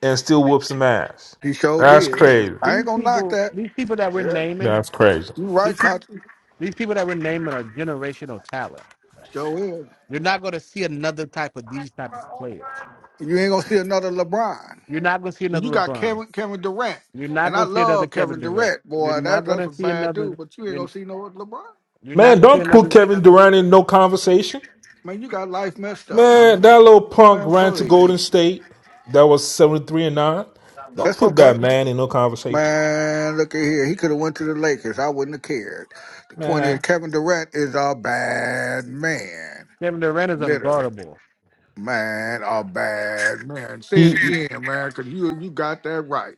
S12: and still whooped some ass.
S5: he sure
S12: That's
S5: did.
S12: crazy.
S5: I ain't
S3: These
S5: gonna knock
S3: people,
S5: that.
S3: these people that we're
S5: Yeah.
S3: naming,
S12: That's crazy.
S5: You right,
S3: these people,
S5: Kachi.
S3: these people that we're naming are generational talent.
S5: Sure is.
S3: You're not going to see another type of these type of players.
S5: You ain't gonna see another LeBron.
S3: You're not gonna see
S5: And you
S3: another
S5: got
S3: LeBron.
S5: Kevin Kevin Durant.
S3: You're not
S5: And I
S3: gonna see another
S5: love
S3: Kevin
S5: Kevin
S3: Durant.
S5: Durant,
S3: You're
S5: boy. That,
S3: not
S5: that's
S3: gonna
S5: a
S3: see
S5: bad dude,
S3: another.
S5: but you ain't
S3: You're,
S5: gonna see no LeBron.
S3: you're not
S12: Man,
S3: gonna see
S12: don't put
S3: another.
S12: Kevin Durant in no conversation.
S5: Man, you got life messed up, man.
S12: Man, that little punk
S5: Man,
S12: ran to
S5: please.
S12: Golden State. That was seventy three and nine. Don't
S5: That's
S12: put
S5: okay.
S12: that man in no conversation.
S5: Man, look at here. He could have went to the Lakers. I wouldn't have cared. The point is,
S12: Man,
S5: Kevin Durant is a bad man.
S3: Kevin Durant is
S5: Literally,
S3: unguardable.
S5: man, a bad man. Say it
S12: he
S5: again, man, because you you got that right.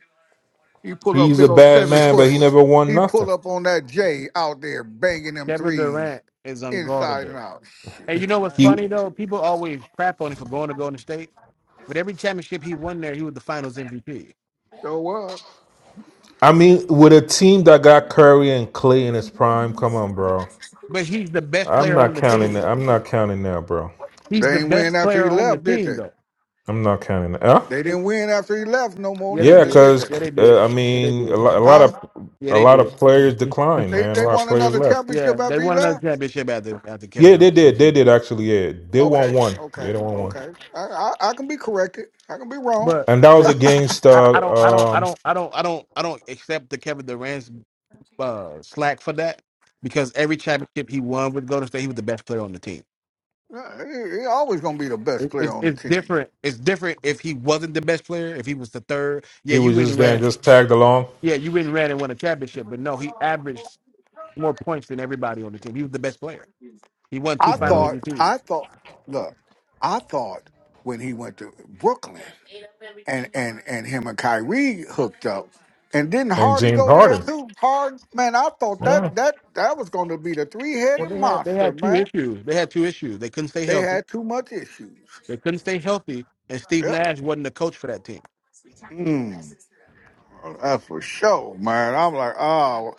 S5: He pull up
S12: he's
S5: big
S12: a
S5: old
S12: bad
S5: seven
S12: man, but
S5: foot.
S12: he never won
S5: He pull
S12: nothing.
S5: up on that J out there banging them
S3: Kevin
S5: threes
S3: Durant is
S5: inside and
S3: unguardable.
S5: out. Shit,
S3: And you know what's
S5: man.
S12: He,
S3: funny though? People always crap on him for going to Golden State, but every championship he won there, he was the Finals MVP.
S5: So what?
S12: I mean, with a team that got Curry and Clay in his prime, come on, bro.
S3: But he's the best
S12: I'm
S3: player on
S12: not
S3: the
S12: counting
S3: team.
S12: that. I'm not counting that, bro.
S3: He's the
S5: They ain't
S3: best
S5: win after
S3: player
S5: he
S3: on the
S5: left, did
S3: team
S5: they?
S3: though.
S12: I'm not counting that. Huh?
S5: They
S3: It-
S5: didn't win after he left no more
S3: yeah, they
S12: Yeah,
S5: neither,
S3: did.
S5: did
S12: because
S5: they?
S3: Yeah, they
S12: uh,
S3: did.
S12: I
S3: Yeah, they
S12: mean, a,
S3: did.
S12: lo- a lot
S5: Huh?
S12: of
S3: Yeah,
S12: a
S3: they
S12: lot of
S3: did.
S12: players declined,
S5: They
S12: man. A
S5: they
S12: lot of
S5: won
S12: players
S5: another
S12: left.
S5: championship
S3: Yeah, they
S5: after he
S3: won another
S5: left.
S3: championship after after Kevin
S12: Yeah, they
S3: Durant.
S12: did. They did actually. Yeah, they
S5: Okay,
S12: won one.
S5: okay,
S12: Yeah, they won one.
S5: okay. I I, I can be corrected. I can be wrong.
S3: But
S12: And that was
S3: they,
S12: against
S3: I,
S12: uh
S3: I don't, I don't, I
S12: um
S3: don't, I don't, I don't, I don't accept the Kevin Durant's uh, slack for that because every championship he won with Golden State, he was the best player on the team.
S5: Yeah, He, he always gonna be the best
S3: It,
S5: player
S3: it's
S5: on the
S3: it's
S5: team.
S3: different. It's different if he wasn't the best player. If he was the third, yeah,
S12: he
S3: you
S12: was
S3: went
S12: just
S3: and
S12: there
S3: ran.
S12: and just tagged along.
S3: Yeah, you went and ran and won a championship, but no, he averaged more points than everybody on the team. He was the best player. He won two
S5: I
S3: Final
S12: Yeah.
S5: thought.
S3: MVPs.
S5: I thought. Look, I thought when he went to Brooklyn and and and him and Kyrie hooked up, and didn't
S12: And
S5: Hardy
S12: James
S5: go there
S12: Harden.
S5: too? Hard man, I thought
S12: Yeah.
S5: that that that was gonna be the three
S3: Well,
S5: headed
S3: they had they
S5: monster,
S3: had two
S5: man.
S3: issues. They had two issues. They couldn't stay
S5: They
S3: healthy.
S5: had too much issues.
S3: They couldn't stay healthy, and Steve
S5: Yep.
S3: Nash wasn't the coach for that team.
S5: Mm. That's for sure, man. I'm like, oh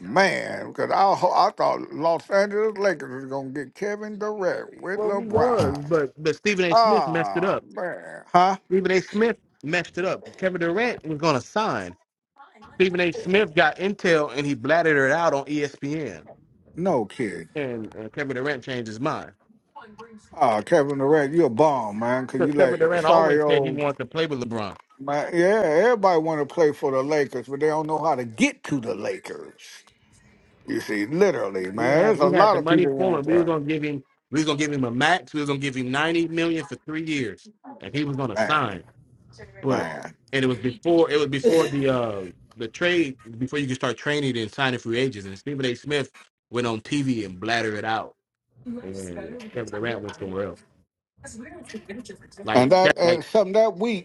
S5: man, because I ho- I thought Los Angeles Lakers was gonna get Kevin Durant with
S3: what we was,
S5: LeBron.
S3: but but Stephen A. Smith messed it
S5: Ah
S3: up.
S5: man, huh?
S3: Stephen A. Smith messed it up. Kevin Durant was gonna sign. Stephen A. Smith got intel and he blatted it out on ESPN,
S5: No kidding.
S3: and uh, Kevin Durant changed his mind
S5: Ah, Kevin Durant, you a bomb, man. Cause you
S3: because Kevin
S5: let
S3: Durant
S5: sorry
S3: always said he
S5: old
S3: wanted to play with LeBron.
S5: man. Yeah, everybody want to play for the Lakers, but they don't know how to get to the Lakers. You see, literally,
S3: We
S5: man.
S3: had
S5: There's a
S3: we had
S5: lot
S3: the
S5: of
S3: money
S5: people
S3: for
S5: want
S3: him. We was
S5: that,
S3: gonna give him we was gonna give him a max. We was gonna give him ninety million for three years, and he was gonna
S5: man,
S3: sign. But
S5: man.
S3: and it was before it was before the uh the trade before you could start training and signing free agents. And Stephen A. Smith went on TV and blattered it out, and Kevin Durant went somewhere else. Like
S5: And that
S3: like
S5: and something that week.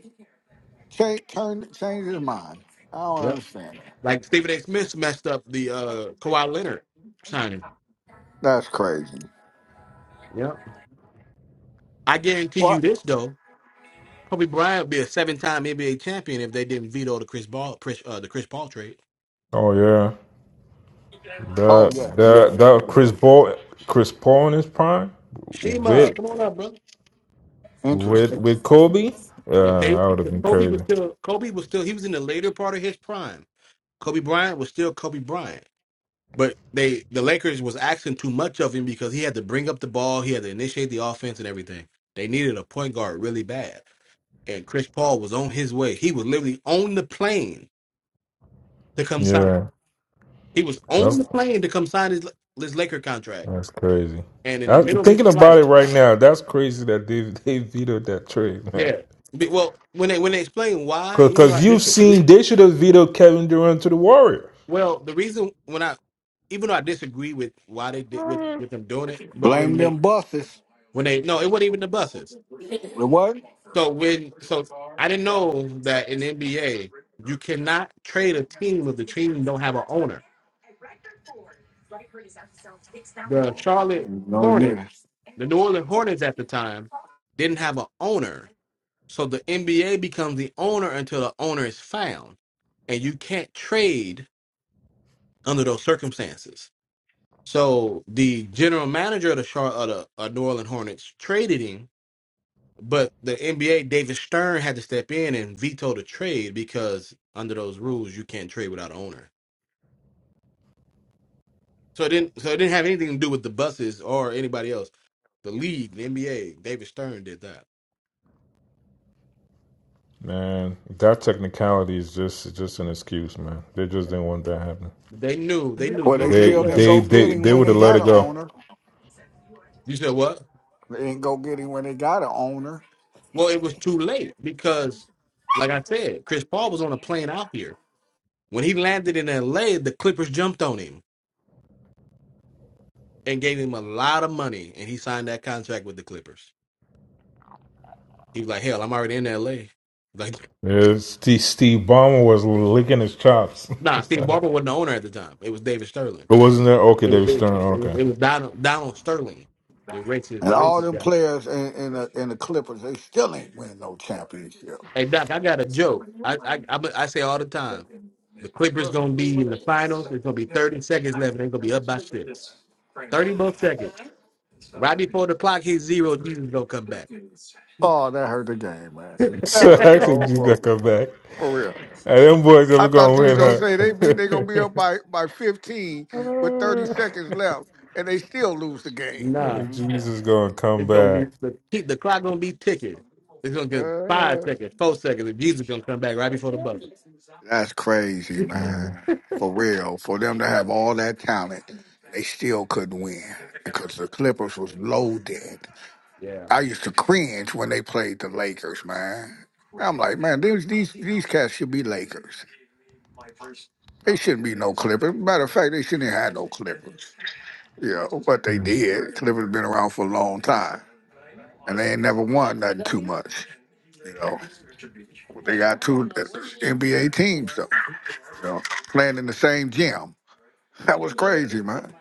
S5: Change, turn, change his mind. I don't
S3: yeah,
S5: understand that.
S3: like Stephen A. Smith messed up the uh Kawhi Leonard signing.
S5: That's crazy.
S3: Yeah, I guarantee you
S5: What?
S3: this though. Kobe Bryant would be a seven-time NBA champion if they didn't veto the Chris Ball, Chris, uh, the Chris Paul trade.
S12: Oh yeah. The
S5: Oh yeah,
S12: the
S5: yeah,
S12: the
S5: yeah.
S12: Chris Paul Chris Paul in his prime
S3: Shima,
S12: with
S3: come on up, brother.
S12: with
S3: If,
S5: Interesting.
S12: with Kobe. Yeah,
S3: if they,
S12: that would have
S3: if
S12: been
S3: Kobe was
S12: crazy.
S3: still, Kobe was still, he was in the later part of his prime Kobe Bryant was still Kobe Bryant. But they the Lakers was asking too much of him because he had to bring up the ball, he had to initiate the offense and everything. They needed a point guard really bad. And Chris Paul was on his way. He was literally on the plane to come sign.
S12: Yeah.
S3: He was on
S12: That's
S3: the plane to come sign his his Laker contract.
S12: that's crazy.
S3: And in the
S12: I'm
S3: middle of his
S12: thinking about
S3: flight,
S12: it right now. That's crazy that they they vetoed that trade, man.
S3: yeah. Be- Well, when they when they explain why, even though I
S12: Because you've seen
S3: disagree,
S12: they should have vetoed Kevin Durant to the Warriors.
S3: well, the reason when I even though I disagree with why they did with with them doing it, but
S5: Blame
S3: when they
S5: them buses.
S3: when they no, it wasn't even the buses
S5: The what?
S3: So when so I didn't know that in the NBA you cannot trade a team if the team don't have an owner.
S5: Oh,
S3: The
S5: all
S3: Charlotte
S5: right. No, they
S3: Hornets,
S5: didn't.
S3: the New Orleans Hornets at the time, didn't have an owner. So the NBA becomes the owner until the owner is found. And you can't trade under those circumstances. So the general manager of the Charlotte, of the uh, New Orleans Hornets traded him But the NBA, David Stern had to step in and veto the trade because under those rules, you can't trade without an owner. So it didn't. So it didn't have anything to do with the buses or anybody else. The league, the NBA, David Stern did that.
S12: Man, that technicality is just just an excuse, man. They just didn't want that happening.
S3: They knew. They knew
S5: Well, they
S3: good and
S12: They
S5: still didn't
S3: well.
S12: they
S5: go get
S12: they
S5: him
S12: they
S5: when
S12: would
S5: they
S12: have let
S5: got
S12: it
S5: an
S12: go.
S5: owner.
S3: You said what?
S5: They didn't go get him when they got an owner.
S3: Well, it was too late because, like I said, Chris Paul was on a plane out here. When he landed in LA, the Clippers jumped on him and gave him a lot of money, and he signed that contract with the Clippers. He was like, "Hell, I'm already in LA." Like
S12: Yeah, Steve, Steve Ballmer was licking his chops.
S3: Nah, Steve Barber wasn't the owner at the time. It was David Sterling.
S12: But wasn't there? Okay,
S3: It
S12: they
S3: was,
S12: were
S3: it was,
S12: stirring.
S3: it was,
S12: Okay.
S3: Donald, Donald Sterling, the racist,
S5: And
S3: the
S5: all
S3: racist
S5: them
S3: guy.
S5: players in, in, the, in the Clippers, they still ain't win no championship.
S3: Hey Doc, I got a joke. I I I, I say all the time, the Clippers gonna be in the finals. It's gonna be 30 seconds left, and they're gonna be up by six. 30 more seconds. Right before the clock hits zero, Jesus gonna come back.
S5: Oh, that hurt the game, man. That
S12: So
S5: hurt the
S12: actually,
S5: whole
S12: you got to
S5: program.
S12: come back.
S5: For real.
S12: And them boys
S5: I
S12: ever
S5: thought
S12: going
S5: you were gonna
S12: to
S5: say they beat they gonna be
S12: win,
S5: up by, by fifteen with thirty
S12: huh?
S5: seconds left and they still lose the game.
S3: nah,
S12: Hey, Jesus going to come
S3: it's gonna be
S12: back.
S3: the t- the clock gonna be ticking. It's gonna get five
S5: Uh,
S3: seconds, four seconds, and Jesus gonna come back right before the buzzer.
S5: that's crazy,
S12: Mm,
S5: man. For real. For them to have all that talent, they still couldn't win. Because the Clippers was loaded.
S3: Yeah.
S5: I used to cringe when they played the Lakers, man. I'm like, man, these these these cats should be Lakers. They shouldn't be no Clippers. Matter of fact, they shouldn't have had no Clippers. Yeah, but they
S12: mm.
S5: did. Clippers been around for a long time, and they ain't never won nothing too much. You know, they got two NBA teams though. You know, playing in the same gym. That was crazy, man.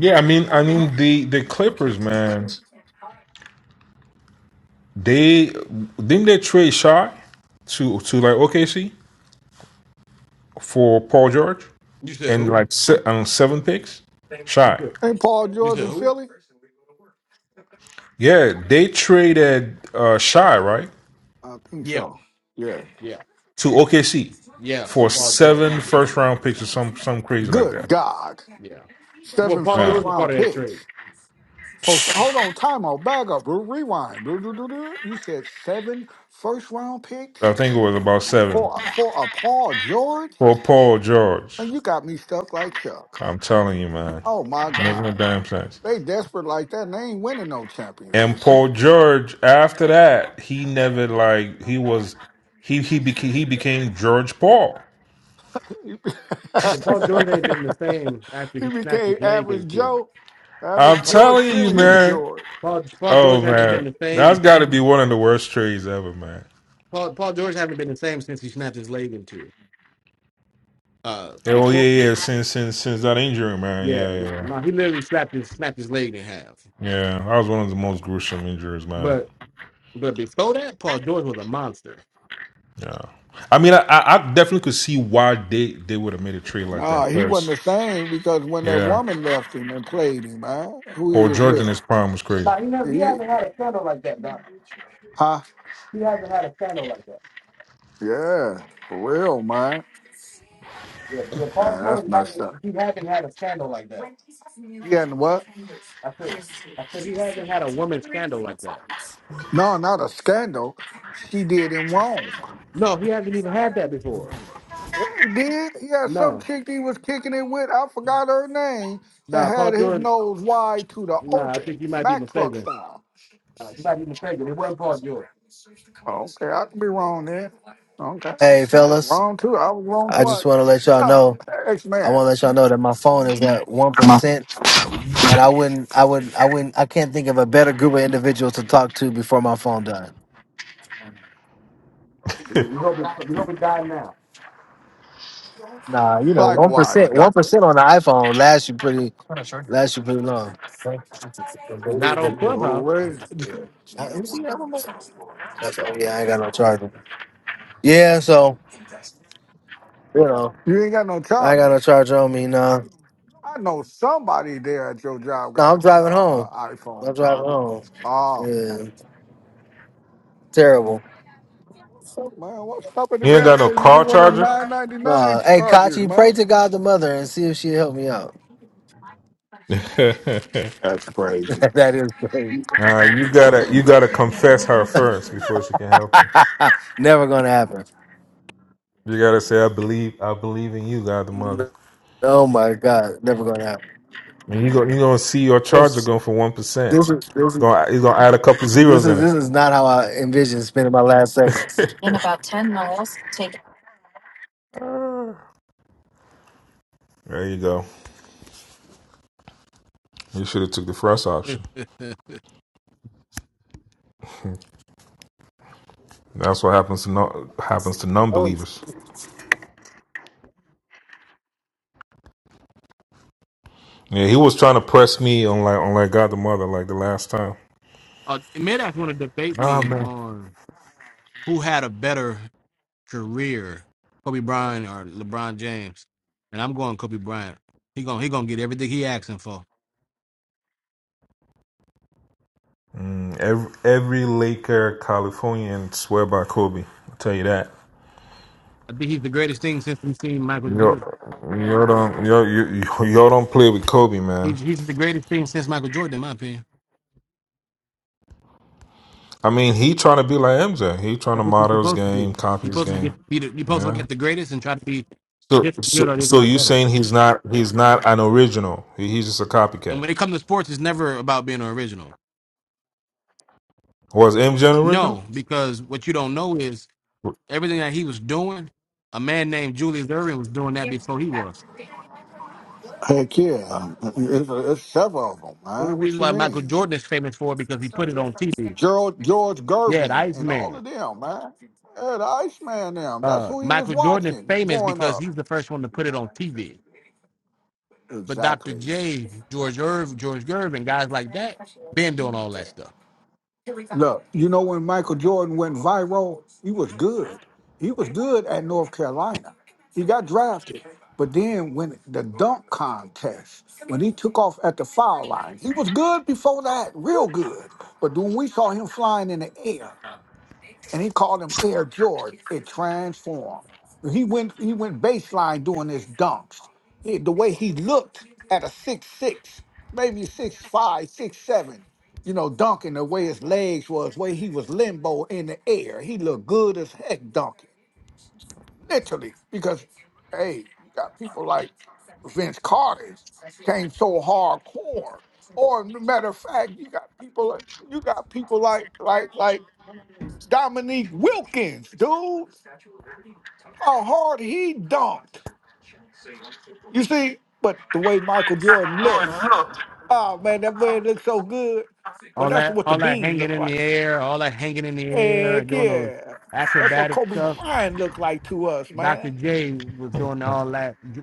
S12: Yeah, I mean, I mean the the Clippers, man. They didn't they trade Shaw to to like OKC. for Paul George
S3: You said
S12: and
S3: who?
S12: like se- um, seven picks.
S3: You
S12: Shy.
S3: said
S5: Ain't Paul
S3: you
S5: George
S3: said
S5: in
S3: who?
S5: Philly?
S12: Yeah, they traded uh, Shy right
S5: I think
S3: Yeah.
S5: so. Yeah.
S3: Yeah.
S12: to OKC
S3: Yeah. For
S12: for
S3: Paul George.
S12: seven first round picks or some some crazy like
S5: Good
S12: that.
S5: God.
S3: Yeah. Well,
S5: Seven
S3: Paul
S5: first
S12: Yeah,
S3: George is part
S5: round
S3: of that trade.
S5: picks. Folks, hold on, time out, back up, Blue. Rewind. Blue, blue, blue, blue. You said seven first round picks?
S12: I think it was about seven
S5: for for a Paul George,
S12: for Paul
S5: and
S12: George.
S5: you got me stuck like Chuck.
S12: I'm telling you, man,
S5: Oh my
S12: making a
S5: God,
S12: damn sense.
S5: they desperate like that, and they ain't winning no
S12: And
S5: championship.
S12: Paul George, after that, he never like he was he he became he became George Paul.
S5: he be-
S3: Well, Paul George ain't been the same after
S5: He
S3: he snapped
S5: became
S3: his leg in
S5: average
S3: two.
S5: Joe,
S12: I'm
S5: average
S3: Pa-
S5: George,
S12: telling you,
S5: curious
S12: man.
S5: George.
S3: Paul, Paul George
S12: Oh
S3: hasn't been
S12: man,
S3: the same.
S12: that's got to be one of the worst trades ever, man.
S3: Paul, Paul George hasn't been the same since he snapped his leg in two. Uh,
S12: Yeah, Oh
S3: before,
S12: yeah, yeah. Since since since that injury, man.
S3: yeah,
S12: Yeah, yeah, yeah.
S3: no, he literally snapped his snapped his leg in half.
S12: Yeah, That was one of the
S3: Uh,
S12: most gruesome injuries, man.
S3: but but before that, Paul George was a monster.
S12: Yeah. I mean, I, I I definitely could see why they they would have made a trade like
S5: No,
S12: that.
S5: he wasn't
S12: 'cause,
S5: the same because when that
S12: yeah.
S5: woman left him and played him, man, who he
S12: Or
S5: was
S12: George in
S5: with,
S12: his prime was crazy.
S3: No, he never, he
S5: he,
S3: hasn't had a scandal like that. Now
S5: huh?
S3: he hasn't had a scandal like that.
S5: Yeah, for real, man.
S3: Yeah, yeah. Paul
S5: Nah,
S3: George
S5: that's messed
S3: hasn't,
S5: up.
S3: he hasn't had a scandal like that.
S5: He hadn't what?
S3: I said, I said he hasn't had a woman scandal like that.
S5: No, not a scandal. She did him wrong.
S3: No, he hasn't even had that before.
S5: Yeah, he did. Yeah, some
S3: No,
S5: chick he was kicking it with, I forgot her name, and
S3: nah, Paul
S5: had his
S3: George.
S5: nose wide to the
S3: Nah, I
S5: open,
S3: think you might be
S5: Mack truck
S3: mistaken.
S5: style.
S3: Uh, you might be mistaken. It wasn't Paul George.
S5: Oh, okay, I could be wrong there. Okay,
S7: Hey
S5: All right,
S7: fellas,
S5: wrong too. I was wrong
S7: I
S5: twice.
S7: just wanna let y'all
S5: Huh,
S7: know.
S5: X
S7: I
S5: man.
S7: wanna let y'all know that my phone is at one percent and I wouldn't I wouldn't I wouldn't I can't think of a better group of individuals to talk to before my phone dies.
S3: We hope it. We hope it died now.
S7: Nah, you know, one
S5: Likewise,
S7: percent, one
S5: doctor.
S7: percent on the iPhone lasts you pretty, lasts you pretty long. Uh,
S3: Not on
S5: Oh
S3: Clubhouse.
S5: wait,
S7: you see that one, Mike? That's all. Yeah, I ain't got no charger. Yeah, so you know,
S5: you ain't got no
S7: I ain't got
S5: charger.
S7: no charger on me. Nah,
S5: I know somebody there at your job
S7: no,
S5: got a
S7: I'm
S5: ch- uh,
S7: driving
S5: uh,
S7: home. I'm
S5: iPhone
S7: driving
S5: charger.
S7: home.
S5: Oh.
S7: Yeah, terrible.
S5: Man, what's stopping the
S12: You ain't
S5: gas
S12: got no
S5: station and get
S12: car
S5: one of them
S12: charger.
S5: nine ninety nine
S7: Nah, hey
S5: chargers,
S7: Kachi, pray
S5: man?
S7: to God the Mother and see if she help me out.
S5: That's crazy.
S7: that is crazy.
S12: nah, you gotta you gotta confess her first before she can help you.
S7: never gonna happen.
S12: You gotta say, "I believe, I believe in you, God the Mother."
S7: Oh my God, never gonna happen.
S12: And you go, you gonna see your charger
S7: This,
S12: go for one
S7: this, is-
S12: percent.
S7: this is-
S12: Going, you gonna add a couple
S7: This
S12: zeros in
S7: is
S12: it.
S7: this is not how I envision spending my last seconds.
S12: There you go. You should have took the first option.
S3: uh,
S12: That's what happens to non happens to non-believers. Yeah, he was trying to press me on like on like God the Mother like the last time.
S3: Midax want to debate
S12: Ah
S3: me
S12: man,
S3: on who had a better career, Kobe Bryant or LeBron James, and I'm going Kobe Bryant. He gonna he gonna get everything he asking for.
S12: every every Laker Californian swear by Kobe. I'll tell you that.
S3: I think he's the greatest thing since we've seen Michael
S12: Yo,
S3: Jordan.
S12: yo don't yo you yo yo don't play with Kobe, man.
S3: He's he's the greatest thing since Michael Jordan, in my opinion.
S12: I mean, he trying to be like MJ. He trying to
S3: That's what you're
S12: model his
S3: supposed to do.
S12: game,
S3: You're
S12: copy his
S3: supposed to
S12: game.
S3: get, be the, you're supposed to look
S12: Yeah.
S3: at the greatest and try to be
S12: So,
S3: just as good
S12: so,
S3: or if
S12: so
S3: not
S12: you
S3: better.
S12: saying he's not he's not an original? He, he's just a
S3: And
S12: copycat.
S3: when it comes to sports, it's never about being original.
S12: Was MJ an original?
S3: No, because what you don't know is everything that he was doing. A man named Julius Erving was doing that before he was.
S5: Heck yeah, it's, it's several of them,
S3: Only
S5: man.
S3: reason
S5: What you
S3: why Michael
S5: mean?
S3: Jordan is famous for it because he put it on TV.
S5: Gerald George
S3: Yeah, the
S5: Gervin and all of
S3: Iceman.
S5: them, man. Yeah, the Iceman, them. That's
S3: Uh,
S5: who he was
S3: Michael Jordan is
S5: watching
S3: famous
S5: growing
S3: because
S5: up.
S3: he's the first one to put it on TV. But Dr.
S5: Exactly.
S3: J, George Irv, George Gervin, guys like that, been doing all that stuff.
S5: Look, you know when Michael Jordan went viral, he was good. He was good at North Carolina. He got drafted. But then when the dunk contest, when he took off at the foul line, he was good before that, real good. But when we saw him flying in the air, and he called him Air Jordan. It transformed. He went he went baseline doing his dunks. He- the way he looked at a six six, maybe six five, six seven, you know, dunking the way his legs was, way he was limbo in the air. He looked good as heck dunking, literally. Because hey, you got people like Vince Carter came so hardcore. Or matter of fact, you got people like you got people like like like Dominique Wilkins, dude. How hard he dunked. You see, but the way Michael Jordan looks, oh man, that man looks so good. Well,
S3: All
S5: that's
S3: that,
S5: what the
S3: all that
S5: bean
S3: hanging
S5: looked
S3: in
S5: like.
S3: the air, all that hanging in the air and
S5: Heck
S3: doing the
S5: yeah. That's what
S3: acrobatic
S5: Kobe
S3: stuff.
S5: Bryant looked like to us,
S3: Dr.
S5: man.
S3: J was doing all that. J-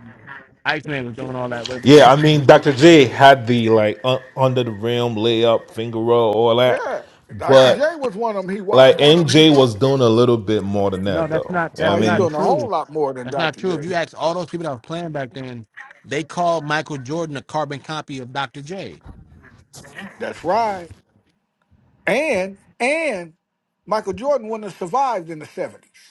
S3: Iceman was doing all that way before.
S12: Yeah,
S3: That.
S12: I mean Dr. J had the like un- under the rim layup, finger roll, all that,
S5: Yeah. Dr. J
S12: but
S5: was one of them he watched.
S12: like MJ was doing a little bit more than
S3: No,
S12: that
S3: that's
S12: though.
S3: not.
S12: You know
S3: That's
S12: what I
S5: Oh, he's
S3: not
S12: mean,
S5: doing a whole
S3: true.
S5: lot more than
S3: That's not
S5: Dr.
S3: true. If
S5: J.
S3: you ask all those people that was playing back then, they called Michael Jordan a carbon copy of Dr. J.
S5: That's right. And and Michael Jordan wouldn't have survived in the 70s.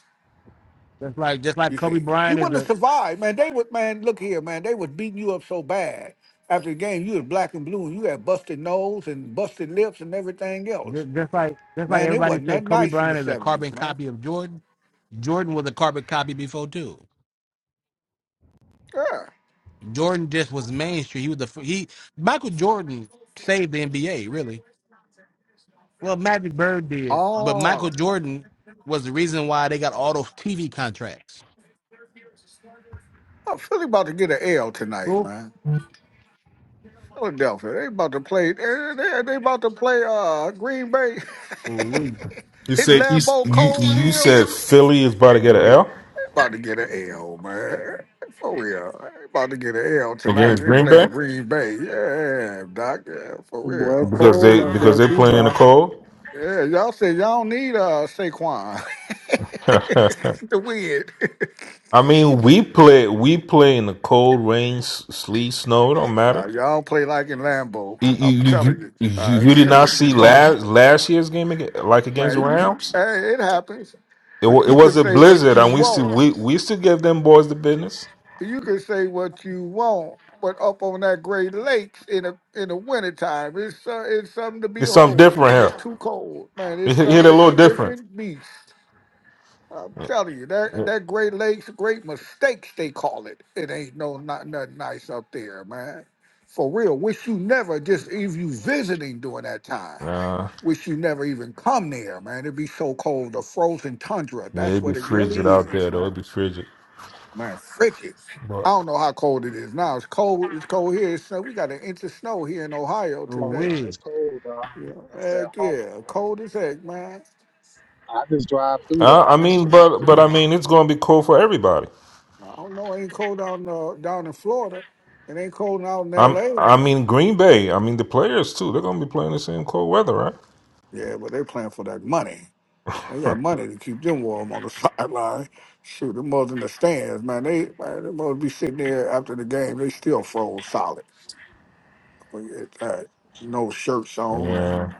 S3: That's like just like
S5: You
S3: Kobe
S5: see, he
S3: Bryant is
S5: wouldn't have
S3: a
S5: survived, man. They would, man. Look here, man. They was beating you up so bad after the game. You was black and blue, and you had busted nose and busted lips and everything else,
S3: Ju- Just like just like
S5: man. It
S3: everybody
S5: wasn't
S3: say,
S5: nothing
S3: Kobe
S5: nice in the
S3: Bryant is a
S5: seventies,
S3: carbon
S5: man.
S3: copy of Jordan. Jordan was a carbon copy before too.
S5: Yeah.
S3: Jordan just was mainstream. He was the fir- he Michael Jordan saved the NBA really. Well, Magic Bird did, but
S5: Oh,
S3: Michael Jordan was the reason why they got all those TV contracts.
S5: I Philly about to get an L tonight,
S3: Who?
S5: man. Philadelphia, they about to play. They, they, they about to play uh Green Bay
S3: We,
S12: you
S5: in
S12: said you
S5: Lambeau
S12: you,
S5: Cold
S12: you
S5: Field.
S12: said Philly is about to get an
S3: we,
S12: L
S5: About to get an L, man. For real. I ain't About to get an L tonight.
S12: against
S5: They
S12: Green
S5: playing
S12: Bay
S5: Green Bay. Yeah, Doc. Yeah, for
S10: Boy, it's
S5: real.
S12: because
S10: cold
S12: they
S10: out there
S12: because they
S10: too,
S12: playing in
S10: boy.
S12: the cold.
S5: Yeah, y'all said y'all don't need uh Saquon to win.
S12: I mean, we play we play in the cold, rain, s- sleet, snow. It don't
S5: now
S12: matter.
S5: y'all don't play like in Lambeau.
S12: You,
S5: I'm
S12: you, you,
S5: telling you.
S12: you
S5: Uh,
S12: you
S5: you
S12: did
S5: say
S12: not
S5: what
S12: see
S5: you want,
S12: last last year's game against, like against the
S5: man. You,
S12: Rams.
S5: hey, it happens,
S12: It, wa-
S5: but
S12: it
S5: you can
S12: was a
S5: say what
S12: blizzard,
S5: you
S12: and we
S5: want.
S12: still we, we still give them boys the business.
S5: you can say what you want, but up on that Great Lakes in a in the wintertime, it's uh, it's something to
S12: It's something
S5: behold,
S12: different
S5: and it's
S12: here.
S5: too cold, man.
S12: It
S5: It's
S12: hit
S5: some
S12: hit a
S5: it's
S12: little
S5: a
S12: different.
S5: different beast. I'm
S12: Yeah,
S5: telling you, that
S12: yeah.
S5: that Great Lakes, Great Mistakes, they call it. It ain't no not nothing nice up there, man. For real, wish you never just if you visiting during that time.
S12: Uh,
S5: Wish you never even come there, man. It'd be so cold, the frozen tundra.
S12: yeah,
S5: That's
S12: it'd be
S5: what it
S12: frigid
S5: really
S12: out
S5: is,
S12: there though.
S5: man.
S12: It'd be frigid.
S5: Man, frigid.
S12: But
S5: I don't know how cold it is now. It's cold. It's cold here. So we got an inch of snow here in Ohio
S10: Oh
S5: today.
S10: no,
S3: we.
S10: it's cold, dog.
S5: Yeah,
S10: That's that
S5: heck
S10: hot,
S5: yeah,
S10: boy.
S5: cold as heck, man.
S10: I just drive through there.
S12: uh, I
S10: Honestly.
S12: mean, but but I mean, it's gonna be cold for everybody.
S5: I don't know. Ain't cold down uh, down in Florida. It ain't cold out in
S12: I'm
S5: L.A.
S12: I mean Green Bay. I mean the players too. They're gonna be playing the same cold weather, right?
S5: Yeah, but they playing for that money. They got money to keep them warm on the sideline. Shoot, them mother in the stands, man. They man, them mother be sitting there after the game. They still froze solid. Forget that. No shirts on and
S12: Yeah.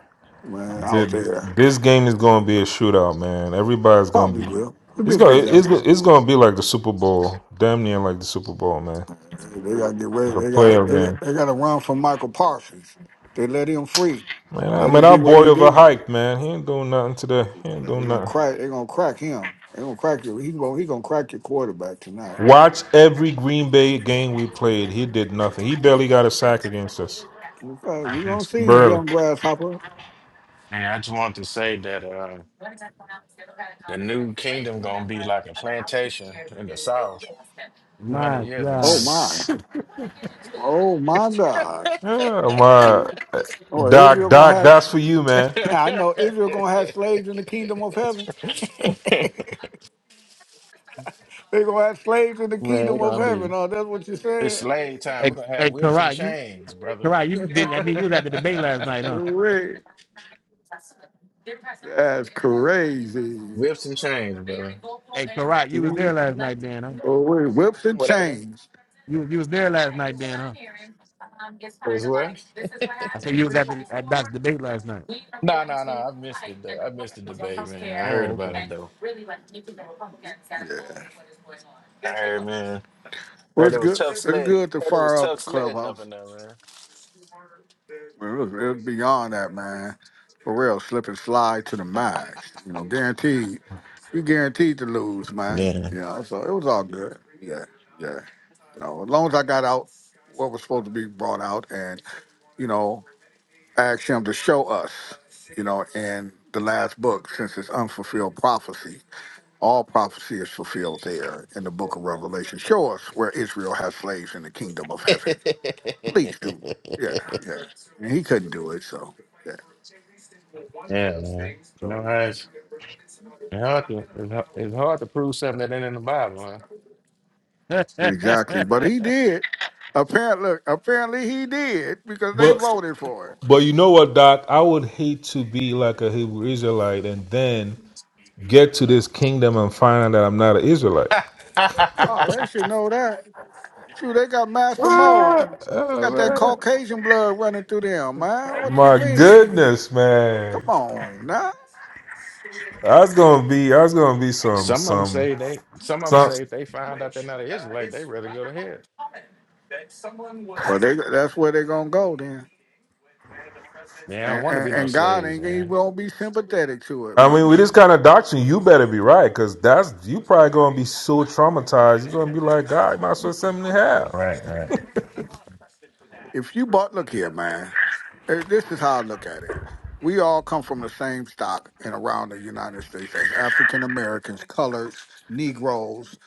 S5: man out
S12: Th-
S5: there.
S12: This game is going to be a shootout, man. Everybody's going to
S5: Probably
S12: be.
S5: will. It'll be
S12: It's
S5: a good
S12: going. to
S5: game.
S12: It's. It's going to be like the Super Bowl. Damn near like the Super Bowl, man.
S5: They got to get ready.
S12: Like a
S5: They got
S12: playoff
S5: they, got-
S12: game.
S5: they got to run from Michael Parsons. They let him free.
S12: Man, I
S5: Let
S12: mean,
S5: him
S12: our
S5: do what
S12: boy
S5: he
S12: of a
S5: do.
S12: hike, man. He ain't doing nothing today. He ain't
S5: They're
S12: doing
S5: gonna
S12: nothing.
S5: crack. They're gonna crack him. They're gonna crack you. He's gonna he gonna crack your quarterback tonight.
S12: Watch every Green Bay game we played. He did nothing. He barely got a sack against us.
S5: Okay,
S16: I
S5: we gonna
S16: just,
S5: see
S12: Barely.
S5: young grasshopper.
S16: yeah, I just want to say that uh, the new kingdom gonna be like a plantation in the South 200
S3: My
S16: years
S5: Oh
S16: ago.
S3: God.
S5: my. Oh my God.
S12: yeah, my
S5: Oh,
S12: Doc,
S5: Israel gonna
S12: Doc,
S5: have.
S12: that's for you, man.
S5: I know Israel gonna have slaves in the kingdom of heaven. They're gonna have slaves in the
S16: Man,
S5: kingdom
S16: it's
S5: of
S16: gonna
S5: heaven.
S16: be
S5: Oh, that's what you
S16: it's
S5: said.
S16: slave time.
S3: Hey,
S16: We're gonna have
S3: hey,
S16: whips and
S3: Karat, you
S16: chains, brother.
S3: Karat, you did. not I mean, you was at the debate last night, huh?
S5: Correct. That's crazy.
S16: whips and chains, brother.
S3: Hey, Karat, you was
S5: Mhm.
S3: there last night, Dan, huh?
S5: Oh wait, whips and
S16: What happened?
S5: chains.
S3: You you was there last night, Dan, huh?
S16: Was what?
S3: I said you was at the at Doc's debate last night.
S16: No, no, no. I missed it. Though. I missed the debate, man. I heard
S3: Oh,
S16: about
S3: okay.
S16: it though.
S5: Yeah.
S16: I heard, man.
S5: Well,
S16: Heard
S5: it's
S16: it was
S5: good.
S16: tough
S5: It's
S16: sled.
S5: good to
S16: Heard it was
S5: fire up a
S16: tough sledding up
S5: clubhouse.
S16: in there,
S5: It was, it was beyond that, man. For real, slip and slide to the max. You know, guaranteed. You guaranteed to lose, man.
S16: man. Yeah.
S5: You know, so it was all good. Yeah, yeah. You know, as long as I got out what was supposed to be brought out, and you know, asked him to show us. You know, in the last book, since it's unfulfilled prophecy, all prophecy is fulfilled there in the book of Revelation. Show us where Israel has slaves in the kingdom of heaven. Please do. Yeah, yeah. And he couldn't do it, so yeah.
S16: yeah, man. You know
S5: So yeah.
S16: how it's, it's hard to it's, hard- it's hard to prove something that ain't in the Bible,
S3: hey,
S5: Exactly. But he did. Apparently look, apparently he did because they
S12: What?
S5: voted for it.
S12: But you know what, Doc? I would hate to be like a Hebrew Israelite and then get to this kingdom and find out that I'm not an Israelite.
S5: Oh, they should
S16: huh?
S5: know that. Shoot, they got Master Mo.
S12: Ah,
S5: They
S12: ah,
S5: got that
S12: man.
S5: Caucasian blood running through them, man. What you
S12: My
S5: mean?
S12: goodness,
S5: Come
S12: man!
S5: on now.
S12: That's gonna be that's gonna be some
S16: Some of them
S12: some
S16: say they some of them
S12: some.
S16: say if they find out they're not an Israelite, they rather go to hell.
S5: Well, they that's where they're gonna go then.
S16: They don't
S5: And,
S16: want to be
S5: and,
S16: no
S5: and God
S16: slaves,
S5: ain't he
S16: man.
S5: won't be sympathetic to it,
S12: I
S5: man.
S12: mean, with this kind of doctrine, you better be right, cause that's you probably gonna be so traumatized. You're gonna be like, God, you might as well send me to hell.
S16: Right, right.
S5: If you bought, look here, man. Uh, This is how I look at it. We all come from the same stock and around the United States as African Americans, coloreds, Negroes,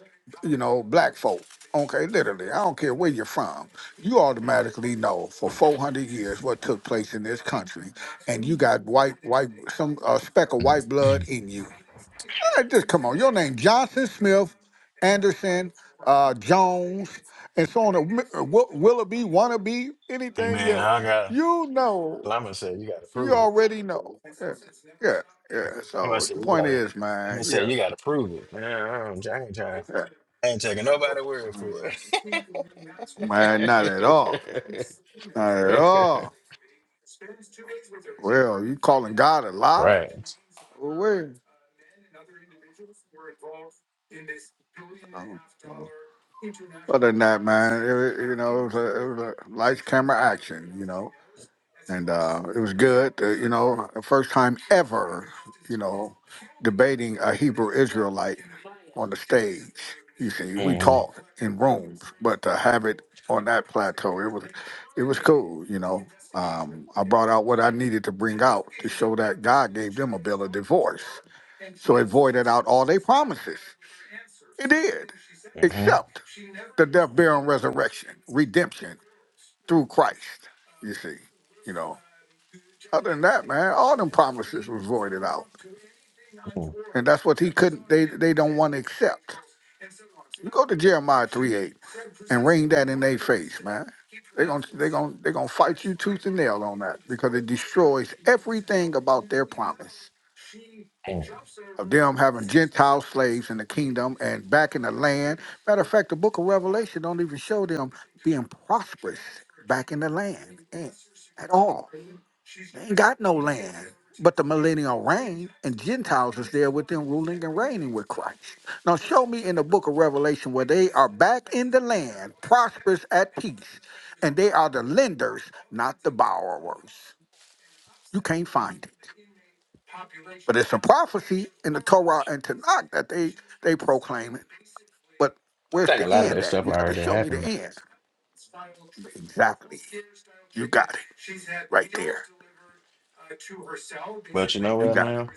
S5: you know, black folk. Okay, literally, I don't care where you're from. You automatically know for 400 years what took place in this country, and you got white, white, some uh, speck of white blood in you. Uh, Just come on. Your name Johnson, Smith, Anderson, uh, Jones, and so on. uh, Will- Willoughby, wannabe,
S16: hey
S5: anything
S16: man, I
S5: else.
S16: got
S5: You know.
S16: well, I'm gonna say you gotta
S5: You
S16: prove it.
S5: already know. Yeah. Yeah. yeah.
S16: I'm gonna
S5: So
S16: say
S5: the
S16: you
S5: point
S16: gotta
S5: is,
S16: I'm gonna
S5: man,
S16: say
S5: yeah.
S16: you gotta prove it. man. I don't- I ain't trying.
S5: yeah.
S16: I ain't taking nobody word for it.
S5: Man, not at all. Not at all. Well, you calling God a lie?
S16: right.
S5: Well, where? Oh, oh. Other than that, man, it, wa- you know, it was, a, it was a lights, camera, action, you know, and uh, it was good. Uh, you know, first time ever, you know, debating a Hebrew Israelite on the stage. You see, we
S16: hmm
S5: talk in rooms, but to have it on that plateau, it was, it was cool. You know, um, I brought out what I needed to bring out to show that God gave them a bill of divorce, so it voided out all their promises. It did,
S16: hmm
S5: except the death, burial, and resurrection, redemption through Christ. You see, you know. Other than that, man, all them promises was voided out, and that's what he couldn't. They they don't want to accept. You go to Jeremiah three eight and ring that in their face, man. They gonna they gonna they gonna fight you tooth and nail on that because it destroys everything about their promise.
S16: I
S5: of them having Gentile slaves in the kingdom and back in the land. Matter of fact, the book of Revelation don't even show them being prosperous back in the land eh, at all. They ain't got no land. But the millennial reign and Gentiles is there with them ruling and reigning with Christ. Now show me in the book of Revelation where they are back in the land, prosperous at peace, and they are the lenders, not the borrowers. You can't find it. But it's a prophecy in the Torah and Tanakh that they they proclaim it. But where's
S16: think a
S5: the
S16: lot of
S5: end
S16: that
S5: at?
S16: stuff
S5: You got to
S16: already
S5: show me
S16: happened.
S5: the
S16: though.
S5: end. Exactly. You got it. Right there.
S16: But you know
S5: You
S16: what,
S5: got it.
S16: man?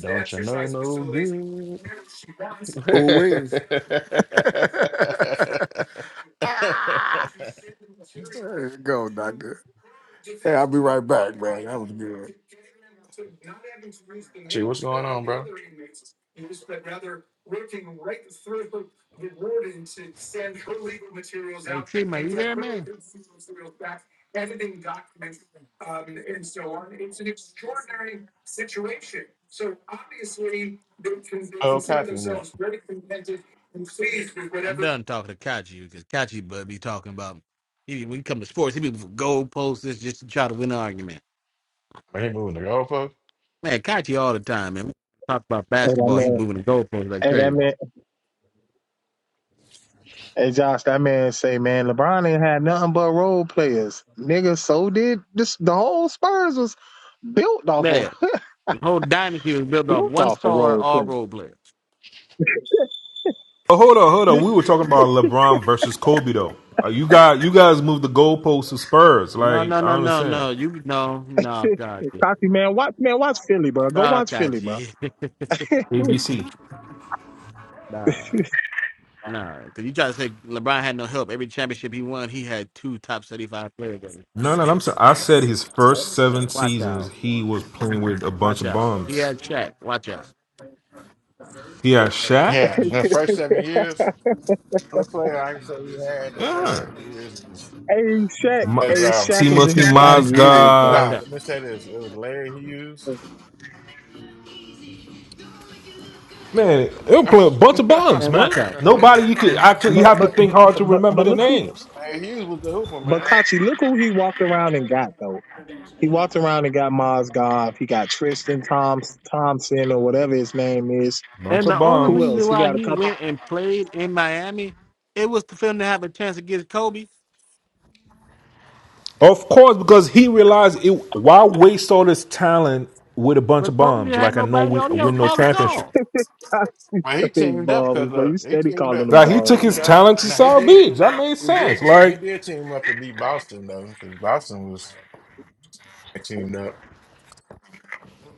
S16: Don't you know no good?
S5: Always. ah! There you go, doctor. Hey, I'll be right back, man. That was good.
S16: Gee, what's going on, bro?
S3: Chima, you there, man?
S16: Oh, Coffee went.
S3: I'm done talking to Kachi because Kachi but be talking about he when he come to sports, he be goal posts just to try to win an argument.
S16: He moving to Gulfport?
S3: Man, Kachi all the time, man. We talk about
S10: Hey, that
S3: basketball, he
S10: man.
S3: moving the goalposts like
S10: Hey, that
S3: crazy.
S10: man. Hey, Josh, that man say, man, LeBron ain't had nothing but role players, nigga. So did this. The whole Spurs was built off of
S3: Man, the whole dynasty was built off
S10: built
S3: one
S10: off of
S3: star
S10: role
S3: all
S10: play.
S3: role players.
S12: Oh, hold on, hold on. We were talking about LeBron versus Kobe, though. Uh, you got you guys moved the goalposts to Spurs.
S3: No,
S12: Like, I
S3: no, no,
S12: don't
S3: no,
S12: understand.
S3: no. You no, no, Kachi.
S10: Cocky man, watch man, watch Philly, bro.
S3: No,
S10: Go watch Philly, bro.
S3: Kachi.
S12: ABC.
S3: nah. Nah, because you try to say LeBron had no help. Every championship he won, he had two top 75 players. in
S12: No, no, I'm sorry. I said his first
S3: it.
S12: seven
S3: Watch out.
S12: seasons, he was playing with a bunch
S3: Watch
S12: of
S3: out. He
S12: bums.
S3: had Shaq. Watch out.
S12: He
S3: Yeah.
S12: had Shaq,
S16: Yeah, in the first seven years, the player I can say he had in the first
S12: yeah.
S16: seven years was
S10: Hey Shaq,
S12: Ma-
S16: was
S10: hey
S16: um,
S10: Shaq was in
S12: Timothy
S10: his latter years, bro.
S3: Watch
S16: Nah,
S12: Mozgov.
S3: out.
S16: let me say this. It was Larry Hughes.
S12: Man, they were playing a bunch of
S16: Larry
S12: bums,
S3: And
S12: man.
S3: watch out. guys.
S12: Nobody you could actually you
S10: But
S12: have to
S10: but
S12: think hard to
S10: but
S12: remember
S10: but
S12: the
S10: look who,
S12: names.
S16: Hughes was the hooper,
S10: but
S16: man.
S10: Kachi, look who he walked around and got though. He walked around and got Mozgov. He got Tristan Thoms Thompson or whatever his name is.
S12: Bunch
S3: And the
S12: of
S3: only
S10: Who
S12: bums.
S10: else?
S3: reason
S10: He
S3: why
S10: got a
S3: he
S10: couple.
S3: went and played in Miami, it was to film to have a chance against Kobe.
S12: Of course, because he realized it. Why waste all this talent with a bunch of
S3: But Kobe
S12: bums?
S3: didn't have
S12: Like I know
S3: nobody.
S12: we
S3: All he had was
S12: win no
S3: Paul
S12: championship.
S3: Gasol.
S16: Man, he
S10: Big
S16: teamed up
S10: balls,
S16: because
S10: bro.
S16: uh,
S10: You
S16: he
S10: steady
S16: teamed
S10: calling
S16: up.
S10: them
S12: Like
S16: Now
S12: he
S16: he
S12: took
S10: balls.
S12: his
S16: teamed up.
S12: talent to
S16: Now he
S12: South
S16: did.
S12: Beach. That made
S16: He
S12: sense.
S16: did. T- he
S12: Like
S16: did team up to beat Boston though, because Boston was teamed up.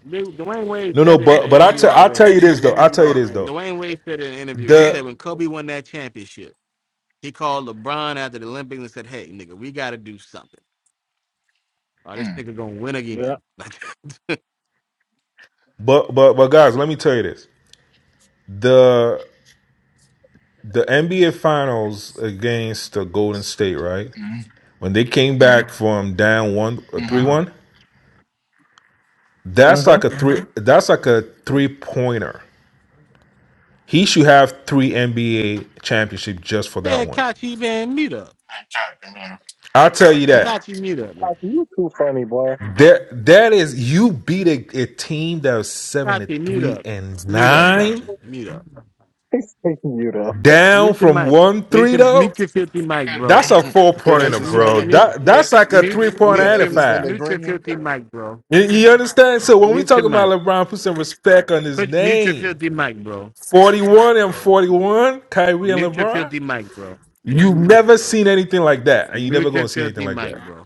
S3: They- Dwayne Wade
S12: No, no,
S3: said it in an
S12: but but I
S3: interview
S12: tell I tell
S3: already.
S12: you this though. I tell you this though.
S3: Dwayne Wade said in an interview, he said
S12: The
S3: when Kobe won that championship, he called LeBron after the Olympics and said, hey, nigga, we got to do something. Oh, this nigga gonna win again.
S10: Yeah.
S3: Like,
S12: but but but guys, let me tell you this. The the NBA Finals against the Golden State, right?
S16: Mm-hmm.
S12: When they came back from down one uh,
S3: uh
S16: Mm-hmm.
S12: three
S3: huh.
S12: one,
S10: Uh
S12: that's
S10: huh.
S12: like a 3 That's like a three pointer. He should have three NBA championship just for that
S3: Man,
S12: one.
S3: Kachi, man, mute up.
S12: I'll tell you that.
S3: Kachi, mute up, man.
S10: Kachi, you too funny, boy.
S12: That that is you beat a, a team that was seven to
S3: Kachi, mute
S12: three
S3: up.
S12: and
S3: Mute up,
S12: nine
S3: Kachi. Mute up.
S10: He's taking you there.
S12: down
S3: Mute your
S12: from
S3: mic.
S12: one
S3: Mute
S12: three
S3: your
S12: though.
S3: mute your filthy mic, bro.
S12: That's a four
S16: Because they
S3: M-
S12: pointer,
S3: Mute
S12: bro.
S16: suspended.
S3: mute
S12: That that's like a
S3: mute
S12: three pointer
S16: Because
S3: mute
S12: and
S16: they
S12: a
S3: your
S12: five.
S16: suspended
S3: mute your
S16: Green.
S3: filthy mic, bro.
S12: You, you understand? So when we
S3: Mute your
S12: talking about
S3: mic.
S12: LeBron, put some respect on his
S3: Put mute your
S12: name.
S3: filthy mic, bro.
S12: Forty one and forty one, Kyrie and
S3: Mute your
S12: LeBron.
S3: filthy mic, bro.
S12: You've never seen anything like that, and you never
S3: Mute your
S12: gonna see anything
S3: filthy
S12: like that
S3: mic, bro.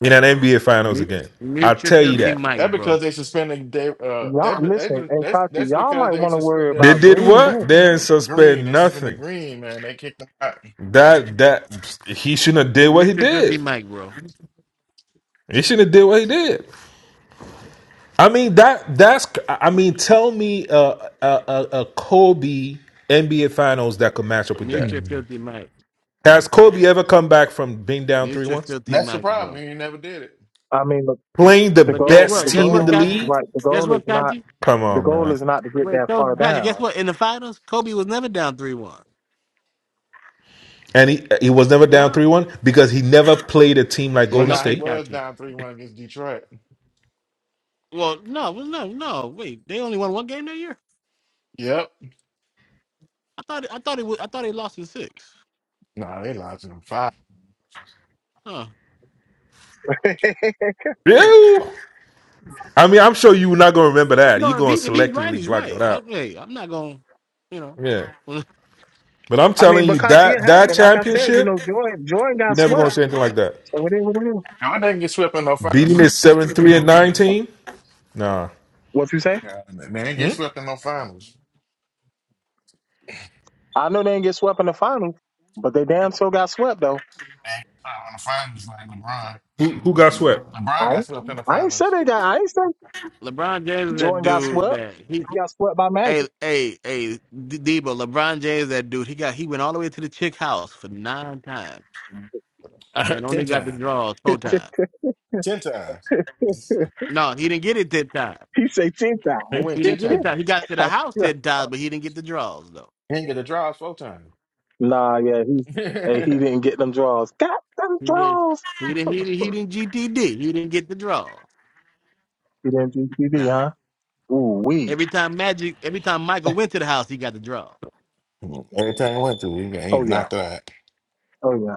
S12: in an NBA Finals
S3: Mute
S12: again. I
S3: mute your
S12: tell you
S3: filthy
S12: that.
S3: mic,
S16: That
S3: bro.
S16: because they suspended. They, uh,
S10: Y'all
S16: that, that's
S10: listen, hey
S16: that's
S10: Kachi,
S16: that's
S10: y'all
S16: because
S10: might
S16: they
S10: want to worry
S16: suspended
S12: They
S10: about
S12: did
S10: Green
S12: what?
S10: Bay.
S12: They didn't
S16: Green.
S12: suspend
S16: They suspended
S12: nothing.
S16: Green, man. They kicked him out.
S12: That that he shouldn't have did what
S3: Mute
S12: he
S3: your filthy
S12: did.
S3: mic, bro.
S12: He shouldn't have did what he did. I mean that that's I mean tell me a uh, a a a Kobe NBA Finals that could match up with
S3: Mute
S12: that.
S3: your
S16: Mm.
S3: filthy mic.
S12: Has Kobe ever come back from being down three
S3: Mute your
S12: one,
S3: filthy
S16: That's the
S3: mic, bro.
S16: problem. He ain't never did it.
S10: I mean,
S12: playing the
S10: the
S3: But guess
S10: goal
S12: best
S3: what?
S10: the
S3: Guess
S12: team in
S3: what,
S12: the
S10: goal
S3: Kaji?
S12: league?
S10: right the
S3: Guess
S10: goal is
S3: what,
S10: not
S3: Kaji?
S12: Come
S10: the
S12: on,
S10: goal
S12: man.
S10: is not to get
S3: Wait,
S10: that
S3: so
S10: far
S3: Kaji, guess
S10: down.
S3: what? In the finals, Kobe was never down three one.
S12: And he he was never down
S3: No.
S12: three one because he never played a team like
S16: Well,
S12: Golden
S16: now he
S3: Okay,
S12: State.
S16: was
S3: Kaji.
S16: down 3 1 against Detroit.
S3: Well, no, well, no, no. Wait, they only won one game that year.
S16: Yep.
S3: I thought, I thought it was, I thought they lost in six.
S16: Nah, they lost in five.
S3: Huh. huh.
S12: Yeah. I mean, I'm sure you're not gonna remember that. You're
S3: No, if he
S12: gonna
S3: if he's right,
S12: selectively
S3: he's
S12: block
S3: right.
S12: that out.
S3: Okay, I'm not gonna, you know.
S12: Yeah. But I'm
S10: I mean,
S12: telling
S10: but
S12: you
S10: Kachi, it
S12: that that
S10: happened. Like I said, you
S12: championship,
S10: know, Jordan Jordan
S12: you're
S10: got
S12: never gonna
S10: swept.
S12: see anything like that.
S10: So it is what it is.
S16: Y'all didn't get swept in no
S12: Beating
S16: finals.
S12: is seven three and nineteen. Nah.
S10: What you say?
S16: Yeah, they didn't get
S12: Hmm?
S16: swept in no finals.
S10: I know they didn't get swept in the finals, but they damn sure got swept though.
S16: They ain't got swept in the finals
S12: Who who got swept?
S16: like LeBron. LeBron
S10: I
S16: got
S10: ain't,
S16: swept in the
S10: I ain't said
S16: finals.
S10: they got. I ain't said
S3: LeBron James is that
S10: Jordan got
S3: dude
S10: swept.
S3: that
S10: He
S3: he.
S10: got swept by
S3: Hey,
S10: Magic.
S3: hey, hey, D- Debo, LeBron James, that dude, he got he went all the way to the chick house for nine times and only
S16: 10
S3: got the
S16: times.
S3: draws four times.
S16: 10 times.
S3: No, he didn't get it that time.
S10: he say ten
S16: He
S10: times.
S16: went
S3: He
S16: 10
S3: didn't get it that.
S16: times.
S3: time. He got to the house that time, but he didn't get the draws though.
S16: He didn't get a draw four times.
S10: nah, yeah, he
S16: Every
S10: and he didn't get them draws. Got them
S3: He didn't.
S10: draws.
S3: He didn't. He didn't. He didn't GTD. He didn't get the draws.
S10: He didn't do CD,
S3: Nah.
S10: huh? Ooh wee.
S3: Every time Magic, every time Michael went to the house, he got the draw.
S16: time he went to, he got he
S10: Oh yeah.
S16: knocked out.
S10: Oh yeah.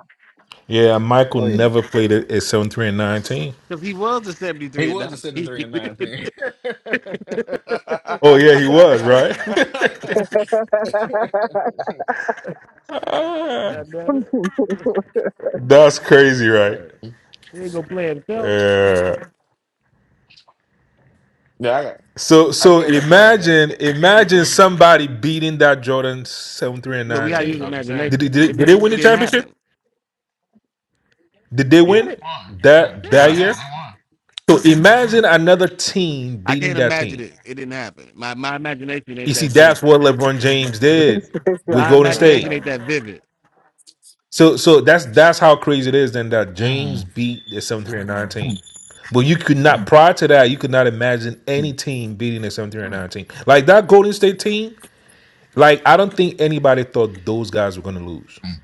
S12: Yeah, Michael
S10: Oh yeah.
S12: never played at, at seven three and nineteen.
S3: Cause he was the seventy
S16: He
S3: three and
S16: was a sitting
S3: nineteen.
S16: 3 and 9
S12: Oh yeah, he was right.
S16: thing.
S3: God damn it!
S12: That's crazy, right?
S3: Hey, He ain't gonna play himself.
S12: Yeah.
S16: Yeah, I got.
S12: So
S16: I
S12: so
S16: give LeBron that.
S12: imagine imagine somebody beating that Jordan seven three and
S3: But we
S16: Yeah,
S3: gotta
S16: that's
S3: use
S12: nineteen.
S16: what I'm
S12: Did they,
S3: imagination.
S12: did, they-
S3: It
S12: did they
S3: did.
S12: win
S3: It
S12: the
S3: didn't
S12: championship?
S3: happen.
S12: Did they
S16: Yeah,
S3: Did
S16: they
S12: win
S3: it?
S16: won. Yeah,
S12: that that
S3: Yeah.
S12: year?
S16: yeah,
S12: So imagine another team
S3: I
S12: beating
S3: can't
S12: that
S3: imagine
S12: team.
S3: it. It didn't happen. My my imagination
S12: You
S3: ain't
S12: see,
S3: that
S12: that's
S3: busy.
S12: what LeBron James did
S10: I
S12: with
S3: My
S12: Golden
S10: don't
S12: State.
S3: imagination ain't that
S10: imagine.
S3: vivid.
S12: So so that's that's how crazy it is then that
S16: they
S12: James
S16: won. Mm.
S12: beat the 739 team.
S16: Mm.
S12: But you could not prior to that, you could not imagine
S16: Mm.
S12: any team beating the 739 team. Like that Golden State team, like I don't think anybody thought those guys were gonna lose.
S16: Mm.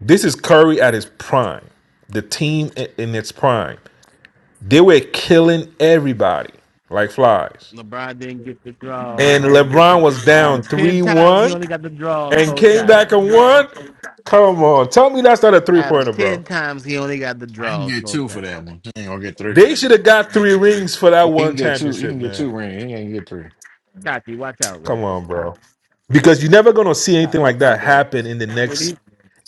S12: This is Curry at his prime. The team i- in its prime. They were killing everybody like flies.
S3: LeBron didn't get the draws.
S12: And
S3: Off
S12: LeBron was
S3: out
S12: down
S3: of ten times, he
S12: 3-1
S3: only got the draws
S12: and
S3: four
S12: came back
S3: times.
S12: and won. Come on. Tell me that's not a
S3: Out of
S12: three-pointer, bro.
S3: ten times, he only got the
S16: I can
S3: draws
S16: get
S3: four
S16: two for
S3: times.
S16: that one. He ain't gonna get three.
S12: They should have got three rings for that
S16: He can
S12: one
S16: get
S3: And
S16: two. He
S12: championship,
S16: can get two
S12: man.
S16: rings. He ain't get three.
S3: Kachi, watch out, man.
S12: Come on, bro. Because you're never gonna see anything like
S3: Watch out,
S12: that
S3: man.
S12: happen in the
S3: When
S12: next
S3: he,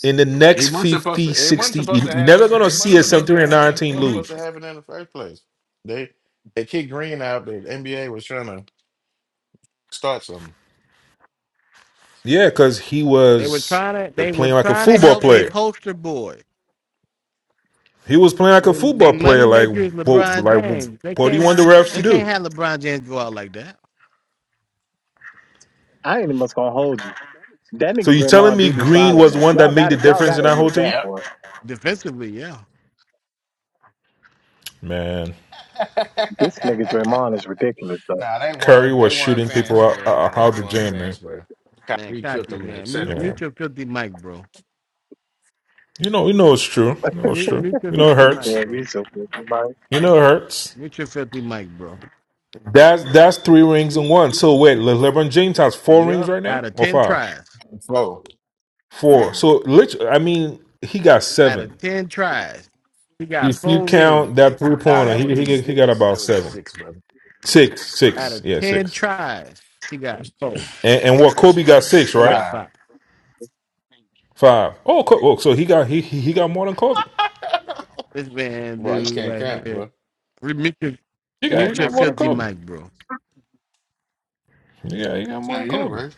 S12: in the next
S16: It wasn't supposed to.
S12: fifty,
S16: It wasn't
S12: sixty.
S16: supposed to
S12: You're
S16: happen.
S12: never gonna
S16: It wasn't
S12: see a
S16: supposed to
S12: 73 and nine
S16: happen. It
S12: team
S16: wasn't supposed
S12: lose.
S16: to happen in the first place. They they kicked Green out. The NBA was trying to start something.
S12: Yeah, because he
S3: they were
S12: was
S3: trying to,
S12: uh,
S3: they were
S12: playing like a
S3: trying to
S12: football
S3: help their
S12: player.
S3: poster boy.
S12: He was playing like a
S3: They, they
S12: football player.
S3: money maker
S12: Like
S3: is
S12: what
S3: LeBron
S12: like
S3: James. They
S12: what do you
S3: can't,
S12: want the refs to
S3: they can't
S12: do?
S3: have LeBron James go out like that.
S10: I ain't even much gonna hold you. That
S12: So
S10: nigga
S12: you telling
S10: Draymond
S12: me
S10: do be
S12: Green
S10: filing
S12: was the
S10: though.
S12: one
S10: Y'all
S12: that made
S10: got
S12: the
S10: it. Y'all
S12: difference
S10: got
S12: in
S10: to
S12: that whole
S10: admit that,
S12: team?
S16: Yep.
S10: boy.
S3: Defensively, yeah.
S12: Man.
S10: This nigga Draymond is ridiculous though.
S16: nah, they
S12: Curry
S16: won. They
S12: was
S16: won
S12: shooting
S16: fan
S12: people out,
S16: square, man.
S12: out
S16: They
S12: out the
S16: won
S12: gym,
S16: fan
S12: man.
S16: square.
S3: Man,
S16: Kyrie killed
S3: Kachi,
S16: them in that
S3: man, mute,
S16: seven
S12: Yeah.
S3: mute your filthy mic, bro.
S12: You know, you know it's true. You know it's
S3: Mute,
S12: true.
S3: mute your
S12: You know it
S3: filthy
S10: He
S3: mic,
S12: hurts.
S10: said
S3: bro.
S10: he's so like,
S12: You know it hurts.
S3: Mute your filthy mic, bro.
S12: That's that's three rings in one. So wait, Le- LeBron James has four rings
S3: Yep.
S12: right now
S3: Out of
S12: or
S3: ten
S12: five?
S3: tries.
S16: Oh,
S12: Four. So literally, I mean, he got
S3: Out of
S12: seven.
S3: ten tries. He got
S12: If you
S3: four rings.
S12: count that three
S16: nah,
S12: pointer,
S16: that would
S12: he
S16: be
S12: he he got
S16: six. That
S12: about
S16: would be
S12: seven,
S16: six, brother.
S12: six,
S3: Out
S12: six,
S3: of
S12: yeah,
S3: ten
S12: six.
S3: tries. He got four.
S12: And, and what Kobe got six,
S3: Kobe
S12: right?
S3: got
S16: Five.
S3: five.
S12: Five. Oh, Co- oh, so he got he he he got more than Kobe.
S3: This man
S16: Bro, you
S3: dude
S16: can't
S3: right
S16: count,
S3: here.
S16: bro.
S3: Re- Mute your,
S12: He got he
S3: mute your
S12: got more than
S3: filthy
S12: Kobe.
S3: mic, bro.
S12: Yeah, he got
S16: It's
S12: more
S16: not
S12: than Kobe.
S16: universe.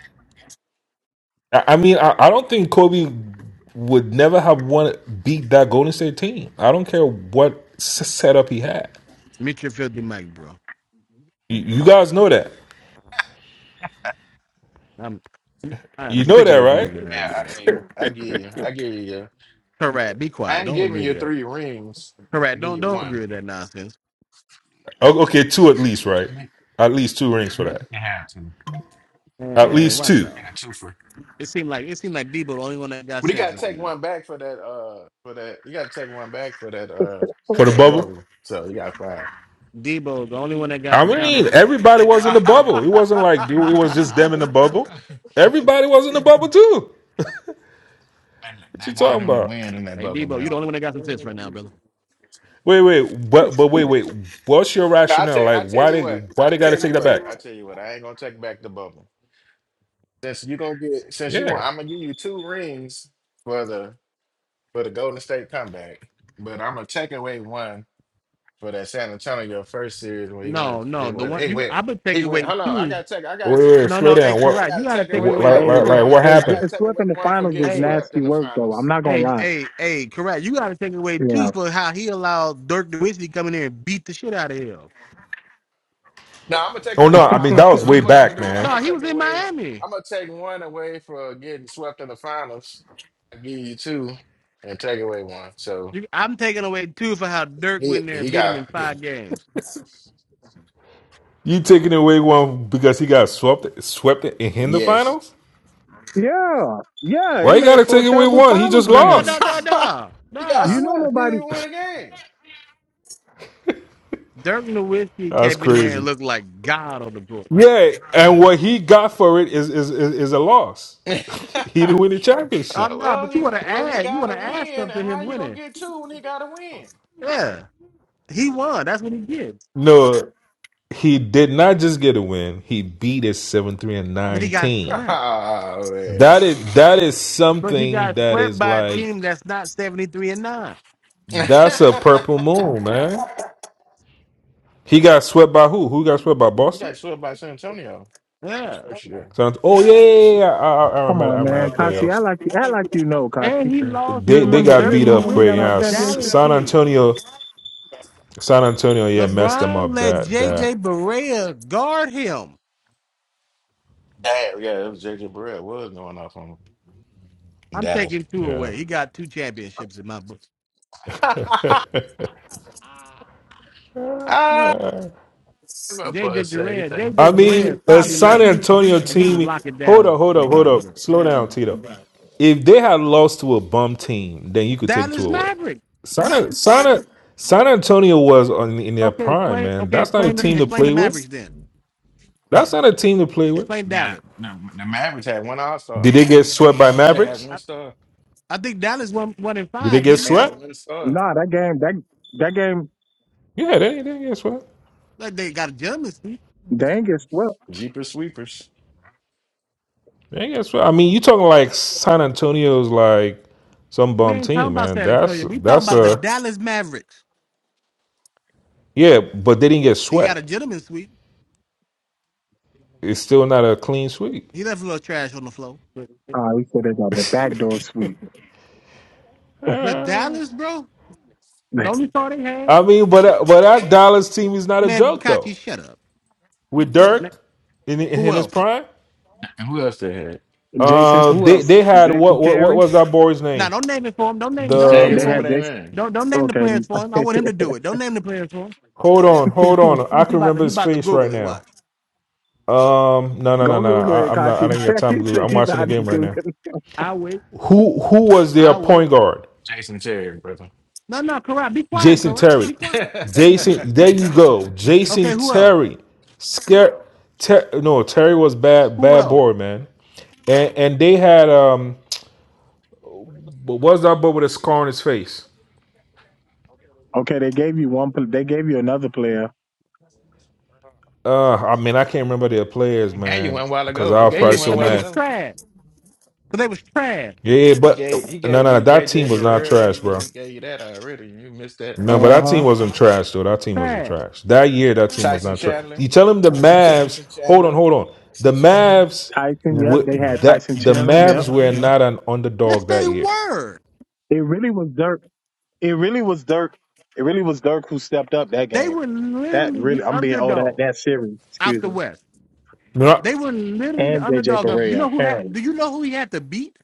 S12: I I mean, I, I don't think Kobe would never have won beat that Golden State team. I don't care what s- setup he had.
S3: Mute your filthy mic, bro.
S12: You, you guys know that.
S3: I'm I am
S12: You know
S3: sick of
S12: that,
S3: this
S12: right?
S3: nigga
S16: Yeah,
S3: right
S16: I
S3: now.
S16: gave you. I gave you. I gave you. uh,
S3: Correct. Be
S16: I
S3: quiet.
S16: ain't
S3: Don't
S16: giving
S3: agree to
S16: you
S3: that.
S16: three rings. I
S3: Correct.
S16: give
S3: Don't
S16: you
S3: don't agree
S16: one.
S3: with that nonsense.
S12: O- Okay, two at least, right?
S16: I think
S12: At least two rings for
S16: You
S12: that.
S16: can have two.
S12: At
S3: And
S12: least
S3: watch
S12: two
S16: You
S3: out.
S16: got two for.
S3: It seemed like it seemed like Debo the only one that got
S16: But you
S3: sense
S16: gotta
S3: right
S16: take
S3: now.
S16: one back for that. Uh, for that. You gotta take one back for that. Uh,
S12: for
S16: for
S12: the
S16: the
S12: bubble.
S16: bubble. So you got five.
S3: Debo the only one that got
S12: I
S3: some common
S12: mean,
S3: sense.
S12: everybody was in the bubble. It wasn't like it was just them in the bubble.
S16: they,
S12: Everybody was in the bubble too.
S16: they
S12: What you
S16: wanted
S12: talking
S16: him to
S12: about?
S16: win in that
S3: Hey,
S16: bubble,
S3: Debo, you
S16: man.
S3: the only one that got some sense right now, brother.
S12: Wait, wait, but but wait, wait. What's your
S16: Yeah, I
S12: rationale?
S16: tell
S12: Like,
S16: I tell
S12: why
S16: you
S12: they
S16: what.
S12: why
S16: I
S12: they got to
S16: tell you
S12: take that
S16: what.
S12: back?
S16: I tell you what. I ain't gonna take back the bubble. Since you gonna get since you want,
S12: Yeah.
S16: I'm gonna give you two rings for the for the Golden State comeback. But I'm gonna take away one for that San Antonio first series when he
S3: No,
S16: went
S3: no,
S16: he
S3: the
S16: went
S3: one
S16: he
S3: you
S16: went
S3: I would take
S16: he went
S3: away
S16: hold on, I
S3: two.
S16: gotta take I
S12: Wait,
S16: gotta
S12: wait, wait,
S3: No,
S12: slow
S3: no, hey,
S12: down. What,
S16: I
S3: correct. You
S16: gotta
S3: gotta
S16: take
S3: take
S16: away
S12: what
S3: away
S12: like,
S16: one
S10: hey,
S16: for
S12: like,
S3: two.
S12: like,
S16: going
S12: what
S10: hey,
S16: I
S12: happened?
S16: gotta
S10: getting
S16: take
S10: swept
S16: away
S10: in the
S16: one for
S10: finals
S16: getting
S10: is
S3: Hey,
S16: swept
S10: nasty
S16: in the
S10: work though.
S16: finals.
S10: I'm not gonna
S3: hey,
S10: lie.
S3: hey, hey, correct. You gotta take away two
S10: Yeah,
S3: for how he allowed Dirk Nowitzki come in there and beat the shit out of him.
S16: No, I'm gonna take
S12: Oh
S16: it.
S12: no,
S16: No, no,
S12: I
S16: I'm
S12: mean that
S16: gonna.
S12: was
S16: This
S12: way
S16: is what I'm gonna
S12: back,
S16: do. I'm
S12: man.
S3: No,
S16: gonna
S3: he
S16: take
S3: was in
S16: away.
S3: Miami.
S16: I'm gonna take one away for getting swept in the finals. I give you two, and take away one. So
S3: You, I'm taking away two for how Dirk went
S16: he
S3: in there and
S16: he
S3: beat him in
S16: got
S3: five games.
S12: You taking away one because he got swept, swept in the
S16: yes.
S12: finals?
S10: yeah, yeah. It
S12: Why you
S10: made
S12: gotta
S10: for a
S12: take away
S10: terrible
S12: one? He
S10: finals
S12: just
S3: No, no,
S10: game.
S3: no, no,
S12: lost.
S3: no,
S16: he got
S10: You
S3: no.
S10: know
S16: swept. You didn't
S10: nobody.
S16: even win
S3: Dirk Nowitzki
S12: That's
S3: came in there and
S12: crazy.
S3: looked like God on the court.
S12: Yeah, and what he got for it is is is, is a loss.
S16: a
S12: he
S16: game.
S12: didn't win the
S3: Oh
S12: championship.
S16: Uh,
S3: no,
S16: well,
S3: but you wanna
S16: he well he
S3: add, you
S16: got
S3: wanna
S16: to
S3: add stuff
S16: win,
S3: to
S16: and
S3: him
S16: how you gonna
S3: winning.
S16: get two when he got to win?
S3: Yeah. He won. That's what he did.
S12: No, he did not just get a win. He beat a seven three and
S3: But he got
S12: nineteen.
S3: swept.
S16: Oh
S12: That is that is
S3: But he
S12: something
S3: got
S12: that
S3: swept
S12: is
S3: by a
S12: like
S3: team that's not 73 and 9.
S16: man,
S12: that's a purple moon, man. He got swept by who? Who got swept by
S16: you
S12: Boston?
S16: got swept by San Antonio. His
S3: Yeah.
S16: First year.
S12: So, oh yeah, yeah, yeah. yeah. I, I, I
S10: Come
S12: remember. I
S10: on,
S12: remember
S10: man,
S12: that
S10: Kachi. I
S12: playoffs.
S10: like you. I like you know, Kachi.
S3: And he
S16: Damn,
S3: lost
S10: You
S12: They
S3: to
S12: they
S3: a
S10: remember?
S12: got
S3: Dirk
S10: You
S12: beat
S10: remember
S12: up
S10: when we
S12: quick.
S10: got our
S12: Yeah,
S3: Nowitzki
S12: S-
S3: Dallas
S10: championship?
S12: San
S3: team.
S12: Antonio, San Antonio, yeah, messed them
S3: LeBron
S12: up.
S3: let
S12: That that
S3: JJ Barea guard him.
S16: yeah, it was JJ Barrett was going off on him. in
S3: I'm
S16: Dallas.
S3: taking two
S12: yeah.
S3: away. He got two championships in my book.
S16: ah, what
S3: JJ
S16: buzz say
S3: Barea,
S16: anything?
S12: I
S3: JJ Barea is
S12: mean, a San
S3: 5'11,
S12: Antonio
S3: and he was
S12: team.
S3: locking
S12: Hold up,
S3: down
S12: hold up, hold
S3: LeBron
S12: up.
S3: James.
S12: Slow down, Tito. If they had lost to a bum team, then you could take two
S3: Dallas
S12: away.
S3: Mavericks.
S12: San San San Antonio was on, in their
S3: Okay,
S12: prime,
S3: explain.
S12: man.
S3: Okay,
S12: That's not a
S3: explain. The,
S12: team to
S3: explain the
S12: play with.
S3: Mavericks then.
S12: That's not a team to play with.
S3: Explain
S16: Yeah,
S3: Dallas.
S16: the, the Mavericks had one All Star.
S12: Did they get swept by
S16: They had
S12: Mavericks?
S16: one
S3: I,
S16: star.
S3: I think Dallas won one in
S12: Did they
S3: five,
S12: get
S3: didn't
S16: They
S3: they?
S16: had
S12: swept?
S16: one star.
S10: Nah, that game, that that game,
S12: Yeah, they they get swept.
S3: Like they got a gentleman suite.
S10: they ain't get swept.
S16: Jeepers Sweepers.
S12: They get swept. I mean, you talking like San Antonio's like some
S3: We
S12: bum
S3: ain't talking
S12: team,
S3: about
S12: man.
S3: San
S12: That's
S3: Antonio. We talking
S12: that's
S3: about the
S12: a
S3: Dallas Mavericks.
S12: yeah, but they didn't get
S3: He got a
S12: swept.
S3: gentleman suite.
S12: It's still not a clean sweep.
S3: He left a little trash on the floor. But
S10: Ah, we said they got the backdoor sweep.
S3: but Dallas, bro, the only star they had,
S12: I mean, but uh, but that Dallas team is not a
S3: man,
S12: joke though.
S3: Kachi, shut up.
S12: With
S3: Man,
S12: Dirk in
S3: Who
S12: in his
S3: else?
S12: prime,
S16: And who else they had?
S10: Jason,
S12: uh,
S10: who
S12: they
S10: else?
S12: they had what
S10: Jason
S12: what what
S10: Terry.
S12: was that boy's
S3: Now
S12: name?
S3: don't name it for him. Don't name
S16: Just
S3: don't
S16: can't
S3: name it
S16: even
S12: The
S10: They
S3: for
S16: remember
S10: had
S3: him.
S16: their
S10: Jason.
S16: name.
S3: Don't don't name the
S10: Okay,
S3: players for him. I want him to do it. Don't name the players for him.
S12: hold on, hold on. I
S3: He
S12: can
S3: about to
S12: remember
S3: he
S12: his
S3: about to
S12: face
S3: Google
S12: right
S3: it.
S12: now.
S3: Watch.
S12: Um, no, no, no,
S10: go
S12: no, no.
S10: Google
S12: I,
S10: it,
S12: I'm not. I
S10: Kachi.
S12: don't got
S10: he
S12: time to. do it.
S10: said
S12: I'm
S10: he's
S12: watching the
S10: out
S12: game
S10: of
S12: right now.
S10: Google.
S3: I wait.
S12: Who who was their
S3: I wait.
S12: point guard?
S16: Jason Terry, brother.
S3: No, no, Karat, be quiet,
S12: Jason
S3: Karat.
S12: Terry.
S3: Be
S16: he
S3: quiet.
S12: Jason. There you go.
S3: Okay,
S12: Jason
S3: who else?
S12: Terry. Scare. Ter- no, Terry was bad.
S3: Who
S12: Bad
S3: else?
S12: boy, man. And and they had um. What was that boy with a scar on his face?
S10: Okay, they gave you one. pl- They gave you another player.
S12: Uh, I mean, I can't remember their players,
S16: gave you
S12: man,
S16: one while
S12: because
S16: ago.
S12: I
S16: He
S12: was
S3: Cause
S16: gave you
S12: probably
S3: they,
S16: one
S12: so
S3: cause they
S16: while
S3: was
S12: mad.
S16: ago.
S3: trash. Cause they was trash.
S12: Yeah,
S16: He
S12: but
S16: gave he
S12: no,
S16: gave
S12: no,
S16: you
S12: that team
S16: JJ
S12: was not
S16: Barrera.
S12: trash, bro.
S16: He gave you that already. You missed that.
S12: No, but
S10: Uh
S12: that
S10: huh.
S12: team wasn't trash though. That team wasn't
S3: Trash.
S12: trash. That year, that team was
S16: Tyson
S12: not trash.
S16: Chandler.
S12: You tell him the Mavs.
S16: Tyson
S12: Hold on,
S16: Chandler.
S12: hold on. The Mavs.
S10: Tyson, yep.
S12: w-
S10: They had
S12: That
S10: Tyson
S12: the
S10: Chandler, yep.
S12: Mavs were not an
S3: Yes,
S12: underdog
S3: they
S12: that year.
S3: were.
S10: It really was Dirk. It really was Dirk. It really was Dirk who stepped up that
S3: They
S10: game.
S3: were
S10: That
S3: literally
S10: really,
S3: the
S10: I'm being old that
S3: underdog
S10: that series,
S3: out
S10: excuse
S3: the
S10: me,
S3: West.
S12: No, I-
S3: They were literally the
S10: and JJ
S3: underdog of. You
S10: Barea
S3: know who had?
S10: apparently.
S3: Do you know who he had to beat?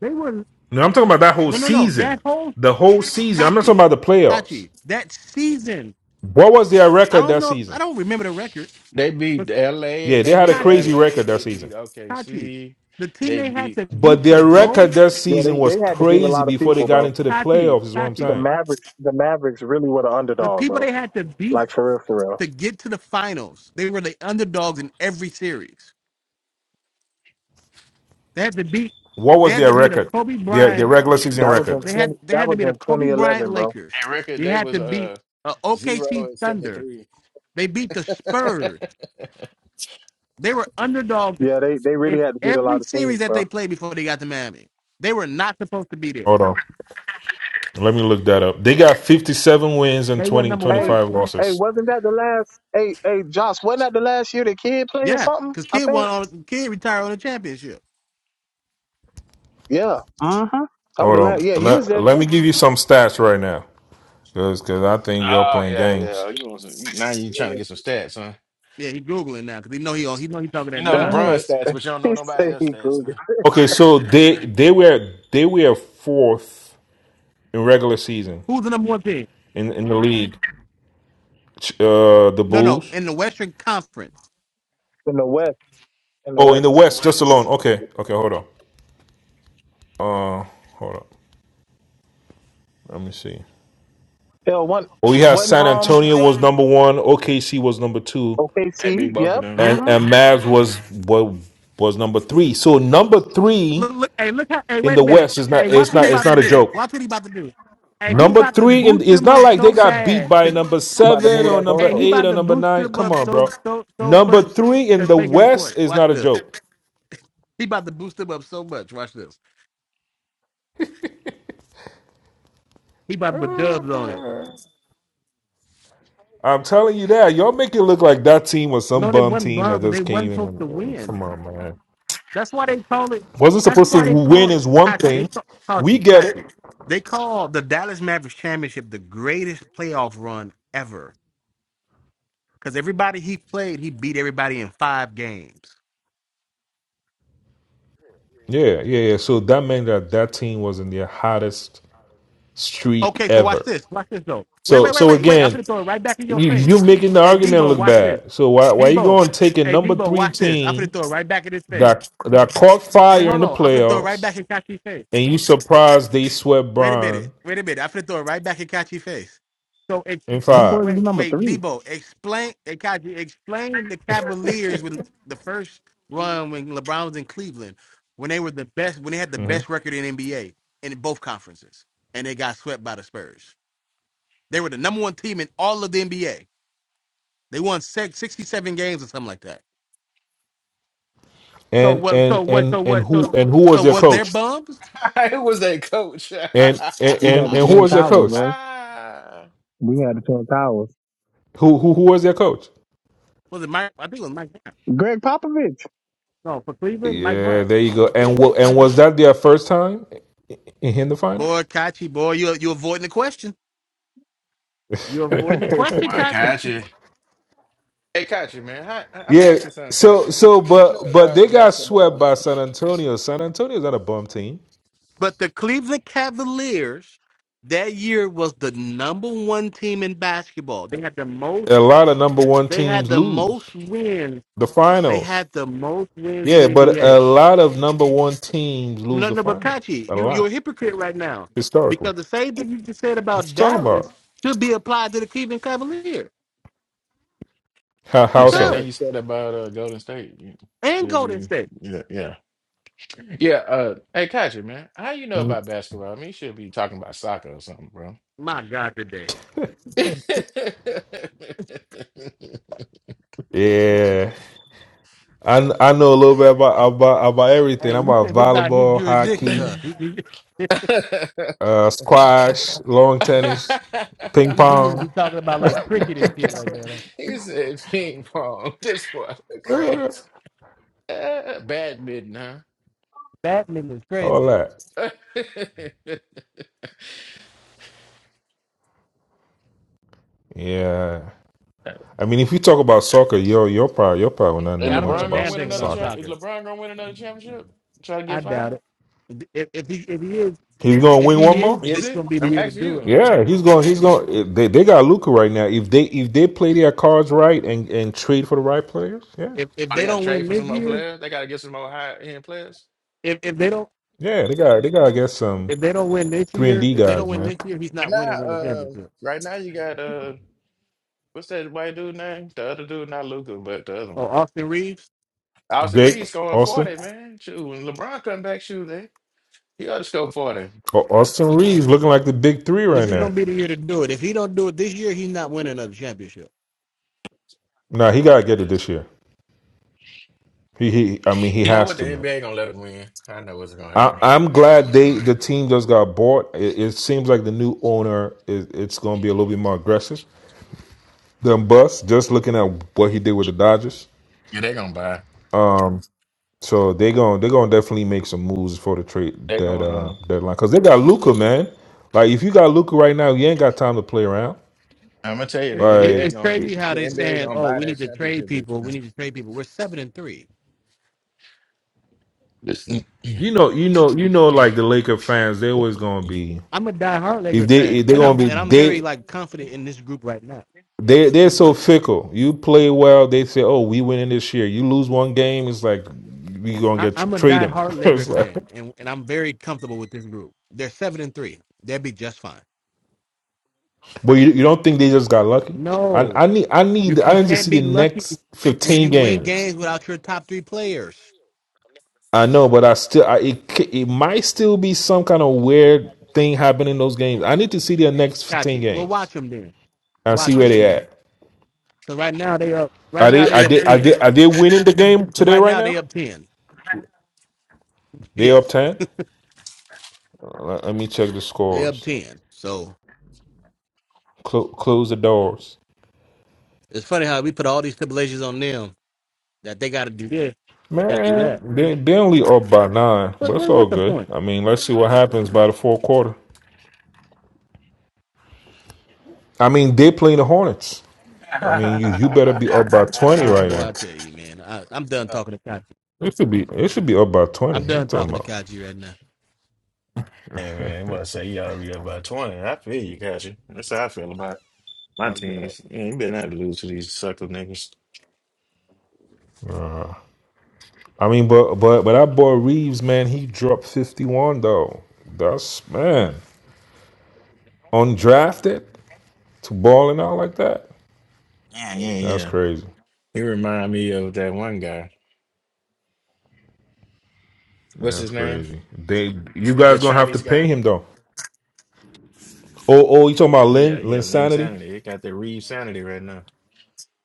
S3: They were
S12: no, I'm talking about that whole
S3: no, no, no.
S12: season.
S3: That whole
S12: The whole season. I'm not
S3: Tachi,
S12: talking about the playoffs.
S3: Tachi, that season.
S12: What was their
S3: I
S12: record
S3: don't
S12: that
S3: know. I
S12: season?
S3: don't remember the record,
S16: They
S3: but
S16: beat LA.
S12: Yeah, they
S16: They
S12: had a
S16: beat
S3: Tachi,
S12: crazy
S16: LA.
S12: record that
S16: They beat
S12: season.
S3: Tachi,
S16: OKC.
S3: the team
S16: They
S3: they had
S16: beat
S3: to beat
S12: But
S3: to
S12: their
S3: go.
S12: record that
S10: Yeah,
S12: season
S10: they
S12: was
S10: they had to beat a
S12: crazy
S10: lot of
S12: before they
S10: people,
S12: got
S10: bro.
S12: into the
S3: Tachi,
S12: playoffs. Is what I'm
S3: Tachi,
S10: The
S12: saying.
S10: Mavericks, the Mavericks really were the
S3: the
S10: underdog,
S3: people
S10: bro.
S3: they had to beat
S10: Like for real, for real.
S3: to get to the finals. They were the underdogs in every series. They had to beat.
S12: What
S3: They
S12: was
S3: had
S12: their
S3: to beat a
S12: record?
S3: Kobe
S12: Their their
S3: Bryant
S12: regular season
S10: That was in
S12: record.
S3: They had
S10: 20,
S3: they
S10: that
S3: had to
S10: was
S3: beat the
S10: in
S3: Kobe Bryant
S10: 2011, bro.
S3: Lakers.
S16: And record
S3: They
S16: they
S3: had to
S16: was
S3: beat
S16: uh
S3: uh,
S16: zero
S3: OKC
S16: and seventy
S3: Thunder.
S16: three.
S3: They beat the Spurs. They were underdogs
S10: Yeah, they they really
S3: in
S10: had to beat a
S3: every
S10: lot of teams,
S3: series that
S10: bro.
S3: they played before they got to Miami. They were not supposed to be there.
S12: Hold on. Let me look that up. They got 57 wins and
S3: They were
S12: 20
S3: number
S10: Hey,
S3: one.
S12: 25
S10: hey,
S12: losses.
S10: wasn't that the last? Hey, hey, Josh, wasn't that the last year the kid played or
S3: Yeah,
S10: something?
S3: because
S10: I
S3: kid
S10: think.
S3: won on kid retired on a championship.
S10: Yeah. Uh huh. I would
S12: Hold
S10: allow.
S12: on.
S10: Yeah, he was
S12: Let,
S10: there
S12: let
S10: too.
S12: me give you some stats right now. Because I think you're
S16: Oh
S12: playing
S16: yeah, yeah.
S12: games.
S16: Oh, You want some? you- Now you trying to
S10: Yeah,
S16: get some stats, huh?
S3: Yeah, he googling now because he know he he know he talking
S16: You
S3: that
S16: know
S10: Go
S16: LeBron
S10: ahead.
S3: nonsense.
S16: stats, but you don't know
S10: He
S16: nobody
S10: said
S16: else
S10: he
S16: stats,
S10: could
S16: man.
S12: Okay, so they they were they were fourth in regular season
S3: Who's the number one team?
S12: in, in the league. Ch- Uh, the
S3: No, no,
S12: Bulls.
S3: in the Western Conference.
S10: in the West. In the
S12: Oh, in the
S10: West.
S12: West, just alone. Okay, okay, hold on. Uh, hold on. Let me see.
S10: Hell, one
S12: Oh, yeah.
S10: one
S12: San
S10: um
S12: Antonio was number one. OKC was number two.
S16: Hey,
S10: OKC.
S16: big both of
S10: Yep.
S16: them.
S12: and
S10: Mm-hmm.
S12: and Mavs was was was number three. So number three
S3: Look, look, hey, look how, hey,
S12: in
S3: wait a
S12: the
S3: minute.
S12: West is
S3: Hey,
S12: not
S3: watch
S12: it's
S3: what
S12: not
S3: he
S12: it's
S3: about to
S12: not a
S3: do.
S12: joke.
S3: Watch what he about to do. Hey, he
S12: Number
S3: about to
S12: three in
S3: boost
S12: it's
S3: him
S12: not
S3: up
S12: like they
S3: so
S12: got beat
S3: bad.
S12: by
S3: To,
S12: number
S10: You about to
S12: seven
S10: move
S12: or
S10: that
S12: number
S3: hey, he
S10: goalpost.
S12: eight
S3: about
S12: or
S3: to
S12: number
S3: boost
S12: nine.
S3: him
S12: Come
S3: up
S12: on,
S3: so
S12: bro.
S3: so so
S12: Number
S3: much
S12: three in
S3: to
S12: the
S3: make his
S12: West
S3: point.
S12: is
S3: Watch
S12: not a
S3: this.
S12: joke.
S3: He about to boost him up so much. Watch this. He about to put dubs on it.
S12: I'm telling you that. Y'all make it look like that team was some
S3: No, they
S12: bum
S3: wasn't
S12: team that
S3: bums, but they
S12: just came
S3: wasn't
S12: in.
S3: supposed to
S12: And,
S3: win.
S12: come on, man.
S3: That's why they call it.
S12: Wasn't
S3: That's
S12: supposed
S3: why
S12: to
S3: they
S12: win
S3: call
S12: is one
S3: Kachi. They
S12: thing.
S3: call
S12: We
S3: Kachi.
S12: get
S3: Kachi.
S12: it.
S3: They call the Dallas Mavericks championship the greatest playoff run ever Because everybody he played, he beat everybody in five games.
S12: Yeah, yeah, yeah. So that meant that that team was in their hottest streak
S3: Okay, so watch
S12: ever.
S3: this. Watch this though. Wait,
S12: So
S3: wait, wait,
S12: so
S3: wait, wait. I'm
S12: again,
S3: gonna throw it right back in your
S12: you
S3: face.
S12: you making the
S3: Hey
S12: argument
S3: Debo,
S12: look
S3: watch this.
S12: bad. So why why you
S3: Debo.
S12: going to take a
S3: Hey
S12: number
S3: Debo,
S12: three
S3: watch this. I'm gonna
S12: team
S3: throw it right back in his face.
S12: that that caught
S3: Wait,
S12: fire
S3: hold
S12: in the
S3: on. I'm gonna throw it right
S12: playoffs
S3: back in Kachi's face.
S12: and you surprised they swept
S3: Wait a minute.
S12: Brian
S3: Wait a minute. I'm gonna throw it right back in Kachi's face. So it
S12: in
S10: Them boys is
S12: 5
S3: Wait,
S10: number
S3: wait,
S10: three.
S3: Debo, explain, eh, Kaji, explain the Cavaliers with the first run when LeBron was in Cleveland, when they were the best, when they had the
S12: hmm
S3: best record in NBA in both conferences, and they got swept by the Spurs. They were the number one team in all of the NBA. They won six, 67 games or something like that. So
S12: And
S3: what? So
S12: and
S3: what?
S12: and
S3: So
S12: and
S3: what? So
S12: who and who was
S3: so
S12: their
S3: what? Their
S12: coach?
S3: bums
S16: Who was that coach?
S12: And and
S10: We had
S12: and,
S10: the
S12: and who
S10: Twin
S12: was their
S10: Towers,
S12: coach?
S10: boy.
S16: ah,
S10: We had the Twin Towers.
S12: Who who who was their coach?
S3: was it Mike? I think it was Mike Brown.
S10: Greg Popovich.
S3: No, for Cleveland, Mike
S12: Yeah,
S3: Brown.
S12: there you go. And wa- and was that their first time in in the finals?
S3: Boy, Kachi, boy, you you avoiding the question. You're avoiding the
S16: boy,
S3: question, Kachi.
S16: Kachi. Hey, Kachi, man. Hi, I- I'm gonna
S12: Yeah.
S16: ask you something,
S12: So
S16: Kachi.
S12: so
S16: How you know
S12: but but
S16: about
S12: they
S16: the
S12: got swept
S16: basketball?
S12: by San Antonio. San Antonio's not a bum team.
S3: But the Cleveland Cavaliers that year was the number one team in basketball. They had the most.
S12: A lot of number one
S3: They had
S12: teams
S3: the
S12: lose
S3: most wins.
S12: the
S3: They
S12: finals.
S3: had the most wins in
S12: Yeah,
S3: the
S12: but a
S3: NBA.
S12: lot of number one teams lose
S3: No,
S12: the
S3: no, but
S12: finals. A
S3: Kachi, you you're a
S12: lot.
S3: hypocrite right now
S12: Historically.
S3: because the same thing you just said
S12: What you
S3: about
S12: talking
S3: Dallas
S12: about?
S3: should be applied to the Cleveland Cavaliers
S12: How
S16: The
S12: how
S16: same
S12: so?
S16: thing
S3: because
S16: you said about uh, Golden State. You
S3: and
S16: should
S3: Golden
S16: be,
S3: State.
S16: yeah, yeah. Yeah, uh hey Kachi, man. How you know
S12: Mm,
S16: about basketball? I mean, you should be talking about soccer or something, bro.
S3: My God, today.
S16: he
S12: Yeah. I, kn- I know a little bit about about about everything.
S3: Hey,
S12: I'm
S3: you
S12: about
S3: said this out his
S12: volleyball,
S3: jurisdiction,
S12: hockey,
S3: huh? He, he,
S12: uh, squash, long tennis, ping
S3: he needs to be
S12: pong,
S3: talking about like cricket and shit like that. Huh?
S16: said ping pong. This boy is crazy. Uh, badminton, huh?
S3: Batman is
S12: all
S3: crazy.
S12: that. Yeah. I mean, if you talk about soccer, yo, you're probably you're probably will not
S16: Is
S12: know
S3: Yeah, I don't
S12: much
S3: know a
S16: LeBron
S12: about
S16: gonna
S3: damn
S12: s-
S16: win
S3: thing
S16: another
S3: about
S12: soccer.
S16: champ? Is
S3: soccer.
S16: LeBron gonna win another championship? Try to
S3: I
S16: get
S3: doubt
S16: five?
S3: it. If, if he if he is
S12: He's gonna
S3: if
S12: win one
S3: he
S12: more.
S3: is,
S16: Is
S3: this is
S16: it?
S3: gonna be the
S16: I'm
S3: year to
S16: asking
S3: do it.
S16: you.
S12: Yeah, he's going. to He's going. They they got Luca right now. If they if they play their cards right and and trade for the right players, yeah,
S3: If if
S16: Oh, they
S3: they
S16: gotta
S3: don't
S16: trade
S3: win
S16: for
S3: this
S16: some more
S3: year,
S16: players? They gotta get some more high end players?
S3: if if they don't
S12: yeah, they got they got to get some
S3: if they don't win this
S12: three and
S3: year,
S12: D
S3: if they don't
S12: guys,
S3: win
S12: man.
S3: this year, he's
S16: But
S3: not
S16: now,
S3: winning another
S16: uh,
S3: championship.
S16: right now you got uh, what's that white dude name? The other dude, not Luca, but the other
S3: So
S16: one.
S3: Austin Reeves,
S16: Austin Reed
S12: Jake
S16: scoring
S12: Austin
S16: forty, man. Shoot, when LeBron come back, shoot, they he ought to score forty.
S12: or Austin Reeves looking like the big three
S3: this
S12: right
S3: is
S16: Yeah,
S12: now.
S3: gonna be the year to do it. If he don't do it this year, he's not winning another championship.
S12: Nah, he got to get it this year. He he. I mean, he
S16: you know
S12: has
S16: what? The
S12: to, man.
S16: NBA gonna let him win. I know what's gonna
S12: I,
S16: happen.
S12: I'm glad they the team just got bought. It, it seems like the new owner is it's going to be a little bit more aggressive. them busts. Just looking at what he did with the Dodgers.
S16: Yeah, they gonna buy.
S12: Um, so they going they gonna definitely make some moves for the trade
S16: They
S12: that uh
S16: gonna. Uh,
S12: deadline because they got Luca, man. Like if you got Luca right now, you ain't got time to play around.
S16: I'm gonna tell you, the
S3: It, it,
S12: Like
S16: NBA
S3: it's
S16: gonna
S3: crazy how
S16: the
S3: they
S16: NBA
S3: saying,
S16: gonna
S3: "Oh,
S16: buy
S3: we need
S16: that
S3: to trade
S16: championship this
S3: people. We
S16: year.
S3: need to trade people." We're seven and three.
S16: Listen.
S12: you know, you know, you know, like the Laker fans, they always gonna be
S3: I'm a diehard
S12: if
S3: Laker
S12: they
S3: fan,
S12: if they
S3: and I'm
S12: gonna be
S3: and I'm very
S12: they.
S3: like confident in this group right now.
S12: They they're so fickle. You play well, they say, "Oh, we winning this year." You lose one game, it's like we gonna
S3: I,
S12: get tr-
S3: I'm a
S12: trade him.
S3: diehard Laker fan, and, and I'm very comfortable with this group. They're seven and three. They'll be just fine.
S12: But you, you don't think they just got lucky? I
S3: No,
S12: I need I
S3: you
S12: need
S3: you
S12: I need to
S3: can't
S12: see
S3: be
S12: the
S3: lucky
S12: next
S3: when
S12: fifteen
S3: you win
S12: games.
S3: games without your top three players.
S12: I know, but I still I, it ca- it might still be some kind of weird thing happening in those games. I need to see their next
S3: Got
S12: fifteen
S3: you. Well,
S12: games
S3: watch them then.
S12: and
S3: Watch
S12: see
S3: them
S12: where they
S3: then.
S12: at.
S3: Because right now they up. Right
S12: Are
S3: now
S12: they
S3: they
S12: are
S3: up
S12: they are
S3: ten.
S12: they are they winning the game
S3: Because
S12: today
S3: right
S12: right
S3: now they
S12: now?
S3: up ten.
S12: They up
S3: Yes,
S12: ten. Let, let me check the
S3: they up
S12: scores.
S3: ten. So
S12: Clo- close the doors.
S3: it's funny how we put all these stipulations on them that they got to do this, they got to do
S12: Man,
S3: that.
S12: they they only up by nine,
S3: But
S12: but it's
S3: what,
S12: all
S3: what's the
S12: good.
S3: point?
S12: I mean, let's see what happens by the fourth quarter. I mean, they playing the Hornets. I mean, you you
S16: Uh,
S12: better be up by twenty
S3: Ah,
S12: right
S3: boy,
S12: now.
S3: I tell you, man, I, I'm done talking to Kachi.
S12: It should be up by twenty.
S3: I'm
S12: What you
S3: done
S12: talking
S3: talking to
S12: about?
S3: Kachi right now.
S16: hey man, I'm about to say y'all be up by twenty. I feel you, got you. That's how I feel about it. My
S3: I'm good.
S16: teams, yeah, you better not lose to these sucker niggas.
S12: I mean, but but but that boy Reeves, man, he dropped fifty one though. That's man undrafted to balling out like that.
S16: Yeah, yeah, Yeah.
S12: That's
S16: yeah.
S12: crazy.
S16: He remind me of that one guy. What's his
S12: That's
S16: name?
S12: crazy. They you
S16: That
S12: guys gonna have to
S16: Chinese
S12: pay
S16: guy?
S12: him though. Oh oh, you talking about
S16: Yeah,
S12: Lin
S16: yeah,
S12: Lin
S16: Lin
S12: sanity?
S16: Sanity. He got that Reed Sanity right now.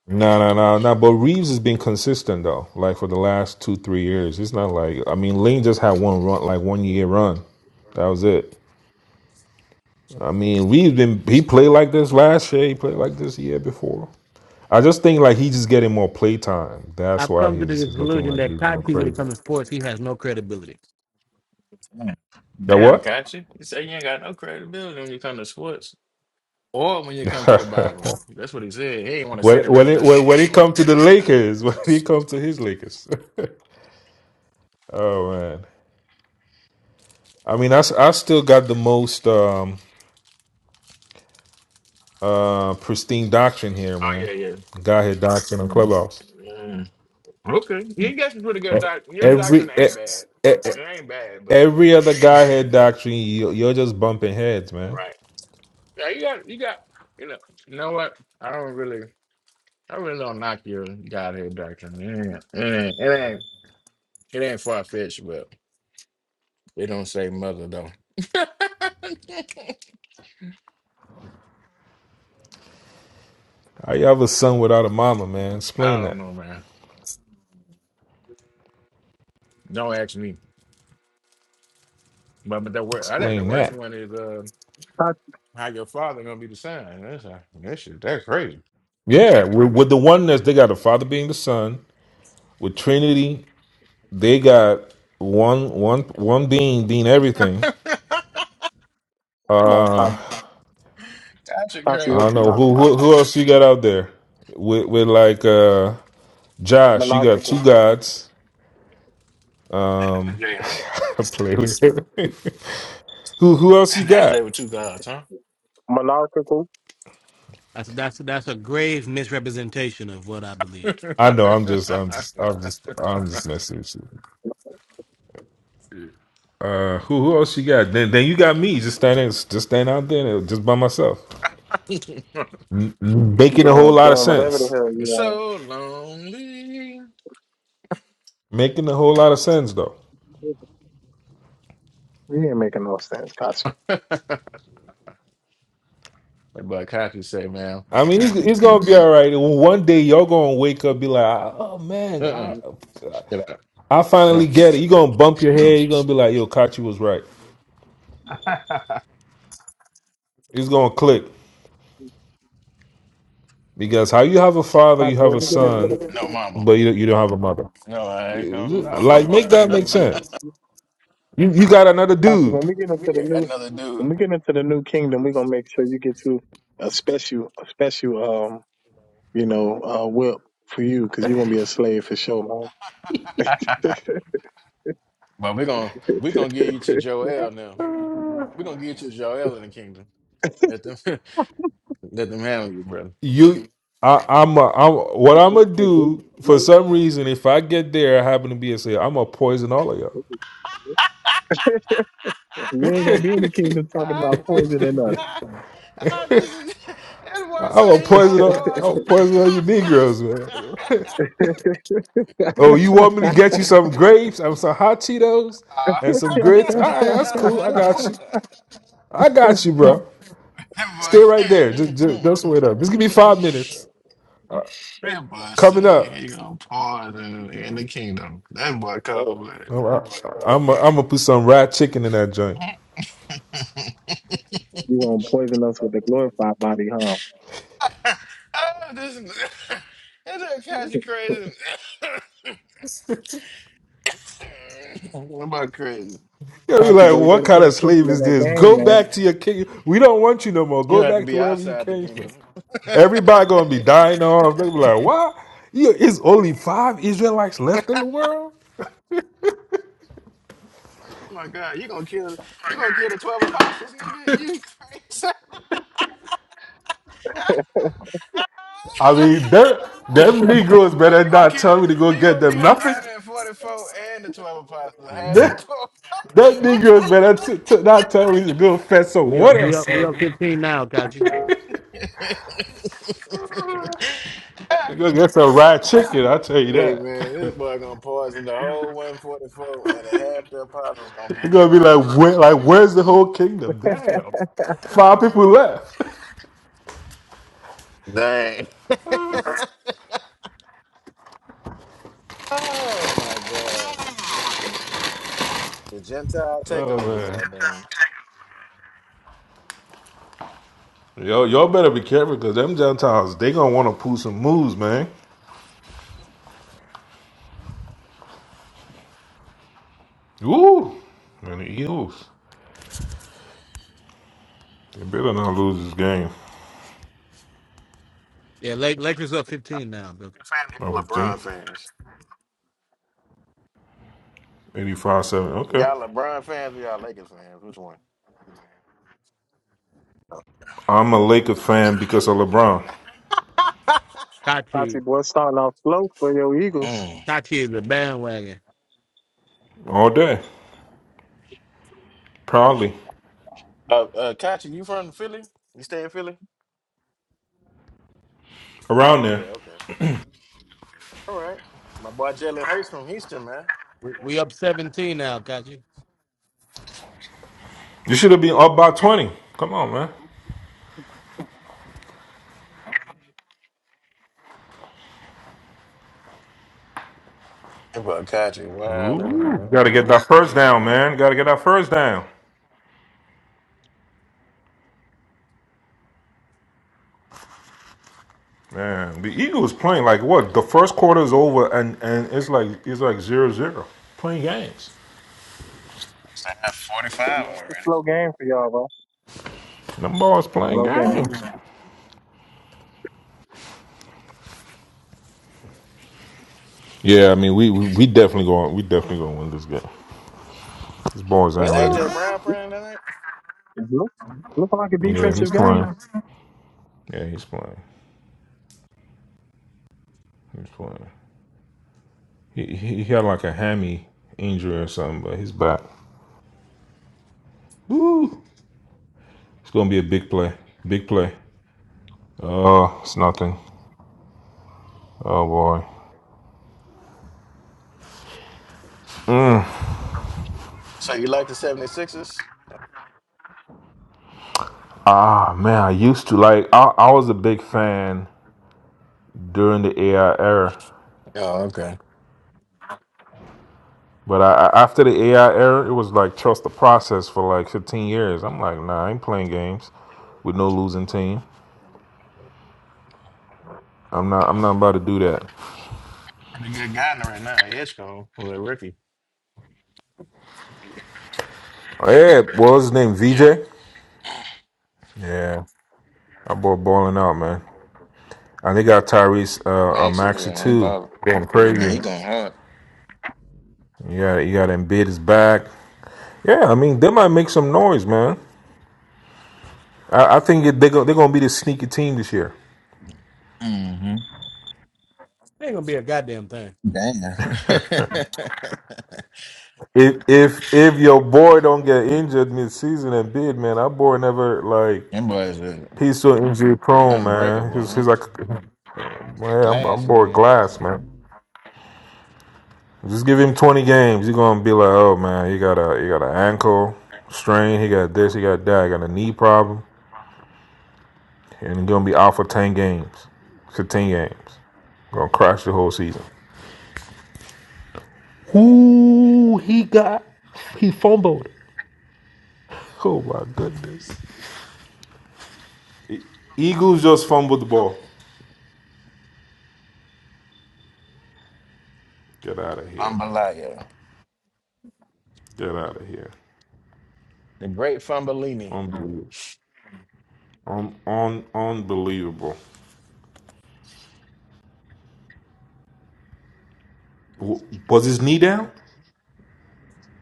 S12: No, no, no, no. But Reeves has been consistent though, like for the last two, three years. It's not like I mean, Lane just had one run, like one year run. That was it. I mean, we've been he played like this last year. He played like this the year before. I just think like he's just getting more play time. That's
S3: I've
S12: why
S3: come to the
S12: he's he's looking
S3: conclusion
S12: like
S3: that
S12: he's going
S3: Kachi, when it
S12: crazy.
S3: comes to sports, he has no credibility.
S16: Damn,
S12: Now
S16: Damn,
S12: what?
S16: got He said you ain't got no credibility when you come to sports or when you come to the Bible. That's what he said. He ain't want to
S12: when
S16: say the
S12: when
S16: rest
S12: it
S16: of it.
S12: when, when it comes to the Lakers, when he come to his Lakers. Oh man. I mean, I, s- I still got the most um uh pristine doctrine here,
S16: Oh,
S12: man.
S16: yeah,
S12: Guy had doctrine on
S16: yeah.
S12: Clubhouse.
S16: Mm, Okay. Yeah, You got some pretty
S12: E-
S16: good doc. Your
S12: Every
S16: doctrine
S12: e-
S16: ain't bad.
S12: e- e-
S16: It ain't bad, but
S12: every other guy had doctrine. You, you're just bumping heads, man.
S16: right. Yeah, you got, you got, you know, you know what? I don't really. I really don't knock your Godhead doctrine. It ain't, it ain't, it ain't, it ain't far fetched, but it don't say mother though.
S12: How you have a son without a mama, man?
S16: I
S12: Explain
S16: don't
S12: that.
S16: know, man. Don't ask me. But but the wor- I think the
S12: Explain
S16: worst
S12: that.
S16: one is uh,
S10: Pat-
S16: how your father gonna be the son. That's uh, that shit. That's crazy.
S12: Yeah, with, with the oneness, they got the Father being the Son. With Trinity, they got one one one being being everything.
S16: That's
S10: Come on, Pat.
S12: Uh,
S16: shit
S10: Patsy,
S12: I
S16: crazy.
S12: don't
S10: what you
S12: know
S10: talking
S12: who
S10: about,
S12: who, who
S10: Patsy?
S12: else you got out there with with like uh, Josh. You got two
S10: Mental,
S12: gods.
S16: That's
S12: Um,
S16: Jay, huh?
S12: I play with who who else you
S16: That's
S12: got?
S16: Jay with two gods, huh?
S10: monarchical,
S3: That's that's that's a grave misrepresentation of what I believe.
S12: I know. I'm just I'm just I'm just I'm just messing with you. Uh, who who else you got? Then then you got me just standing just standing out there just by myself, m- making a whole
S10: doing,
S12: lot of
S10: doing whatever the
S12: sense.
S10: hell
S16: It's
S10: you
S16: so lonely.
S12: Making a whole lot of sense though.
S10: are. You ain't making no sense, Patsy.
S16: But Kaku say, man,
S12: I mean, it's, it's gonna be all right. One day y'all gonna wake up, be like, oh man,
S16: uh-uh,
S12: I,
S16: get out.
S12: I
S16: No.
S12: finally get it. You gonna bump your head. You gonna be like, yo, Kachi was right. It's gonna click because how you have a father,
S10: Patsy,
S12: you have
S10: what
S12: a
S10: you get into?
S12: son,
S16: no mama.
S12: but you you don't have a mother.
S16: No, I ain't gonna.
S12: Like, make that make sense. You you got another
S10: Pastor, when
S12: dude.
S10: we get into the new
S16: Another
S10: when
S16: dude.
S10: we get into the new kingdom, we're gonna make sure you get you a special a special um, you know, uh whip for you because you're gonna be a slave for sure, man.
S16: but we're gonna we're gonna give you to Joel now. We're gonna give you to Joel in the kingdom. Let them let them handle you, brother.
S12: You, I, I'm, a, I'm. What I'm gonna do for some reason, if I get there, I happen to be a say, I'm gonna poison all of y'all.
S10: you ain't gonna be in the kingdom talking about poisoning us.
S16: Ah, this is it was
S12: I'm gonna
S16: say he gonna
S12: poison all, I'm
S16: pause.
S12: gonna poison all you Negroes, man. Oh, you want me to get you some grapes? I'm some hot Cheetos
S16: Ah.
S12: and some grits. All right, that's cool. I got you. I got you,
S16: Ah,
S12: bro. Stay right
S16: that boy
S12: there. Just, just, just wait
S16: can't.
S12: up. Just give me five minutes.
S16: That boy
S12: Coming
S16: say he
S12: up,
S16: gonna pause in, in the kingdom. That boy cold blooded.
S12: I'm, I'm, I'm gonna put some rat chicken in that joint.
S16: oh,
S10: you gonna poison us with the glorified body, huh?
S16: this that don't catch you crazy. what about crazy?
S12: You'll be
S10: Poppy
S12: like,
S10: boy, you
S12: what
S10: better pay
S12: kind of
S10: attention
S12: slave
S10: to
S12: is
S10: that
S12: this? Go
S10: game,
S12: back to your king. We don't want you no more.
S16: You
S12: Go
S16: have to
S12: back to
S16: be
S12: wherever you
S16: outside the
S12: came from.
S16: kingdom. oh
S12: Everybody gonna be dying off. They be like, what? You, it's only five Israelites left in the world.
S16: my God, you gonna kill you gonna kill the twelve apostles, nigga? You crazy?
S12: I mean, that them Negroes better
S16: you gonna
S12: not
S16: kill
S12: tell me to go
S16: he
S12: get
S16: gonna
S12: them
S16: kill the
S12: nothing.
S16: 144 and the 12 apostles, half
S3: We
S16: the
S12: Them,
S16: 12.
S12: them Negroes better t- t- not tell me to go fetch some
S3: are
S12: water or
S3: we are we are 15 now, Kachi.
S12: They gonna get some fried chicken. I tell you
S16: Hey
S12: that.
S16: man, this boy gonna poison the whole 144 and half the apostles gonna be
S12: They're gonna be
S16: gone.
S12: like, where, like, where's the whole kingdom? Damn, five people left.
S16: Dang. Oh my god. The Gentile
S12: Oh
S16: takeover,
S12: man,
S16: goddamn.
S12: yo, y'all better be careful because them Gentiles they gonna want to pull some moves, man. Woo, and the Eagles they better not lose this game.
S3: Yeah, Lake, Lakers up 15 now. But
S16: Your family you
S12: Over
S16: LeBron fans.
S12: 85-7. Okay,
S16: Y'all LeBron fans or y'all Lakers fans? Which one?
S12: I'm a Laker fan because of LeBron
S3: Kachi
S10: Patsy boy starting off slow for your Eagles.
S16: Mm.
S3: Kachi is a bandwagon.
S12: all day, proudly
S16: Uh uh Kachi, you from Philly? You stay in Philly?
S12: around
S16: Oh,
S12: there.
S16: okay, okay. All right. My boy Jalen Hurts from Houston, man.
S3: We, we up 17 now, Kachi.
S12: You should have been up by twenty. Come on, man.
S16: Hey, boy Kachi, wild in the
S12: Ooh,
S16: mud.
S12: gotta get that first down, man. Gotta get that first down. Man, the Eagles playing like what? The first quarter is over and and it's like it's like zero zero. Playing games.
S16: So I have 45
S10: Yeah, it's a
S16: already.
S10: slow game for y'all, bro.
S12: Them boys playing
S10: Slow game.
S12: games. Yeah, I mean, we we, we definitely going we definitely gonna win this game. These boys
S16: Is
S12: ain't ready.
S10: Uh,
S16: AJ Brown playing tonight?
S10: it's look, look like a
S12: Yeah,
S10: defensive
S12: he's
S10: game.
S12: playing. Yeah, he's playing. He's playing. He he had like a hammy injury or something, but he's back. Woo! It's gonna be a big play. Big play. Oh, it's nothing. Oh boy.
S16: So you like the 76ers?
S12: Ah man, I used to like I, I was a big fan during the AI era.
S16: Oh, okay.
S12: But I, I, after the AI era, it was like trust the process for like 15 years. I'm like, nah, I ain't playing games with no losing team. I'm not. I'm not about to do that.
S16: Pretty good guy in there right now. Hitchcock was a rookie.
S12: Oh, yeah, what was his name?
S16: Yeah.
S12: VJ. Yeah, I bought balling out, man. And they got Tyrese uh, uh,
S16: Maxie,
S12: Maxey
S16: yeah, ain't
S12: too.
S16: bothered.
S12: Going
S16: Yeah,
S12: crazy.
S16: he going hard.
S12: Yeah, you got Embiid is back. Yeah, I mean they might make some noise, man. I, I think they're they're gonna be the sneaky team this year.
S16: Mm-hmm.
S3: Ain't gonna be a goddamn thing.
S16: Damn.
S12: If if if your boy don't get injured mid season and bid, man, our boy never like
S16: Them boys are
S12: He's so injury prone, man.
S16: unbreakable,
S12: He's,
S16: huh?
S12: he's like, man,
S16: The
S12: I'm,
S16: glass
S12: I'm bored
S16: man.
S12: glass, man. Just give him 20 games. You're gonna be like, oh man, he got a he got an ankle strain. He got this. He got that. He got a knee problem, and he's gonna be out for 10 games, 15 games. Gonna crash the whole season. Ooh, he got he fumbled. Oh my goodness. E- Eagles just fumbled the ball. Get out of here, man.
S16: Jambalaya.
S12: Get out of here.
S16: The great Fambolini.
S12: Unbelievable. Un- un- unbelievable. W- Was his knee down?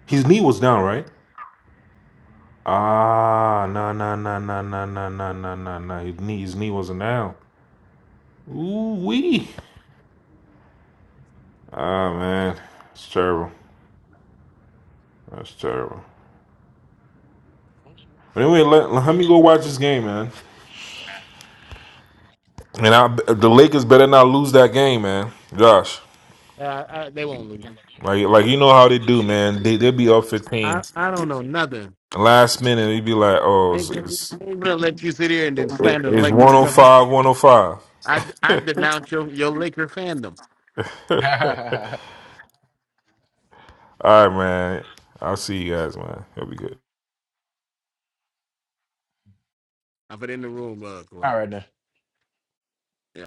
S12: His knee was down, right? Ah, nah, nah, nah, nah, nah, nah, nah, nah, nah, nah. His knee, his knee wasn't down. Ooh wee. Ah man, it's terrible. That's terrible. But anyway, let, let me go watch this game, man. And I, the Lakers better not lose that game, man. Gosh,
S3: Uh, I, they won't lose.
S12: like like you know how they do, man. They they be up
S3: I,
S12: 15.
S3: I don't know nothing.
S12: Last minute, they be like, oh,
S3: I ain't
S12: it's,
S3: gonna,
S12: it's,
S3: I ain't gonna let you sit here and then slander the
S12: it's
S3: Lakers and nothing.
S12: 105,
S3: I, I denounce your, your Laker fandom.
S16: All
S12: All right, man. I'll see you guys, man. It'll be good.
S3: I put it in the room, uh, Glock.
S16: right, then.
S3: Yeah.